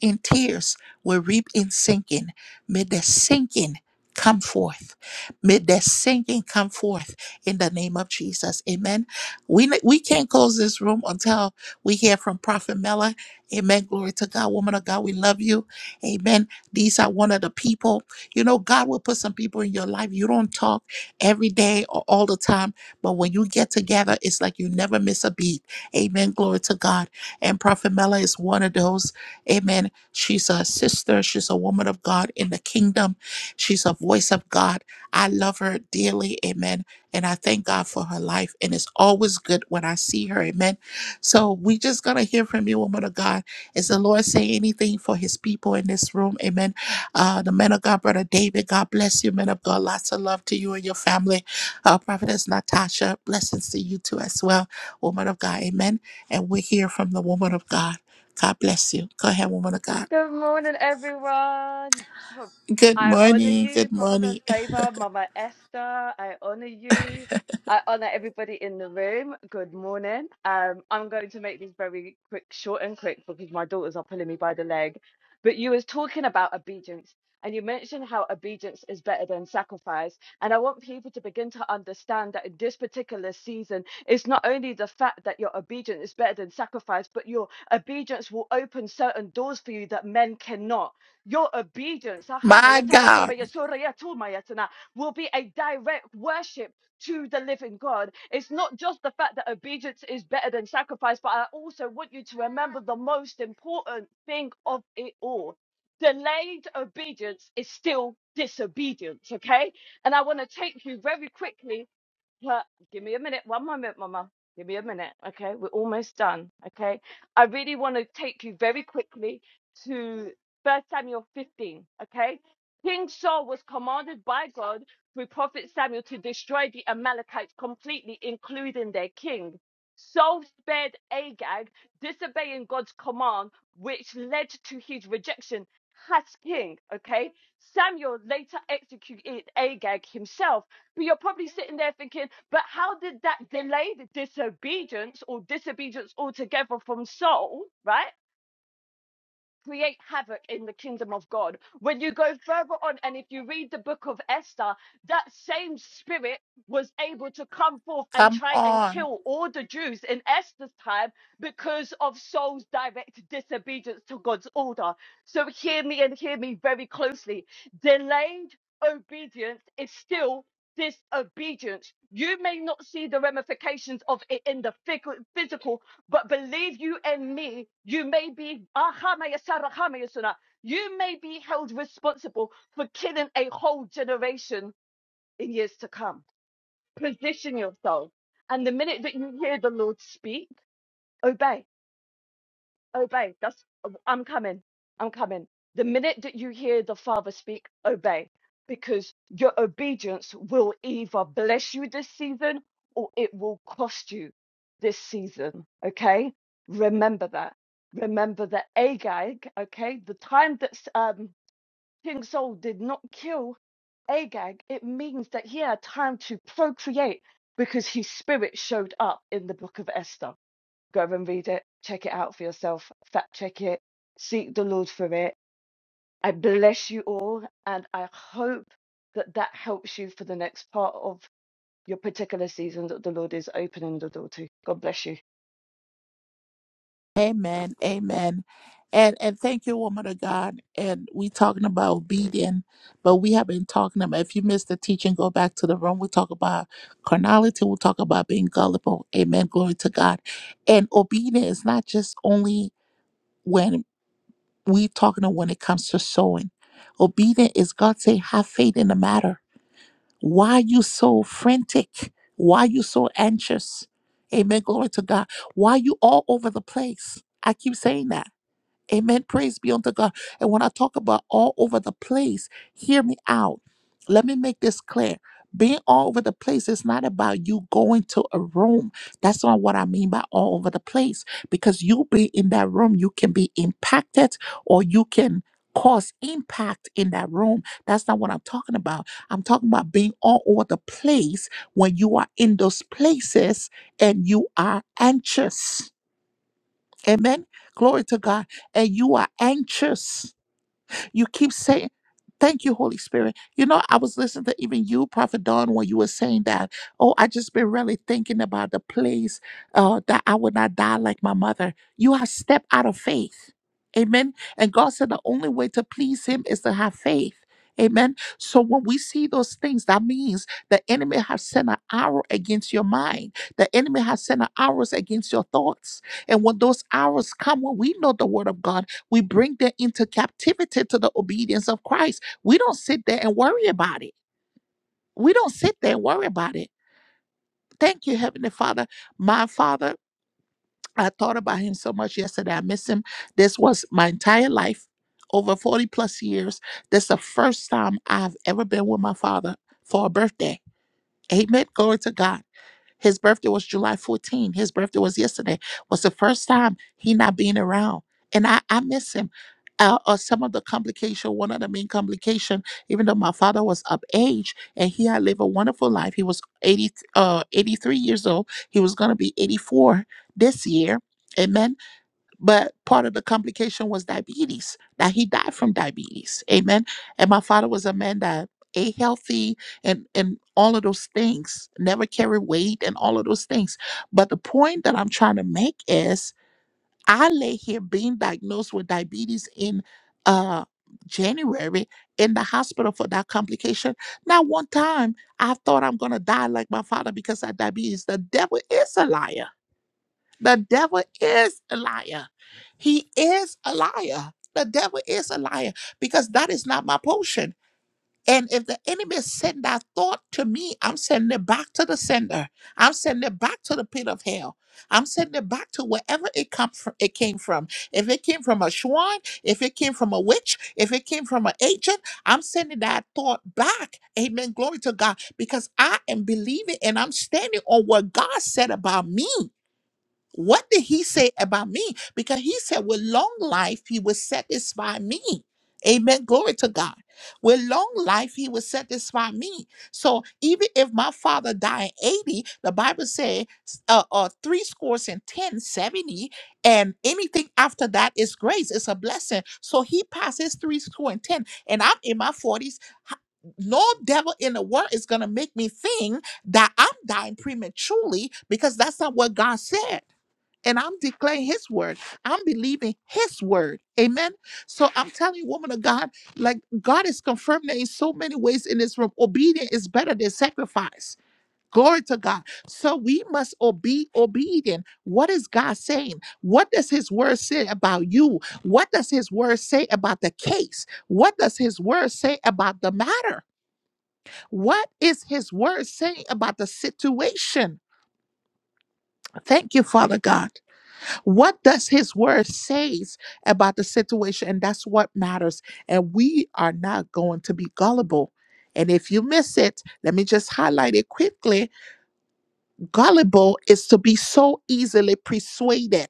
[SPEAKER 1] in tears will reap in sinking. May their sinking come forth. May their sinking come forth in the name of Jesus. Amen. We, we can't close this room until we hear from Prophet Mela. Amen. Glory to God. Woman of God, we love you. Amen. These are one of the people. You know, God will put some people in your life. You don't talk every day or all the time, but when you get together, it's like you never miss a beat. Amen. Glory to God. And Prophet Mela is one of those. Amen. She's a sister. She's a woman of God in the kingdom. She's a voice of God. I love her dearly. Amen. And I thank God for her life. And it's always good when I see her. Amen. So we just gonna hear from you, woman of God. Is the Lord saying anything for his people in this room? Amen. Uh, the man of God, Brother David, God bless you, man of God. Lots of love to you and your family. Uh, Prophetess Natasha, blessings to you too as well. Woman of God, amen. And we hear from the woman of God. God bless you. Go ahead, woman of God.
[SPEAKER 16] Good morning, everyone. Pro-
[SPEAKER 1] Good
[SPEAKER 16] I honor
[SPEAKER 1] morning.
[SPEAKER 16] you,
[SPEAKER 1] Good
[SPEAKER 16] Prophetess
[SPEAKER 1] morning.
[SPEAKER 16] Favor, Mama Esther. I honor you. I honor everybody in the room. Good morning. Um, I'm going to make this very quick, short and quick because my daughters are pulling me by the leg. But you was talking about obedience, and you mentioned how obedience is better than sacrifice. And I want people to begin to understand that in this particular season, it's not only the fact that your obedience is better than sacrifice, but your Obedience will open certain doors for you that men cannot. Your obedience
[SPEAKER 1] <laughs> My God,
[SPEAKER 16] will be a direct worship to the living God. It's not just the fact that obedience is better than sacrifice, but I also want you to remember the most important thing of it all. Delayed obedience is still disobedience, okay? And I want to take you very quickly Huh, Give me a minute. One moment, Mama. Give me a minute. Okay, we're almost done. Okay, I really want to take you very quickly to First Samuel 15. Okay, King Saul was commanded by God through Prophet Samuel to destroy the Amalekites completely, including their king. Saul spared Agag, disobeying God's command, which led to his rejection as king. Okay, Samuel later executed Agag himself but you're probably sitting there thinking, but how did that delay the disobedience or disobedience altogether from Saul, right? create havoc in the kingdom of God. When you go further on, and if you read the book of Esther, that same spirit was able to come forth and
[SPEAKER 1] come
[SPEAKER 16] try and
[SPEAKER 1] on.
[SPEAKER 16] kill all the Jews in Esther's time because of Saul's direct disobedience to God's order. So hear me and hear me very closely. Delayed obedience is still disobedience. You may not see the ramifications of it in the phy- physical but believe you and me, you may be Ahamayasara Hamayasuna, you may be held responsible for killing a whole generation in years to come. Position yourself. And the minute that you hear the Lord speak, obey obey. That's um, I'm coming. I'm coming. The minute that you hear the Father speak, obey, because your obedience will either bless you this season or it will cost you this season. Okay, remember that. Remember that Agag. Okay, the time that um, King Saul did not kill Agag, it means that he had time to procreate because his spirit showed up in the book of Esther. Go and read it. Check it out for yourself. Fact check it. Seek the Lord for it. I bless you all, and I hope that that helps you for the next part of your particular season that the Lord is opening the door to. God bless you.
[SPEAKER 1] Amen. Amen. And and thank you, woman of God. And we talking about obedience, but we have been talking about if you missed the teaching, go back to the room. We talk about carnality. We talk about being gullible. Amen. Glory to God. And obedience is not just only when we talking of when it comes to sowing. Obedience is God say, have faith in the matter. Why you so frantic? Why you so anxious? Amen. Glory to God. Why you all over the place? I keep saying that Amen. Praise be unto God. And when I talk about all over the place, hear me out. Let me make this clear. Being all over the place is not about you going to a room. That's not what I mean by all over the place. Because you be in that room, you can be impacted or you can cause impact in that room. That's not what I'm talking about. I'm talking about being all over the place when you are in those places and you are anxious Amen. Glory to God. And you are anxious. You keep saying, Thank you, Holy Spirit. You know, I was listening to even you, Prophet Don, when you were saying that. Oh, I just been really thinking about the place uh, that I would not die like my mother. You have stepped out of faith. Amen. And God said the only way to please Him is to have faith. Amen. So when we see those things, that means the enemy has sent an arrow against your mind. The enemy has sent an arrows against your thoughts. And when those arrows come, when we know the word of God, we bring them into captivity to the obedience of Christ. We don't sit there and worry about it. We don't sit there and worry about it. Thank you, Heavenly Father. My Father, I thought about him so much yesterday. I miss him. This was my entire life, over 40 plus years. This is the first time I've ever been with my father for a birthday. Amen. Glory to God. His birthday was July 14. His birthday was yesterday. Was the first time he not being around, and I I miss him. Uh, uh, some of the complication, one of the main complication, even though my father was up age and he had lived a wonderful life, he was 80, uh, 83 years old. He was gonna be 84 this year. Amen but part of the complication was diabetes that he died from diabetes amen and my father was a man that ate healthy and and all of those things never carried weight and all of those things but the point that i'm trying to make is i lay here being diagnosed with diabetes in uh january in the hospital for that complication not one time i thought i'm gonna die like my father because of diabetes the devil is a liar the devil is a liar. He is a liar. The devil is a liar because that is not my portion. And if the enemy send that thought to me, I'm sending it back to the sender. I'm sending it back to the pit of hell. I'm sending it back to wherever it come from, it came from. If it came from a swan, if it came from a witch, if it came from an agent, I'm sending that thought back. Amen. Glory to God. Because I am believing and I'm standing on what God said about me. What did he say about me? Because he said, with long life, he will satisfy me. Amen. Glory to God. With long life, he will satisfy me. So even if my father died at 80, the Bible says uh, uh, three scores and 10, 70, and anything after that is grace. It's a blessing. So he passes three score and 10, and I'm in my 40s. No devil in the world is going to make me think that I'm dying prematurely because that's not what God said and I'm declaring his word. I'm believing his word. Amen. So I'm telling you, woman of God, like God is confirming that in so many ways in this room. Obedience is better than sacrifice. Glory to God. So we must be obedient. What is God saying? What does his word say about you? What does his word say about the case? What does his word say about the matter? What is his word saying about the situation? Thank you, Father God. What does his word says about the situation? And that's what matters. And we are not going to be gullible. And if you miss it, let me just highlight it quickly Gullible is to be so easily persuaded.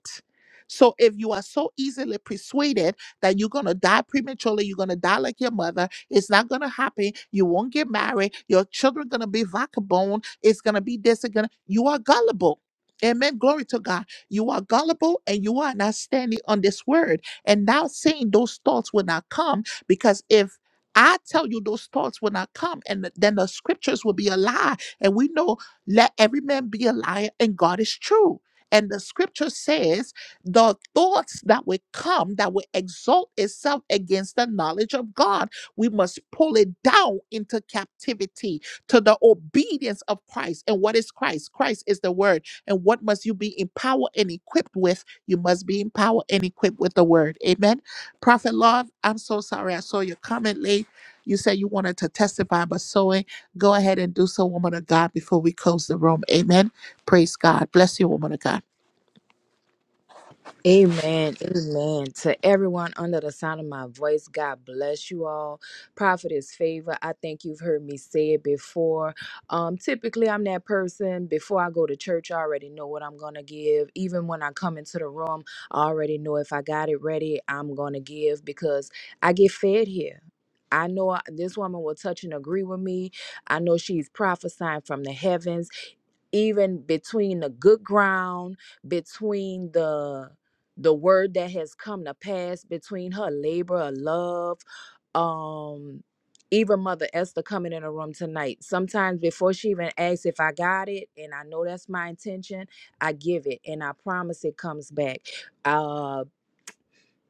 [SPEAKER 1] So if you are so easily persuaded that you're gonna die prematurely, you're gonna die like your mother, it's not gonna happen, you won't get married, your children gonna be vagabond, it's gonna be this and gonna you are gullible. Amen. Glory to God. You are gullible and you are not standing on this word. And now saying those thoughts will not come because if I tell you those thoughts will not come, and th- then the scriptures will be a lie. And we know let every man be a liar and God is true. And the scripture says, the thoughts that will come that will exalt itself against the knowledge of God, we must pull it down into captivity to the obedience of Christ. And what is Christ? Christ is the word. And what must you be empowered and equipped with? You must be empowered and equipped with the word. Amen. Prophet Love, I'm so sorry I saw your comment late. You said you wanted to testify, but so Go ahead and do so, woman of God, before we close the room. Amen. Praise God. Bless you, woman of God.
[SPEAKER 12] Amen. Amen. To everyone under the sound of my voice, God bless you all. Prophetess favor. I think you've heard me say it before. Um, typically, I'm that person. Before I go to church, I already know what I'm going to give. Even when I come into the room, I already know if I got it ready, I'm going to give because I get fed here. I know I- this woman will touch and agree with me. I know she's prophesying from the heavens even between the good ground between the the word that has come to pass between her labor of love um even mother esther coming in the room tonight sometimes before she even asks if i got it and i know that's my intention i give it and i promise it comes back Uh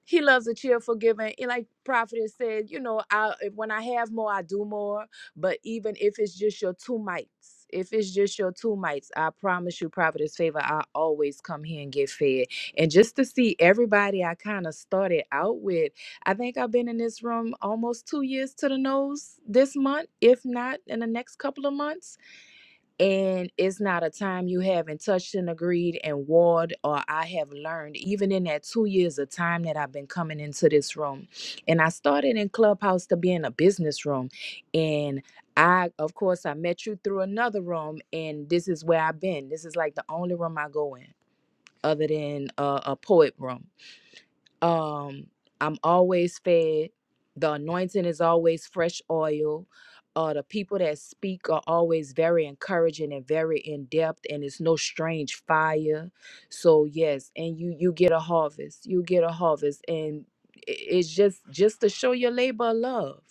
[SPEAKER 12] he loves a cheerful giver. And like Prophetess said, you know, I if- when I have more, I do more. But even if it's just your two mites, if it's just your two mites, I promise you, Prophetess Favor, I always come here and get fed. And just to see everybody I kind of started out with, I think I've been in this room almost two years to the nose this month, if not in the next couple of months and it's not a time you haven't touched and agreed and warred or i have learned even in that two years of time that i've been coming into this room and i started in clubhouse to be in a business room and i of course i met you through another room and this is where i've been this is like the only room i go in other than uh, a poet room um i'm always fed the anointing is always fresh oil uh the people that speak are always very encouraging and very in depth and it's no strange fire so yes and you you get a harvest you get a harvest and i- it's just just to show your labor of love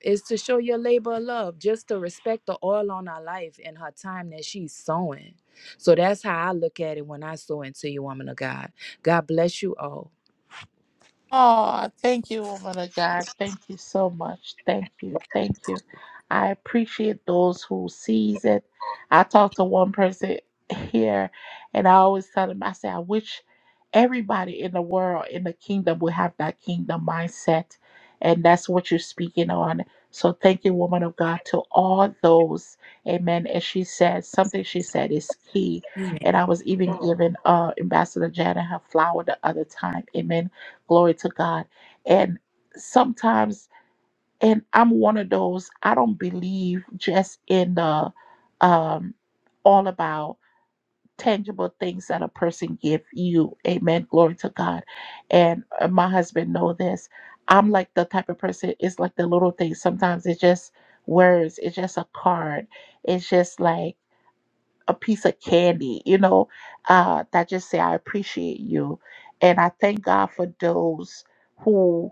[SPEAKER 12] it's to show your labor of love just to respect the oil on her life and her time that she's sowing so that's how i look at it when i sow into you woman of god god bless you all
[SPEAKER 1] Oh, thank you, woman of God. Thank you so much. Thank you. Thank you. I appreciate those who sees it. I talked to one person here and I always tell them, I say, I wish everybody in the world, in the kingdom, would have that kingdom mindset. And that's what you're speaking on. So thank you, woman of God, to all those. Amen. And she said something she said is key. And I was even giving uh Ambassador Janet her flower the other time. Amen Glory to God. And sometimes, and I'm one of those, I don't believe just in the um all about tangible things that a person give you. Amen. Glory to God. And uh, my husband know this. I'm like the type of person, it's like the little things. Sometimes it's just words, it's just a card. It's just like a piece of candy, you know, uh, that just say, I appreciate you. And I thank God for those who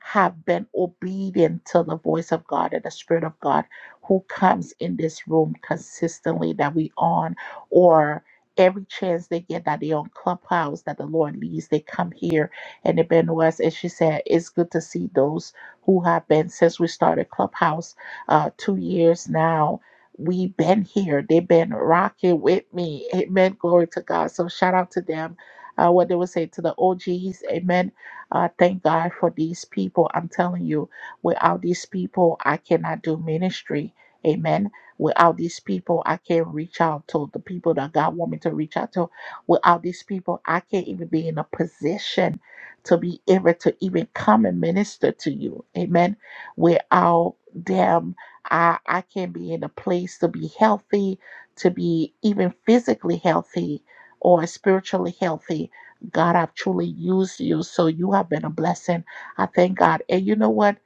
[SPEAKER 1] have been obedient to the voice of God and the Spirit of God who comes in this room consistently that we on or every chance they get that they on clubhouse that the Lord leads, they come here and they've been to us. And she said, It's good to see those who have been since we started Clubhouse uh two years now We've been here. They've been rocking with me. Amen. Glory to God. So shout out to them. Uh, what they would say to the OGs. Amen. Uh, thank God for these people. I'm telling you, without these people, I cannot do ministry. Amen. Without these people, I can't reach out to the people that God want me to reach out to. Without these people, I can't even be in a position to be able to even come and minister to you. Amen. Without them I I can be in a place to be healthy, to be even physically healthy or spiritually healthy. God, I've truly used you, so you have been a blessing. I thank God. And you know what?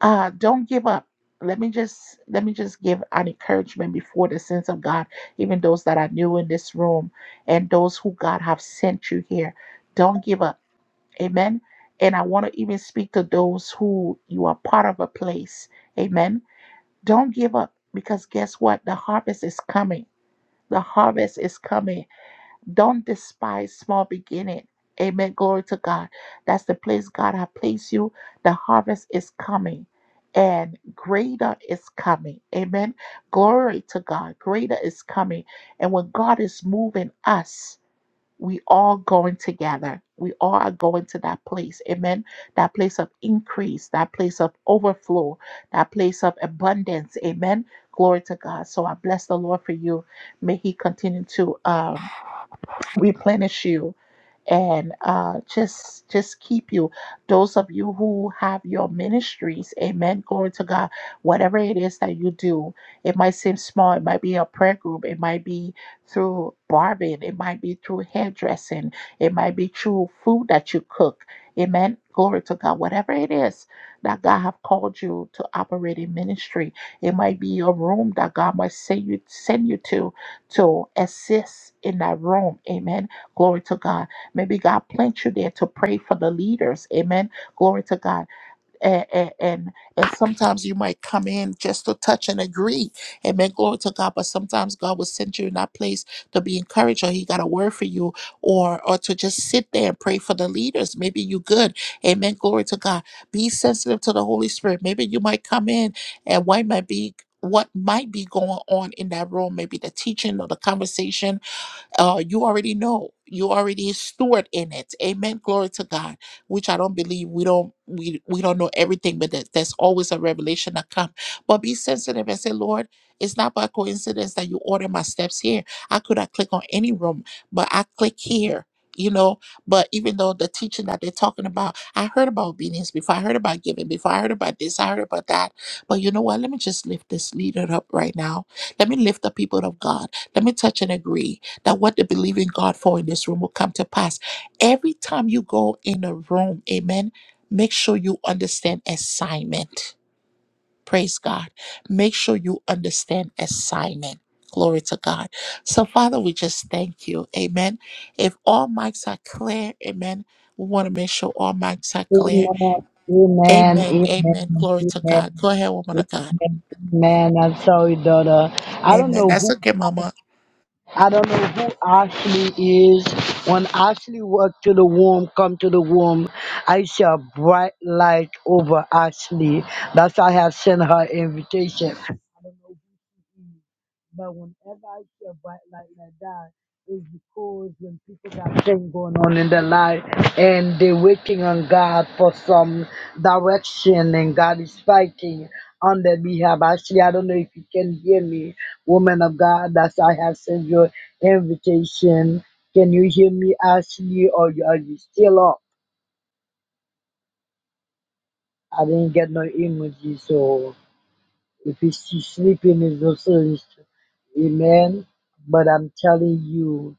[SPEAKER 1] Uh, don't give up. Let me just let me just give an encouragement before the sins of God, even those that are new in this room and those who God have sent you here. Don't give up. Amen. And I want to even speak to those who you are part of a place. Amen don't give up because guess what? The harvest is coming. The harvest is coming. Don't despise small beginning. Amen. Glory to God. That's the place God has placed you. The harvest is coming. And greater is coming. Amen. Glory to God. Greater is coming. And when God is moving us, we all going together. We all are going to that place. Amen. That place of increase, that place of overflow, that place of abundance. Amen. Glory to God. So I bless the Lord for you. May He continue to um, replenish you and uh, just just keep you. Those of you who have your ministries, Amen. Glory to God. Whatever it is that you do, it might seem small. It might be a prayer group. It might be through barbing. It might be through hairdressing. It might be through food that you cook. Amen. Glory to God. Whatever it is that God have called you to operate in ministry, it might be a room that God might send you send you to to assist in that room. Amen. Glory to God. Maybe God placed you there to pray for the leaders. Amen. Glory to God. and, and and sometimes you might come in just to touch and agree. Amen. Glory to God. But sometimes God will send you in that place to be encouraged, or He got a word for you, or or to just sit there and pray for the leaders. Maybe you good. Amen. Glory to God. Be sensitive to the Holy Spirit. Maybe you might come in and what might be what might be going on in that room, maybe the teaching or the conversation uh, you already know you already stored in it amen glory to god which i don't believe we don't we we don't know everything but that, that's always a revelation that come but be sensitive and say lord it's not by coincidence that you order my steps here i could have clicked on any room but i click here you know but even though the teaching that they're talking about i heard about obedience before i heard about giving before i heard about this i heard about that but you know what let me just lift this leader up right now let me lift the people of god let me touch and agree that what they believe in God for in this room will come to pass. Every time you go in a room, amen, make sure you understand assignment. Praise God. Make sure you understand assignment. Glory to God. So, Father, we just thank you. Amen. If all mics are clear, amen, we want to make sure all mics are
[SPEAKER 11] Amen.
[SPEAKER 1] clear.
[SPEAKER 11] Amen. Amen.
[SPEAKER 1] Amen. Amen.
[SPEAKER 11] Amen.
[SPEAKER 1] Glory to God. Go ahead, woman of God.
[SPEAKER 11] Amen. Amen. I'm sorry, daughter. I don't
[SPEAKER 1] Amen.
[SPEAKER 11] know
[SPEAKER 1] That's
[SPEAKER 11] who
[SPEAKER 1] okay, Mama.
[SPEAKER 11] I don't know who Ashley is. When Ashley walked to the womb, come to the womb, I see a bright light over Ashley. That's why I have sent her invitation. But whenever I hear bright light like that, it's because when people got things going on in their life and they're waiting on God for some direction and God is fighting on their behalf. Actually, I don't know if you can hear me, woman of God. That's I have sent your invitation. Can you hear me, Ashley, or you- are you still up? I didn't get no emoji, so if she's sleeping, it's no sense. Amen. But I'm telling you,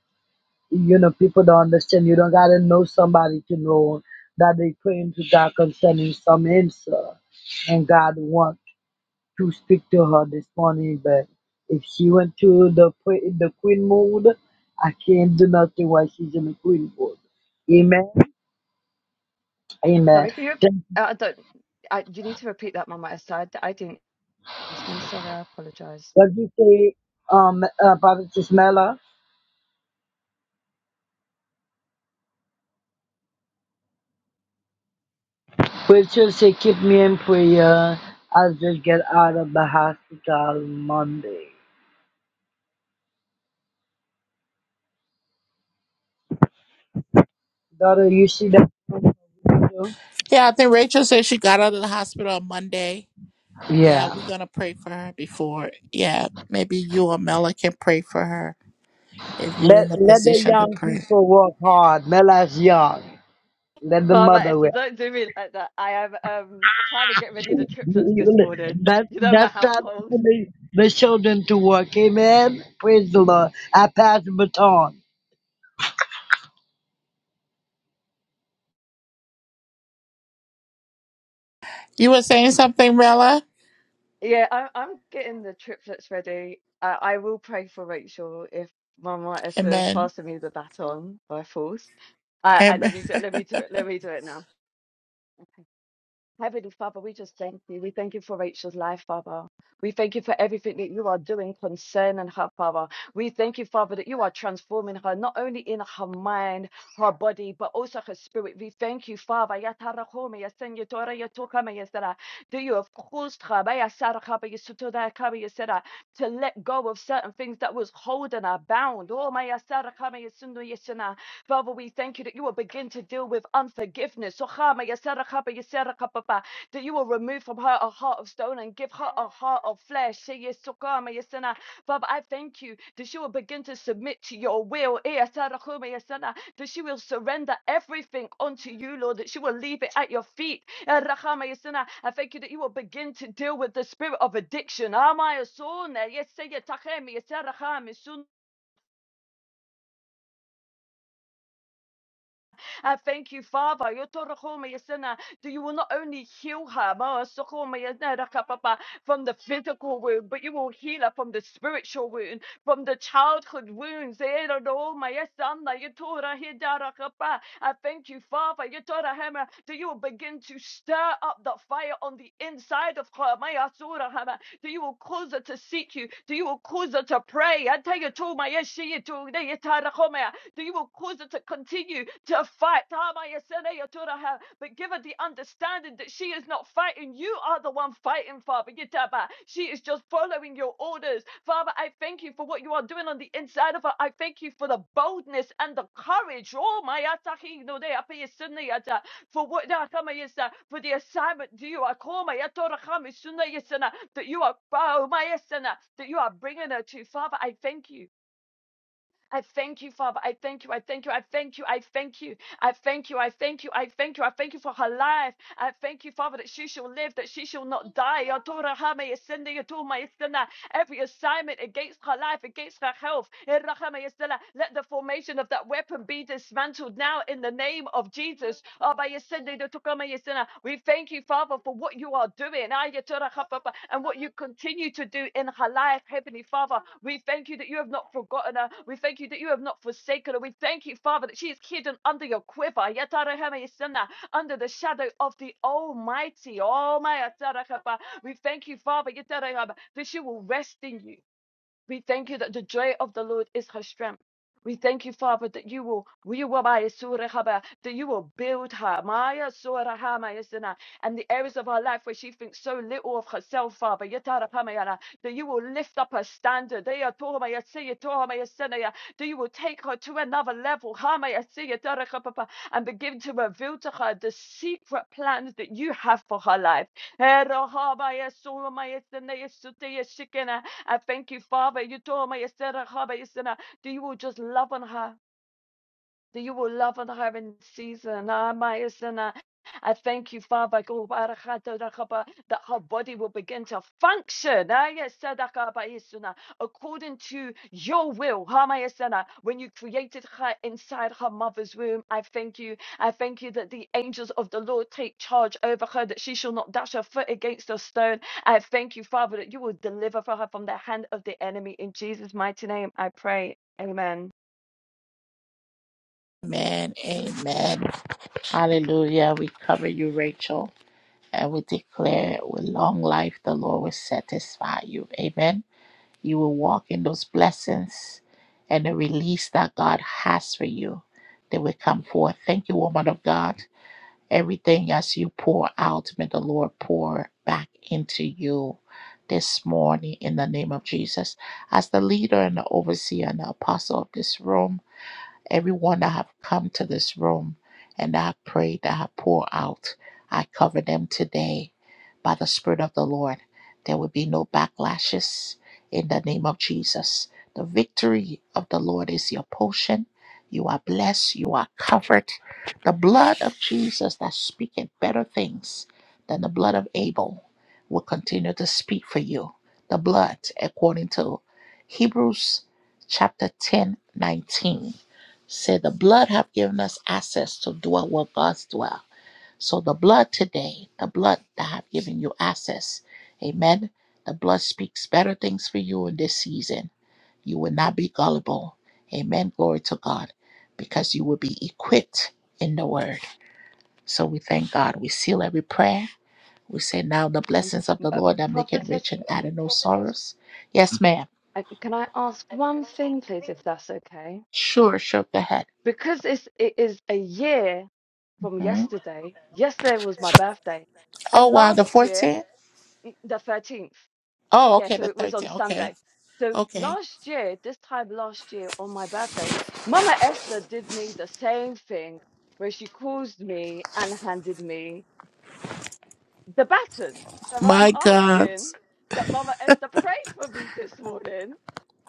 [SPEAKER 11] you know, people don't understand. You don't gotta know somebody to know that they praying to God concerning some answer, and God want to speak to her this morning. But if she went to the pray, the queen mode, I can't do nothing while she's in the queen mode. Amen. Amen.
[SPEAKER 16] Sorry, can you?
[SPEAKER 11] Thank you.
[SPEAKER 16] I don't. I, you need to repeat that, Mama Esther. I d- I didn't. To me, sorry, I apologize.
[SPEAKER 11] What you say, um, uh, Prophet Ismaila? Rachel say, keep me in prayer. I'll just get out of the hospital Monday. Daughter, you see that? video?
[SPEAKER 1] Yeah, I think Rachel said she got out of the hospital on Monday. Yeah,
[SPEAKER 11] Yeah.
[SPEAKER 1] we're gonna pray for her before. Yeah, maybe you or Mela can pray for her if you're
[SPEAKER 11] Let
[SPEAKER 1] in a
[SPEAKER 11] let the
[SPEAKER 1] position to
[SPEAKER 11] young
[SPEAKER 1] pray.
[SPEAKER 11] people work hard. Mela's young. Let the
[SPEAKER 16] Mama
[SPEAKER 11] mother
[SPEAKER 16] Esther,
[SPEAKER 11] work.
[SPEAKER 16] don't do me like that. I am um trying to get ready the triplets this morning.
[SPEAKER 11] That
[SPEAKER 16] You know my
[SPEAKER 11] that's time
[SPEAKER 16] household.
[SPEAKER 11] for the, the children to work. Amen. Praise the Lord. I pass the baton.
[SPEAKER 1] You were saying something, Mela?
[SPEAKER 16] Yeah, I'm I'm getting the triplets ready. I, I will pray for Rachel if Mama Esther is
[SPEAKER 1] Amen.
[SPEAKER 16] passing me the baton by force. Uh, uh,
[SPEAKER 1] Amen.
[SPEAKER 16] let me do,
[SPEAKER 1] <laughs>
[SPEAKER 16] let me do it. Let me do it now. Heavenly Father, we just thank you. We thank you for Rachel's life, Father. We thank you for everything that you are doing concerning her, Father. We thank you, Father, that you are transforming her, not only in her mind, her body, but also her spirit. We thank you, Father. That you have caused her to let go of certain things that was holding her bound. Oh, Father, we thank you that you will begin to deal with unforgiveness. That you will remove from her a heart of stone and give her a heart of flesh. yes, Father, I thank you that she will begin to submit to your will. Eh, That she will surrender everything unto you, Lord. That she will leave it at your feet. Eh, I thank you that you will begin to deal with the spirit of addiction. I thank you, Father. Yo toro ho That you will not only heal her ma soko me yesena raka from the physical wound, but you will heal her from the spiritual wound, from the childhood wounds. Eh, ro ro ma yesana, yo tora he I thank you, Father. yo tora hema, That you will begin to stir up the fire on the inside of her. ma yasura hema, that you will cause her to seek you, that you will cause her to pray. I tell you, to my yes, she, to that you will cause her to continue to fight. But give her the understanding that she is not fighting. You are the one fighting, Father. She is just following your orders. Father, I thank you for what you are doing on the inside of her. I thank you for the boldness and the courage. Oh, my no For what da kama yesa, for the assignment do you are call my Atorahami that you are oh, my Yesana, that you are bringing her to. Father, I thank you. I thank you, Father. I thank you. I thank you. I thank you. I thank you. I thank you. I thank you. I thank you. I thank you for her life. I thank you, Father, that she shall live, that she shall not die. Yatora Every assignment against her life, against her health, Era let the formation of that weapon be dismantled now in the name of Jesus. Aba We thank you, Father, for what you are doing Ah, and what you continue to do in her life, Heavenly Father. We thank you that you have not forgotten her. We thank you that you have not forsaken her. We thank you, Father, that she is hidden under your quiver. Yatarahamayasanna, Under the shadow of the Almighty. Almighty. We thank you, Father, yatarahaba, that she will rest in you. We thank you that the joy of the Lord is her strength. We thank you, Father, that you will, we will buy a surah haba, that you will build her. Maya surah hama yasana. And the areas of her life where she thinks so little of herself, Father, yatara pama yana, that you will lift up her standard. Deya toha ma yasiya, toha yasana ya, That you will take her to another level. Hama yasiya, tara kapapa, And begin to reveal to her the secret plans that you have for her life. Hera haba yasura ma yasana yasute yashikena. I thank you, Father. You told me, you said, uh, Haba, you said, uh, that you will just love on her that you will love and have in season. Ah, I thank you, Father, go barakhata rakaba, that her body will begin to function ah, yes, sadakaba according to your will. Ah, When you created her inside her mother's womb, I thank you. I thank you that the angels of the Lord take charge over her, that she shall not dash her foot against a stone. I thank you, Father, that you will deliver for her from the hand of the enemy. In Jesus' mighty name, I pray. Amen.
[SPEAKER 1] Amen. Amen. Hallelujah. We cover you, Rachel, and we declare with long life the Lord will satisfy you. Amen. You will walk in those blessings and the release that God has for you. They will come forth. Thank you, woman of God. Everything as you pour out, may the Lord pour back into you this morning in the name of Jesus. As the leader and the overseer and the apostle of this room, everyone that have come to this room and that have prayed, that have poured out. I cover them today by the Spirit of the Lord. There will be no backlashes in the name of Jesus. The victory of the Lord is your portion. You are blessed. You are covered. The blood of Jesus that speaketh better things than the blood of Abel will continue to speak for you. The blood, according to Hebrews chapter 10 19. Say the blood have given us access to dwell where God's dwell. So the blood today, the blood that have given you access. Amen. The blood speaks better things for you in this season. You will not be gullible. Amen. Glory to God. Because you will be equipped in the word. So we thank God. We seal every prayer. We say now the
[SPEAKER 16] Um,
[SPEAKER 1] blessings of the
[SPEAKER 16] but, but
[SPEAKER 1] Lord that make it rich
[SPEAKER 16] prophetess,
[SPEAKER 1] and add no sorrows. Yes, ma'am.
[SPEAKER 16] I, can I ask one thing, please, if that's okay?
[SPEAKER 1] Sure, shook the head.
[SPEAKER 16] Because it's, it is a year from
[SPEAKER 1] Mhm.
[SPEAKER 16] yesterday. Yesterday was my birthday,
[SPEAKER 1] Oh
[SPEAKER 16] and
[SPEAKER 1] wow, the
[SPEAKER 16] last year,
[SPEAKER 1] 14th?
[SPEAKER 16] mm, the 13th.
[SPEAKER 1] Oh,
[SPEAKER 16] Yeah,
[SPEAKER 1] okay,
[SPEAKER 16] so
[SPEAKER 1] the
[SPEAKER 16] it was on
[SPEAKER 1] 13th. Okay.
[SPEAKER 16] Sunday. So
[SPEAKER 1] Okay.
[SPEAKER 16] last year, this time last year on my birthday, Mama Esther did me the same thing where she caused me and handed me the baton. So I'm
[SPEAKER 1] My God,
[SPEAKER 16] asking that Mama Esther pray for me this morning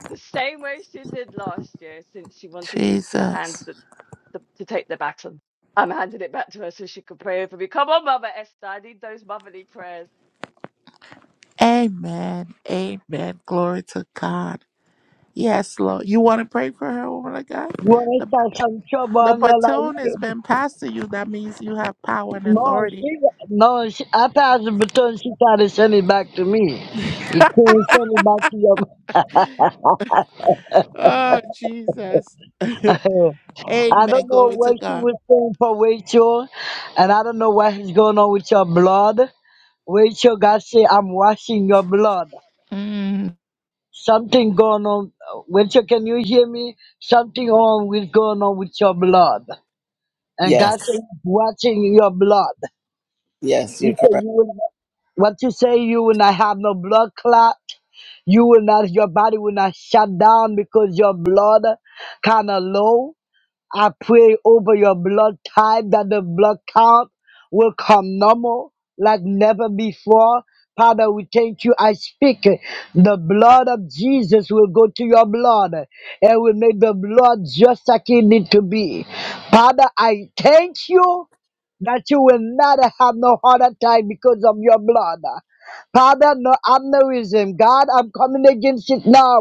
[SPEAKER 16] the same way she did last year, since she wanted me to hand
[SPEAKER 1] Jesus.
[SPEAKER 16] the, the to take the baton. I'm handing it back to her so she can pray over me. Come on, Mama Esther, I need those motherly prayers.
[SPEAKER 1] Amen. Amen. Glory to God. Yes, Lord. You want to pray for her, woman of God?
[SPEAKER 11] You want to
[SPEAKER 1] The,
[SPEAKER 11] start some trouble,
[SPEAKER 1] the
[SPEAKER 11] on Mela?
[SPEAKER 1] baton has
[SPEAKER 11] you-
[SPEAKER 1] been passed to you. That means you have power and
[SPEAKER 11] No,
[SPEAKER 1] authority.
[SPEAKER 11] she no. She, I pass the baton. She tried to send it back to me.
[SPEAKER 1] <laughs>
[SPEAKER 11] You can't send it back to your
[SPEAKER 1] oh, Jesus. <laughs>
[SPEAKER 11] I
[SPEAKER 1] Amen.
[SPEAKER 11] don't know
[SPEAKER 1] Glory to
[SPEAKER 11] what she
[SPEAKER 1] God.
[SPEAKER 11] was saying for Rachel, and I don't know what is going on with your blood. Rachel, God say, I'm washing your blood.
[SPEAKER 1] Mm.
[SPEAKER 11] Something going on. Rachel, can you hear me? Something on with going on with your blood. And God
[SPEAKER 17] Yes.
[SPEAKER 11] say, He's watching your blood.
[SPEAKER 17] Yes, you're
[SPEAKER 11] He said,
[SPEAKER 17] correct.
[SPEAKER 11] you will not, what you say, you will not have no blood clot. You will not, your body will not shut down because your blood kind of low I pray over your blood type that the blood count will come normal like never before. Father, we thank you. I speak. uh, The blood of Jesus will go to your blood uh, and will make the blood just like it need to be. Father, I thank you that you will not have no heart attack because of your blood. Father, no aneurysm. God, I'm coming against it now.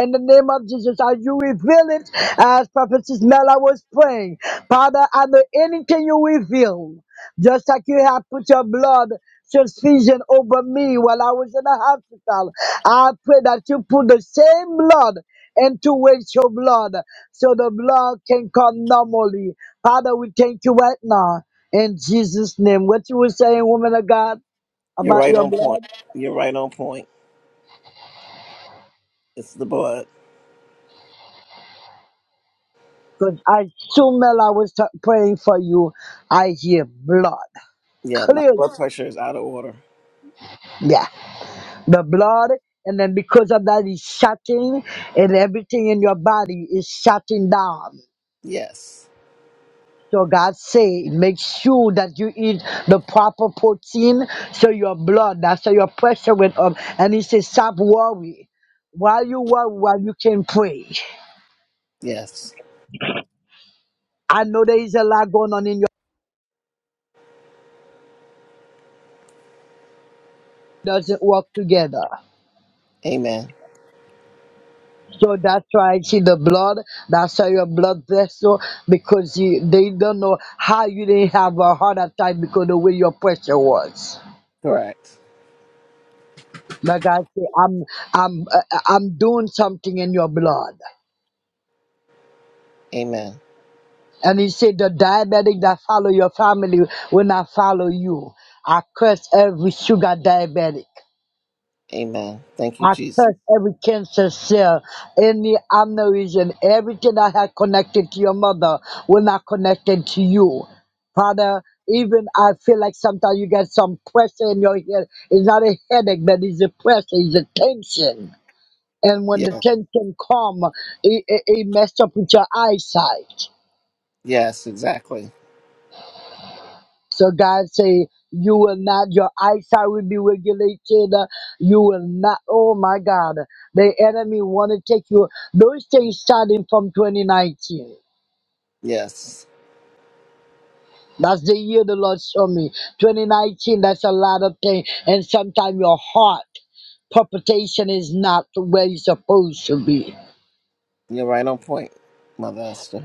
[SPEAKER 11] In the name of Jesus, as you reveal it, as Prophet Mela was praying. Father, I know anything you reveal, just like you have put your blood transfusion over me while I was in the hospital. I pray that you put the same blood into Rachel's blood so the blood can come normally. Father, we thank you right now. In Jesus' name. What you were saying, woman of God,
[SPEAKER 17] You're
[SPEAKER 11] about
[SPEAKER 17] right
[SPEAKER 11] your
[SPEAKER 17] on
[SPEAKER 11] blood?
[SPEAKER 17] point. You're right on point. It's the blood.
[SPEAKER 11] Cause I soon as I was t- praying for you, I hear blood.
[SPEAKER 17] Yeah, my
[SPEAKER 11] Clear.
[SPEAKER 17] blood pressure is out of order.
[SPEAKER 11] Yeah. The blood. And then because of that, it's shutting and everything in your body is shutting down.
[SPEAKER 17] Yes.
[SPEAKER 11] So God say, make sure that you eat the proper protein so your blood, that's so your pressure went up. And he says, stop worry. While you worry, while you can pray.
[SPEAKER 17] Yes.
[SPEAKER 11] I know there is a lot going on in your doesn't work together.
[SPEAKER 17] Amen.
[SPEAKER 11] So that's why I see the blood. That's why your blood vessel, because you, they don't know how you didn't have a heart attack because the way your pressure was.
[SPEAKER 17] Correct.
[SPEAKER 11] Like I say, I'm, I'm, uh, I'm doing something in your blood.
[SPEAKER 17] Amen.
[SPEAKER 11] And he said, the diabetic that follow your family will not follow you. I curse every sugar diabetic.
[SPEAKER 17] Amen. Thank you,
[SPEAKER 11] I
[SPEAKER 17] Jesus.
[SPEAKER 11] curse every cancer cell in the aneurysm. Everything that had connected to your mother will not connected to you. Father, even I feel like sometimes you get some pressure in your head. It's not a headache, but it's a pressure, it's a tension. And when the
[SPEAKER 17] Yes.
[SPEAKER 11] tension come, it, it, it mess up with your eyesight.
[SPEAKER 17] Yes, exactly.
[SPEAKER 11] So God say you will not, your eyesight will be regulated. uh, You will not, oh my God, the enemy want to take you. Those things starting from 2019.
[SPEAKER 17] Yes.
[SPEAKER 11] That's the year the Lord showed me. 2019, that's a lot of things. And sometimes your heart palpitation is not where you're supposed to be.
[SPEAKER 17] You're right on point, Mother Esther.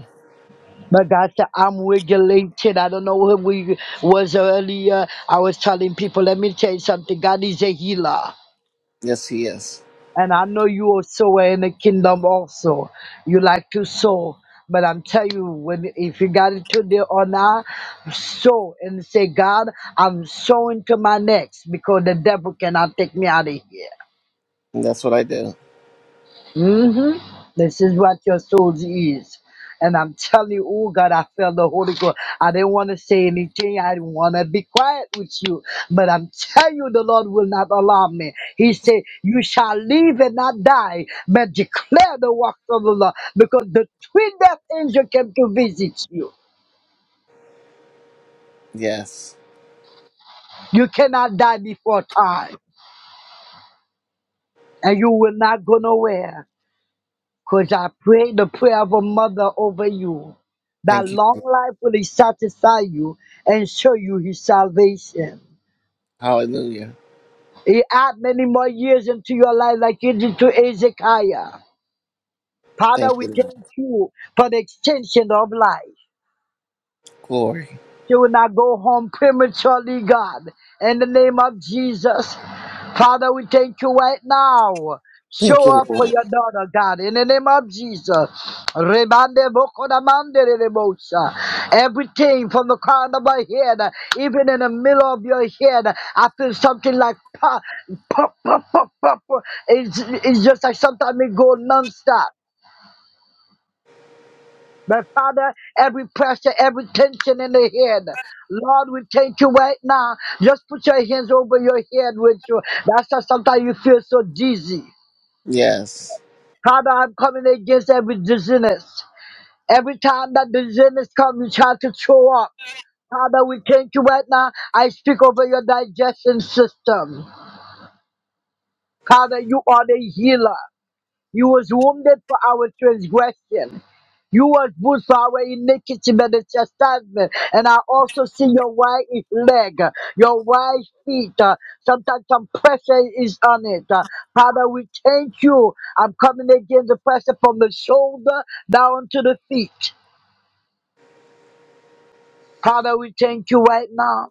[SPEAKER 11] But God said, I'm regulated. I don't know who we was earlier. I was telling people, let me tell you something. God is a healer.
[SPEAKER 17] Yes, he is.
[SPEAKER 11] And I know you are sower in the kingdom also. You like to sow. But I'm telling you, when if you got it today or not, sow and say, God, I'm sowing to my next because the devil cannot take me out of here
[SPEAKER 17] And that's what I do.
[SPEAKER 11] hmm This is what your soldier is. And I'm telling you, oh God, I felt the Holy Ghost. I didn't want to say anything. I didn't want to be quiet with you. But I'm telling you, the Lord will not allow me. He said, You shall live and not die, but declare the works of the Lord. Because the twin death angel came to visit you.
[SPEAKER 17] Yes.
[SPEAKER 11] You cannot die before time. And you will not go nowhere. Because I pray the prayer of a mother over you, that
[SPEAKER 17] Thank you.
[SPEAKER 11] long life will he satisfy you and show you his salvation.
[SPEAKER 17] Hallelujah.
[SPEAKER 11] He add many more years into your life, like he did to Ezekiah. Father,
[SPEAKER 17] Thank
[SPEAKER 11] we
[SPEAKER 17] you, Lord.
[SPEAKER 11] thank you for the extension of life.
[SPEAKER 17] Glory.
[SPEAKER 11] You will not go home prematurely, God. In the name of Jesus. Father, we thank you right now.
[SPEAKER 17] Thank
[SPEAKER 11] Show
[SPEAKER 17] you,
[SPEAKER 11] up for
[SPEAKER 17] Lord.
[SPEAKER 11] your daughter, God, in the name of Jesus. Rebande boko da mande de de bosa. Everything from the crown of my head, even in the middle of your head, I feel something like pop, pop, pop, pop, pop. It's, it's just like sometimes it go nonstop. But Father, every pressure, every tension in the head, Lord, we thank you right now. Just put your hands over your head with you. That's why sometimes you feel so dizzy.
[SPEAKER 17] Yes.
[SPEAKER 11] Father, I'm coming against every dizziness. Every time that dizziness comes, you try to throw up. Father, we thank you right now. I speak over your digestion system. Father, you are the healer. You was wounded for our transgression. You was bruised for our iniquity by the chastisement. And I also see your right leg, your right feet. uh, sometimes some pressure is on it. Uh, Father, we thank you. I'm coming against the pressure from the shoulder down to the feet. Father, we thank you right now.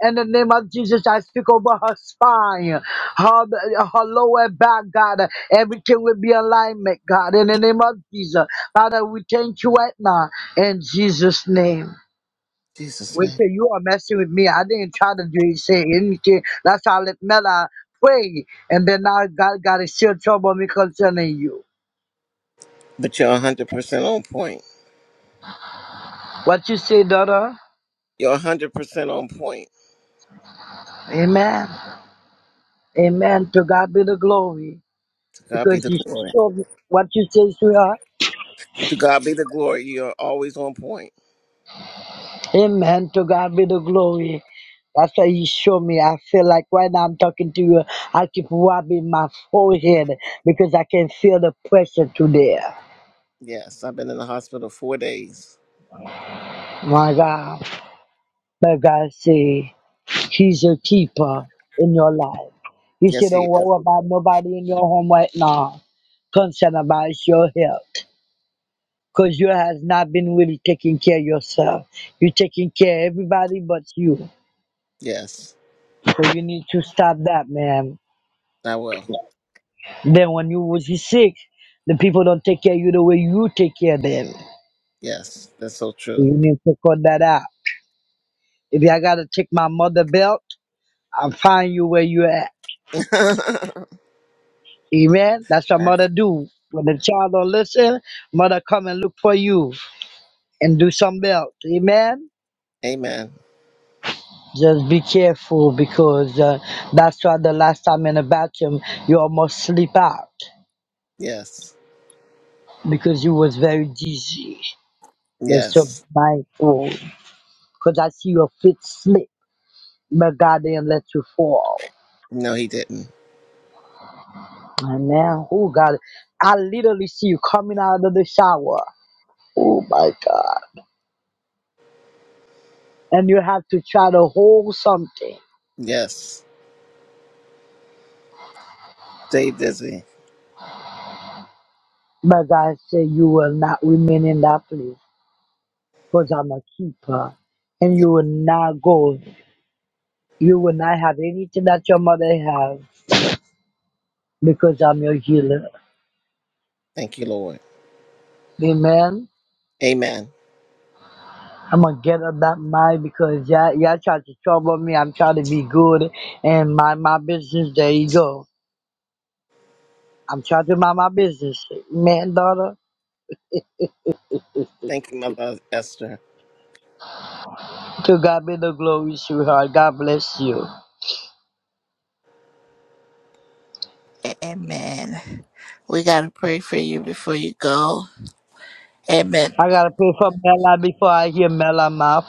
[SPEAKER 11] In the name of Jesus, I speak over her spine, her, her lower back, God. Everything will be alignment, God. In the name of Jesus. Father, we thank you right now. In Jesus' name.
[SPEAKER 17] Jesus'
[SPEAKER 11] Wait
[SPEAKER 17] name.
[SPEAKER 11] till you are messing with me. I didn't try to do, say anything. That's how I let Mela pray. And then now God got to still trouble me concerning you.
[SPEAKER 17] But you're 100% on point.
[SPEAKER 11] What you say, daughter?
[SPEAKER 17] You're 100% on point.
[SPEAKER 11] Amen. Amen. To God be the glory.
[SPEAKER 17] To God be
[SPEAKER 11] because
[SPEAKER 17] the
[SPEAKER 11] you
[SPEAKER 17] glory.
[SPEAKER 11] showed me what you say, to her,
[SPEAKER 17] To God be the glory. You're always on point.
[SPEAKER 11] Amen. To God be the glory. That's why you show me. I feel like right now I'm talking to you. I keep rubbing my forehead because I can feel the pressure through there.
[SPEAKER 17] Yes, I've been in the hospital four days.
[SPEAKER 11] My God. But God say He's a keeper in your life. He said,
[SPEAKER 17] Yes,
[SPEAKER 11] Don't
[SPEAKER 17] he is.
[SPEAKER 11] worry about nobody in your home right now. Concern about is your health. Because you has not been really taking care of yourself. You're taking care of everybody but you.
[SPEAKER 17] Yes,
[SPEAKER 11] So you need to stop that, man.
[SPEAKER 17] I will.
[SPEAKER 11] Then when you was sick, the people don't take care of you the way you take care of them. So
[SPEAKER 17] Yes, that's so
[SPEAKER 11] you
[SPEAKER 17] true.
[SPEAKER 11] need to cut that out. If I gotta take my mother belt, I'll find you where you at. Amen. That's what mother
[SPEAKER 17] <laughs>
[SPEAKER 11] do. When the child don't listen, mother come and look for you and do some belt. Amen.
[SPEAKER 17] Amen.
[SPEAKER 11] Just be careful because uh, that's why the last time in the bathroom you almost sleep out
[SPEAKER 17] Yes.
[SPEAKER 11] because you was very dizzy. They're so
[SPEAKER 17] Yes.
[SPEAKER 11] mindful. Because I see your feet slip, but God didn't let you fall.
[SPEAKER 17] No, he didn't.
[SPEAKER 11] Amen. Oh, God. I literally see you coming out of the shower. Oh, my God. And you have to try to hold something.
[SPEAKER 17] Yes. Stay busy.
[SPEAKER 11] But God said, You will not remain in that place because I'm a keeper. And
[SPEAKER 17] Yeah.
[SPEAKER 11] you will not go. You will not have anything that your mother has because I'm your healer.
[SPEAKER 17] Thank you, Lord.
[SPEAKER 11] Amen.
[SPEAKER 17] Amen.
[SPEAKER 11] I'm gonna get up that mic because y'all, y'all tried to trouble me. I'm trying to be good and mind my business. There you go. I'm trying to mind my business. Man, daughter,
[SPEAKER 17] Thank you, Mother Esther.
[SPEAKER 11] to God be the glory, sweetheart. God bless you.
[SPEAKER 1] Amen. We got to pray for you before you go. Amen.
[SPEAKER 11] I gotta pray for Mela before I hear Mela mouth.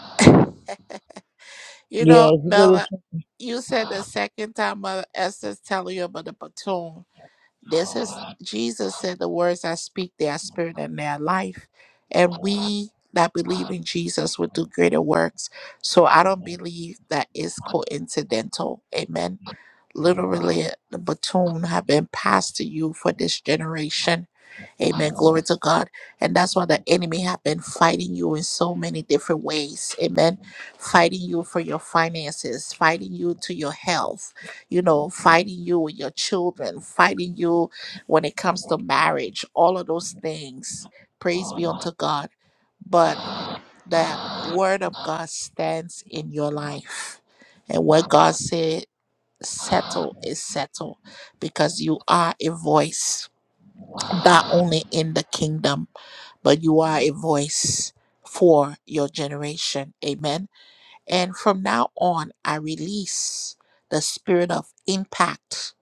[SPEAKER 1] You
[SPEAKER 11] Yes,
[SPEAKER 1] know,
[SPEAKER 11] you
[SPEAKER 1] Mela,
[SPEAKER 11] gotta-
[SPEAKER 1] you said the second time Mother Esther's telling you about the baton. This is Jesus said, The words I speak, they are spirit and they are life. And we that believe in Jesus will do greater works. So I don't believe that is coincidental. Amen literally the baton have been passed to you for this generation. Amen. Glory to God. And that's why the enemy have been fighting you in so many different ways. Amen. Fighting you for your finances, fighting you to your health, you know, fighting you with your children, fighting you when it comes to marriage, all of those things. Praise be unto God. But the word of God stands in your life. And what God said settle is settle because you are a voice not only in the kingdom but you are a voice for your generation amen and from now on i release the spirit of impact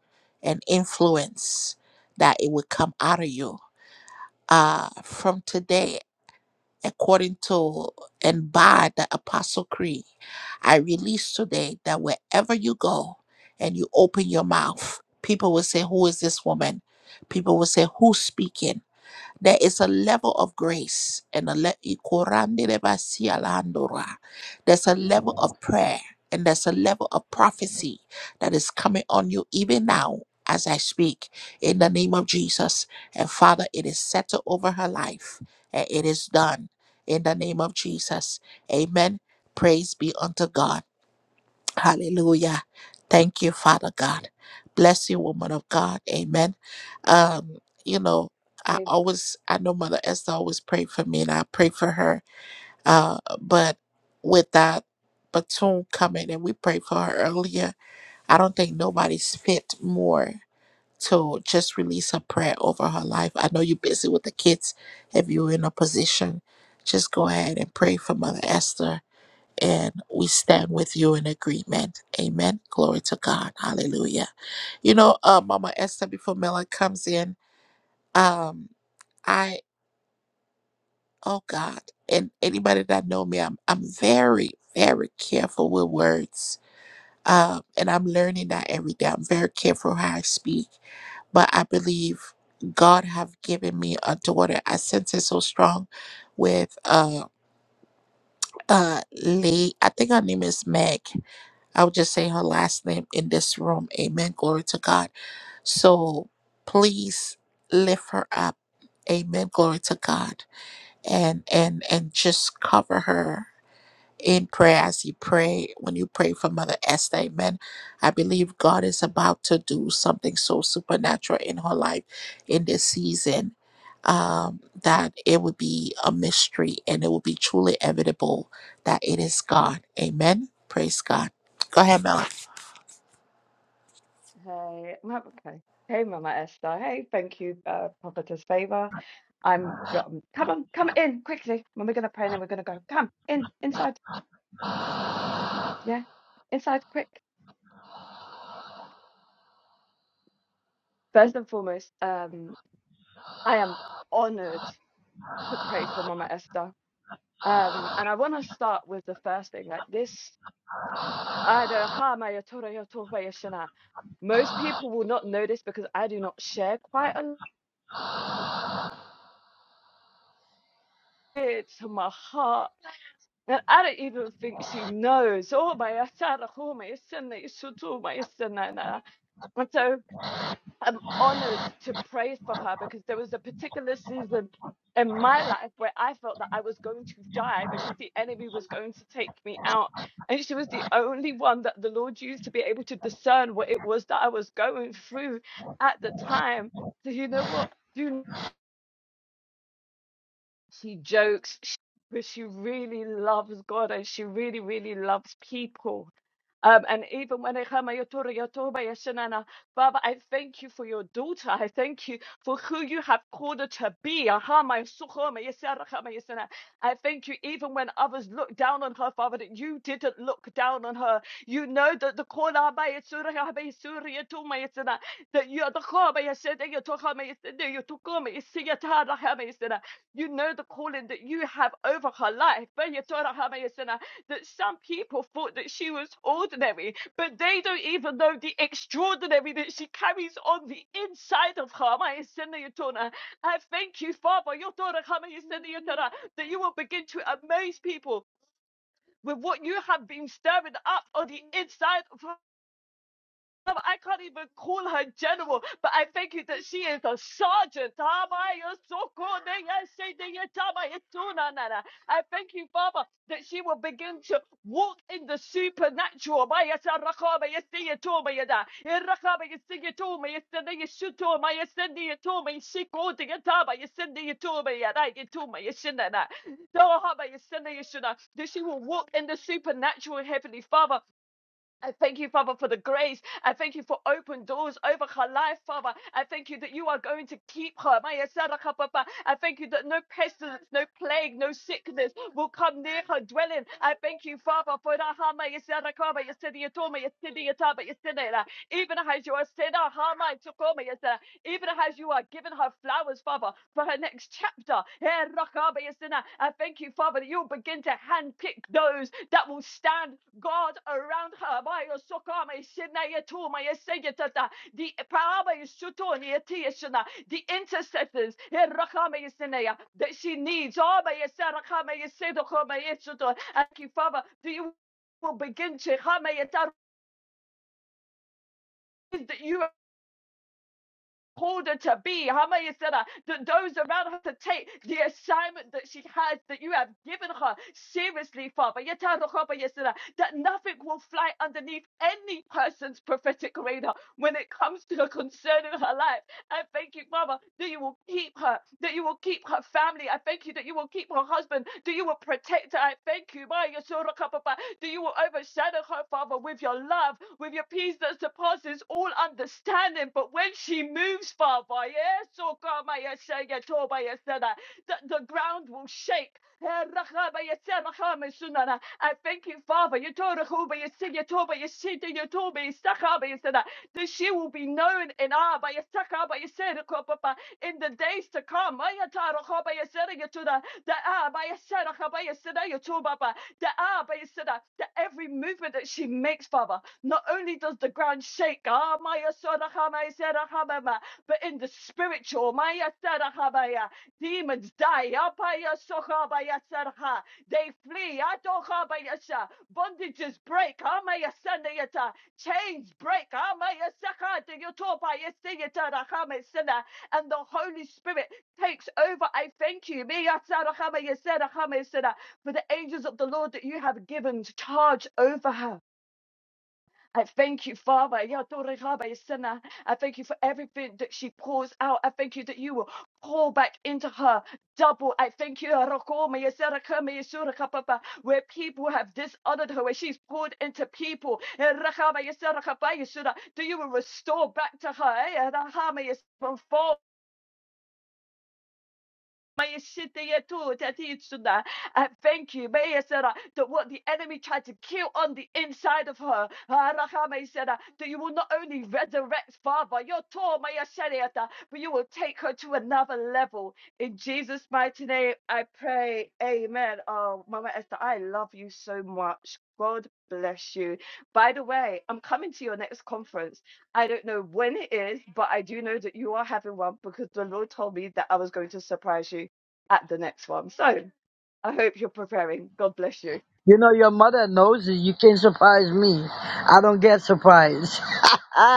[SPEAKER 1] and influence that it would come out of you uh from today according to and by the Apostle Creed. I release today that wherever you go and you open your mouth, people will say, Who is this woman? People will say, Who's speaking? There is a level of grace and a le- Ikorandelebasialandora. there's a level of prayer and there's a level of prophecy that is coming on you even now as I speak in the name of Jesus. And Father, it is settled over her life and it is done in the name of Jesus. Amen. Praise be unto God. Hallelujah. Thank you, Father God. Bless you, woman of God. Amen. Um, you know, I
[SPEAKER 16] Hey,
[SPEAKER 1] always, I know Mother Esther always prayed for me and I pray for her. Uh, but with that Batum coming and we prayed for her earlier, I don't think nobody's fit more to just release a prayer over her life. I know you're busy with the kids. If you're in a position, just go ahead and pray for Mother Esther and we stand with you in agreement. Amen. Glory to God. Hallelujah. You know, uh, Mama Esther, before Mela comes in, um, I, oh God, and anybody that know me, I'm, I'm very, very careful with words. Um, and I'm learning that every day. I'm very careful how I speak, but I believe God have given me a daughter. I sense it so strong with uh uh Lee. I think her name is Meg I would just say her last name in this room. Amen. Glory to God. So please lift her up. Amen. Glory to God. And and and just cover her in prayer as you pray. When you pray for Mother Esther, Amen. I believe God is about to do something so supernatural in her life in this season. Um, that it would be a mystery and it will be truly evident that it is God. Amen. Praise God. Go ahead, Mel.
[SPEAKER 16] hey, Ma- okay. Hey, Mama Esther. Hey, thank you, uh, Prophetess Favor. I'm go- come on, come in quickly. When we're gonna pray, and then we're gonna go. Come in, inside. Yeah, inside, quick. First and foremost, um, I am honored to pray for Mama Esther. Um, and I want to start with the first thing, like this. Most people will not know this because I do not share quite a lot to my heart. And I don't even think she knows. Oh oh so I'm honored to pray for her because there was a particular season in my life where I felt that I was going to die because the enemy was going to take me out. And she was the only one that the Lord used to be able to discern what it was that I was going through at the time. So, you know what? Do she jokes, she, but she really loves God and she really, really loves people. Um, and even when I heard I Yotora, Yotoba, Yeshanana, Father, I thank you for your daughter. I thank you for who you have called her to be. Aha, my Suho, my Yesara, ha, my Yesana. I thank you even when others looked down on her, Father, that you didn't look down on her. You know that the Kola, by Yesura, ha, by Yesura, Yoto, my Yesana, that you are the Kola, by Yesede, Yotoha, my Yesede, Yotoko, my Yesiyata, ha, my Yesana. You know the calling that you have over her life. That some people thought that she was ordinary, but they don't even know the extraordinary that she carries on the inside of her. I thank you, Father. that you will begin to amaze people with what you have been stirring up on the inside of her. Um, I can't even call her general, but I thank you that she is a sergeant. I thank you, Father, that she will begin to walk in the supernatural. That she will walk in the supernatural, Heavenly Father I thank you, Father, for the grace. I thank you for open doors over her life, Father. I thank you that you are going to keep her. I thank you that no pestilence, no plague, no sickness will come near her dwelling. I thank you, Father, for the Hama Yasaraka, Yasidiatoma, Yasidiataba, Yasidela. Even as you are said, Hama even as you are giving her flowers, Father, for her next chapter. Eh, I thank you, Father, that you'll begin to handpick those that will stand God around her. Maya sokama isina yetu, maya seyetata. The paraba the intercessors eh, that she needs. Oh, Thank you, Father, that you will begin to. That you called her to be. How many said that? That those around her to take the assignment that she has, that you have given her seriously, Father. Yeta rokoba yesera, That nothing will fly underneath any person's prophetic radar when it comes to the concern in her life. I thank you, Father, that you will keep her, that you will keep her family. I thank you that you will keep her husband, that you will protect her. I thank you, my Yeshua Kapapa, that you will overshadow her, Father, with your love, with your peace that surpasses all understanding. But when she moves, Father, yes, oh God, my Yeshua, Yeshua, my Yeshua, that the ground will shake. Eh, I thank you, Father. You told her, you see, you told me, you see, you told me, you said that she will be known in Abayasaka Bayaserikopapa in the days to come. Ayatarakobayaserigetuda, the Abayaserakabayaserayatubaba, the Abayasera, that every movement that she makes, Father, not only does the ground shake, ah, Mayasorakamayaserakababa, but in the spiritual, Mayaserakabaya, demons die. Abayasokabayaseraka, They flee. Adokabayasa, Bondages break. Amayasandayata, Chains break. Amaya sakata yotoba yesiyata rakame sina. And the Holy Spirit takes over. I thank you. Miya sarakama yesera For the angels of the Lord that you have given to charge over her. I thank you, Father. Ya Tore Rabba Yesena. I thank you for everything that she pours out. I thank you that you will pour back into her double. I thank you, Rakoma Yesera Kama Yesura Kapapa, where people have dishonored her, where she's poured into people. Eh, Rakama Yesera Kapa Yesura, That you will restore back to her. eh, Rahama Yesera, May Shitayatu Tatitsuna. I thank you, May Sarah, that what the enemy tried to kill on the inside of her, Harakame Sarah, that you will not only resurrect Father, your Tor but you will take her to another level. In Jesus' mighty name, I pray. Amen. Oh, Mama Esther, I love you so much. God bless you. By the way, I'm coming to your next conference. I don't know when it is, but I do know that you are having one because the Lord told me that I was going to surprise you at the next one. So I hope you're preparing. God bless you.
[SPEAKER 11] you know your mother knows it. You can't surprise me. I don't get surprised. <laughs>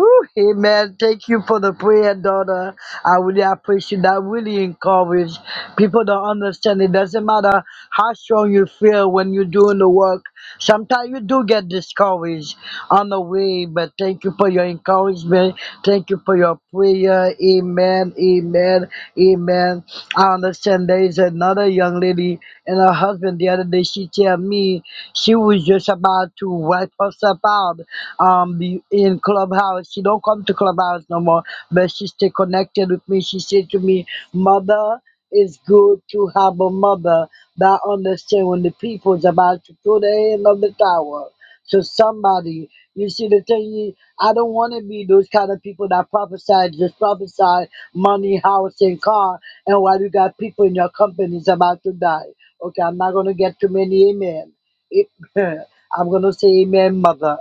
[SPEAKER 11] Ooh, amen. Thank you for the prayer, daughter. I really appreciate that. Really encourage people to understand it doesn't matter how strong you feel when you're doing the work. Sometimes you do get discouraged on the way, but thank you for your encouragement. Thank you for your prayer. Amen. Amen. Amen. I understand there is another young lady and her husband the other day. She tell me she was just about to wipe herself herself out um be- in clubhouse she don't come to clubhouse no more but she stay connected with me she said to me mother it's good to have a mother that understand when the people's about to throw their hand of the tower so somebody you see the thing is, i don't want to be those kind of people that prophesy just prophesy money house and car and while you got people in your companies about to die okay i'm not going to get too many amen it- <laughs> I'm gonna say amen, mother.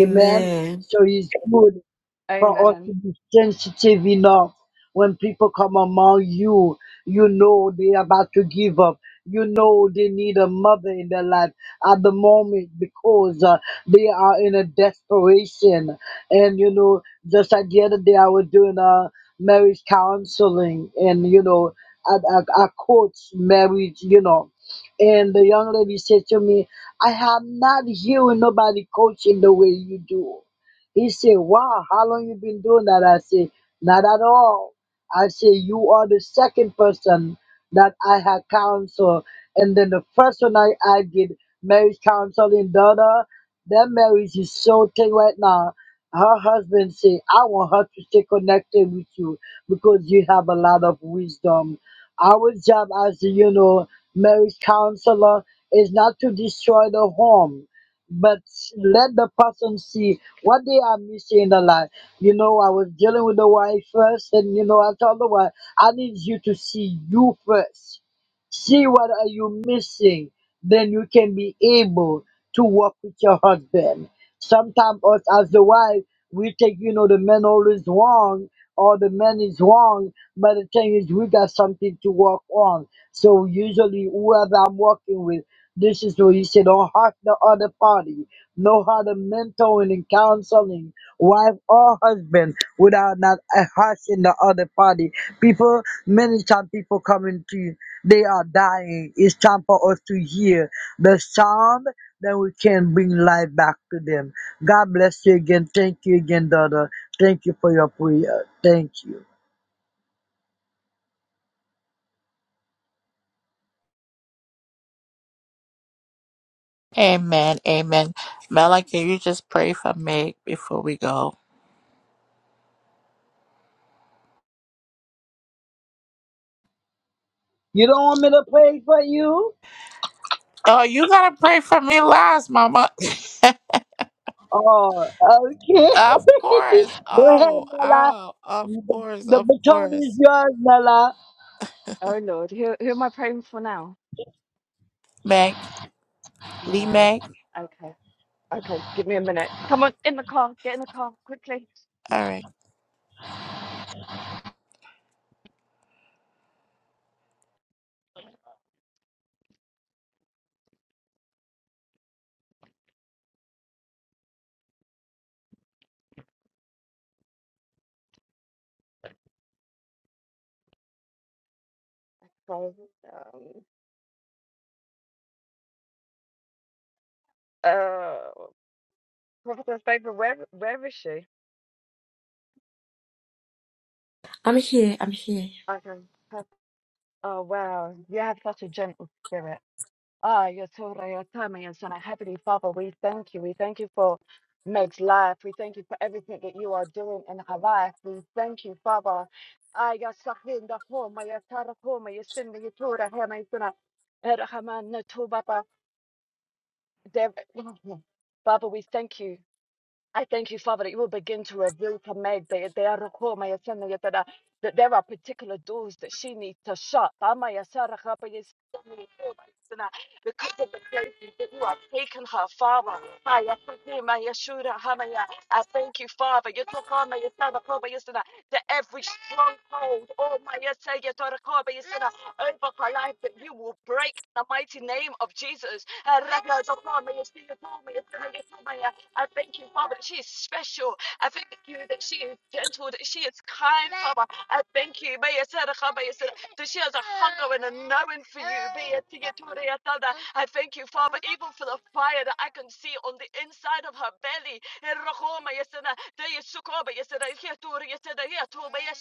[SPEAKER 11] Amen. So he's good for us to
[SPEAKER 16] Amen.
[SPEAKER 11] be sensitive enough when people come among you you know they're about to give up you know they need a mother in their life at the moment because uh, they are in a desperation and you know just like the other day i was doing a marriage counseling and you know i, I, I coach marriage you know and the young lady said to me i have not hearing nobody coaching the way you do he said, Wow, how long you been doing that? I said, Not at all. I said, You are the second person that I had counsel. And then the first one I, I did marriage counseling, daughter. That marriage is so tight right now. Her husband said, I want her to stay connected with you because you have a lot of wisdom. Our job as you know, marriage counselor is not to destroy the home but let the person see what they are missing in the life. You know, I was dealing with the wife first, and you know, I told the wife, I need you to see you first. See what are you missing, then you can be able to work with your husband. Sometimes us as the wife, we take, you know, the man always wrong or the man is wrong, but the thing is we got something to work on. So usually whoever I'm working with, this is where you say, don't hurt the other party. Know how to mentoring and counseling, wife or husband, without not uh, hurting the other party. People, many times people coming to you, they are dying. It's time for us to hear the sound that we can bring life back to them. God bless you again. Thank you again, daughter. Thank you for your prayer. Thank you.
[SPEAKER 1] Amen. Amen. Mela, can you just pray for me before we go?
[SPEAKER 11] You don't want me to pray for you?
[SPEAKER 1] Oh, you gotta pray for me last, Mama. <laughs>
[SPEAKER 11] Oh, okay.
[SPEAKER 1] of course.
[SPEAKER 11] <laughs> Go
[SPEAKER 1] Oh,
[SPEAKER 11] ahead, Nala.
[SPEAKER 1] oh, of
[SPEAKER 11] The,
[SPEAKER 1] course,
[SPEAKER 11] the
[SPEAKER 1] of
[SPEAKER 11] baton is
[SPEAKER 1] course.
[SPEAKER 11] yours, Nala.
[SPEAKER 16] Oh Lord, who who am I praying for now?
[SPEAKER 1] Meg, Lee
[SPEAKER 16] No.
[SPEAKER 1] Meg.
[SPEAKER 16] Okay. Okay. Give me a minute. Come on, in the car. Get in the car quickly.
[SPEAKER 1] All right.
[SPEAKER 16] So, um, uh, Prophetess Baby, where where is she?
[SPEAKER 8] I'm here. I'm here.
[SPEAKER 16] Okay. Oh wow, you have such a gentle spirit. Ah, yes, Horea your yes, and Heavenly Father, we thank you. We thank you for Meg's life. We thank you for everything that you are doing in her life. We thank you, Father. Ah, yes, Sahinda Homa, yes, Tara Homa, yes, Cindy, yes, Tora Hema, yes, Dona, Erhaman, Natu, Baba, Dev- <clears throat> <laughs> Father, we thank you. I thank you, Father, that you will begin to reveal to Meg that there are roko, Maya Sana, that there are particular doors that she needs to shut. Amaya Sara, Kapa, yes, Maya Because of the places that you are taking her, Father. Maya Sana, Maya Shura, Hamaya. I thank you, Father. You took on Maya Sana, yes, To every stronghold, oh Maya Sana, Kapa, yes, over my life that you will break in the mighty name of Jesus. Uh, yeah. I thank you, Father, that she is special. I thank you that she is gentle, that she is kind, Father. I thank you may that she has a hunger and a knowing for you. I thank you, Father, even for the fire that I can see on the inside of her belly. Eh, yes, yes, yes,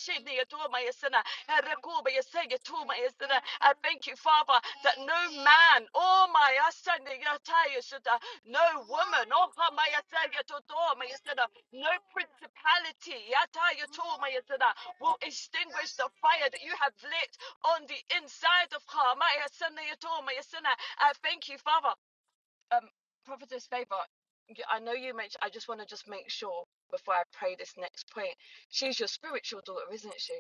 [SPEAKER 16] yes, I thank you, Father, that no man, oh my asana yataya shata, no woman, oh ha my asana totoma yasana, no principality yataya toma yasana, will extinguish the fire that you have lit on the inside of her. My asana yatoma yasana. I thank you, Father. Um, Prophetess Favor, y- I know you mentioned, I just want to just make sure before I pray this next point. She's your spiritual daughter, isn't she?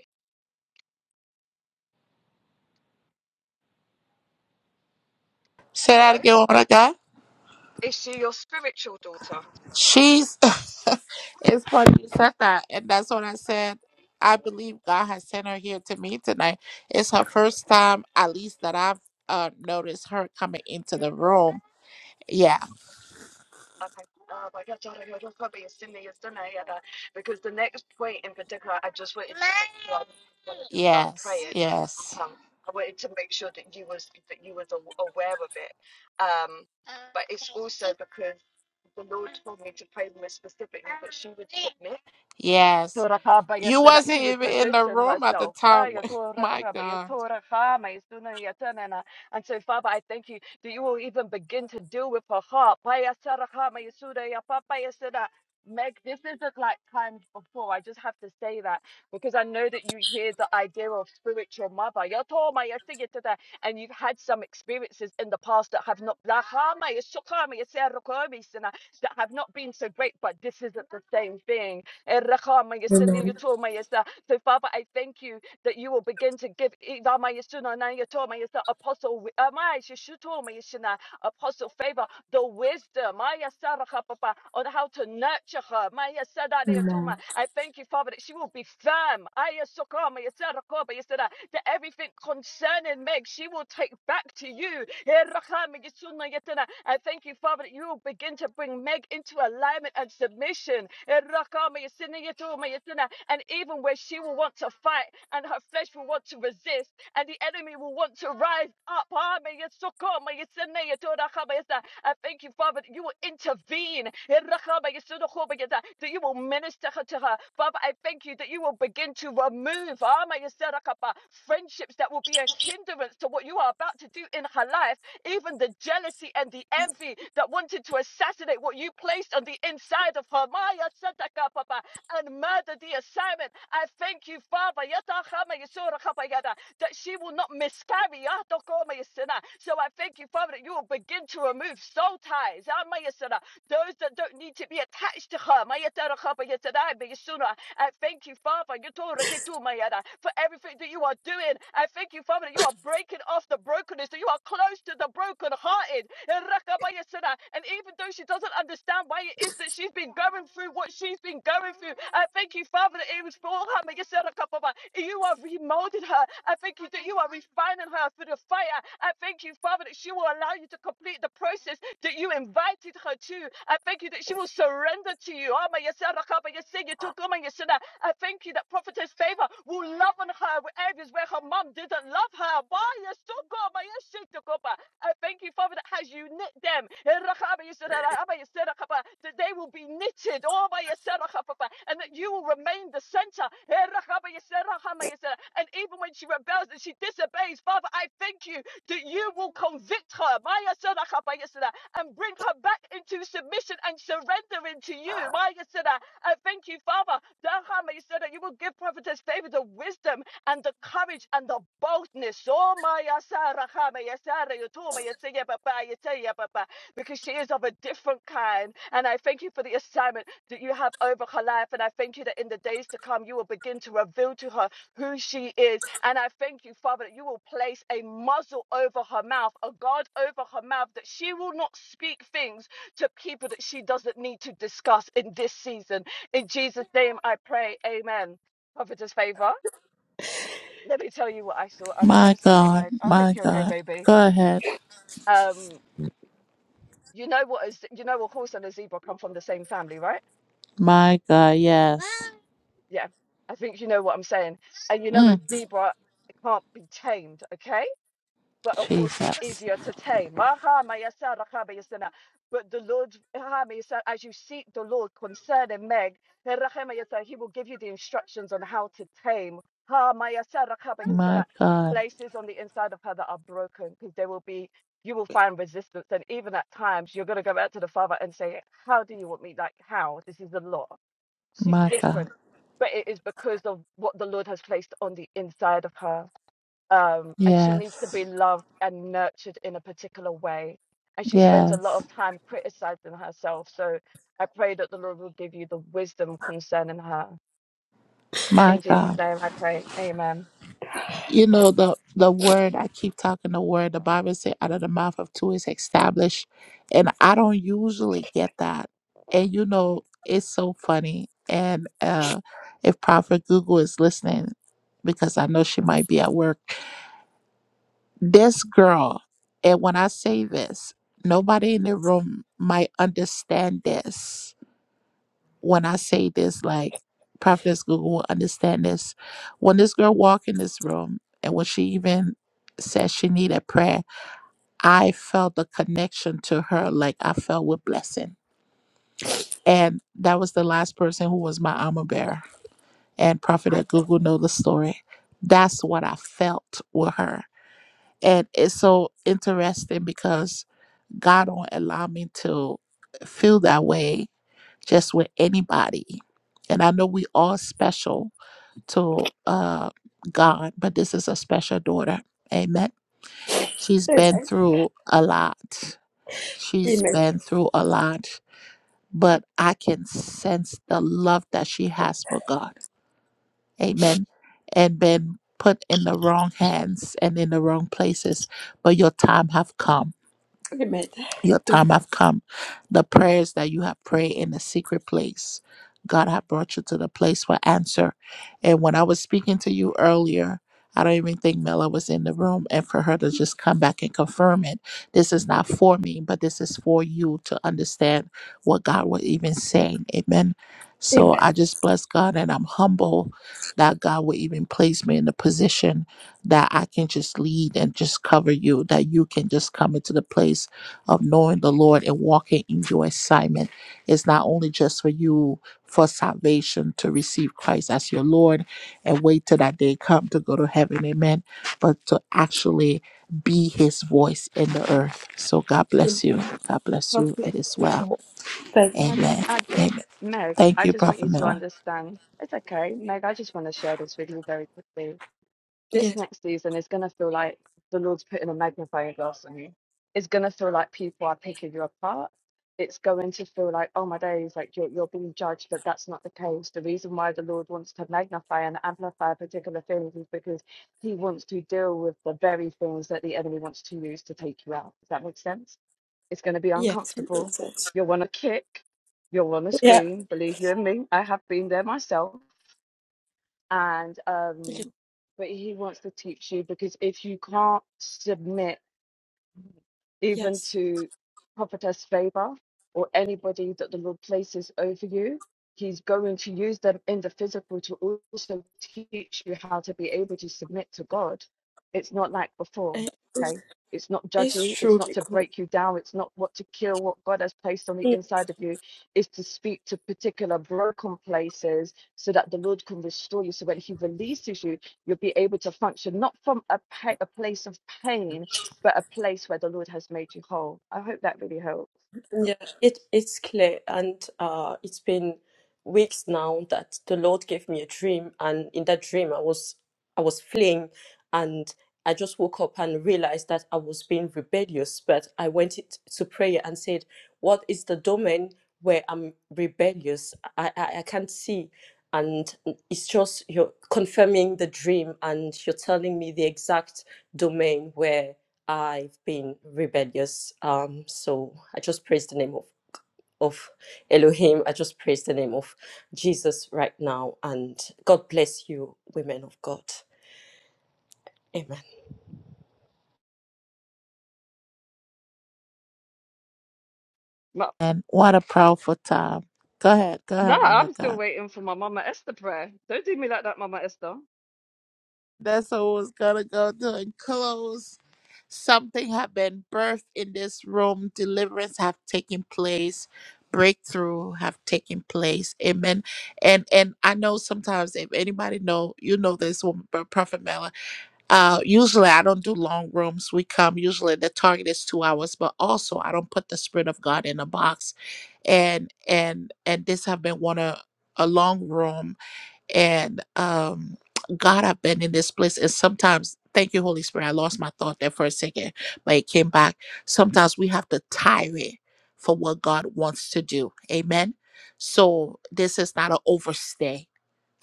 [SPEAKER 1] Say that
[SPEAKER 16] Hello?
[SPEAKER 1] again, what I got?
[SPEAKER 16] Is she your spiritual daughter?
[SPEAKER 1] She's. <laughs> it's funny you said that, and that's what I said. I believe God has sent her here to me tonight. It's her first time, at least that I've uh, noticed her coming into the
[SPEAKER 16] Yes.
[SPEAKER 1] room. Yeah.
[SPEAKER 16] Okay. Uh, but yeah, daughter, you're just probably a sinner, you're sinner, yeah, that- Because the next point in particular, I just wanted to sure I wanted to start
[SPEAKER 1] Yes,
[SPEAKER 16] praying.
[SPEAKER 1] yes,
[SPEAKER 16] Um, I wanted to make sure that you was that you was aw- aware of it. Um, but it's also because the Lord told me to pray with specifically, but she was submit.
[SPEAKER 1] yes. You
[SPEAKER 16] Torakabayasta, that
[SPEAKER 1] wasn't
[SPEAKER 16] she would
[SPEAKER 1] even in the
[SPEAKER 16] position
[SPEAKER 1] room at the
[SPEAKER 16] herself.
[SPEAKER 1] time.
[SPEAKER 16] Fire,
[SPEAKER 1] when- <laughs> My God.
[SPEAKER 16] And so, Father, I thank you that you will even begin to deal with her heart. Fire, Meg, this isn't like times before. I just have to say that because I know that you hear the idea of spiritual mother. Yatoma, And you've had some experiences in the past that have not Lahama, that have not been so great, but this isn't the same thing. So, Father,
[SPEAKER 8] Amen.
[SPEAKER 16] I thank you that you will begin to give Apostle Apostle Favor, the wisdom Maya Saraka, Papa, on how to nurture her. Maya Sadade Atuma.
[SPEAKER 8] Amen.
[SPEAKER 16] I thank you, Father, that she will be firm. Aya Soka, Maya Saraka, Maya yasada. That everything concerning Meg, she will take back to you. Eh, Raka, Maya Suna Yatana. I thank you, Father, that you will begin to bring Meg into alignment and submission. Eh, Raka, Maya Sina Yatu, Maya Sina and even where she will want to fight and her flesh will want to resist and the enemy will want to rise up. Ah, I thank you, Father, that you will intervene. Eh, raka, you send, oh, That you will minister to her. Father, I thank you that you will begin to remove ah, friendships that will be a hindrance to what you are about to do in her life. Even the jealousy and the envy that wanted to assassinate what you placed on the inside of her. Maya Sataka, Papa, and murder the assignment. I thank you, Father, Yata Hama Yisora Kapa Yada, that she will not miscarry. Yato Koma Yisina. So I thank you, Father, that you will begin to remove soul ties. Ama Yisina. Those that don't need to be attached to her. Mayatara kapa yatadai be yasuna. I thank you, Father, yatora ketu mayada, for everything that you are doing. I thank you, Father, that you are breaking off the brokenness, that you are close to the brokenhearted. And even though she doesn't understand why it is that she's been going through what she's been going through, I thank you, Father, that it was for her. mayasara kapa ba. You are remolding molded her. I thank you that you are refining her through the fire. I thank you, Father, that she will allow you to complete the process that you invited her to. I thank you that she will surrender to you. I thank you that prophetess favor will love on her with areas where her mom didn't love her. I thank you, Father, that has you knit them that they will be knitted all by yourself, and that you will remain the center. And even when she rebels and she disobeys, Father, I thank you that you will convict her and bring her back into submission and surrendering to you. I thank you, Father, that you will give prophetess favor the wisdom and the courage and the boldness. Oh, my because she is of a different kind. And I thank you for the assignment that you have over her life. And I thank you that in the days to come, you will begin to reveal to her who she is. And I thank you, Father, that you will place a muzzle over her mouth, a guard over her mouth, that she will not speak things to people that she doesn't need to discuss in this season. In Jesus' name, I pray. Amen. Prophetess favor. Let me tell you what I saw. I'm so
[SPEAKER 1] My
[SPEAKER 16] sorry,
[SPEAKER 1] God.
[SPEAKER 16] Meg. I hope
[SPEAKER 1] My
[SPEAKER 16] you're okay,
[SPEAKER 1] God.
[SPEAKER 16] baby.
[SPEAKER 1] Go ahead.
[SPEAKER 16] Um, You know what? what is you know a horse and a zebra come from the same family, right?
[SPEAKER 1] My God. Yes.
[SPEAKER 16] Yeah. I think you know what I'm saying. And you know a
[SPEAKER 1] Mm,
[SPEAKER 16] zebra can't be tamed, okay? but a horse is
[SPEAKER 1] Jesus.
[SPEAKER 16] easier to tame. Maha mayasa rakaba yasana. But the Lord, as you seek the Lord concerning Meg, he will give you the instructions on how to tame.
[SPEAKER 1] My God.
[SPEAKER 16] Places on the inside of her that are broken, because there will be, you will find resistance. And even at times, you're going to go back to the Father and say, How do you want me? Like, how? This is the law. She's
[SPEAKER 1] My God.
[SPEAKER 16] different. But it is because of what the Lord has placed on the inside of her um, and she needs to
[SPEAKER 1] Yes.
[SPEAKER 16] be loved and nurtured in a particular way. And she spends a lot
[SPEAKER 1] Yes.
[SPEAKER 16] of time criticizing herself. So I pray that the Lord will give you the wisdom concerning her.
[SPEAKER 1] My
[SPEAKER 16] In
[SPEAKER 1] God.
[SPEAKER 16] Jesus' name, I pray. Amen.
[SPEAKER 1] You know, the, the word, I keep talking the word, the Bible said, out of the mouth of two is established. And I don't usually get that. And, you know, it's so funny. And uh, if Prophet Google is listening, because I know she might be at work, this girl, and when I say this, nobody in the room might understand this when I say this, like Prophetess Google will understand this. When this girl walked in this room and when she even said she needed prayer, I felt the connection to her like I felt with blessing. And that was the last person who was my armor bearer. And Prophetess Google know the story. That's what I felt with her. And it's so interesting because God don't allow me to feel that way just with anybody. And I know we all special to uh, God, but this is a special daughter. Amen. She's been
[SPEAKER 8] Amen.
[SPEAKER 1] through a lot. She's
[SPEAKER 8] Amen.
[SPEAKER 1] been through a lot, but I can sense the love that she has for God. Amen. And been put in the wrong hands and in the wrong places, but your time have come
[SPEAKER 8] Amen.
[SPEAKER 1] Your time have come. The prayers that you have prayed in the secret place, God have brought you to the place for answer. And when I was speaking to you earlier, I don't even think Mela was in the room. And for her to just come back and confirm it, this is not for me, but this is for you to understand what God was even saying. Amen. So I
[SPEAKER 8] Amen.
[SPEAKER 1] just bless God and I'm humble that God will even place me in a position that I can just lead and just cover you, that you can just come into the place of knowing the Lord and walking in your assignment. It's not only just for you for salvation to receive Christ as your Lord and wait till that day come to go to heaven, amen, but to actually be his voice in the earth. So God bless you. God bless
[SPEAKER 8] God
[SPEAKER 1] you.
[SPEAKER 8] bless
[SPEAKER 1] It is
[SPEAKER 8] you
[SPEAKER 1] well.
[SPEAKER 8] all. Thank
[SPEAKER 16] Can I
[SPEAKER 8] you.
[SPEAKER 16] just
[SPEAKER 1] Amen.
[SPEAKER 16] add this?
[SPEAKER 1] Amen.
[SPEAKER 16] Meg,
[SPEAKER 1] Thank
[SPEAKER 16] I
[SPEAKER 1] you,
[SPEAKER 16] just want
[SPEAKER 1] Prophet
[SPEAKER 16] you to
[SPEAKER 1] Miller.
[SPEAKER 16] understand. It's okay. Meg, I just want to share this with you very quickly. this
[SPEAKER 8] Yes.
[SPEAKER 16] next season is going to feel like the Lord's putting a magnifying glass on you. It's going to feel like people are picking you apart. It's going to feel like, oh my days, like you're, you're being judged, but that's not the case. The reason why the Lord wants to magnify and amplify particular things is because he wants to deal with the very things that the enemy wants to use to take you out. Does that make sense? It's going to be
[SPEAKER 8] Yes. It
[SPEAKER 16] uncomfortable.
[SPEAKER 8] Makes sense.
[SPEAKER 16] You'll want to kick. You'll want to
[SPEAKER 8] Yeah.
[SPEAKER 16] scream. Believe you and me, I have been there myself and
[SPEAKER 8] Ye-
[SPEAKER 16] um, but he wants to teach you because if you can't submit even
[SPEAKER 8] Yes.
[SPEAKER 16] to prophetess favor or anybody that the Lord places over you. He's going to use them in the physical to also teach you how to be able to submit to God. It's not like before,
[SPEAKER 8] Eh,
[SPEAKER 16] okay? It's not
[SPEAKER 8] It's
[SPEAKER 16] judgy. It's
[SPEAKER 8] true
[SPEAKER 16] not to
[SPEAKER 8] because
[SPEAKER 16] break you down. It's not what to kill what God has placed on the inside of you. It's to speak to particular broken places so that the Lord can restore you. So when He releases you, you'll be able to function not from a, pa- a place of pain, but a place where the Lord has made you whole. I hope that really helps.
[SPEAKER 8] Yeah, it it's clear, and uh, it's been weeks now that the Lord gave me a dream, and in that dream I was I was fleeing, and I just woke up and realized that I was being rebellious. But I went it- to prayer and said, "What is the domain where I'm rebellious? I I, I can't see." And it's just you're confirming the dream, and you're telling me the exact domain where I've been rebellious. Um, so I just praise the name of of Elohim. I just praise the name of Jesus right now, and God bless you, women of God. Amen.
[SPEAKER 16] Ma-
[SPEAKER 1] And what a powerful time. Go ahead, go ahead,
[SPEAKER 16] Nah,
[SPEAKER 1] woman
[SPEAKER 16] I'm
[SPEAKER 1] of
[SPEAKER 16] still
[SPEAKER 1] God.
[SPEAKER 16] waiting for my Mama Esther prayer. Don't do me like that, Mama Esther.
[SPEAKER 1] That's what was gonna go to and close. Something have been birthed in this room. Deliverance have taken place. Breakthrough have taken place. Amen. And and I know sometimes if anybody know, you know this woman, Pro- Prophet Mela. Uh usually I don't do long rooms. We come usually the target is two hours, but also I don't put the spirit of God in a box. And and and this have been one of a long room And um, God, I've been in this place. And sometimes, thank you, Holy Spirit. I lost my thought there for a second, but it came back. Sometimes we have to tire it for what God wants to do. Amen. So this is not an overstay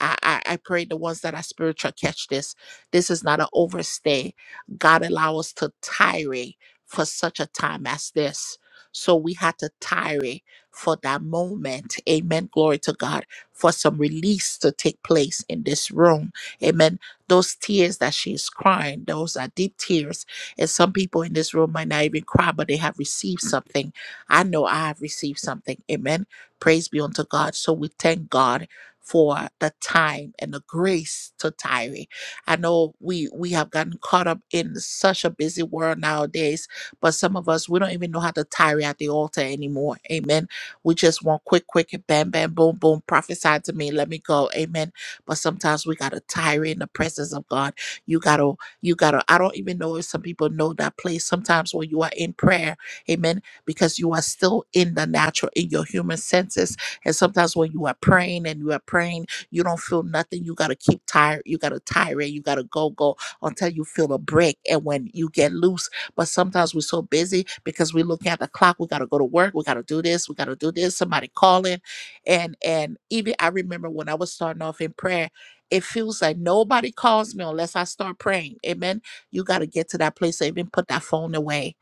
[SPEAKER 1] I, I, I pray the ones that are spiritual catch this. This is not an overstay. God allow us to tarry for such a time as this. So we had to tarry for that moment. Amen. Glory to God for some release to take place in this room. Amen. Those tears that she's crying, those are deep tears. And some people in this room might not even cry, but they have received something. I know I have received something. Amen. Praise be unto God. So we thank God for the time and the grace to tarry. I know we we have gotten caught up in such a busy world nowadays, but some of us we don't even know how to tarry at the altar anymore. Amen. We just want quick, quick, bam, bam, boom, boom, prophesy to me, let me go. Amen. But sometimes we gotta tarry in the presence of God. You gotta, you gotta, I don't even know if some people know that place. Sometimes when you are in prayer, amen, because you are still in the natural, in your human senses and sometimes when you are praying and you are praying, you don't feel nothing. You gotta keep tired. You gotta tire it. You gotta go go until you feel a break. And when you get loose, but sometimes we're so busy because we're looking at the clock. We gotta go to work. We gotta do this. We gotta do this. Somebody calling, and and even I remember when I was starting off in prayer. It feels like nobody calls me unless I start praying. Amen. You got to get to that place to even put that phone away,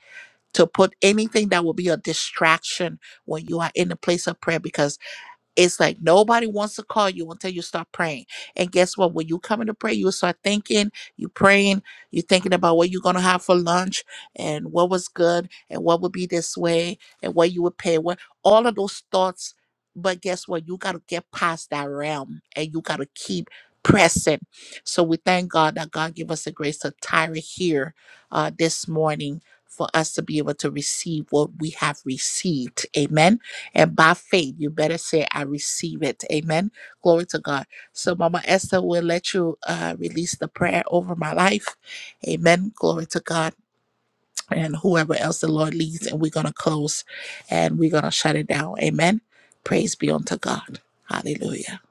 [SPEAKER 1] to put anything that will be a distraction when you are in the place of prayer because it's like nobody wants to call you until you start praying. And guess what? When you come into prayer, you start thinking, you praying, you thinking about what you're gonna have for lunch and what was good and what would be this way and what you would pay. What all of those thoughts. But guess what? You gotta get past that realm and you gotta keep pressing. So we thank God that God give us the grace to tire here uh, this morning for us to be able to receive what we have received. Amen. And by faith, you better say, I receive it. Amen. Glory to God. So, Mama Esther will let you uh, release the prayer over my life. Amen. Glory to God. And whoever else the Lord leads, and we're going to close and we're going to shut it down. Amen. Praise be unto God. Hallelujah.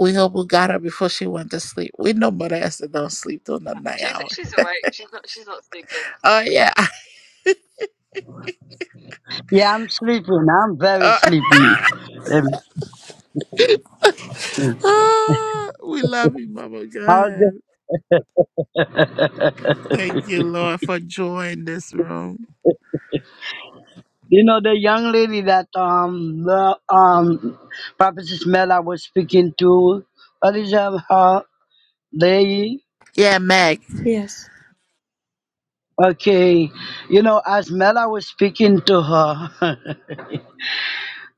[SPEAKER 1] We hope we got her before she went to sleep. We know Mother Esther don't sleep till the night
[SPEAKER 16] She's
[SPEAKER 1] hour.
[SPEAKER 16] she's awake. She's not she's not sleeping.
[SPEAKER 1] Oh,
[SPEAKER 16] It's,
[SPEAKER 1] yeah. <laughs>
[SPEAKER 11] Yeah, I'm sleeping. I'm very
[SPEAKER 1] Uh,
[SPEAKER 11] sleepy. Let me see.
[SPEAKER 1] ah, we love you, Mama. Go
[SPEAKER 11] How's the,
[SPEAKER 1] ahead.
[SPEAKER 11] <laughs>
[SPEAKER 1] Thank you, Lord, for joining this room.
[SPEAKER 11] you know, the young lady that um the um Prophetess Mela was speaking to, what is her, her lady?
[SPEAKER 1] Yeah, Meg.
[SPEAKER 8] Yes.
[SPEAKER 11] Okay, you know, as Mela was speaking to her, <laughs>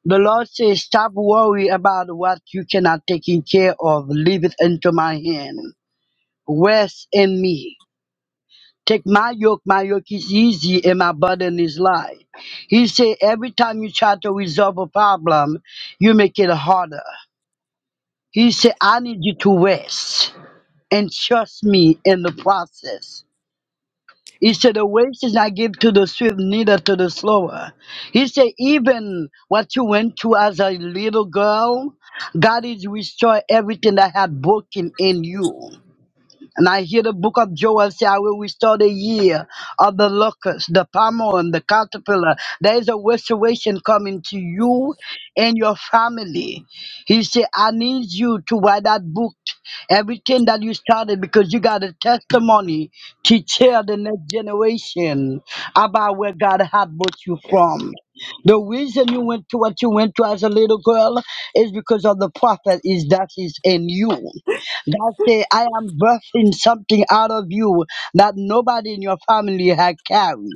[SPEAKER 11] The Lord says, Stop worrying about what you cannot take care of. Leave it into my hand. Rest in me. Take my yoke, my yoke is easy and my burden is light. He said, Every time you try to resolve a problem, you make it harder. He said, I need you to rest and trust me in the process. He said, The wages I give to the swift, neither to the slower. He said, Even what you went through as a little girl, God is restoring everything that had broken in you. And I hear the book of Joel say, I will restore the year of the locust, the palm and the caterpillar. There is a restoration coming to you and your family. He said, I need you to write that book, everything that you started, because you got a testimony to tell the next generation about where God had brought you from. The reason you went to what you went to as a little girl is because of the prophet is that is in you. God said, I am birthing something out of you that nobody in your family had carried.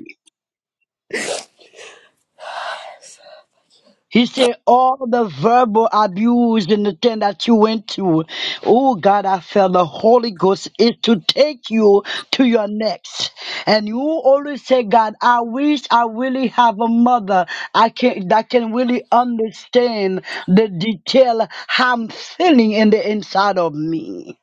[SPEAKER 11] He said, all the verbal abuse and the thing that you went through, oh God, I felt the Holy Ghost is to take you to your next. And you always say, God, I wish I really have a mother I can that can really understand the detail I'm feeling in the inside of me.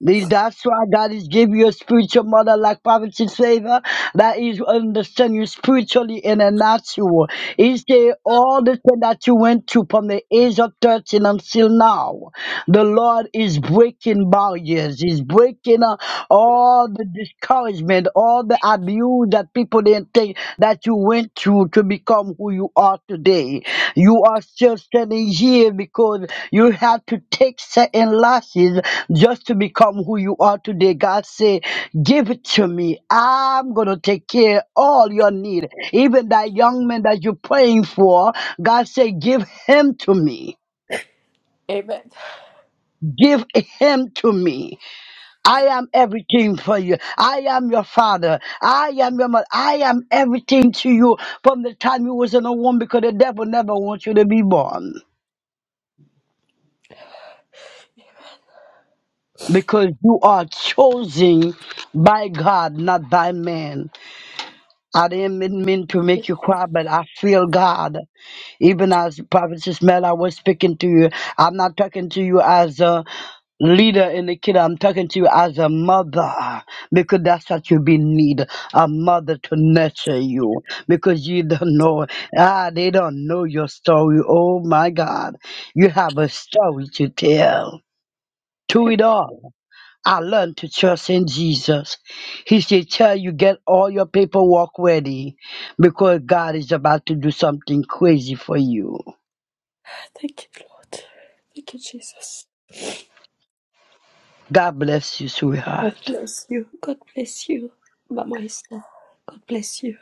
[SPEAKER 11] The- That's why God is giving you a spiritual mother like Prophet Favor that is understand you spiritually and the natural. He say all the thing that you went through from the age of 13 until now, the Lord is breaking barriers. He's breaking uh, all the discouragement, all the abuse that people didn't take that you went through to become who you are today. You are still standing here because you had to take certain losses just to become who you are today. God said, Give it to me. I'm going to take care of all your need. Even that young man that you're praying for, God said, Give him to me.
[SPEAKER 8] Amen.
[SPEAKER 11] Give him to me. I am everything for you. I am your father. I am your mother. I am everything to you from the time you was in a womb because the devil never wants you to be born. Because you are chosen by God, not by man. I didn't mean mean to make you cry, but I feel God. Even as Prophet Ismail, I was speaking to you. I'm not talking to you as a leader in the kid. I'm talking to you as a mother because that's what you be need a mother to nurture you because you don't know. Ah, they don't know your story. Oh my God. You have a story to tell. To
[SPEAKER 8] Amen.
[SPEAKER 11] it all. I learned to trust in Jesus. He said, Tell you, get all your paperwork ready because God is about to do something crazy for you.
[SPEAKER 8] Thank you, Lord. Thank you, Jesus.
[SPEAKER 11] God bless you,
[SPEAKER 8] God
[SPEAKER 11] sweetheart.
[SPEAKER 8] bless you. God bless you, Mama Esther. God bless you.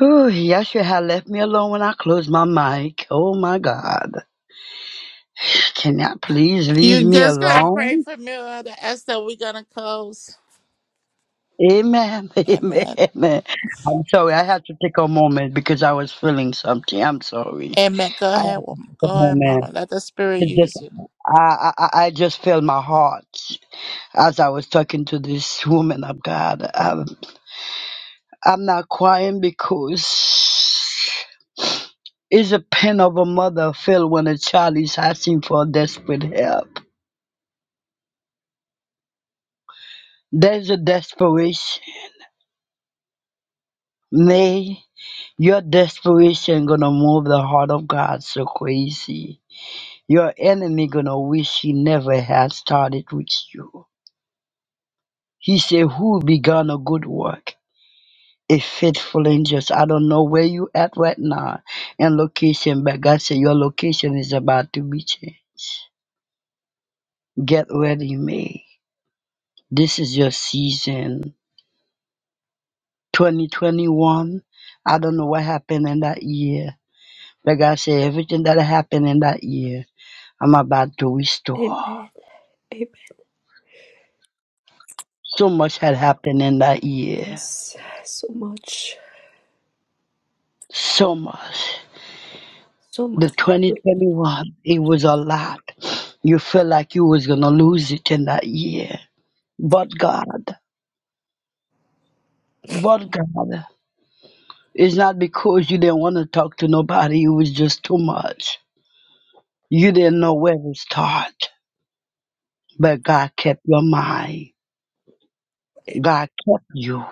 [SPEAKER 11] Ooh, Yeshua had left me alone when I closed my mic. Oh my God. Can you please leave
[SPEAKER 1] You
[SPEAKER 11] me
[SPEAKER 1] just gotta pray
[SPEAKER 11] alone?
[SPEAKER 1] for me or the Esther. We're gonna close.
[SPEAKER 11] Amen. <laughs> Amen.
[SPEAKER 1] Amen.
[SPEAKER 11] Amen. I'm sorry. I had to take a moment because I was feeling something. I'm sorry.
[SPEAKER 1] Amen. Go
[SPEAKER 11] I
[SPEAKER 1] ahead,
[SPEAKER 11] had to
[SPEAKER 1] woman.
[SPEAKER 11] take a
[SPEAKER 1] Go ahead, mama.
[SPEAKER 11] moment.
[SPEAKER 1] Let the spirit
[SPEAKER 11] It's just,
[SPEAKER 1] use you.
[SPEAKER 11] I, I, I I just feel my heart. As I was talking to this woman of God, um, I'm not crying because it's a pain of a mother feel when a child is asking for desperate help. There's a desperation. May your desperation gonna move the heart of God so crazy. Your enemy gonna wish he never had started with you. He said, "Who began a good work?" a faithful and I don't know where you at right now and location, but God said your location is about to be changed. Get ready, May. This is your season. 2021. I don't know what happened in that year, but God said everything that happened in that year, I'm about to restore.
[SPEAKER 8] Amen. Amen.
[SPEAKER 11] So much had happened in that year.
[SPEAKER 8] Yes, so much.
[SPEAKER 11] So much.
[SPEAKER 8] So much.
[SPEAKER 11] The 2021, it was a lot. You felt like you was gonna lose it in that year But God, but God, it's not because you didn't want to talk to nobody, it was just too much. You didn't know where to start, but God kept your mind. God kept you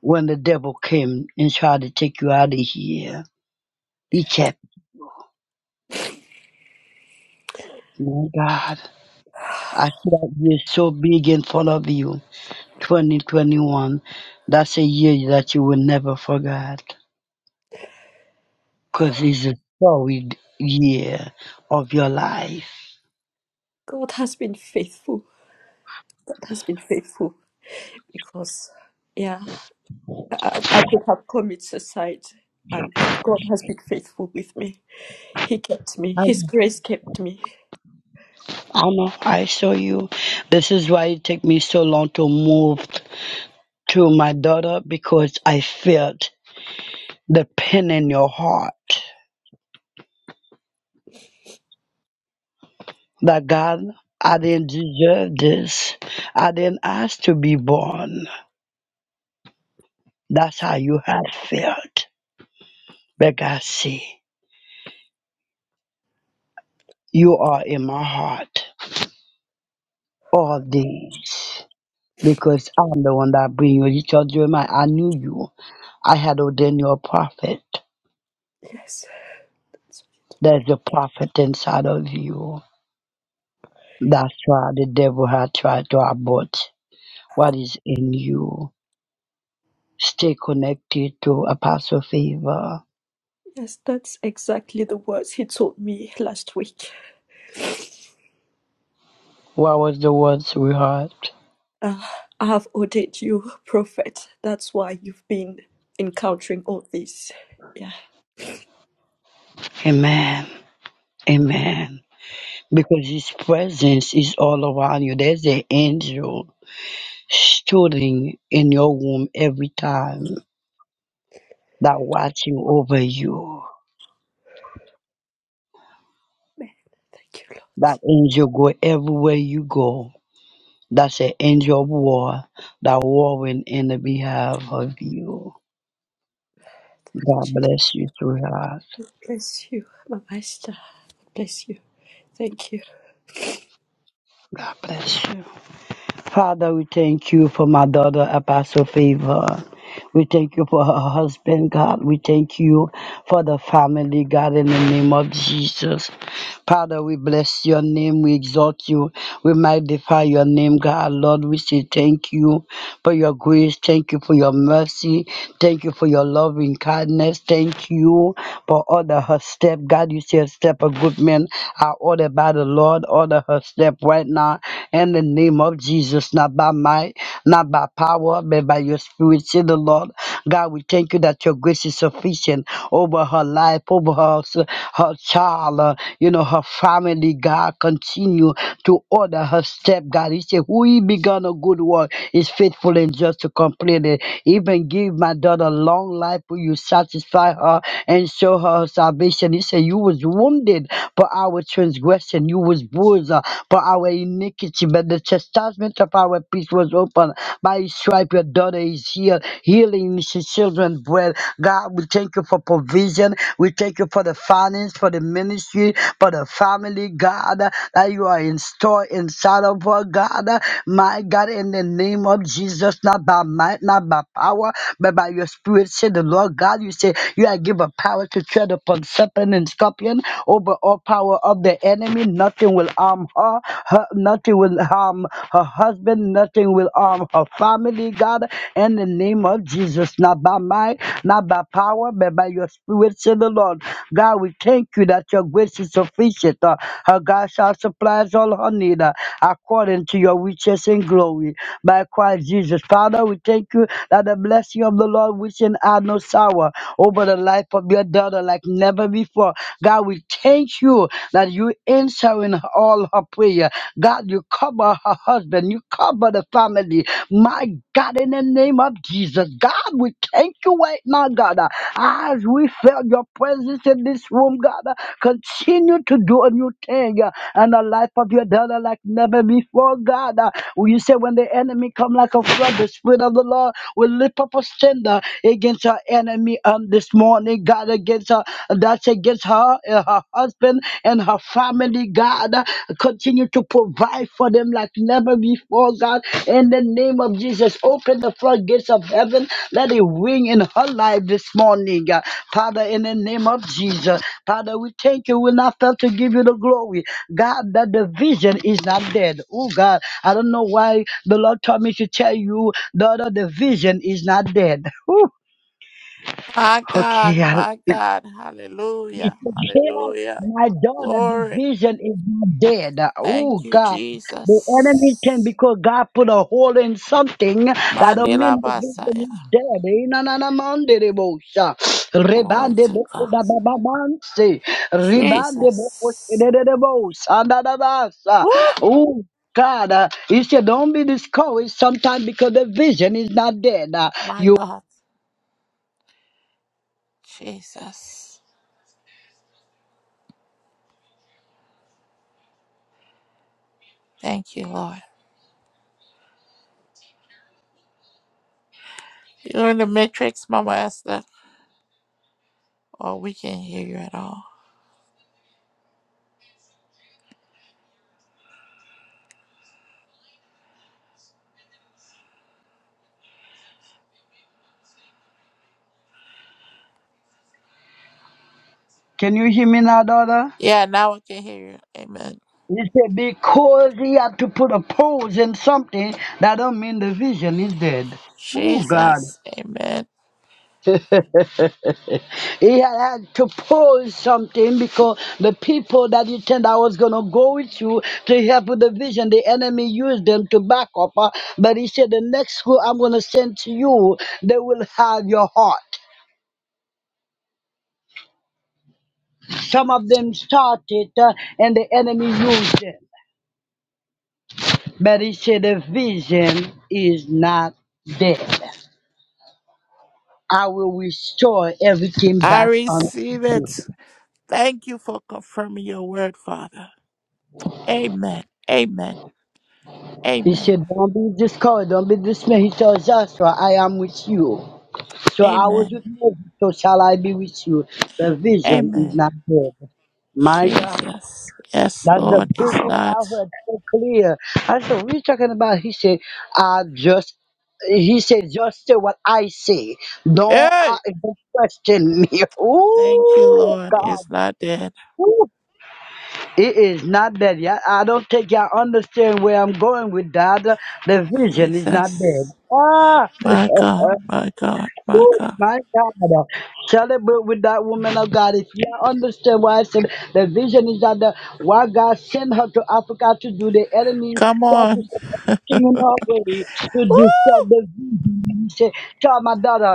[SPEAKER 11] when the devil came and tried to take you out of here. He kept you. My God, I see that year so big in front of you, 2021. That's a year that you will never forget because it's a solid year of your life.
[SPEAKER 8] God has been faithful. God has been faithful because, yeah. I, I could have committed suicide, and God has been faithful with me. He kept me. His grace kept me.
[SPEAKER 11] Anna, I saw you. This is why it took me so long to move to my daughter because I felt the pain in your heart. That God, I didn't deserve this. I didn't ask to be born. That's how you had felt. But God see, you are in my heart. All these. Because I'm the one that bring you. You told Jeremiah, I knew you. I had ordained you a prophet.
[SPEAKER 8] Yes,
[SPEAKER 11] There's a prophet inside of you That's why the devil had tried to abort what is in you. Stay connected to Apostle Favor.
[SPEAKER 8] yes, that's exactly the words He told me last week.
[SPEAKER 11] What was the words we heard?
[SPEAKER 8] Uh, I have ordered you, prophet. That's why you've been encountering all this. Yeah,
[SPEAKER 11] Amen. Amen. Because his presence is all around you. There's an angel stooding in your womb every time that watching over you.
[SPEAKER 8] man. Thank you, Lord.
[SPEAKER 11] That angel go everywhere you go. That's an angel of war that warring in the behalf of you. God
[SPEAKER 8] Jesus,
[SPEAKER 11] bless you too, God.
[SPEAKER 8] bless you, my master. Bless you. Thank you.
[SPEAKER 11] God bless you. Father, we thank you for my daughter, Apostle Favor. We thank you for her husband, God. We thank you for the family, God, in the name of Jesus. Father, we bless your name. We exalt you. We magnify your name, God. Lord, we say thank you for your grace. Thank you for your mercy. Thank you for your loving kindness. Thank you for all the her step. God, you said step of good men are ordered by the Lord. Order her step right now in the name of Jesus, not by might, not by power, but by your spirit. Say the Lord. God, we thank you that your grace is sufficient. Oh over her life, over her, s- her child, uh, you know, her family. God, continue to order her step, God. He said, Who he begun a good work is faithful and just to complete it. Even give my daughter long life, will you satisfy her and show her salvation? He said, You was wounded for our transgression, you was bruised uh, for our iniquity, but the chastisement of our peace was open. By his stripe, your daughter is healed healing is your children's bread. God, we thank you for provision. We thank you for the finance, for the ministry, for the family, God, that you are in store inside of us, God. My God, in the name of Jesus, not by might, not by power, but by your spirit, say the Lord God, you say you are given power to tread upon serpent and scorpion over all power of the enemy. Nothing will harm her, her nothing will harm her husband husband, nothing will harm her family, God, in the name of Jesus. Not by might, not by power, but by your spirit, said the Lord. God, we thank you that your grace is sufficient. Uh, her God shall supply all her need uh, according to your riches and glory by Christ Jesus. Father, we thank you that the blessing of the Lord which can add no sorrow over the life of your daughter like never before. God, we thank you that you answer her In all her prayer. God, you cover her husband. You cover the family. My God, in the name of Jesus, God, we thank you right now, God, uh, as we feel your presence in this room, God. uh, Continue to do a new thing uh, in the life of your daughter like never before, God. uh. You say when the enemy come like a flood, the Spirit of the Lord will lift up a standard against our enemy um, this morning, God, against her that's against her, uh, her husband, and her family, God. Continue to provide for them like never before, God. In the name of Jesus, open the floodgates of heaven. Let it ring in her life this morning, God. Father, in the name of Jesus, Father, we thank you. We're not fail to give you the glory, God, that the vision is not dead. Oh, God, I don't know why the Lord told me to tell you, daughter, the vision is not dead. <laughs> Whew.
[SPEAKER 1] My God,
[SPEAKER 11] Okay, I,
[SPEAKER 1] my God.
[SPEAKER 11] he
[SPEAKER 1] Hallelujah.
[SPEAKER 11] said,
[SPEAKER 1] Hallelujah.
[SPEAKER 11] "Hail, my daughter, the
[SPEAKER 1] Glory.
[SPEAKER 11] vision is not dead.
[SPEAKER 1] Thank
[SPEAKER 11] Oh
[SPEAKER 1] you,
[SPEAKER 11] God. The enemy can
[SPEAKER 1] Jesus.
[SPEAKER 11] because God put a hole in something that don't mean
[SPEAKER 1] Mandela
[SPEAKER 11] the vision
[SPEAKER 1] Basaya.
[SPEAKER 11] is dead. Eh, na, na, na, man, de, de, bo, sha.
[SPEAKER 1] Glory
[SPEAKER 11] Rebande
[SPEAKER 1] to
[SPEAKER 11] bo,
[SPEAKER 1] God.
[SPEAKER 11] ko, da, ba, ba, man, se. Rebande bo, ko, se,
[SPEAKER 1] Jesus.
[SPEAKER 11] de, de, de, bo, sa, da, da, da, sa.
[SPEAKER 1] Woo!
[SPEAKER 11] Oh God, uh, he said, don't be discouraged sometimes because the vision is not dead. Uh,
[SPEAKER 1] My
[SPEAKER 11] you
[SPEAKER 1] God. Jesus. Thank you, Lord. You're in the matrix, Mama Esther. Oh, we can't hear you at all.
[SPEAKER 11] can you hear me now, daughter?
[SPEAKER 1] Yeah, now I can hear you. Amen.
[SPEAKER 11] He said, because he had to put a pose in something, that don't mean the vision is dead. Oh, God.
[SPEAKER 1] Jesus. Amen.
[SPEAKER 11] <laughs> he had to pose something because the people that you said I was going to go with you to help with the vision, the enemy used them to back up. uh, but he said, the next school I'm going to send to you, they will have your heart. Some of them started uh, and the enemy used them. But he said, the vision is not dead. I will restore everything
[SPEAKER 1] I
[SPEAKER 11] back On
[SPEAKER 1] receive it. Thank you for confirming your word, Father. Amen. Amen.
[SPEAKER 11] he
[SPEAKER 1] Amen.
[SPEAKER 11] said, Don't be discouraged, don't be dismayed. He tells Joshua, "So I am with you. So I was
[SPEAKER 1] Amen.
[SPEAKER 11] with Moses, so shall I be with you. The vision is
[SPEAKER 1] Amen.
[SPEAKER 11] not dead. My God,
[SPEAKER 1] Jesus. Yes,
[SPEAKER 11] that's the
[SPEAKER 1] Lord,
[SPEAKER 11] big
[SPEAKER 1] it's
[SPEAKER 11] one
[SPEAKER 1] not.
[SPEAKER 11] I heard so clear. I said, What are you talking about? He said, I just he said, just say what I say. Don't, uh,
[SPEAKER 1] Hey!
[SPEAKER 11] don't question me. <laughs>
[SPEAKER 1] Thank you,
[SPEAKER 11] Ooh,
[SPEAKER 1] Lord. It's
[SPEAKER 11] God.
[SPEAKER 1] not dead.
[SPEAKER 11] It is not dead yet. I don't think y'all understand where I'm going with that. The vision is not dead.
[SPEAKER 1] Jesus.
[SPEAKER 11] Ah,
[SPEAKER 1] My
[SPEAKER 11] <laughs>
[SPEAKER 1] God. My God. My
[SPEAKER 11] Woo,
[SPEAKER 1] God.
[SPEAKER 11] my God. Celebrate with that woman of God. If you understand why I said the vision is not dead, why God sent her to Africa to do the enemy,
[SPEAKER 1] Come
[SPEAKER 11] try to
[SPEAKER 1] on.
[SPEAKER 11] set the King already to destroy
[SPEAKER 1] Woo!
[SPEAKER 11] the vision. He said, Tell my daughter,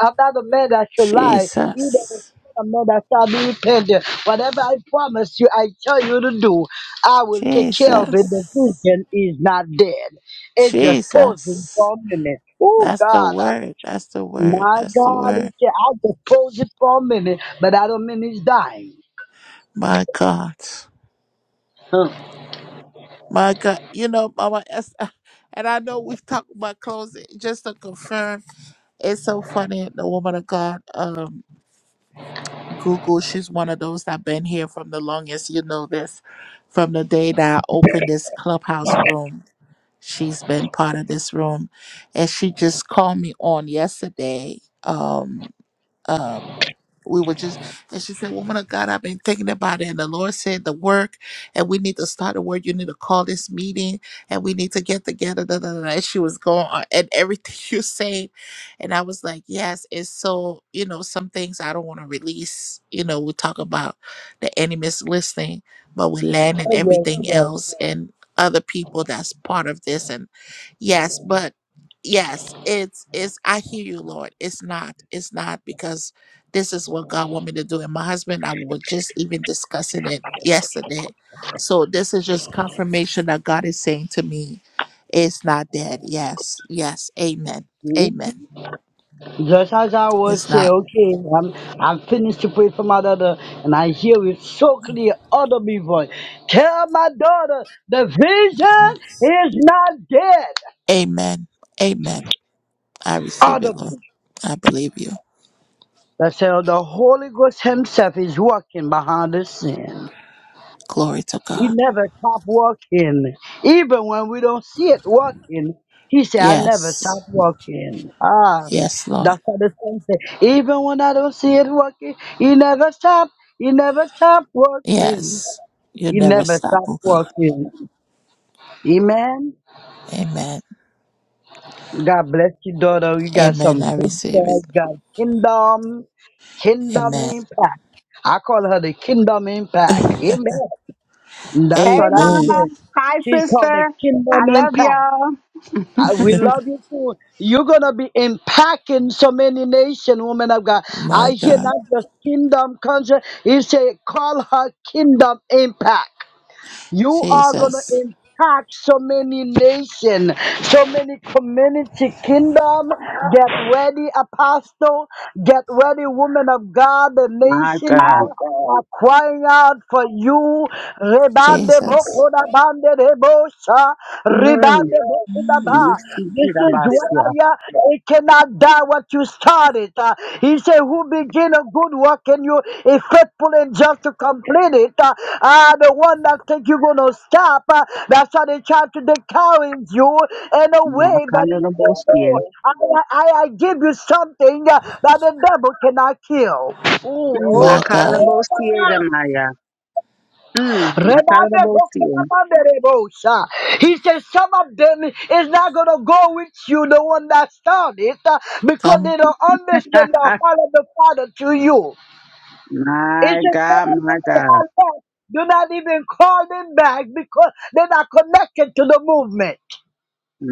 [SPEAKER 11] I'm not a man that should lie, either the
[SPEAKER 1] Jesus.
[SPEAKER 11] son of man that shall be repentant. Whatever I promise you, I tell you to do, I will take care of it. The
[SPEAKER 1] Jesus.
[SPEAKER 11] vision is not dead. It's just posing
[SPEAKER 1] Jesus.
[SPEAKER 11] for a minute. Oh
[SPEAKER 1] That's the
[SPEAKER 11] God, uh,
[SPEAKER 1] word. That's the word.
[SPEAKER 11] my
[SPEAKER 1] That's the
[SPEAKER 11] God, He
[SPEAKER 1] word.
[SPEAKER 11] said, I just pose it for a minute, but I don't mean he's dying.
[SPEAKER 1] My God.
[SPEAKER 11] Huh.
[SPEAKER 1] My God. You know, Mama Esther, <laughs> and I know we've talked about closing. Just to confirm, it's so funny. The woman of God, um, Google, she's one of those that been here from the longest. You know this. From the day that I opened this clubhouse room, she's been part of this room. And she just called me on yesterday. Um, um, we were just and she said woman of god i've been thinking about it and the lord said the work and we need to start the work you need to call this meeting and we need to get together da, da, da, da." and she was going on and everything <laughs> you say and i was like yes And so you know some things i don't want to release you know we talk about the enemy's listening but we land in
[SPEAKER 11] Oh yeah, he
[SPEAKER 1] everything
[SPEAKER 11] does.
[SPEAKER 1] else and other people that's part of this and yes but yes it's it's i hear you lord it's not it's not because this is what God want me to do. And my husband and I were just even discussing it yesterday. So this is just confirmation that God is saying to me, it's not dead. Yes, yes, amen,
[SPEAKER 11] Mm-hmm.
[SPEAKER 1] amen.
[SPEAKER 11] Just as I would
[SPEAKER 1] It's
[SPEAKER 11] say,
[SPEAKER 1] not.
[SPEAKER 11] okay, I'm I'm finished to pray for my daughter, and I hear with so clear audible voice. Tell my daughter the vision is not dead.
[SPEAKER 1] Amen, amen. I receive it,
[SPEAKER 11] Audible.
[SPEAKER 1] Lord. I believe you.
[SPEAKER 11] That's how the Holy Ghost Himself is working behind the scene.
[SPEAKER 1] Glory to
[SPEAKER 11] He
[SPEAKER 1] God.
[SPEAKER 11] never stop working, Even when we don't see it working, he said, I never stop
[SPEAKER 1] Yes,
[SPEAKER 11] working." Ah,
[SPEAKER 1] yes, Lord.
[SPEAKER 11] that's how the song say. Even when I don't see it working, he never stop. He never stop working.
[SPEAKER 1] Yes, you
[SPEAKER 11] He
[SPEAKER 1] never
[SPEAKER 11] never
[SPEAKER 1] stop,
[SPEAKER 11] stop
[SPEAKER 1] oh God.
[SPEAKER 11] working. Amen.
[SPEAKER 1] Amen,
[SPEAKER 11] God bless you, daughter. You got
[SPEAKER 1] amen.
[SPEAKER 11] some
[SPEAKER 1] I
[SPEAKER 11] big
[SPEAKER 1] receive it.
[SPEAKER 11] God, God kingdom, kingdom
[SPEAKER 1] Amen,
[SPEAKER 11] impact. I call her the kingdom impact. Amen. That's
[SPEAKER 18] Hey,
[SPEAKER 11] what I
[SPEAKER 1] amen.
[SPEAKER 18] Mama.
[SPEAKER 11] hear.
[SPEAKER 18] Hi,
[SPEAKER 11] She's called the
[SPEAKER 18] sister. I
[SPEAKER 11] kingdom
[SPEAKER 18] love
[SPEAKER 11] impact.
[SPEAKER 18] y'all.
[SPEAKER 11] I, we love you too. You're gonna be impacting so many nation, woman of God. I
[SPEAKER 1] My
[SPEAKER 11] hear
[SPEAKER 1] God,
[SPEAKER 11] not just kingdom country. He say, call her kingdom impact. You are going to
[SPEAKER 1] Jesus.
[SPEAKER 11] impact so many nations, so many community kingdom. Get ready, apostle. Get ready, woman of God. The
[SPEAKER 18] My
[SPEAKER 11] nations
[SPEAKER 18] God.
[SPEAKER 11] are crying out for you. Rebande
[SPEAKER 1] Jesus.
[SPEAKER 11] bokoda bande rebosha.
[SPEAKER 18] Mm.
[SPEAKER 11] Rebande bokoda ba.
[SPEAKER 18] You see to the
[SPEAKER 11] This is
[SPEAKER 18] bus, yeah.
[SPEAKER 11] why it cannot die what you started. Uh, he said, Who begin a good work and you is faithful and just to complete it. Uh, uh, the one that think you're gonna stop, uh, that's how they try to discourage you in a
[SPEAKER 18] Mm, I
[SPEAKER 11] way, but
[SPEAKER 18] can't
[SPEAKER 11] he
[SPEAKER 18] do the
[SPEAKER 11] said,
[SPEAKER 18] boss
[SPEAKER 11] No,
[SPEAKER 18] here.
[SPEAKER 11] I, I, I give you something uh, that the devil cannot kill.
[SPEAKER 18] Mm, I
[SPEAKER 11] Ooh,
[SPEAKER 1] My
[SPEAKER 18] can't do
[SPEAKER 1] God.
[SPEAKER 18] boss here, the
[SPEAKER 11] oh,
[SPEAKER 18] Maya. Mm, I can't do boss here.
[SPEAKER 11] he says some of them is not gonna go with you, the one that started, it, uh, because they
[SPEAKER 1] Come,
[SPEAKER 11] don't
[SPEAKER 18] Ha.
[SPEAKER 11] understand the heart of the Father to you. He
[SPEAKER 18] My
[SPEAKER 11] says some
[SPEAKER 18] God,
[SPEAKER 11] of them
[SPEAKER 18] my
[SPEAKER 11] who
[SPEAKER 18] God.
[SPEAKER 11] are left, do not even call them back because they're not connected to the movement.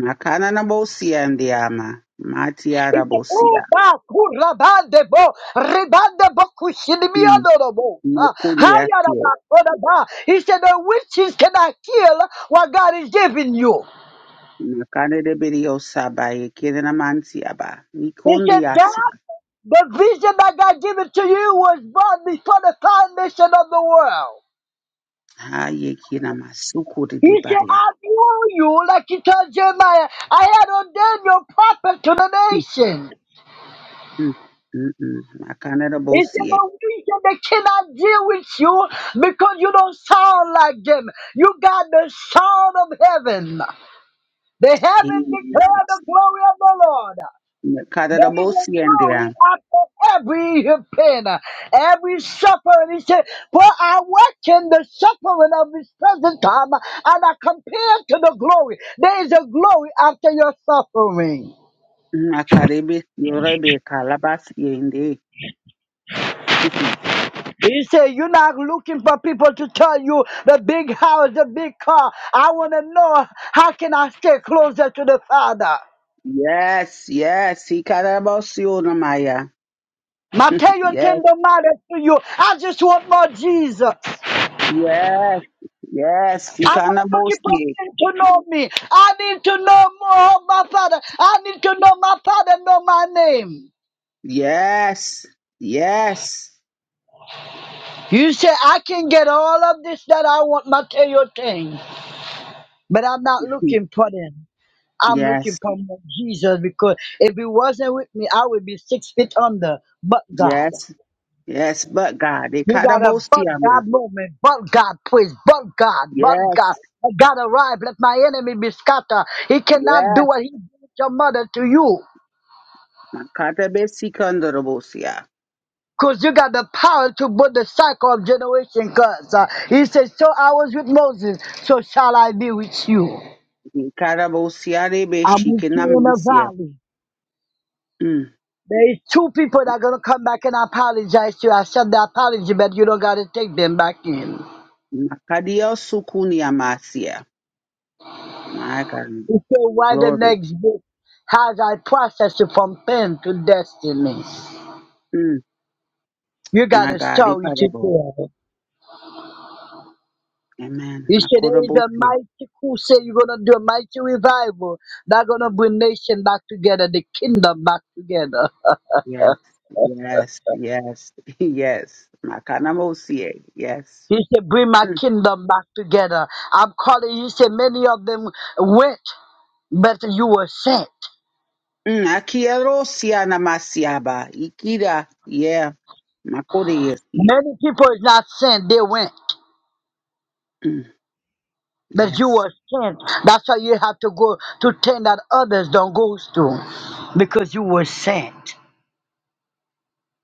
[SPEAKER 18] I can't the boss here, and the ama. My
[SPEAKER 11] He
[SPEAKER 18] tiara
[SPEAKER 11] said,
[SPEAKER 18] boss
[SPEAKER 11] "Oh,
[SPEAKER 18] here.
[SPEAKER 11] da kurabande bo, rebande bo
[SPEAKER 18] Mm,
[SPEAKER 11] kushilimianorabo."
[SPEAKER 18] no
[SPEAKER 11] Uh,
[SPEAKER 18] kuria here.
[SPEAKER 11] hayaraba, kodaba. He said, the witches cannot kill what God is giving you.
[SPEAKER 18] Nakane de berio saba ye kire na manti aba.
[SPEAKER 11] He said,
[SPEAKER 18] Nikondi asia.
[SPEAKER 11] That the vision that God given to you was born before the foundation of the world.
[SPEAKER 18] Ha ye kire na masukuri
[SPEAKER 11] He
[SPEAKER 18] de
[SPEAKER 11] said,
[SPEAKER 18] baya.
[SPEAKER 11] I knew you, like he told Jeremiah, I had ordained your prophet to the
[SPEAKER 18] Mm-mm.
[SPEAKER 11] nation.
[SPEAKER 18] Mm-mm.
[SPEAKER 11] He said,
[SPEAKER 18] Makanerabosie.
[SPEAKER 11] the reason they cannot deal with you because you don't sound like them. You got the sound of heaven. The heaven declare the glory of the Lord. There is a
[SPEAKER 18] Makanerabosie
[SPEAKER 11] glory
[SPEAKER 18] ndia.
[SPEAKER 11] after every pain, every suffering. He said, For I work in the suffering of this present time, and I compare to the glory. There is a glory after your suffering.
[SPEAKER 18] Makarebe yorebe kalabasie ndi. Mhm.
[SPEAKER 11] He said, You're not looking for people to tell you the big house, the big car. I want to know how can I stay closer to the Father.
[SPEAKER 18] Yes, yes, He ikanabosio namaya.
[SPEAKER 11] Mateo
[SPEAKER 18] Yes,
[SPEAKER 11] tender matters to you. I just want more Jesus.
[SPEAKER 18] yes, yes, He
[SPEAKER 11] I'm not looking for
[SPEAKER 18] ikanabosie.
[SPEAKER 11] them to know me. I need to know more of my Father. I need to know my Father, know my name.
[SPEAKER 18] Yes, yes,
[SPEAKER 11] You say, I can get all of this that I want, material thing, but I'm not
[SPEAKER 18] Mhm.
[SPEAKER 11] looking for them. I'm looking
[SPEAKER 18] yes,
[SPEAKER 11] for more Jesus because if he wasn't with me, I would be six feet under. But God,
[SPEAKER 18] yes, yes, but God,
[SPEAKER 11] you got a but
[SPEAKER 18] ikanabosia ma.
[SPEAKER 11] God moment, but God praise, but God, but
[SPEAKER 18] Yes,
[SPEAKER 11] God. But God arrive, let my enemy be scattered. He cannot do
[SPEAKER 18] yes,
[SPEAKER 11] what he did to your mother to you.
[SPEAKER 18] makarebe sikanderabosia.
[SPEAKER 11] Because you got the power to put the cycle of generation curse. Uh, he says, So I was with Moses, so shall I be with you.
[SPEAKER 18] Ikarabosiare
[SPEAKER 11] I'm with you in the
[SPEAKER 18] beshikenamasia.
[SPEAKER 11] valley.
[SPEAKER 18] Mm.
[SPEAKER 11] There is two people that are going to come back and apologize to you. I said the apology, but you don't got to take them back in.
[SPEAKER 18] Makadia sukuniamasia. My God.
[SPEAKER 11] He said, Why the
[SPEAKER 18] Glory.
[SPEAKER 11] next book has I processed you from pain to destiny?
[SPEAKER 18] Mm.
[SPEAKER 11] You got
[SPEAKER 18] My
[SPEAKER 11] a
[SPEAKER 18] God.
[SPEAKER 11] story to
[SPEAKER 18] Ikarabo.
[SPEAKER 11] tell.
[SPEAKER 18] Amen.
[SPEAKER 11] You said there is a
[SPEAKER 18] Makorabosia.
[SPEAKER 11] mighty who say you're gonna do a mighty revival that's gonna bring nation back together, the kingdom back together.
[SPEAKER 18] Yes. Yes. Yes. <laughs> Yes. Makanamosia. Yes.
[SPEAKER 11] He said, Bring my
[SPEAKER 18] Mm.
[SPEAKER 11] kingdom back together. I'm calling He said many of them went, but you were sent.
[SPEAKER 18] Mm. Akierosia namasiaba. Ikira. Yeah. Makoresia.
[SPEAKER 11] Many people is not sent, they went.
[SPEAKER 18] Mm.
[SPEAKER 11] But you
[SPEAKER 18] Yes.
[SPEAKER 11] were sent. That's why you have to go to things that others don't go to. Because you were sent.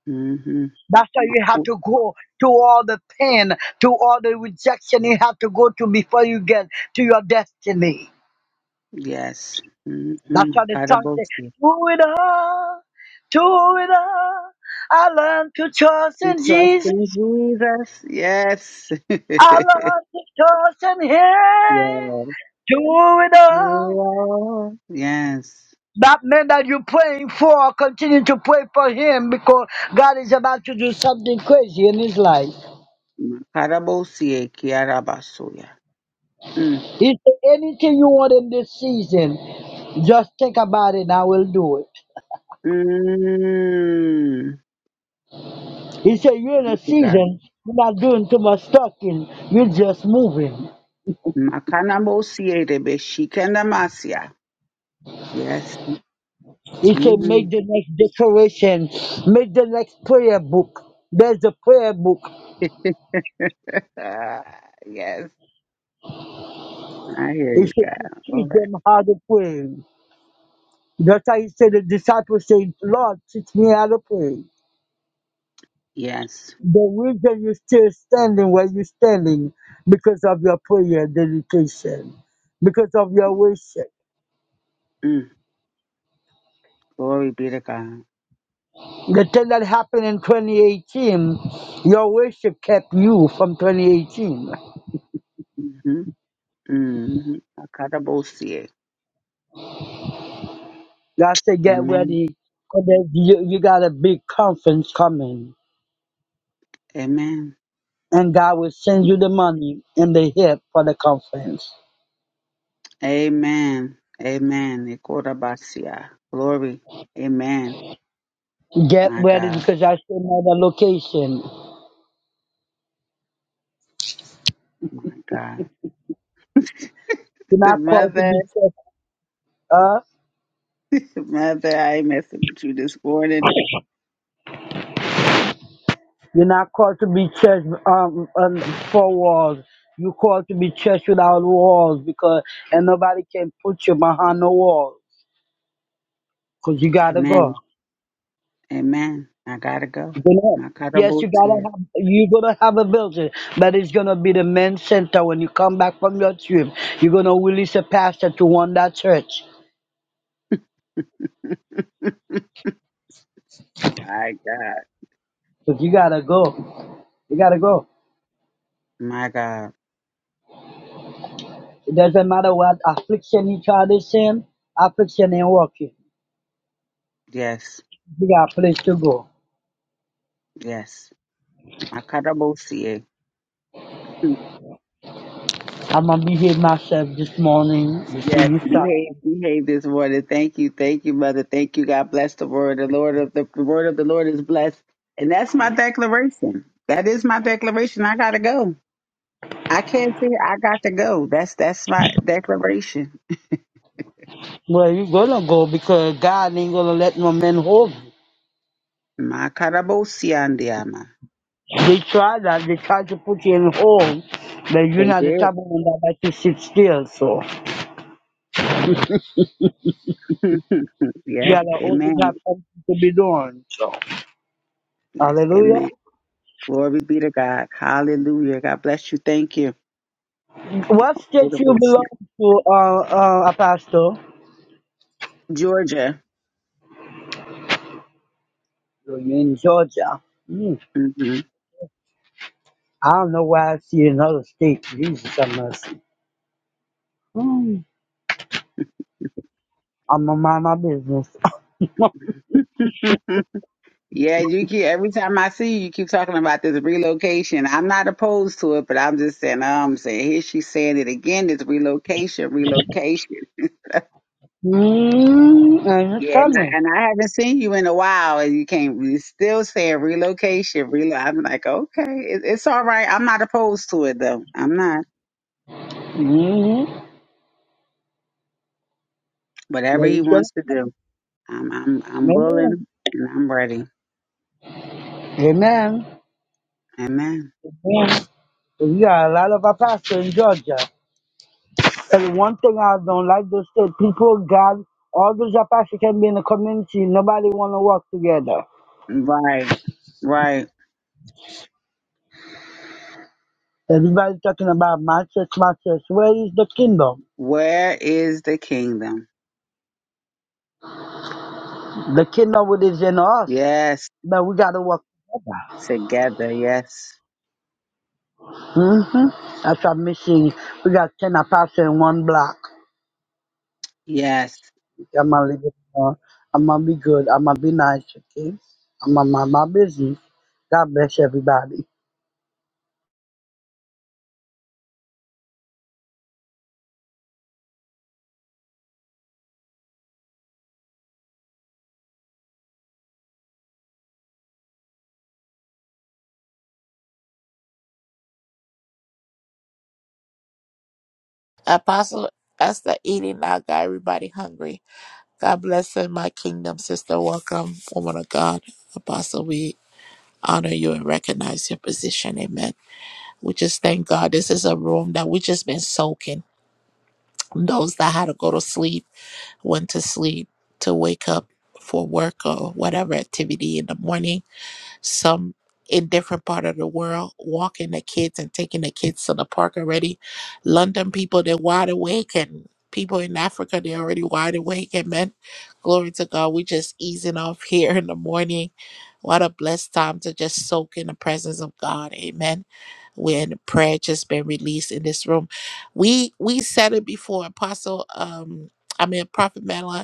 [SPEAKER 18] Mm-hmm.
[SPEAKER 11] That's why you have to go to all the pain, to all the rejection you have to go to before you get to your destiny.
[SPEAKER 18] Yes.
[SPEAKER 11] That's why the song says,
[SPEAKER 18] Mm-hmm.
[SPEAKER 11] through it all, through it all, I learned to trust
[SPEAKER 18] We
[SPEAKER 11] in
[SPEAKER 18] trust
[SPEAKER 11] Jesus.
[SPEAKER 18] in Jesus. Yes. <laughs>
[SPEAKER 11] I
[SPEAKER 18] yes.
[SPEAKER 11] learned to trust in Him.
[SPEAKER 18] Lord.
[SPEAKER 11] Through it all.
[SPEAKER 18] Yes.
[SPEAKER 11] That man that you're praying for, continue to pray for him because God is about to do something crazy in his life.
[SPEAKER 18] Makarabosie kiarabasuya. Mm.
[SPEAKER 11] If anything you want in this season, just think about it and I will do it.
[SPEAKER 18] Mm.
[SPEAKER 11] He said, You're in a
[SPEAKER 18] Mighty God.
[SPEAKER 11] season, you're not doing too much talking, you're just moving.
[SPEAKER 18] Makanabosie rebeshikanamasia. Yes.
[SPEAKER 11] He said,
[SPEAKER 18] Mm-hmm.
[SPEAKER 11] Make the next declaration, make the next prayer book. There's a prayer book.
[SPEAKER 18] <laughs> yes. I hear
[SPEAKER 11] He
[SPEAKER 18] you,
[SPEAKER 11] said, "To
[SPEAKER 18] God. All
[SPEAKER 11] Teach
[SPEAKER 18] right.
[SPEAKER 11] them how to pray. That's how he said, The disciples said, Lord, teach me how to pray.
[SPEAKER 18] Yes.
[SPEAKER 11] The reason you're still standing where you're standing because of your prayer dedication, because of your worship
[SPEAKER 18] Mm. Glory be to God.
[SPEAKER 11] The thing that happened in 2018, your worship kept you from 2018.
[SPEAKER 18] Mm-hmm. Mm-hmm. Makarabosie.
[SPEAKER 11] God said, get
[SPEAKER 18] Amen.
[SPEAKER 11] ready, 'cause there's- you, you got a big conference coming,
[SPEAKER 18] Amen.
[SPEAKER 11] and God will send you the money and the help for the conference.
[SPEAKER 18] Amen. Amen. Ikorabasia. Glory. Amen.
[SPEAKER 11] Get
[SPEAKER 18] My
[SPEAKER 11] ready
[SPEAKER 18] God.
[SPEAKER 11] because I should know the location.
[SPEAKER 18] My God.
[SPEAKER 11] You're
[SPEAKER 18] <laughs>
[SPEAKER 11] not called to
[SPEAKER 18] Mother,
[SPEAKER 11] be church, uh,
[SPEAKER 18] mother, I ain't messing with you this morning.
[SPEAKER 11] you're not called to be church um, um four walls. You called to be church without walls because and nobody can put you behind the wall because you gotta go.
[SPEAKER 18] Amen. Amen. I gotta go.
[SPEAKER 11] You're
[SPEAKER 18] My
[SPEAKER 11] Yes, you gotta
[SPEAKER 18] karabosia.
[SPEAKER 11] have you're gonna have a building, but it's gonna be the main center when you come back from your trip. You're gonna release a pastor to run that church.
[SPEAKER 18] My God.
[SPEAKER 11] But you gotta go. You gotta go.
[SPEAKER 18] My God.
[SPEAKER 11] It doesn't matter what affliction you try to send, affliction ain't working.
[SPEAKER 18] Yes.
[SPEAKER 11] You got a place to go.
[SPEAKER 18] Yes. My karabosia.
[SPEAKER 11] I'm gonna behave myself this morning. You
[SPEAKER 18] Yes,
[SPEAKER 11] see you start.
[SPEAKER 18] behave, behave this morning. Thank you, thank you, mother. Thank you. God bless the word. The Lord of the, the word of the Lord is blessed, and that's my declaration. That is my declaration. I gotta go. I can't say I got to go. That's that's my declaration.
[SPEAKER 11] Well you gonna go because God ain't gonna let no man hold you.
[SPEAKER 18] My karabosiandiama.
[SPEAKER 11] They try that. They try to put you in hole, but you're
[SPEAKER 18] They
[SPEAKER 11] not the type of
[SPEAKER 18] did.
[SPEAKER 11] one that like to sit still. So
[SPEAKER 18] <laughs>
[SPEAKER 11] you
[SPEAKER 18] yes,
[SPEAKER 11] gotta always
[SPEAKER 18] amen.
[SPEAKER 11] have something to be doing. So
[SPEAKER 18] Yes,
[SPEAKER 11] hallelujah.
[SPEAKER 18] amen. Glory be to God. Hallelujah. God bless you. Thank you.
[SPEAKER 11] What state you belong to, uh, uh, Apostle?
[SPEAKER 18] Georgia.
[SPEAKER 11] You're in Georgia. Hmm.
[SPEAKER 18] hmm
[SPEAKER 11] I don't know why I see another state. Jesus have mercy. Hmm. I'm gonna mind my business. <laughs>
[SPEAKER 18] <laughs> Yeah, you keep every time I see you, you keep talking about this relocation. I'm not opposed to it, but I'm just saying, I'm saying here she's saying it again. This relocation, relocation.
[SPEAKER 11] mm, and it's
[SPEAKER 18] Yeah, and
[SPEAKER 11] coming.
[SPEAKER 18] I, and I haven't seen you in a while, and you can't. You still saying relocation, relo. I'm like, okay, it, it's all right. I'm not opposed to it though. I'm not.
[SPEAKER 11] Mm-hmm. But
[SPEAKER 18] Whatever he
[SPEAKER 11] it's gonna
[SPEAKER 18] wants to
[SPEAKER 11] come.
[SPEAKER 18] do, I'm I'm I'm
[SPEAKER 11] Amen.
[SPEAKER 18] willing and I'm ready.
[SPEAKER 11] Amen.
[SPEAKER 18] Amen.
[SPEAKER 11] Amen. We got a lot of Apache in Georgia. And one thing I don't like those state people, God, all those Apache can be in the community. Nobody want to work together.
[SPEAKER 18] Right, right.
[SPEAKER 11] Everybody talking about my church, my church. Where is the kingdom?
[SPEAKER 18] Where is the kingdom?
[SPEAKER 11] The kingdom would is in us,
[SPEAKER 18] Yes.
[SPEAKER 11] but we got to work together.
[SPEAKER 18] together. Yes.
[SPEAKER 11] hmm That's what I'm missing. We got 10 Apache in one block.
[SPEAKER 18] Yes.
[SPEAKER 11] I'm going to leave it alone. I'm going to be good. I'm going to be nice, okay? I'm going to mind my business. God bless everybody.
[SPEAKER 1] Apostle Esther eating now got everybody hungry. God bless in my kingdom, sister. Welcome, woman of God. Apostle, we honor you and recognize your position. Amen. We just thank God. This is a room that we just been soaking. Those that had to go to sleep, went to sleep to wake up for work or whatever activity in the morning some in different part of the world walking the kids and taking the kids to the park already london people they're wide awake and people in africa they're already wide awake amen glory to god we just easing off <laughs> here in the morning what a blessed time to just soak in the presence of god amen when the prayer just been released in this room we we said it before apostle um i mean prophet Madeline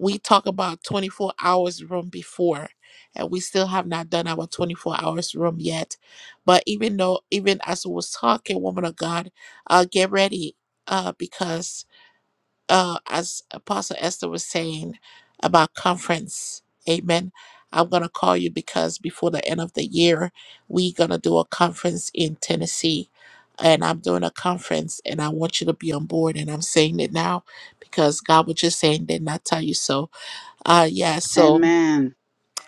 [SPEAKER 1] we talk about 24 hours room before and we still have not done our 24 hours room yet but even though even as we was talking woman of god uh get ready uh because uh as apostle esther was saying about conference amen i'm gonna call you because before the end of the year we gonna do a conference in tennessee and i'm doing a conference and i want you to be on board and i'm saying it now because god was just saying did not tell you so uh yeah, so
[SPEAKER 18] Amen.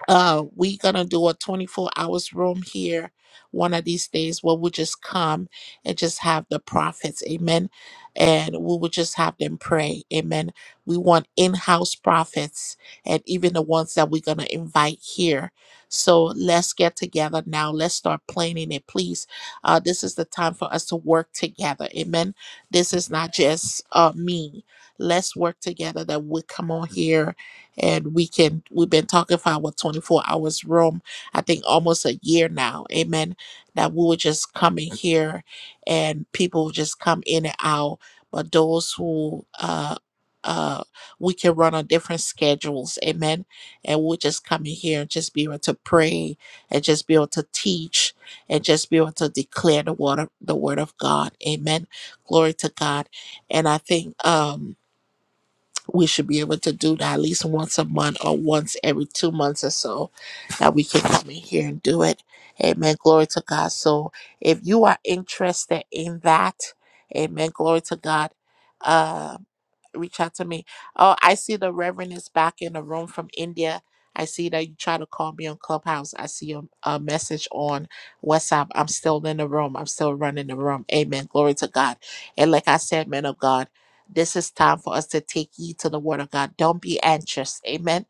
[SPEAKER 1] uh we gonna do a 24 hours room here one of these days where we just come and just have the prophets, amen. And we will just have them pray. Amen. We want in-house prophets and even the ones that we're gonna invite here. So let's get together now. Let's start planning it, please. Uh this is the time for us to work together. Amen. This is not just uh me. Let's work together that we come on here and we can we've been talking for our 24 hours room i think almost a year now amen that we would just come in here and people would just come in and out but those who uh uh we can run on different schedules amen and we'll just come in here and just be able to pray and just be able to teach and just be able to declare the word of, the word of god amen glory to god and i think um we should be able to do that at least once a month or once every two months or so that we can come in here and do it. Amen. Glory to God. So if you are interested in that, amen. Glory to God. Um reach out to me. Oh, I see the Reverend is back in the room from India. I see that you try to call me on Clubhouse. I see a, a message on WhatsApp. I'm still in the room. I'm still running the room. Amen. Glory to God. And like I said, men of God, this is time for us to take heed to the word of God. Don't be anxious. Amen.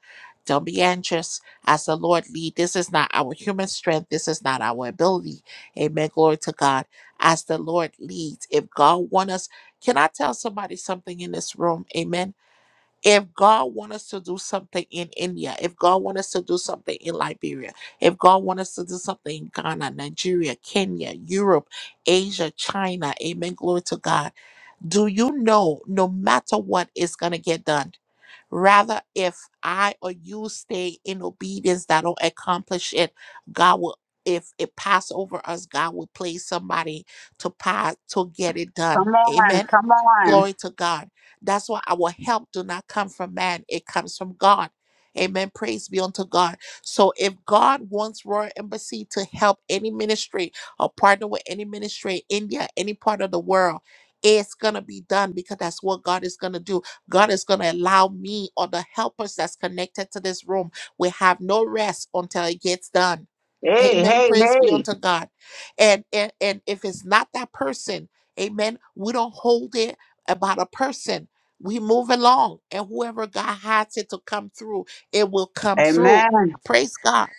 [SPEAKER 1] Don't be anxious as the Lord lead. This is not our human strength. This is not our ability. Amen. Glory to God. As the Lord leads. If God wants us can I tell somebody something in this room? Amen. If God wants us to do something in India, if God wants us to do something in Liberia, if God wants us to do something in Ghana, Nigeria, Kenya, Europe, Asia, China, amen, glory to God. Do you know no matter what is going to get done? Rather, if I or you stay in obedience that will accomplish it, God will, if it pass over us, God will place somebody to pass to get it
[SPEAKER 18] Come
[SPEAKER 1] done.
[SPEAKER 18] on,
[SPEAKER 1] Amen
[SPEAKER 18] come on.
[SPEAKER 1] Glory to God. That's why our help do not come from man. It comes from God. Amen. Praise be unto God. So if God wants Royal Embassy to help any ministry or partner with any ministry in India, any part of the world, it's gonna be done because that's what God is gonna do. God is gonna allow me or the helpers that's connected to this room. We have no rest until it gets done.
[SPEAKER 18] Hey,
[SPEAKER 1] Amen.
[SPEAKER 18] hey,
[SPEAKER 1] Praise be
[SPEAKER 18] hey.
[SPEAKER 1] unto God. And, and and if it's not that person, amen, we don't hold it about a person. We move along, and whoever God has it to come through, it will come through.
[SPEAKER 18] Amen.
[SPEAKER 1] Praise God.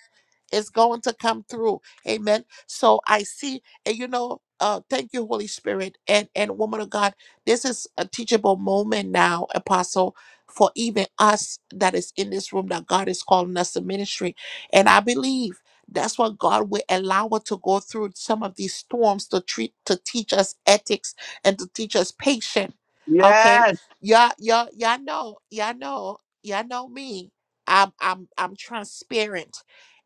[SPEAKER 1] It's going to come through. Amen. So I see, and you know, uh, thank you, Holy Spirit, and and woman of God. This is a teachable moment now, Apostle, for even us that is in this room that God is calling us to ministry, and I believe that's what God will allow us to go through some of these storms to treat to teach us ethics and to teach us patience. Okay,
[SPEAKER 18] Yes.
[SPEAKER 1] y'all, y'all, y'all know, y'all know, y'all know me. I'm I'm I'm transparent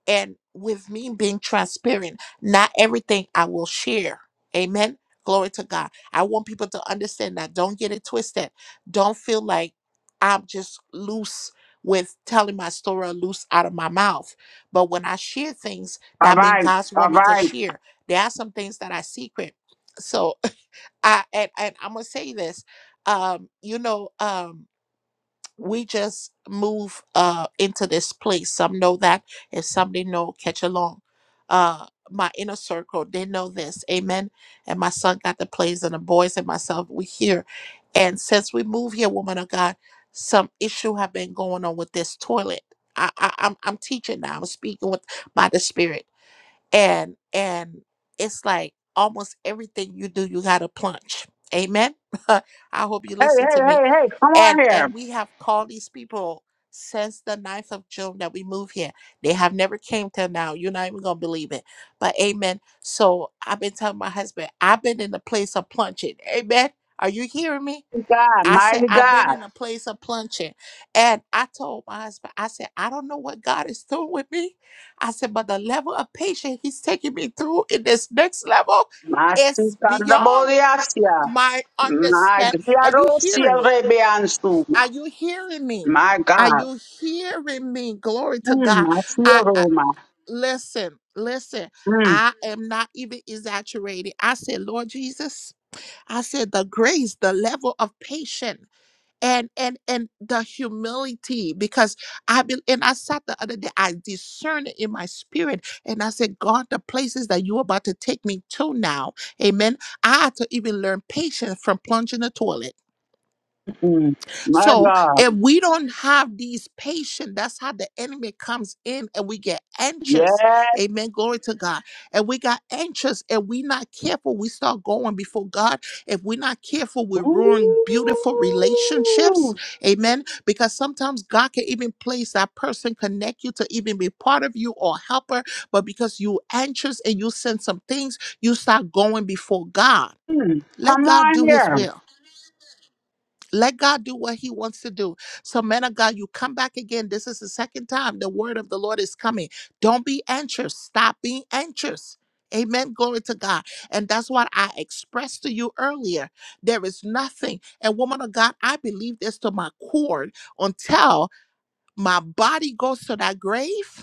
[SPEAKER 1] and with me being transparent, not everything I will share. Amen. Glory to God. I want people to understand that. Don't get it twisted. Don't feel like I'm just loose with telling my story or loose out of my mouth. But when I share things,
[SPEAKER 18] All
[SPEAKER 1] that means
[SPEAKER 18] right,
[SPEAKER 1] God's
[SPEAKER 18] all
[SPEAKER 1] want me to
[SPEAKER 18] right.
[SPEAKER 1] share. There are some things that I secret. So <laughs> I and, and I'm gonna say this. Um, you know, um, we just move uh into this place. Some know that, and some they know catch along. Uh my inner circle, they know this. Amen. And my son got the plays and the boys and myself, we here. And since we moved here, woman of God, some issue have been going on with this toilet. I, I I'm I'm teaching now. I'm speaking with by the spirit. And and it's like almost everything you do, you gotta plunge. Amen. <laughs> I hope you
[SPEAKER 18] Hey,
[SPEAKER 1] listen to
[SPEAKER 18] hey,
[SPEAKER 1] me
[SPEAKER 18] hey, hey, come on
[SPEAKER 1] and
[SPEAKER 18] here.
[SPEAKER 1] and we have called these people since the ninth of june that we moved here they have never came till now you're not even gonna believe it but amen so i've been telling my husband i've been in the place of plunging amen are you hearing me
[SPEAKER 18] Mighty God,
[SPEAKER 1] i said
[SPEAKER 18] mighty
[SPEAKER 1] i've been
[SPEAKER 18] God.
[SPEAKER 1] in a place of plunging and i told my husband i said i don't know what god is doing with me i said but the level of patience he's taking me through in this next level
[SPEAKER 18] Mighty
[SPEAKER 1] is
[SPEAKER 18] God, the
[SPEAKER 1] beyond
[SPEAKER 18] Bodiasia.
[SPEAKER 1] my
[SPEAKER 18] My
[SPEAKER 1] understand are you hearing
[SPEAKER 18] Diarosia
[SPEAKER 1] me
[SPEAKER 18] Rebiansuma.
[SPEAKER 1] are you hearing me?
[SPEAKER 18] My
[SPEAKER 1] Are
[SPEAKER 18] God.
[SPEAKER 1] you hearing me? Glory to
[SPEAKER 18] Mm,
[SPEAKER 1] God.
[SPEAKER 18] my
[SPEAKER 1] I, I
[SPEAKER 18] Roma.
[SPEAKER 1] listen, listen.
[SPEAKER 18] Mm,
[SPEAKER 1] I am not even exaggerating. I said, Lord Jesus, I said the grace, the level of patience and and and the humility because I be, and I sat the other day, I discerned it in my spirit and I said, God, the places that you're about to take me to now, amen. I had to even learn patience from plunging the toilet.
[SPEAKER 18] mm. My
[SPEAKER 1] So
[SPEAKER 18] God.
[SPEAKER 1] if we don't have these patience, that's how the enemy comes in and we get anxious.
[SPEAKER 18] Yes.
[SPEAKER 1] Amen. Glory to God. And we got anxious and we not careful. We start going before God. If we're not careful, we ruin beautiful
[SPEAKER 18] Ooh.
[SPEAKER 1] relationships. Amen. Because sometimes God can even place that person, connect you to even be part of you or helper. But because you anxious and you send some things, you start going before God.
[SPEAKER 18] Mm,
[SPEAKER 1] Let
[SPEAKER 18] Come
[SPEAKER 1] God
[SPEAKER 18] on
[SPEAKER 1] do his
[SPEAKER 18] here.
[SPEAKER 1] will. Let God do what He wants to do. So, man of God, you come back again. This is the second time the word of the Lord is coming. Don't be anxious. Stop being anxious. Amen. Glory to God. And that's what I expressed to you earlier. There is nothing. And, woman of God, I believe this to my core until my body goes to that grave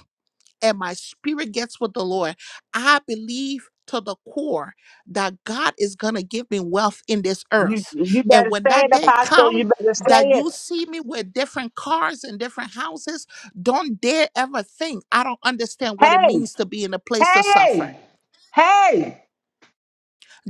[SPEAKER 1] and my spirit gets with the Lord, I believe to the core that God is going to give me wealth in this
[SPEAKER 18] You
[SPEAKER 1] earth.
[SPEAKER 18] you
[SPEAKER 1] And
[SPEAKER 18] better
[SPEAKER 1] when
[SPEAKER 18] say
[SPEAKER 1] that
[SPEAKER 18] it,
[SPEAKER 1] day
[SPEAKER 18] Apostle.
[SPEAKER 1] come
[SPEAKER 18] You better
[SPEAKER 1] that
[SPEAKER 18] say it.
[SPEAKER 1] you see me with different cars and different houses, don't dare ever think I don't understand what it
[SPEAKER 18] Hey,
[SPEAKER 1] means to be in a place to suffer
[SPEAKER 18] hey, hey.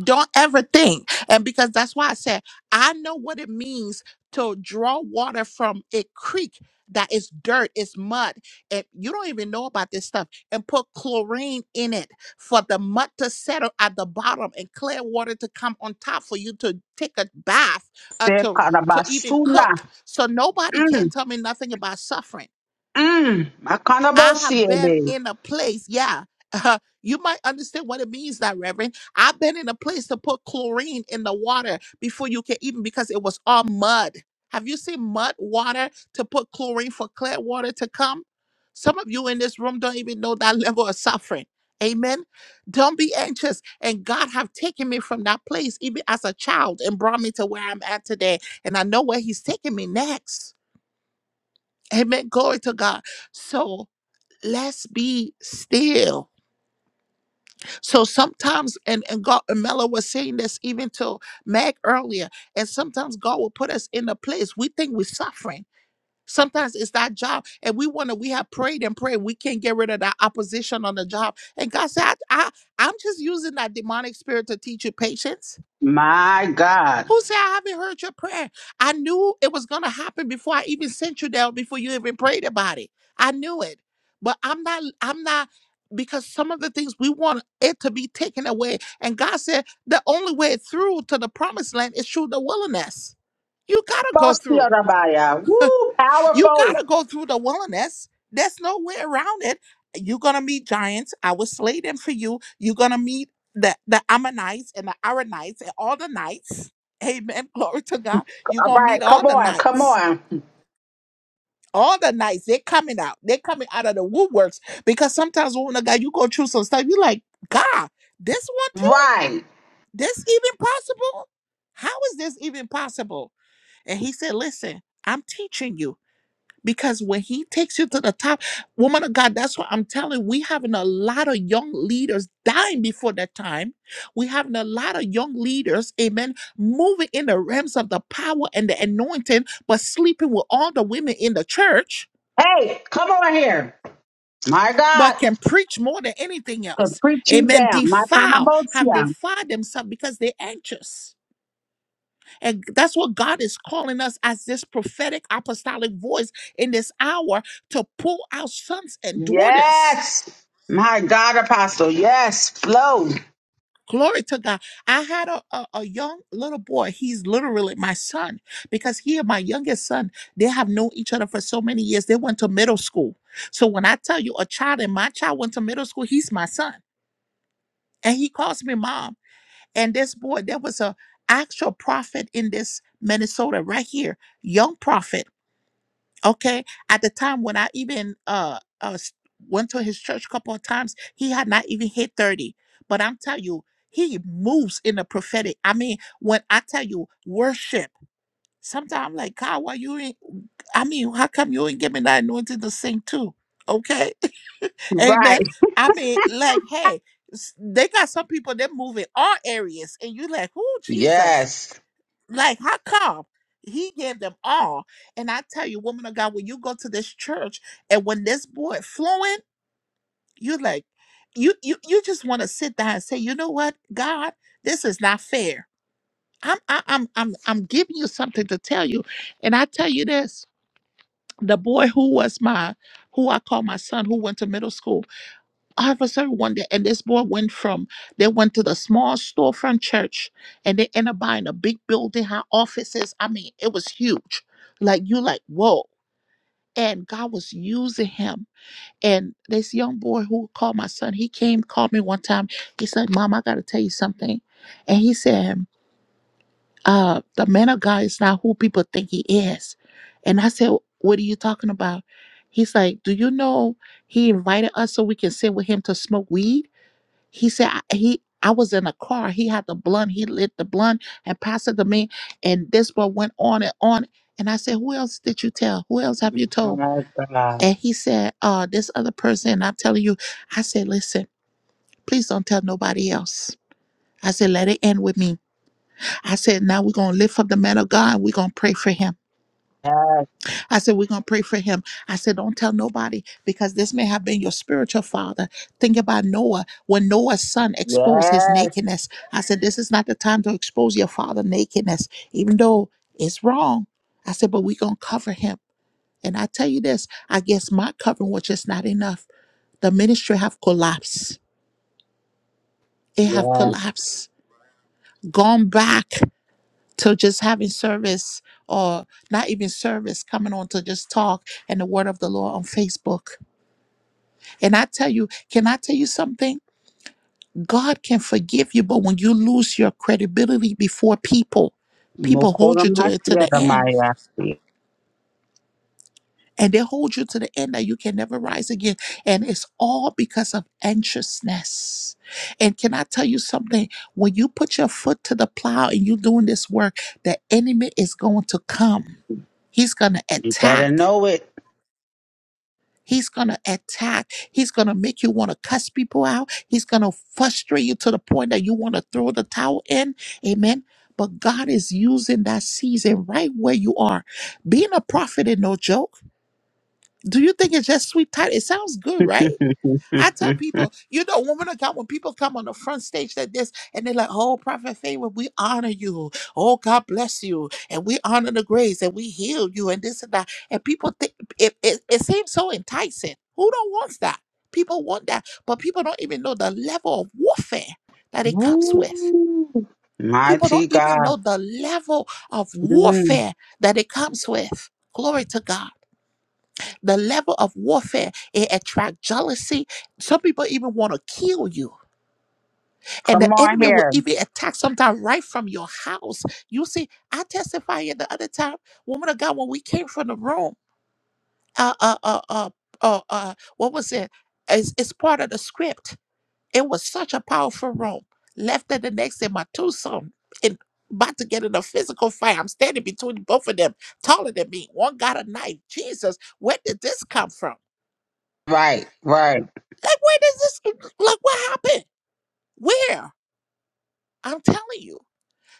[SPEAKER 1] don't ever think. And because that's why I said, I know what it means to draw water from a creek that is dirt, it's mud, and you don't even know about this stuff, and put chlorine in it for the mud to settle at the bottom and clear water to come on top for you to take a bath or
[SPEAKER 18] Say
[SPEAKER 1] to, to even
[SPEAKER 18] karabasuna.
[SPEAKER 1] cook. So nobody can
[SPEAKER 18] Mm,
[SPEAKER 1] tell me nothing about suffering
[SPEAKER 18] mm.
[SPEAKER 1] I have been
[SPEAKER 18] Makanabosie.
[SPEAKER 1] in a place, yeah. <laughs> you might understand what it means, that Reverend. I've been in a place to put chlorine in the water before you can even because it was all mud. Have you seen mud water to put chlorine for clear water to come? Some of you in this room don't even know that <laughs> level of suffering. Amen. Don't be anxious. And God have taken me from that place even as a child and brought me to where I'm at today. And I know where He's taking me next. Amen. Glory to God. So let's be still. So sometimes, and, and God, and Mela was saying this even to Meg earlier, and sometimes God will put us in a place we think we're suffering. Sometimes it's that job, and we want to. We have prayed and prayed. We can't get rid of that opposition on the job, and God said, I, I, "I'm just using that demonic spirit to teach you patience."
[SPEAKER 18] My God.
[SPEAKER 1] Who said I haven't heard your prayer? I knew it was gonna happen before I even sent you down, before you even prayed about it. I knew it. But I'm not, I'm not because some of the things we want it to be taken away. And God said the only way through to the promised land is through the wilderness. You gotta go through.
[SPEAKER 18] Bosiarabaya.
[SPEAKER 1] <laughs>
[SPEAKER 18] Woo,
[SPEAKER 1] You
[SPEAKER 18] powerful.
[SPEAKER 1] gotta go through the wilderness. There's no way around it. You're gonna meet giants. I will slay them for you. You're gonna meet the, the Ammonites and the Aranites and all the knights. Amen. <laughs> Glory to God. You're
[SPEAKER 18] All
[SPEAKER 1] gonna meet
[SPEAKER 18] right,
[SPEAKER 1] all
[SPEAKER 18] come
[SPEAKER 1] the
[SPEAKER 18] on, come
[SPEAKER 1] knights.
[SPEAKER 18] on.
[SPEAKER 1] All the knights, they're coming out. They're coming out of the woodworks. Because sometimes when a guy you go through some stuff, you like, God, this one too?
[SPEAKER 18] Right.
[SPEAKER 1] This even possible? How is this even possible? And he said, Listen, I'm teaching you. Because when he takes you to the top, woman of God, that's what I'm telling. you, We having a lot of young leaders dying before their time. We having a lot of young leaders, amen, moving in the realms of the power and the anointing, but sleeping with all the women in the church,
[SPEAKER 18] Hey, come on here. My God.
[SPEAKER 1] but can preach more than anything
[SPEAKER 18] Could
[SPEAKER 1] else.
[SPEAKER 18] preach you
[SPEAKER 1] Amen.
[SPEAKER 18] down.
[SPEAKER 1] Defile, have
[SPEAKER 18] Makanabosia.
[SPEAKER 1] defiled themselves because they're anxious. And that's what God is calling us as this prophetic apostolic voice in this hour to pull out sons and daughters.
[SPEAKER 18] Yes. My God, Apostle. Yes. Flow.
[SPEAKER 1] Glory to God. I had a, a, a young little boy. He's literally my son because he and my youngest son, they have known each other for so many years. They went to middle school. So when I tell you a child and my child went to middle school, he's my son. And he calls me mom. And this boy, there was a actual prophet in this Minnesota right here, young prophet. Okay. At the time when I even uh, uh s- went to his church a couple of times, he had not even hit 30. But I'm telling you, he moves in the prophetic. I mean, when I tell you worship, sometimes I'm like, God, why you ain't I mean, how come you ain't giving that anointing to sing too? Okay. <laughs> Amen.
[SPEAKER 18] Right.
[SPEAKER 1] I mean, like, hey, s- they got some people that move in all areas, and you like, oh Jesus.
[SPEAKER 18] Yes.
[SPEAKER 1] Like, how come? He gave them all. And I tell you, woman of God, when you go to this church and when this boy flowing, you like, you you you just want to sit down and say, you know what, God, this is not fair. I'm I, I'm I'm I'm giving you something to tell you, and I tell you this: the boy who was my, who I call my son, who went to middle school, officer one day and this boy went from they went to the small storefront church and they ended up buying a big building had offices i mean it was huge like you like whoa and god was using him and this young boy who called my son he came called me one time he said mom i gotta tell you something and he said uh the man of god is not who people think he is and i said what are you talking about he's like do you know he invited us so we can sit with him to smoke weed he said I- he I was in a car. He had the blunt. He lit the blunt and passed it to me. And this boy went on and on. And I said, Who else did you tell? Who else have you told?
[SPEAKER 18] Yes, God.
[SPEAKER 1] And he said, uh, this other person, and I'm telling you, I said, listen, please don't tell nobody else. I said, let it end with me. I said, now we're gonna lift up the man of God and we're gonna pray for him.
[SPEAKER 18] Yes,
[SPEAKER 1] I said, We're going to pray for him. I said, Don't tell nobody because this may have been your spiritual father. Think about Noah when Noah's son exposed his
[SPEAKER 18] yes,
[SPEAKER 1] nakedness. I said, This is not the time to expose your father nakedness, even though it's wrong. I said, But we're going to cover him. And I tell you this, I guess my covering was just not enough. The ministry have collapsed. It have
[SPEAKER 18] yes.
[SPEAKER 1] collapsed, gone back to just having service or not even service, coming on to just talk and the word of the Lord on Facebook. And I tell you, can I tell you something? God can forgive you, but when you lose your credibility before people, people hold
[SPEAKER 18] Mokoro
[SPEAKER 1] you to it to the
[SPEAKER 18] Masiara
[SPEAKER 1] end.
[SPEAKER 18] Maya. You
[SPEAKER 1] And they hold you to the end that you can never rise again. And it's all because of anxiousness. And can I tell you something? When you put your foot to the plow and you're doing this work, the enemy is going to come. He's going to
[SPEAKER 18] better
[SPEAKER 1] attack.
[SPEAKER 18] know it.
[SPEAKER 1] He's going to attack. He's going to make you want to cuss people out. He's going to frustrate you to the point that you want to throw the towel in. Amen. But God is using that season right where you are. Being a prophet is no joke. Do you think it's just sweet title? It sounds good, right? I tell
[SPEAKER 18] <laughs>
[SPEAKER 1] people, you know, woman of God, when people come on the front stage like this and they're like, oh, Prophet Favor, we honor you. Oh, God bless you. And we honor the grace and we heal you and this and that. And people think it, it, it seems so enticing. Who don't wants that? People want that. But people don't even know the level of warfare that it comes with.
[SPEAKER 18] Woo.
[SPEAKER 1] People don't
[SPEAKER 18] Mighty
[SPEAKER 1] even know
[SPEAKER 18] God.
[SPEAKER 1] the level of
[SPEAKER 18] Mm.
[SPEAKER 1] warfare that it comes with. Glory to God the level of warfare it attract jealousy some people even want to kill you and
[SPEAKER 18] Come
[SPEAKER 1] the
[SPEAKER 18] on
[SPEAKER 1] enemy will
[SPEAKER 18] here.
[SPEAKER 1] even attack sometimes right from your house you see i testified here the other time woman of god when we came from the room uh uh uh uh, uh, uh what was it it's, it's part of the script it was such a powerful room left it the next day my two sons and about to get in a physical fight i'm standing between both of them taller than me one got a knife jesus where did this come from
[SPEAKER 18] Right, right.
[SPEAKER 1] Like, where does this, like, what happened? Where? I'm telling you.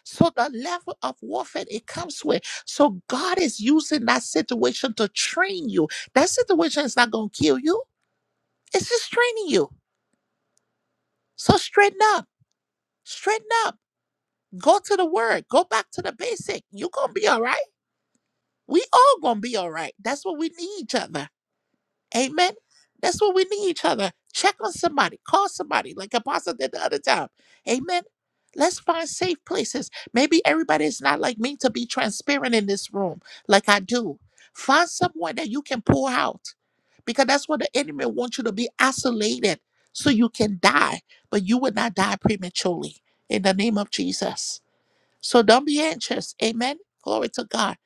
[SPEAKER 1] So, the level of warfare it comes with. So, God is using that situation to train you. That situation is not going to kill you, it's just training you. So, straighten up, straighten up, go to the word, go back to the basic. You're going to be all right. We all going to be all right. That's what we need each other. Amen. That's what we need each other. Check on somebody, call somebody, like Apostle did the other time. Amen. Let's find safe places. Maybe everybody is not like me to be transparent in this room, like I do. Find someone that you can pull out because that's what the enemy wants you to be isolated so you can die, but you will not die prematurely in the name of Jesus. So don't be anxious. Amen. Glory to God.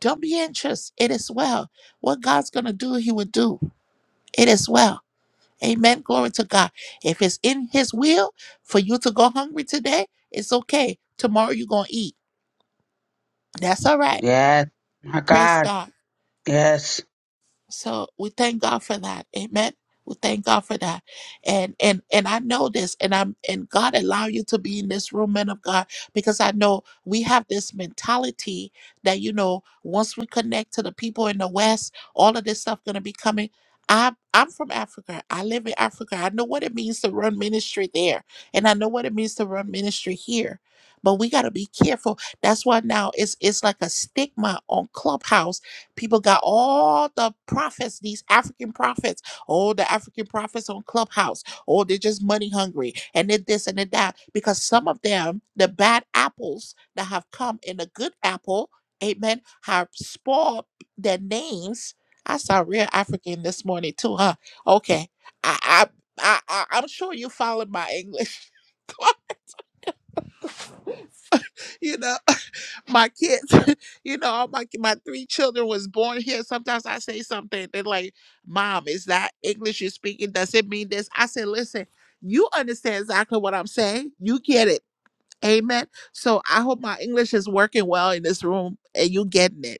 [SPEAKER 1] Don't be anxious. It is well. What God's going to do, He will do. It is well. Amen. Glory to God. If it's in His will for you to go hungry today, it's okay. Tomorrow you're going to eat. That's all right.
[SPEAKER 18] Yes. My
[SPEAKER 1] Praise
[SPEAKER 18] God.
[SPEAKER 1] God.
[SPEAKER 18] Yes.
[SPEAKER 1] So we thank God for that. Amen. We thank God for that. And and and I know this and I'm and God allow you to be in this room, men of God, because I know we have this mentality that you know, once we connect to the people in the West, all of this stuff gonna be coming. I'm I'm from Africa. I live in Africa. I know what it means to run ministry there. And I know what it means to run ministry here. But we gotta be careful. That's why now it's it's like a stigma on Clubhouse People got all the prophets, these African prophets. Oh, the African prophets on Clubhouse. Oh, they're just money hungry and then this and then that. Because some of them, the bad apples that have come in a good apple, amen, have spoiled their names. I saw real African this morning too, huh? Okay. I I I, I I'm sure you followed my English. <laughs> you know <laughs> my kids <laughs> you know all my my three children was born here sometimes i say something they're like mom is that english you're speaking does it mean this i said listen you understand exactly what i'm saying you get it amen so i hope my english is working well in this room and you getting it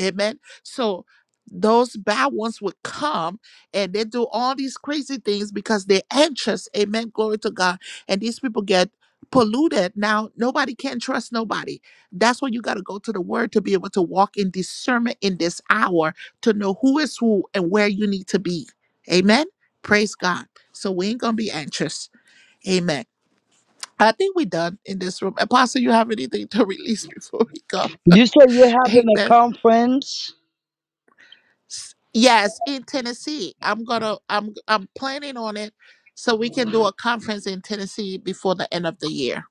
[SPEAKER 1] Amen. So those bad ones would come and they do all these crazy things because they're anxious. Amen. Glory to God. And these people get polluted. Now, nobody can trust nobody. That's why you got to go to the word to be able to walk in discernment in this hour to know who is who and where you need to be. Amen. Praise God. So we ain't going to be anxious. Amen. I think we're done in this room. Apostle, you have anything to <laughs> release before we go?
[SPEAKER 11] You say you're
[SPEAKER 1] <laughs>
[SPEAKER 11] having
[SPEAKER 1] Amen.
[SPEAKER 11] a conference,
[SPEAKER 1] S- Yes, in Tennessee. I'm gonna I'm I'm planning on it so we can do a conference in Tennessee before the end of the year.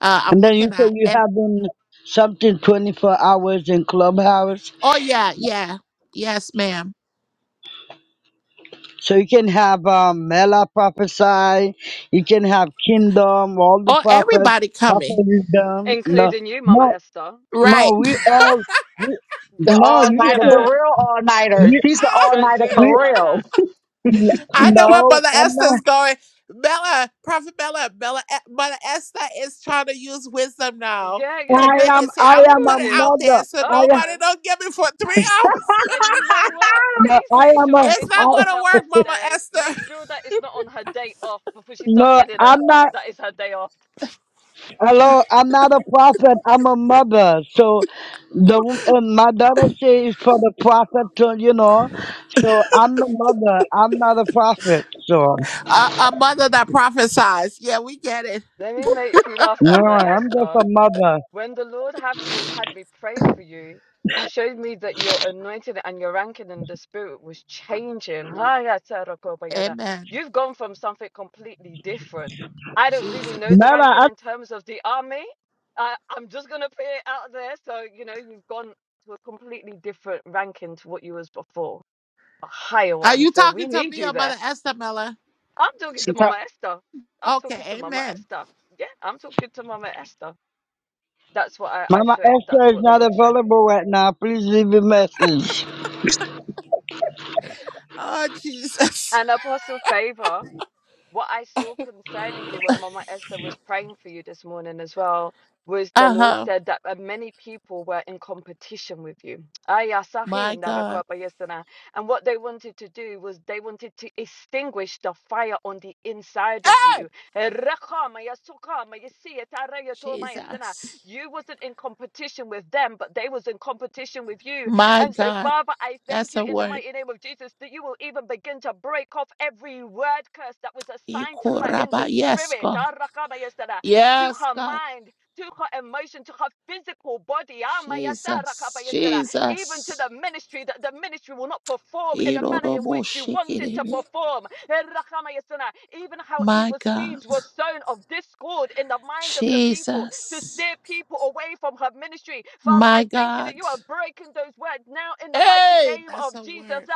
[SPEAKER 1] Uh I'm
[SPEAKER 11] and then you
[SPEAKER 1] looking
[SPEAKER 11] say
[SPEAKER 1] at
[SPEAKER 11] you're
[SPEAKER 1] and
[SPEAKER 11] having something 24 hours in Clubhouse.
[SPEAKER 1] oh yeah, yeah. Yes, ma'am.
[SPEAKER 11] So you can have um, Mela prophesy, you can have Kingdom, all the
[SPEAKER 1] Oh
[SPEAKER 11] prophets,
[SPEAKER 1] everybody coming.
[SPEAKER 11] prophetdom. No,
[SPEAKER 16] Including you, Mama
[SPEAKER 11] no,
[SPEAKER 16] Esther.
[SPEAKER 1] Right.
[SPEAKER 11] no, we all, we,
[SPEAKER 18] The
[SPEAKER 11] no,
[SPEAKER 18] all
[SPEAKER 16] <laughs>
[SPEAKER 11] you
[SPEAKER 18] nighter, the
[SPEAKER 16] yeah,
[SPEAKER 11] said,
[SPEAKER 18] real all nighter.
[SPEAKER 11] we,
[SPEAKER 18] She's the all
[SPEAKER 16] don't
[SPEAKER 18] nighter
[SPEAKER 16] do us
[SPEAKER 11] we,
[SPEAKER 18] for
[SPEAKER 16] like
[SPEAKER 18] real.
[SPEAKER 16] that.
[SPEAKER 1] <laughs> I know where
[SPEAKER 11] no,
[SPEAKER 1] Mother
[SPEAKER 11] I'm not,
[SPEAKER 1] Esther's going. Bella, Prophet Bella, Bella E- Mother Esther is trying to use wisdom now
[SPEAKER 16] Yeah, yeah,
[SPEAKER 1] to
[SPEAKER 11] I
[SPEAKER 16] yeah.
[SPEAKER 1] make
[SPEAKER 11] am,
[SPEAKER 16] Of
[SPEAKER 1] it say,
[SPEAKER 16] course,
[SPEAKER 11] I
[SPEAKER 1] I'm
[SPEAKER 16] of
[SPEAKER 1] gonna
[SPEAKER 11] am
[SPEAKER 16] course
[SPEAKER 11] a
[SPEAKER 1] put
[SPEAKER 16] she
[SPEAKER 1] it
[SPEAKER 16] is.
[SPEAKER 1] out there
[SPEAKER 11] mother.
[SPEAKER 1] so
[SPEAKER 16] Oh
[SPEAKER 11] I am,
[SPEAKER 1] nobody
[SPEAKER 16] no.
[SPEAKER 1] don't get me for three
[SPEAKER 16] I,
[SPEAKER 18] <laughs>
[SPEAKER 1] hours. <laughs>
[SPEAKER 16] and you know what?
[SPEAKER 11] no,
[SPEAKER 16] Please
[SPEAKER 11] I
[SPEAKER 16] make
[SPEAKER 11] am
[SPEAKER 16] sure
[SPEAKER 11] a,
[SPEAKER 16] that
[SPEAKER 1] It's
[SPEAKER 16] it's not
[SPEAKER 1] not
[SPEAKER 11] I,
[SPEAKER 16] on
[SPEAKER 1] gonna
[SPEAKER 16] her
[SPEAKER 1] work,
[SPEAKER 16] off
[SPEAKER 1] Mama
[SPEAKER 16] day.
[SPEAKER 1] Esther.
[SPEAKER 16] Make sure that it's not on her day off before she starts
[SPEAKER 11] no,
[SPEAKER 16] telling her,
[SPEAKER 11] I'm not.
[SPEAKER 16] us that it's her day off.
[SPEAKER 11] Hello, I'm not a prophet. I'm a mother. So, the wo- and my daughter says for the prophet to you know. So I'm the mother. I'm not a prophet. So
[SPEAKER 1] A, a mother that prophesies. Yeah, we get it.
[SPEAKER 16] Let me make you laugh,
[SPEAKER 11] no,
[SPEAKER 16] Mama
[SPEAKER 11] I'm just
[SPEAKER 16] Esther.
[SPEAKER 11] a mother.
[SPEAKER 16] When the Lord had me had me pray for you, he showed me that your anointing and your ranking in the spirit was changing.
[SPEAKER 1] Amen.
[SPEAKER 16] You've gone from something completely different. I don't really know
[SPEAKER 1] Jesus.
[SPEAKER 16] the ranking
[SPEAKER 11] Mama, I,
[SPEAKER 16] in terms of the army. I, I'm just gonna put it out there. So, you know, you've gone to a completely different ranking to what you was before, a higher
[SPEAKER 1] Are
[SPEAKER 16] one.
[SPEAKER 1] you
[SPEAKER 16] So
[SPEAKER 1] talking
[SPEAKER 16] we
[SPEAKER 1] to
[SPEAKER 16] need
[SPEAKER 1] me or
[SPEAKER 16] you there.
[SPEAKER 1] Mother Esther Miller?
[SPEAKER 16] I'm talking
[SPEAKER 18] She
[SPEAKER 16] to Mama
[SPEAKER 18] talk-
[SPEAKER 16] Esther. I'm talking to
[SPEAKER 1] Okay,
[SPEAKER 16] Mama
[SPEAKER 1] amen.
[SPEAKER 16] Esther. Yeah, I'm talking to Mama Esther. That's what I, I
[SPEAKER 11] Mama
[SPEAKER 16] showed. That's
[SPEAKER 11] Esther is
[SPEAKER 16] what the
[SPEAKER 11] not
[SPEAKER 16] Lord showed me.
[SPEAKER 11] available right now. Please leave a message.
[SPEAKER 1] Oh, Jesus. <laughs>
[SPEAKER 16] And Apostle Favor, what I saw concerning you when Mama Esther was praying for you this morning as well was the
[SPEAKER 1] Uh
[SPEAKER 16] Lord
[SPEAKER 1] huh.
[SPEAKER 16] said that uh, many people were in competition with you. Ay, asahi,
[SPEAKER 1] My God.
[SPEAKER 16] ndarakapa yesana. And what they wanted to do was they wanted to extinguish the fire on the inside of
[SPEAKER 1] Hey!
[SPEAKER 16] you. Eh, rakama yasukama yasiya taraya toma yesana.
[SPEAKER 1] Jesus.
[SPEAKER 16] You wasn't in competition with them, but they was in competition with you
[SPEAKER 1] My
[SPEAKER 16] And so,
[SPEAKER 1] God.
[SPEAKER 16] Father, I thank
[SPEAKER 1] That's
[SPEAKER 16] you
[SPEAKER 1] a
[SPEAKER 16] in the
[SPEAKER 1] word.
[SPEAKER 16] mighty name of Jesus that you will even begin to break off every word curse that was assigned to her in
[SPEAKER 1] Ikuraba.
[SPEAKER 16] the
[SPEAKER 1] Yes,
[SPEAKER 16] spirit, to
[SPEAKER 1] God. Yes,
[SPEAKER 16] her
[SPEAKER 1] God.
[SPEAKER 16] mind, to her emotion, to her physical body.
[SPEAKER 1] Jesus.
[SPEAKER 16] Even to the
[SPEAKER 1] Jesus.
[SPEAKER 16] ministry, that the ministry will not perform in the manner in which you want it to
[SPEAKER 1] Iroroboshikiribi.
[SPEAKER 16] perform. Even how
[SPEAKER 1] My
[SPEAKER 16] evil
[SPEAKER 1] God.
[SPEAKER 16] seeds were sown of discord in the mind of the people to
[SPEAKER 1] Jesus.
[SPEAKER 16] steer people away from her ministry. Father, I
[SPEAKER 1] My
[SPEAKER 16] thank you that you
[SPEAKER 1] God.
[SPEAKER 16] are breaking those words now in the mighty
[SPEAKER 1] Hey,
[SPEAKER 16] name
[SPEAKER 1] that's
[SPEAKER 16] of
[SPEAKER 1] a
[SPEAKER 16] Jesus
[SPEAKER 1] word.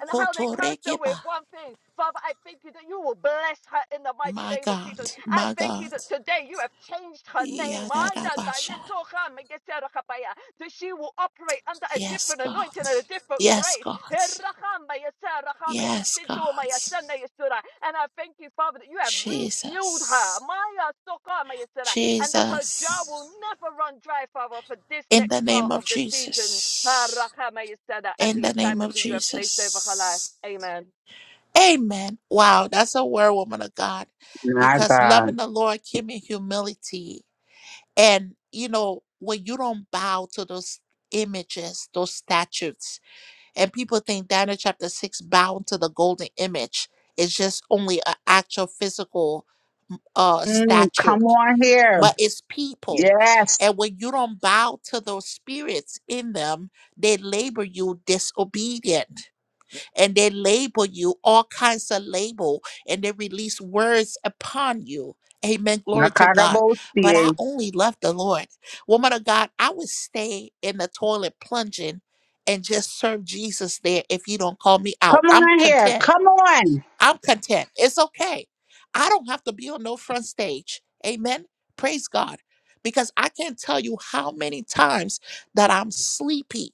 [SPEAKER 16] and how they cast her with one thing. Father, I thank you that you will bless her in the mighty
[SPEAKER 1] My
[SPEAKER 16] name of
[SPEAKER 1] God,
[SPEAKER 16] Jesus. I
[SPEAKER 1] my
[SPEAKER 16] thank you
[SPEAKER 1] God.
[SPEAKER 16] that today you have changed her name.
[SPEAKER 1] Yadadabasha.
[SPEAKER 16] That she will operate under a
[SPEAKER 1] Yes,
[SPEAKER 16] different
[SPEAKER 1] God.
[SPEAKER 16] anointing and a different
[SPEAKER 1] Yes,
[SPEAKER 16] grace.
[SPEAKER 1] God. Yes, God.
[SPEAKER 16] And I thank you, Father, that you have refueled her.
[SPEAKER 1] Jesus.
[SPEAKER 16] And that her jar will
[SPEAKER 1] Jesus.
[SPEAKER 16] never run dry, Father, for this
[SPEAKER 1] In the
[SPEAKER 16] next
[SPEAKER 1] name
[SPEAKER 16] part
[SPEAKER 1] of
[SPEAKER 16] of the season.
[SPEAKER 1] Jesus.
[SPEAKER 16] And
[SPEAKER 1] In
[SPEAKER 16] the
[SPEAKER 1] the name
[SPEAKER 16] assignment
[SPEAKER 1] of
[SPEAKER 16] that you have placed over her
[SPEAKER 1] Jesus.
[SPEAKER 16] life. Amen.
[SPEAKER 1] Amen. Wow, that's a word, woman of God.
[SPEAKER 18] My
[SPEAKER 1] Because loving
[SPEAKER 18] God.
[SPEAKER 1] the Lord came in humility And you know, when you don't bow to those images, those statues, and people think Daniel chapter six bowing to the golden image is just only an actual physical uh
[SPEAKER 18] Mm.
[SPEAKER 1] statue,
[SPEAKER 18] Come on here.
[SPEAKER 1] but it's people.
[SPEAKER 18] Yes.
[SPEAKER 1] And when you don't bow to those spirits in them, they labor you disobedient and they label you all kinds of label and they release words upon you. Amen. Glory to God. But I
[SPEAKER 18] Nakarabosie.
[SPEAKER 1] only love the Lord. Woman of God, I would stay in the toilet plunging and just serve Jesus there if you don't call me out.
[SPEAKER 18] Come
[SPEAKER 1] I'm
[SPEAKER 18] on here.
[SPEAKER 1] content.
[SPEAKER 18] Come on.
[SPEAKER 1] I'm content. It's okay. I don't have to be on no front stage. Amen. Praise God. Because I can't tell you how many times that I'm sleepy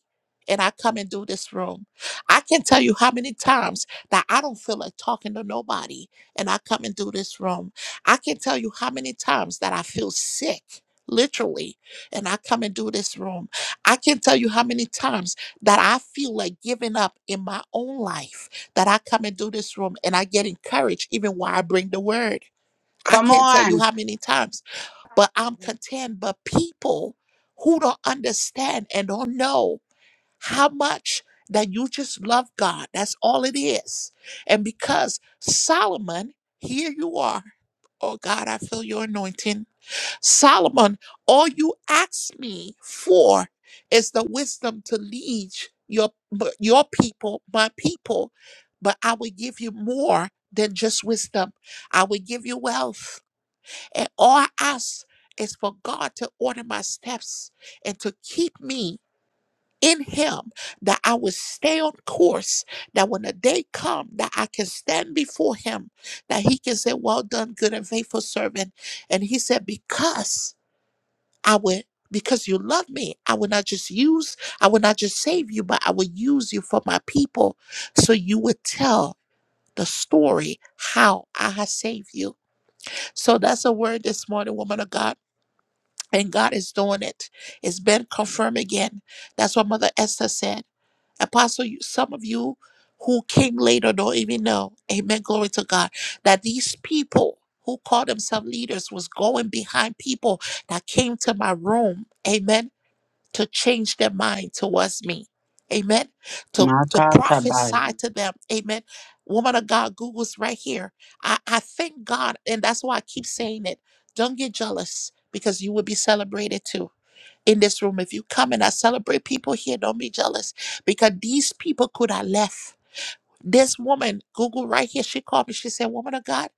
[SPEAKER 1] and I come and do this room. I can tell you how many times that I don't feel like talking to nobody and I come and do this room. I can tell you how many times that I feel sick, literally, and I come and do this room. I can tell you how many times that I feel like giving up in my own life that I come and do this room and I get encouraged even while I bring the word. I
[SPEAKER 18] Come
[SPEAKER 1] can't tell you
[SPEAKER 18] on.
[SPEAKER 1] how many times, but I'm content. But people who don't understand and don't know how much that you just love God, that's all it is. And because Solomon, here you are. Oh God, I feel your anointing. Solomon, all you ask me for is the wisdom to lead your your people, my people, but I will give you more than just wisdom. I will give you wealth. And all I ask is for God to order my steps and to keep me in him that I will stay on course that when the day come that I can stand before him that he can say well done good and faithful servant and he said because I would, because you love me, I would not just use, I would not just save you, but I would use you for my people. So you would tell the story how I have saved you. So that's a word this morning, woman of God. And God is doing it. It's been confirmed again. That's what Mother Esther said. Apostle, you, some of you who came later don't even know. Amen. Glory to God. That these people who call themselves leaders was going behind people that came to my room. Amen to change their mind towards me. Amen. To to
[SPEAKER 18] Makatabai.
[SPEAKER 1] prophesy to them. Amen. Woman of God, Google's right here. I, I thank God, and that's why I keep saying it. Don't get jealous because you will be celebrated too. In this room, if you come and I celebrate people here, don't be jealous because these people could have left. This woman, Google right here, she called me. She said, Woman of God,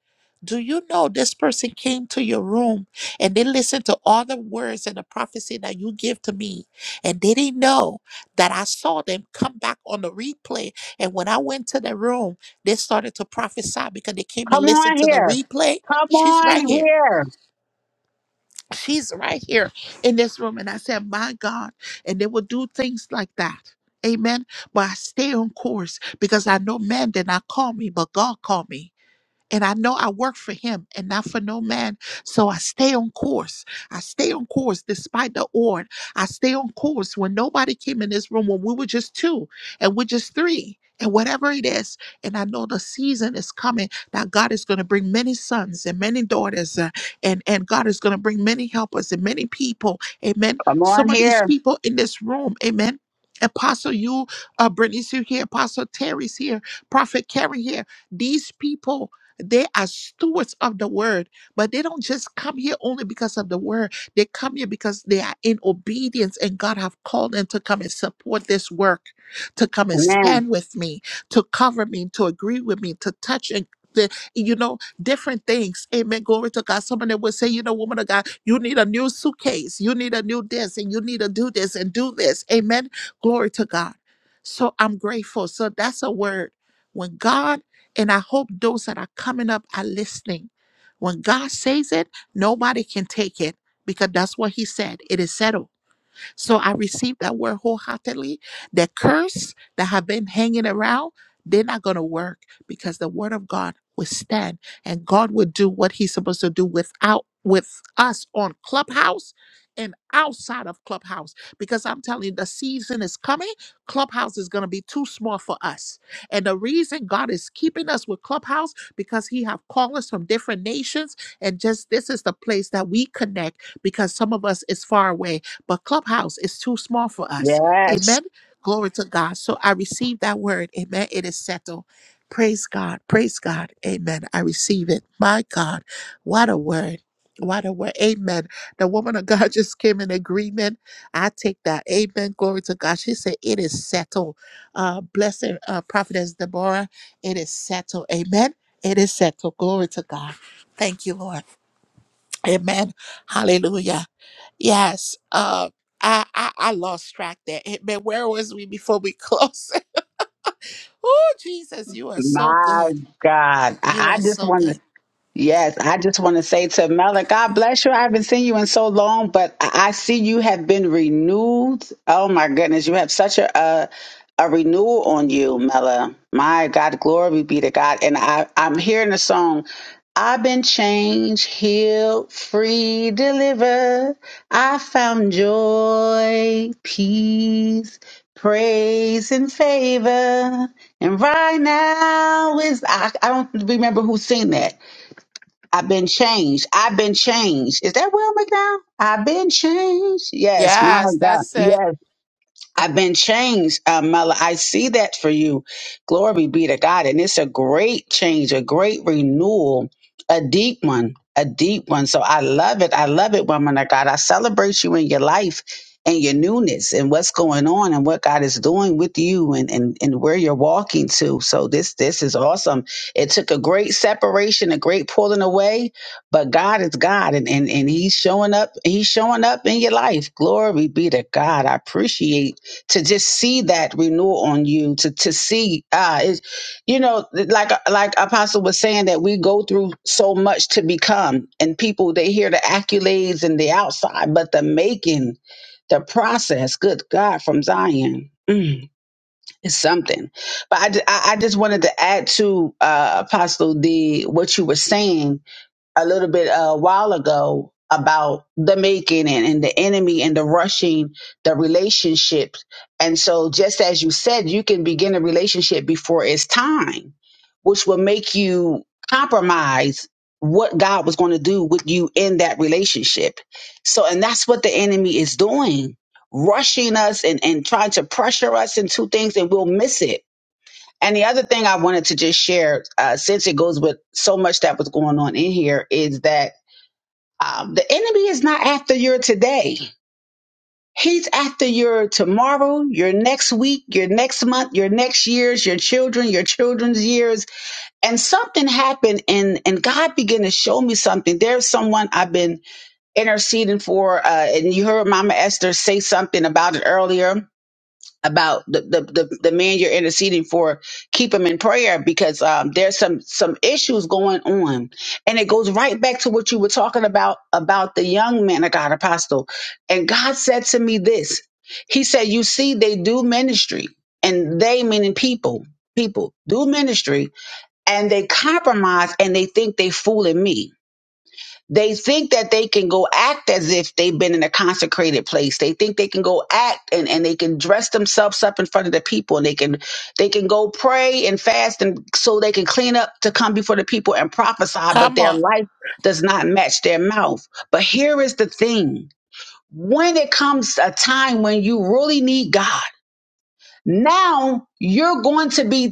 [SPEAKER 1] do you know this person came to your room and they listened to all the words and the prophecy that you give to me? And they didn't know that I saw them come back on the replay. And when I went to the room, they started to prophesy because they came and
[SPEAKER 18] Come
[SPEAKER 1] listened
[SPEAKER 18] on
[SPEAKER 1] to the
[SPEAKER 18] here.
[SPEAKER 1] replay.
[SPEAKER 18] Come
[SPEAKER 1] She's
[SPEAKER 18] on
[SPEAKER 1] right here.
[SPEAKER 18] here.
[SPEAKER 1] She's right here in this room. And I said, My God. And they will do things like that. Amen. But I stay on course because I know man did not call me, but God called me. And I know I work for him and not for no man. So I stay on course. I stay on course despite the odd. I stay on course when nobody came in this room, when we were just two and we're just three and whatever it is. And I know the season is coming that God is going to bring many sons and many daughters uh, and, and God is going to bring many helpers and many people. Amen.
[SPEAKER 18] Come on
[SPEAKER 1] Some of these
[SPEAKER 18] here.
[SPEAKER 1] people in this room. Amen. Apostle, you, uh, Brittany's here, Apostle Terry's here, Prophet Karen here these people they are stewards of the word, but they don't just come here only because of the word. They come here because they are in obedience and God have called them to come and support this work, to come and
[SPEAKER 18] Amen.
[SPEAKER 1] stand with me, to cover me, to agree with me, to touch and the, you know, different things. Amen. Glory to God. Somebody will say, you know, woman of God, you need a new suitcase. You need a new this and you need to do this and do this. Amen. Glory to God. So I'm grateful. So that's a word. When God and I hope those that are coming up are listening. When God says it, nobody can take it because that's what He said. It is settled. So I received that word wholeheartedly. The curse that have been hanging around, they're not going to work because the word of God will stand and God will do what he's supposed to do without with us on Clubhouse and outside of Clubhouse. Because I'm telling you, the season is coming. Clubhouse is going to be too small for us. And the reason God is keeping us with Clubhouse because he have callers from different nations and just this is the place that we connect because some of us is far away but Clubhouse is too small for us.
[SPEAKER 18] Yes.
[SPEAKER 1] Amen. Glory to God. So I receive that word. Amen. It is settled. Praise God. Praise God. Amen. I receive it. My God. What a word. What a word. Amen. The woman of God <laughs> just came in agreement. I take that. Amen. Glory to God. She said, It is settled. Uh, blessed uh, prophetess Deborah. It is settled. Amen. It is settled. Glory to God. Thank you, Lord. Amen. Hallelujah. Yes. Uh, I, I I lost track there. Amen. Where was we before we close? <laughs> oh, Jesus, you are so
[SPEAKER 18] My
[SPEAKER 1] good.
[SPEAKER 18] God.
[SPEAKER 1] You
[SPEAKER 18] I,
[SPEAKER 1] are
[SPEAKER 18] I just
[SPEAKER 1] so
[SPEAKER 18] want to
[SPEAKER 1] good.
[SPEAKER 18] Yes, I just want to say to Mela, God bless you. I haven't seen you in so long, but I I see you have been renewed. Oh my goodness, you have such a a, a renewal on you, Mela. My God, glory be to God. And I I'm hearing the song. I've been changed, healed, free, delivered. I found joy, peace, praise, and favor. And right now is I, I don't remember who sing that I've been changed. I've been changed. Is that Will McDowell? I've been changed. Yes, my
[SPEAKER 1] Yes,
[SPEAKER 18] God.
[SPEAKER 1] that's it.
[SPEAKER 18] Yes, I've been changed, uh, Mella. I see that for you. Glory be to God. And it's a great change, a great renewal, a deep one, a deep one. So I love it. I love it, woman of God. I celebrate you in your life and your newness and what's going on and what God is doing with you and, and, and where you're walking to. So this this is awesome. It took a great separation, a great pulling away, but God is God and, and, and He's showing up, He's showing up in your life. Glory be to God. I appreciate to just see that renewal on you to to see ah it's, you know like like apostle was saying that we go through so much to become and people they hear the accolades and the outside but the making the process good god from zion mm, is something but I, ju- I I just wanted to add to uh apostle the what you were saying a little bit uh, a while ago about the making and, and the enemy and the rushing the relationship. And so, just as you said, you can begin a relationship before it's time, which will make you compromise what God was going to do with you in that relationship. So, and that's what the enemy is doing rushing us and, and trying to pressure us into things and we'll miss it and the other thing I wanted to just share, uh, since it goes with so much that was going on in here, is that um, the enemy is not after your today. He's after your tomorrow, your next week, your next month, your next years, your children, your children's years. And something happened, and and God began to show me something. There's someone I've been interceding for, uh, and you heard Mama Esther say something about it earlier about the, the, the, the man you're interceding for keep him in prayer because um, there's some some issues going on and it goes right back to what you were talking about about the young man of god apostle and god said to me this he said you see they do ministry and they meaning people people do ministry and they compromise and they think they fooling me they think that they can go act as if they've been in a consecrated place. They think they can go act and, and they can dress themselves up in front of the people and they can they can go pray and fast and so they can clean up to come before the people and prophesy, but
[SPEAKER 1] Come
[SPEAKER 18] their
[SPEAKER 1] on.
[SPEAKER 18] life does not match their mouth. But here is the thing. When it comes a time when you really need God, now you're going to be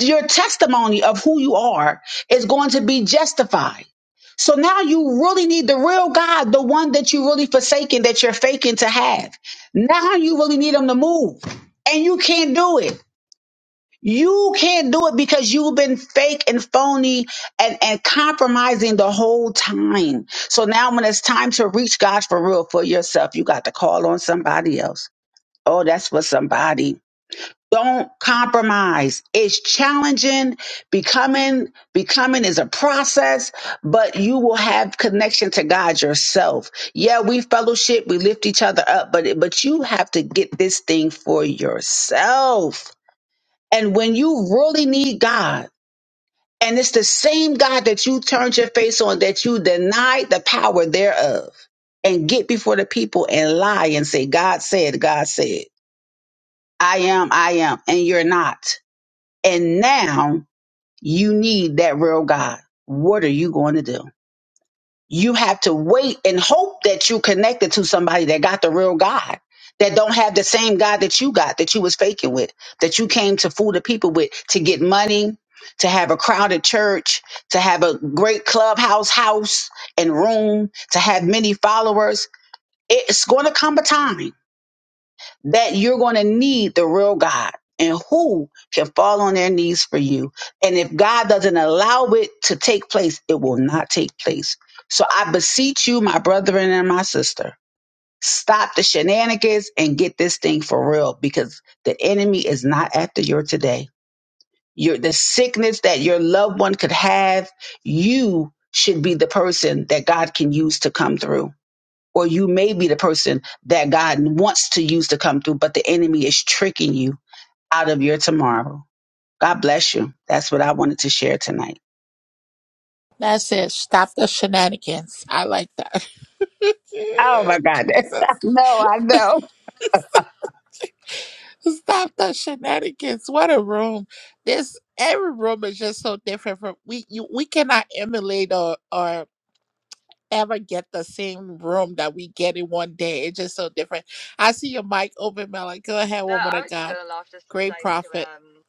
[SPEAKER 18] your testimony of who you are is going to be justified. So now you really need the real God, the one that you really forsaken, that you're faking to have. Now you really need him to move. And you can't do it. You can't do it because you've been fake and phony and, and compromising the whole time. So now when it's time to reach God for real for yourself, you got to call on somebody else. Oh, that's for somebody. Don't compromise. It's challenging. Becoming, becoming is a process, but you will have connection to God yourself. Yeah, we fellowship, we lift each other up, but but you have to get this thing for yourself. And when you really need God, and it's the same God that you turned your face on, that you denied the power thereof, and get before the people and lie and say, God said, God said, I am, I am, and you're not and now you need that real God. What are you going to do? You have to wait and hope that you connected to somebody that got the real God, that don't have the same God that you got, that you was faking with, that you came to fool the people with to get money, to have a crowded church, to have a great clubhouse house and room, to have many followers. It's going to come a time that you're going to need the real God and who can fall on their knees for you. And if God doesn't allow it to take place, it will not take place. So I beseech you, my brethren and my sister, stop the shenanigans and get this thing for real because the enemy is not after your today. Your the sickness that your loved one could have, you should be the person that God can use to come through or you may be the person that God wants to use to come through, but the enemy is tricking you out of your tomorrow. God bless you. That's what I wanted to share tonight.
[SPEAKER 1] That's it. Stop the shenanigans. I like that.
[SPEAKER 18] Oh
[SPEAKER 1] <laughs>
[SPEAKER 18] my
[SPEAKER 1] Jesus.
[SPEAKER 18] God. No, I know.
[SPEAKER 1] Stop the shenanigans. What a room. This every room is just so different from we you, we cannot emulate or or ever get the same room that we get in one day. It's just so different. I see your mic open, Mel. Go ahead,
[SPEAKER 16] No,
[SPEAKER 1] woman
[SPEAKER 16] I
[SPEAKER 1] of
[SPEAKER 16] was just
[SPEAKER 1] God.
[SPEAKER 16] going to laugh just to
[SPEAKER 1] Great
[SPEAKER 16] say to
[SPEAKER 1] prophet.
[SPEAKER 16] um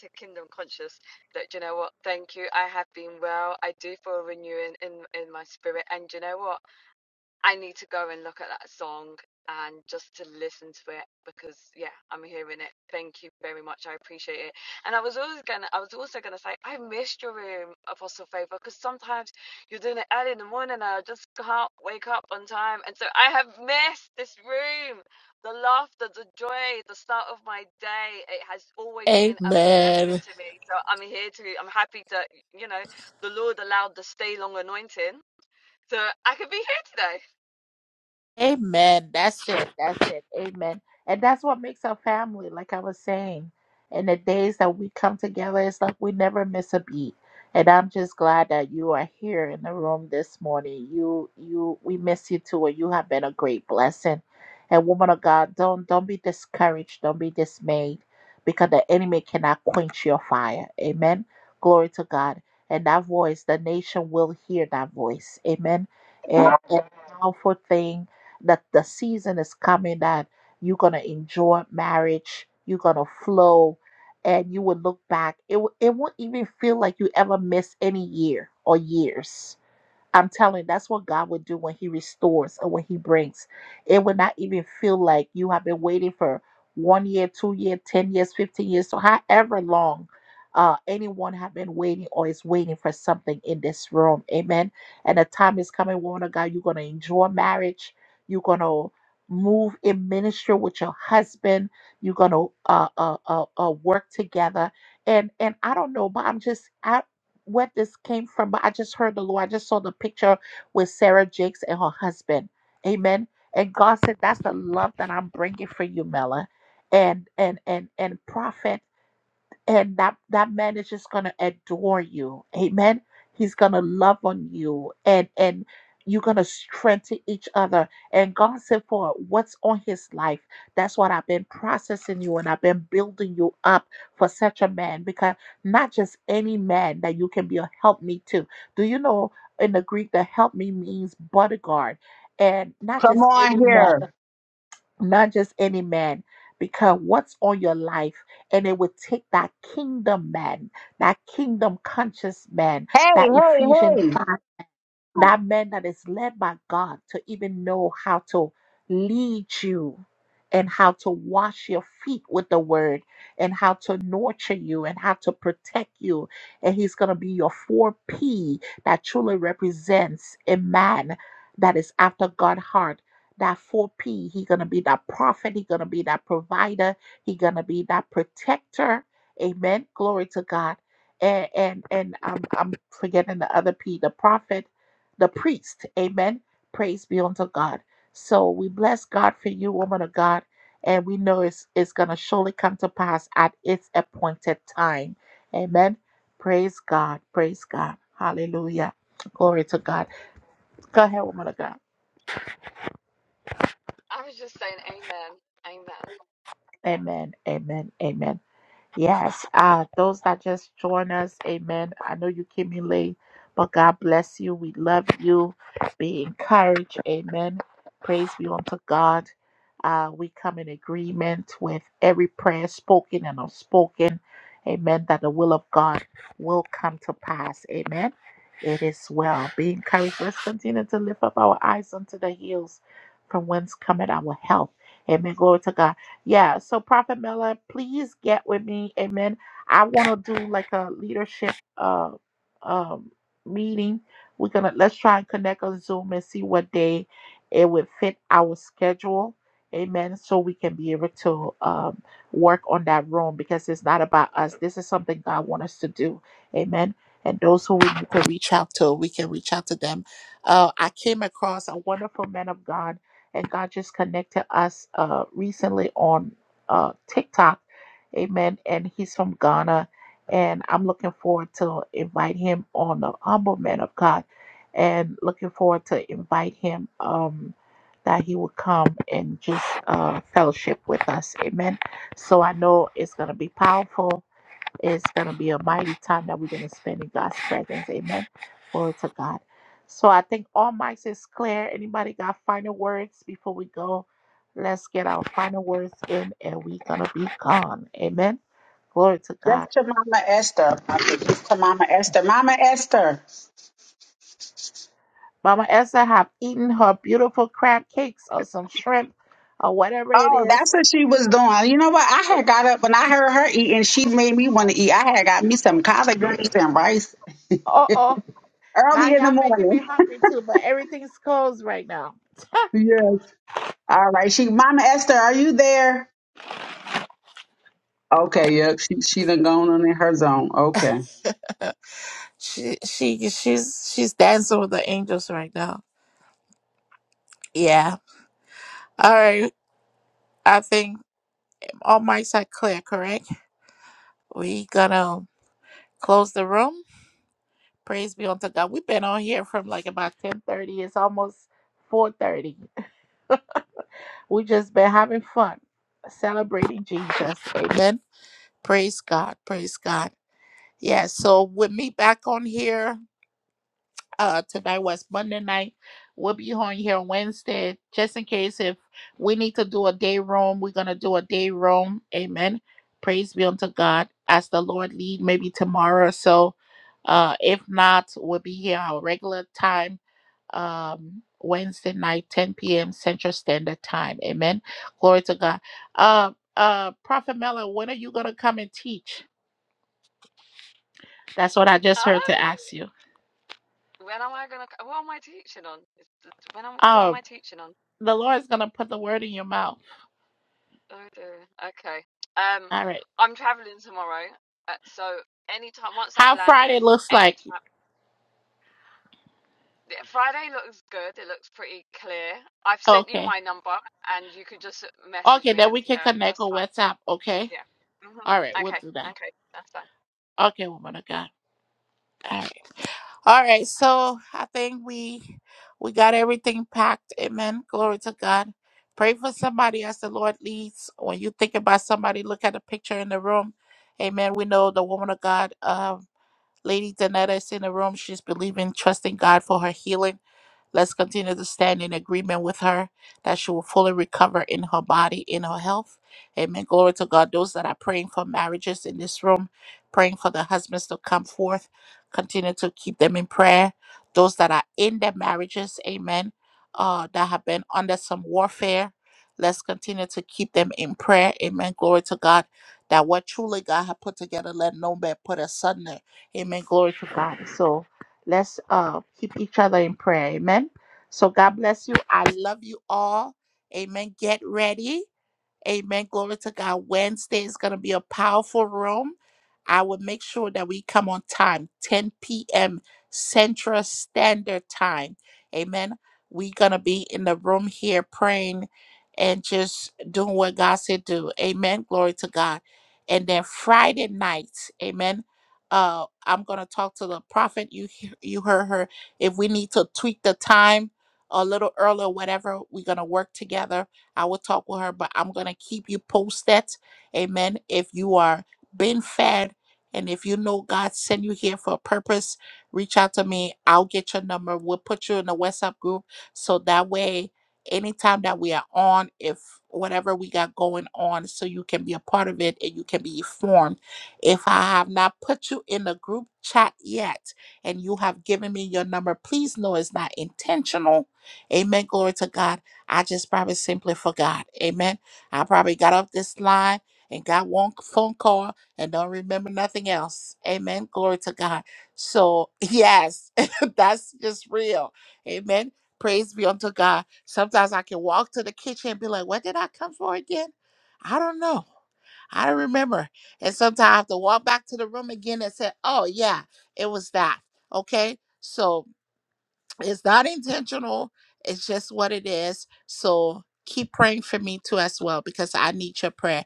[SPEAKER 16] to Kingdom Conscious that do you know what? Thank you. I have been well. I do feel renewing in in my spirit, and do you know what? I need to go and look at that song and just to listen to it because yeah, I'm hearing it. Thank you very much. I appreciate it. And I was always gonna I was also gonna say I missed your room, Apostle Favor, because sometimes you're doing it early in the morning and I just can't wake up on time. And so I have missed this room. The laughter, the joy, the start of my day. It has always been a
[SPEAKER 1] Amen.
[SPEAKER 16] blessing to me. So I'm here to I'm happy that you know, the Lord allowed the stay long anointing. So I could be here today.
[SPEAKER 1] Amen. That's it. That's it. Amen. And that's what makes our family, like I was saying. And the days that we come together, it's like we never miss a beat. And I'm just glad that you are here in the room this morning. You you we miss you too, and you have been a great blessing. And woman of God, don't don't be discouraged, don't be dismayed, because the enemy cannot quench your fire. Amen. Glory to God. And that voice, the nation will hear that voice. Amen. And, and powerful thing that the season is coming that you're going to enjoy marriage, you're going to flow, and you will look back. It, w- it won't even feel like you ever missed any year or years I'm telling you, that's what God would do when He restores or when He brings. It would not even feel like you have been waiting for one year, two year, ten years, fifteen years, so however long uh, anyone have been waiting or is waiting for something in this room. Amen. And the time is coming, woman of God, you're gonna enjoy marriage. You're gonna move in ministry with your husband. You're gonna uh, uh, uh, uh, work together. And and I don't know, but I'm just I, where this came from, but I just heard the Lord. I just saw the picture with Sarah Jakes and her husband. Amen. And God said, "That's the love that I'm bringing for you, Mela." And and and and prophet and that that man is just gonna adore you amen he's gonna love on you and and you're gonna strengthen each other and god said for what's on his life that's what i've been processing you and i've been building you up for such a man because not just any man that you can be a help me to do you know in the greek the help me means bodyguard and not
[SPEAKER 18] Come
[SPEAKER 1] just
[SPEAKER 18] on
[SPEAKER 1] any man
[SPEAKER 18] here.
[SPEAKER 1] not just any man, because what's on your life, and it would take that kingdom man, that kingdom conscious man,
[SPEAKER 18] Hey,
[SPEAKER 1] that
[SPEAKER 18] hey,
[SPEAKER 1] Ephesians
[SPEAKER 18] hey.
[SPEAKER 1] 5 that man that is led by God to even know how to lead you and how to wash your feet with the word and how to nurture you and how to protect you. And he's going to be your 4P that truly represents a man that is after God's heart. That 4P, He's gonna be that prophet, He's gonna be that provider, He's gonna be that protector. Amen. Glory to God. And and and I'm I'm forgetting the other P, the prophet the priest. Amen. Praise be unto God. So we bless God for you, woman of God, and we know it's, it's going to surely come to pass at its appointed time. Amen. Praise God. Praise God. Hallelujah. Glory to God. Go ahead, woman of God.
[SPEAKER 16] I was just saying, Amen, Amen.
[SPEAKER 1] Amen. Amen. Amen. Yes, uh, those that just join us, amen. I know you came in late, but God bless you. We love you. Be encouraged, amen. Praise be unto God. Uh, we come in agreement with every prayer spoken and unspoken, amen, that the will of God will come to pass, amen. It is well. Be encouraged. Let's continue to lift up our eyes unto the hills from whence cometh our help. Amen. Glory to God. Yeah, so Prophet Mela, please get with me. Amen. I want to do like a leadership uh um meeting. We're gonna let's try and connect on Zoom and see what day it would fit our schedule. Amen. So we can be able to um work on that room because it's not about us. This is something God wants us to do. Amen. And those who we need to reach out to, we can reach out to them. Uh, I came across a wonderful man of God and God just connected us uh, recently on uh, TikTok. Amen. And he's from Ghana. And I'm looking forward to invite him on the humble man of God. And looking forward to invite him um, that he would come and just uh, fellowship with us. Amen. So I know it's going to be powerful it's going to be a mighty time that we're going to spend in God's presence. Amen. Glory to God. So I think all mics is clear. Anybody got final words before we go? Let's get our final words in and we're going to be gone. Amen. Glory to
[SPEAKER 18] That's
[SPEAKER 1] God.
[SPEAKER 18] to Mama Esther. That's to Mama Esther. Mama Esther.
[SPEAKER 1] Mama Esther have eaten her beautiful crab cakes or some shrimp or whatever it
[SPEAKER 18] Oh,
[SPEAKER 1] is.
[SPEAKER 18] that's what she was doing. You know what? I had got up when I heard her eat and she made me want to eat. I had got me some collard greens and rice
[SPEAKER 1] Uh oh. Now
[SPEAKER 18] early in the
[SPEAKER 1] y'all making me
[SPEAKER 18] morning.
[SPEAKER 1] hungry too, but everything's closed right now.
[SPEAKER 18] Yes. All right. She Mama Esther, are you there? Okay, yep. She she done gone on in her zone. Okay.
[SPEAKER 1] <laughs> She she she's she's dancing with the angels right now. Yeah. All right. I think all mics are clear, correct? We gonna close the room. Praise be unto God. We've been on here from like about ten thirty. It's almost four thirty. <laughs> We just been having fun, celebrating Jesus. Amen. Praise God. Praise God. Yeah. So with me back on here. Uh, tonight was Monday night. We'll be on here Wednesday, just in case if we need to do a day room, we're gonna do a day room. Amen. Praise be unto God as the Lord lead. Maybe tomorrow or so. Uh, if not, we'll be here our regular time. Um, Wednesday night, 10 p.m. Central Standard Time. Amen. Glory to God. Uh, uh, Prophet Miller, when are you gonna come and teach? That's what I just heard to
[SPEAKER 16] Um,
[SPEAKER 1] ask you.
[SPEAKER 16] when am I gonna? What am I teaching on? It's- it's- When am what am
[SPEAKER 1] Um,
[SPEAKER 16] I teaching on?
[SPEAKER 1] the Lord's gonna put the word in your mouth.
[SPEAKER 16] Oh dear. Okay. Um,
[SPEAKER 1] All right.
[SPEAKER 16] I'm traveling tomorrow, uh, so anytime once I've
[SPEAKER 1] How Friday
[SPEAKER 16] landed,
[SPEAKER 1] looks
[SPEAKER 16] any
[SPEAKER 1] like?
[SPEAKER 16] time. Friday looks good. It looks pretty clear. I've sent you
[SPEAKER 1] Okay.
[SPEAKER 16] my number, and you could just message
[SPEAKER 1] Okay,
[SPEAKER 16] me,
[SPEAKER 1] then
[SPEAKER 16] and
[SPEAKER 1] we can
[SPEAKER 16] yeah,
[SPEAKER 1] connect
[SPEAKER 16] that's
[SPEAKER 1] on
[SPEAKER 16] fine.
[SPEAKER 1] WhatsApp. Okay.
[SPEAKER 16] Yeah. hmm
[SPEAKER 1] All right, we'll
[SPEAKER 16] Okay.
[SPEAKER 1] do that.
[SPEAKER 16] Okay. That's fine.
[SPEAKER 1] Okay, woman of God. All right. All right. So I think we we got everything packed. Amen. Glory to God. Pray for somebody as the Lord leads. When you think about somebody, look at the picture in the room. Amen. We know the woman of God, um, Lady Danetta is in the room. She's believing, trusting God for her healing. Let's continue to stand in agreement with her that she will fully recover in her body, in her health. Amen. Glory to God. Those that are praying for marriages in this room, praying for the husbands to come forth, continue to keep them in prayer. Those that are in their marriages, amen, uh, that have been under some warfare, let's continue to keep them in prayer. Amen. Glory to God. That what truly God had put together, let no man put asunder. Amen. Glory to God. So, Let's uh, keep each other in prayer. Amen. So God bless you. I love you all. Amen. Get ready. Amen. Glory to God. Wednesday is going to be a powerful room. I will make sure that we come on time, 10 p.m. Central Standard Time. Amen. We're going to be in the room here praying and just doing what God said do. Amen. Glory to God. And then Friday night, amen. Uh, I'm gonna talk to the prophet. You he- you heard her. If we need to tweak the time a little earlier, whatever, we're gonna work together I will talk with her, but I'm going to keep you posted. Amen. If you are being fed and if you know God sent you here for a purpose, reach out to me. I'll get your number. We'll put you in the WhatsApp group so that way, anytime that we are on, if whatever we got going on, so you can be a part of it and you can be informed. If I have not put you in the group chat yet, and you have given me your number, please know it's not intentional. Amen. Glory to God I just probably simply forgot. Amen. I probably got off this line and got one phone call and don't remember nothing else. Amen. Glory to God. So, yes, <laughs> that's just real. Amen. Praise be unto God. Sometimes I can walk to the kitchen and be like, what did I come for again? I don't know. I don't remember. And sometimes I have to walk back to the room again and say, oh, yeah, it was that. Okay. so. It's not intentional. It's just what it is. So keep praying for me too as well because I need your prayer.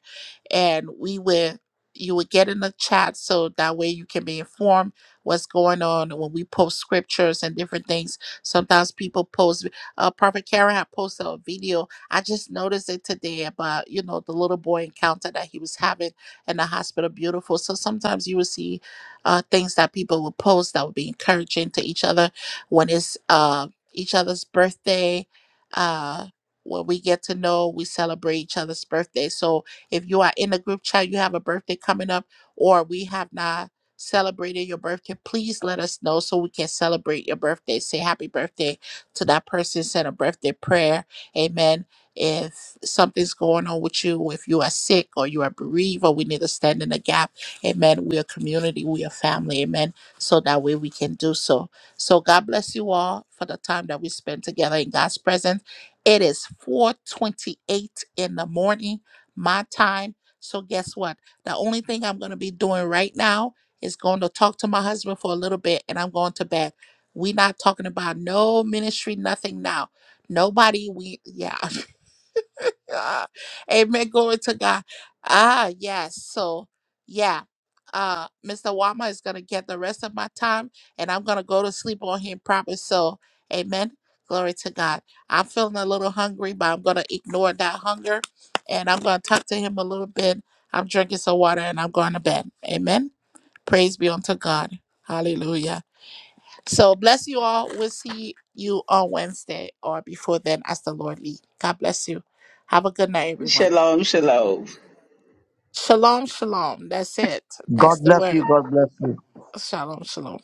[SPEAKER 1] And we will you will get in the chat so that way you can be informed what's going on when we post scriptures and different things. Sometimes people post uh Prophet Karen had posted a video. I just noticed it today about, you know, the little boy encounter that he was having in the hospital. Beautiful. So sometimes you will see uh things that people will post that will be encouraging to each other when it's uh, each other's birthday. Uh, when we get to know, we celebrate each other's birthday. So if you are in the group chat, you have a birthday coming up, or we have not celebrated your birthday, please let us know so we can celebrate your birthday. Say happy birthday to that person, send a birthday prayer. Amen. If something's going on with you, if you are sick or you are bereaved, or we need to stand in the gap, amen. We are community, we are family, amen. So that way we can do so. So God bless you all for the time that we spend together in God's presence. It is 4:28 in the morning, my time. So guess what? The only thing I'm going to be doing right now is going to talk to my husband for a little bit and I'm going to bed. we not talking about no ministry, nothing now. Nobody, we yeah. <laughs> Ah, amen. Glory to God. Ah, yes. So, yeah. Uh, Mr. Wama is gonna get the rest of my time, and I'm gonna go to sleep on him proper. So, amen. Glory to God. I'm feeling a little hungry, but I'm gonna ignore that hunger, and I'm gonna talk to him a little bit. I'm drinking some water, and I'm going to bed. Amen. Praise be unto God. Hallelujah. So bless you all. We'll see you on Wednesday or before then as the Lord lead. God bless you. Have a good night, everyone.
[SPEAKER 18] Shalom, shalom.
[SPEAKER 1] Shalom, shalom. That's it.
[SPEAKER 9] God
[SPEAKER 1] That's the
[SPEAKER 9] bless you.
[SPEAKER 1] word.
[SPEAKER 9] God bless you.
[SPEAKER 1] Shalom, shalom.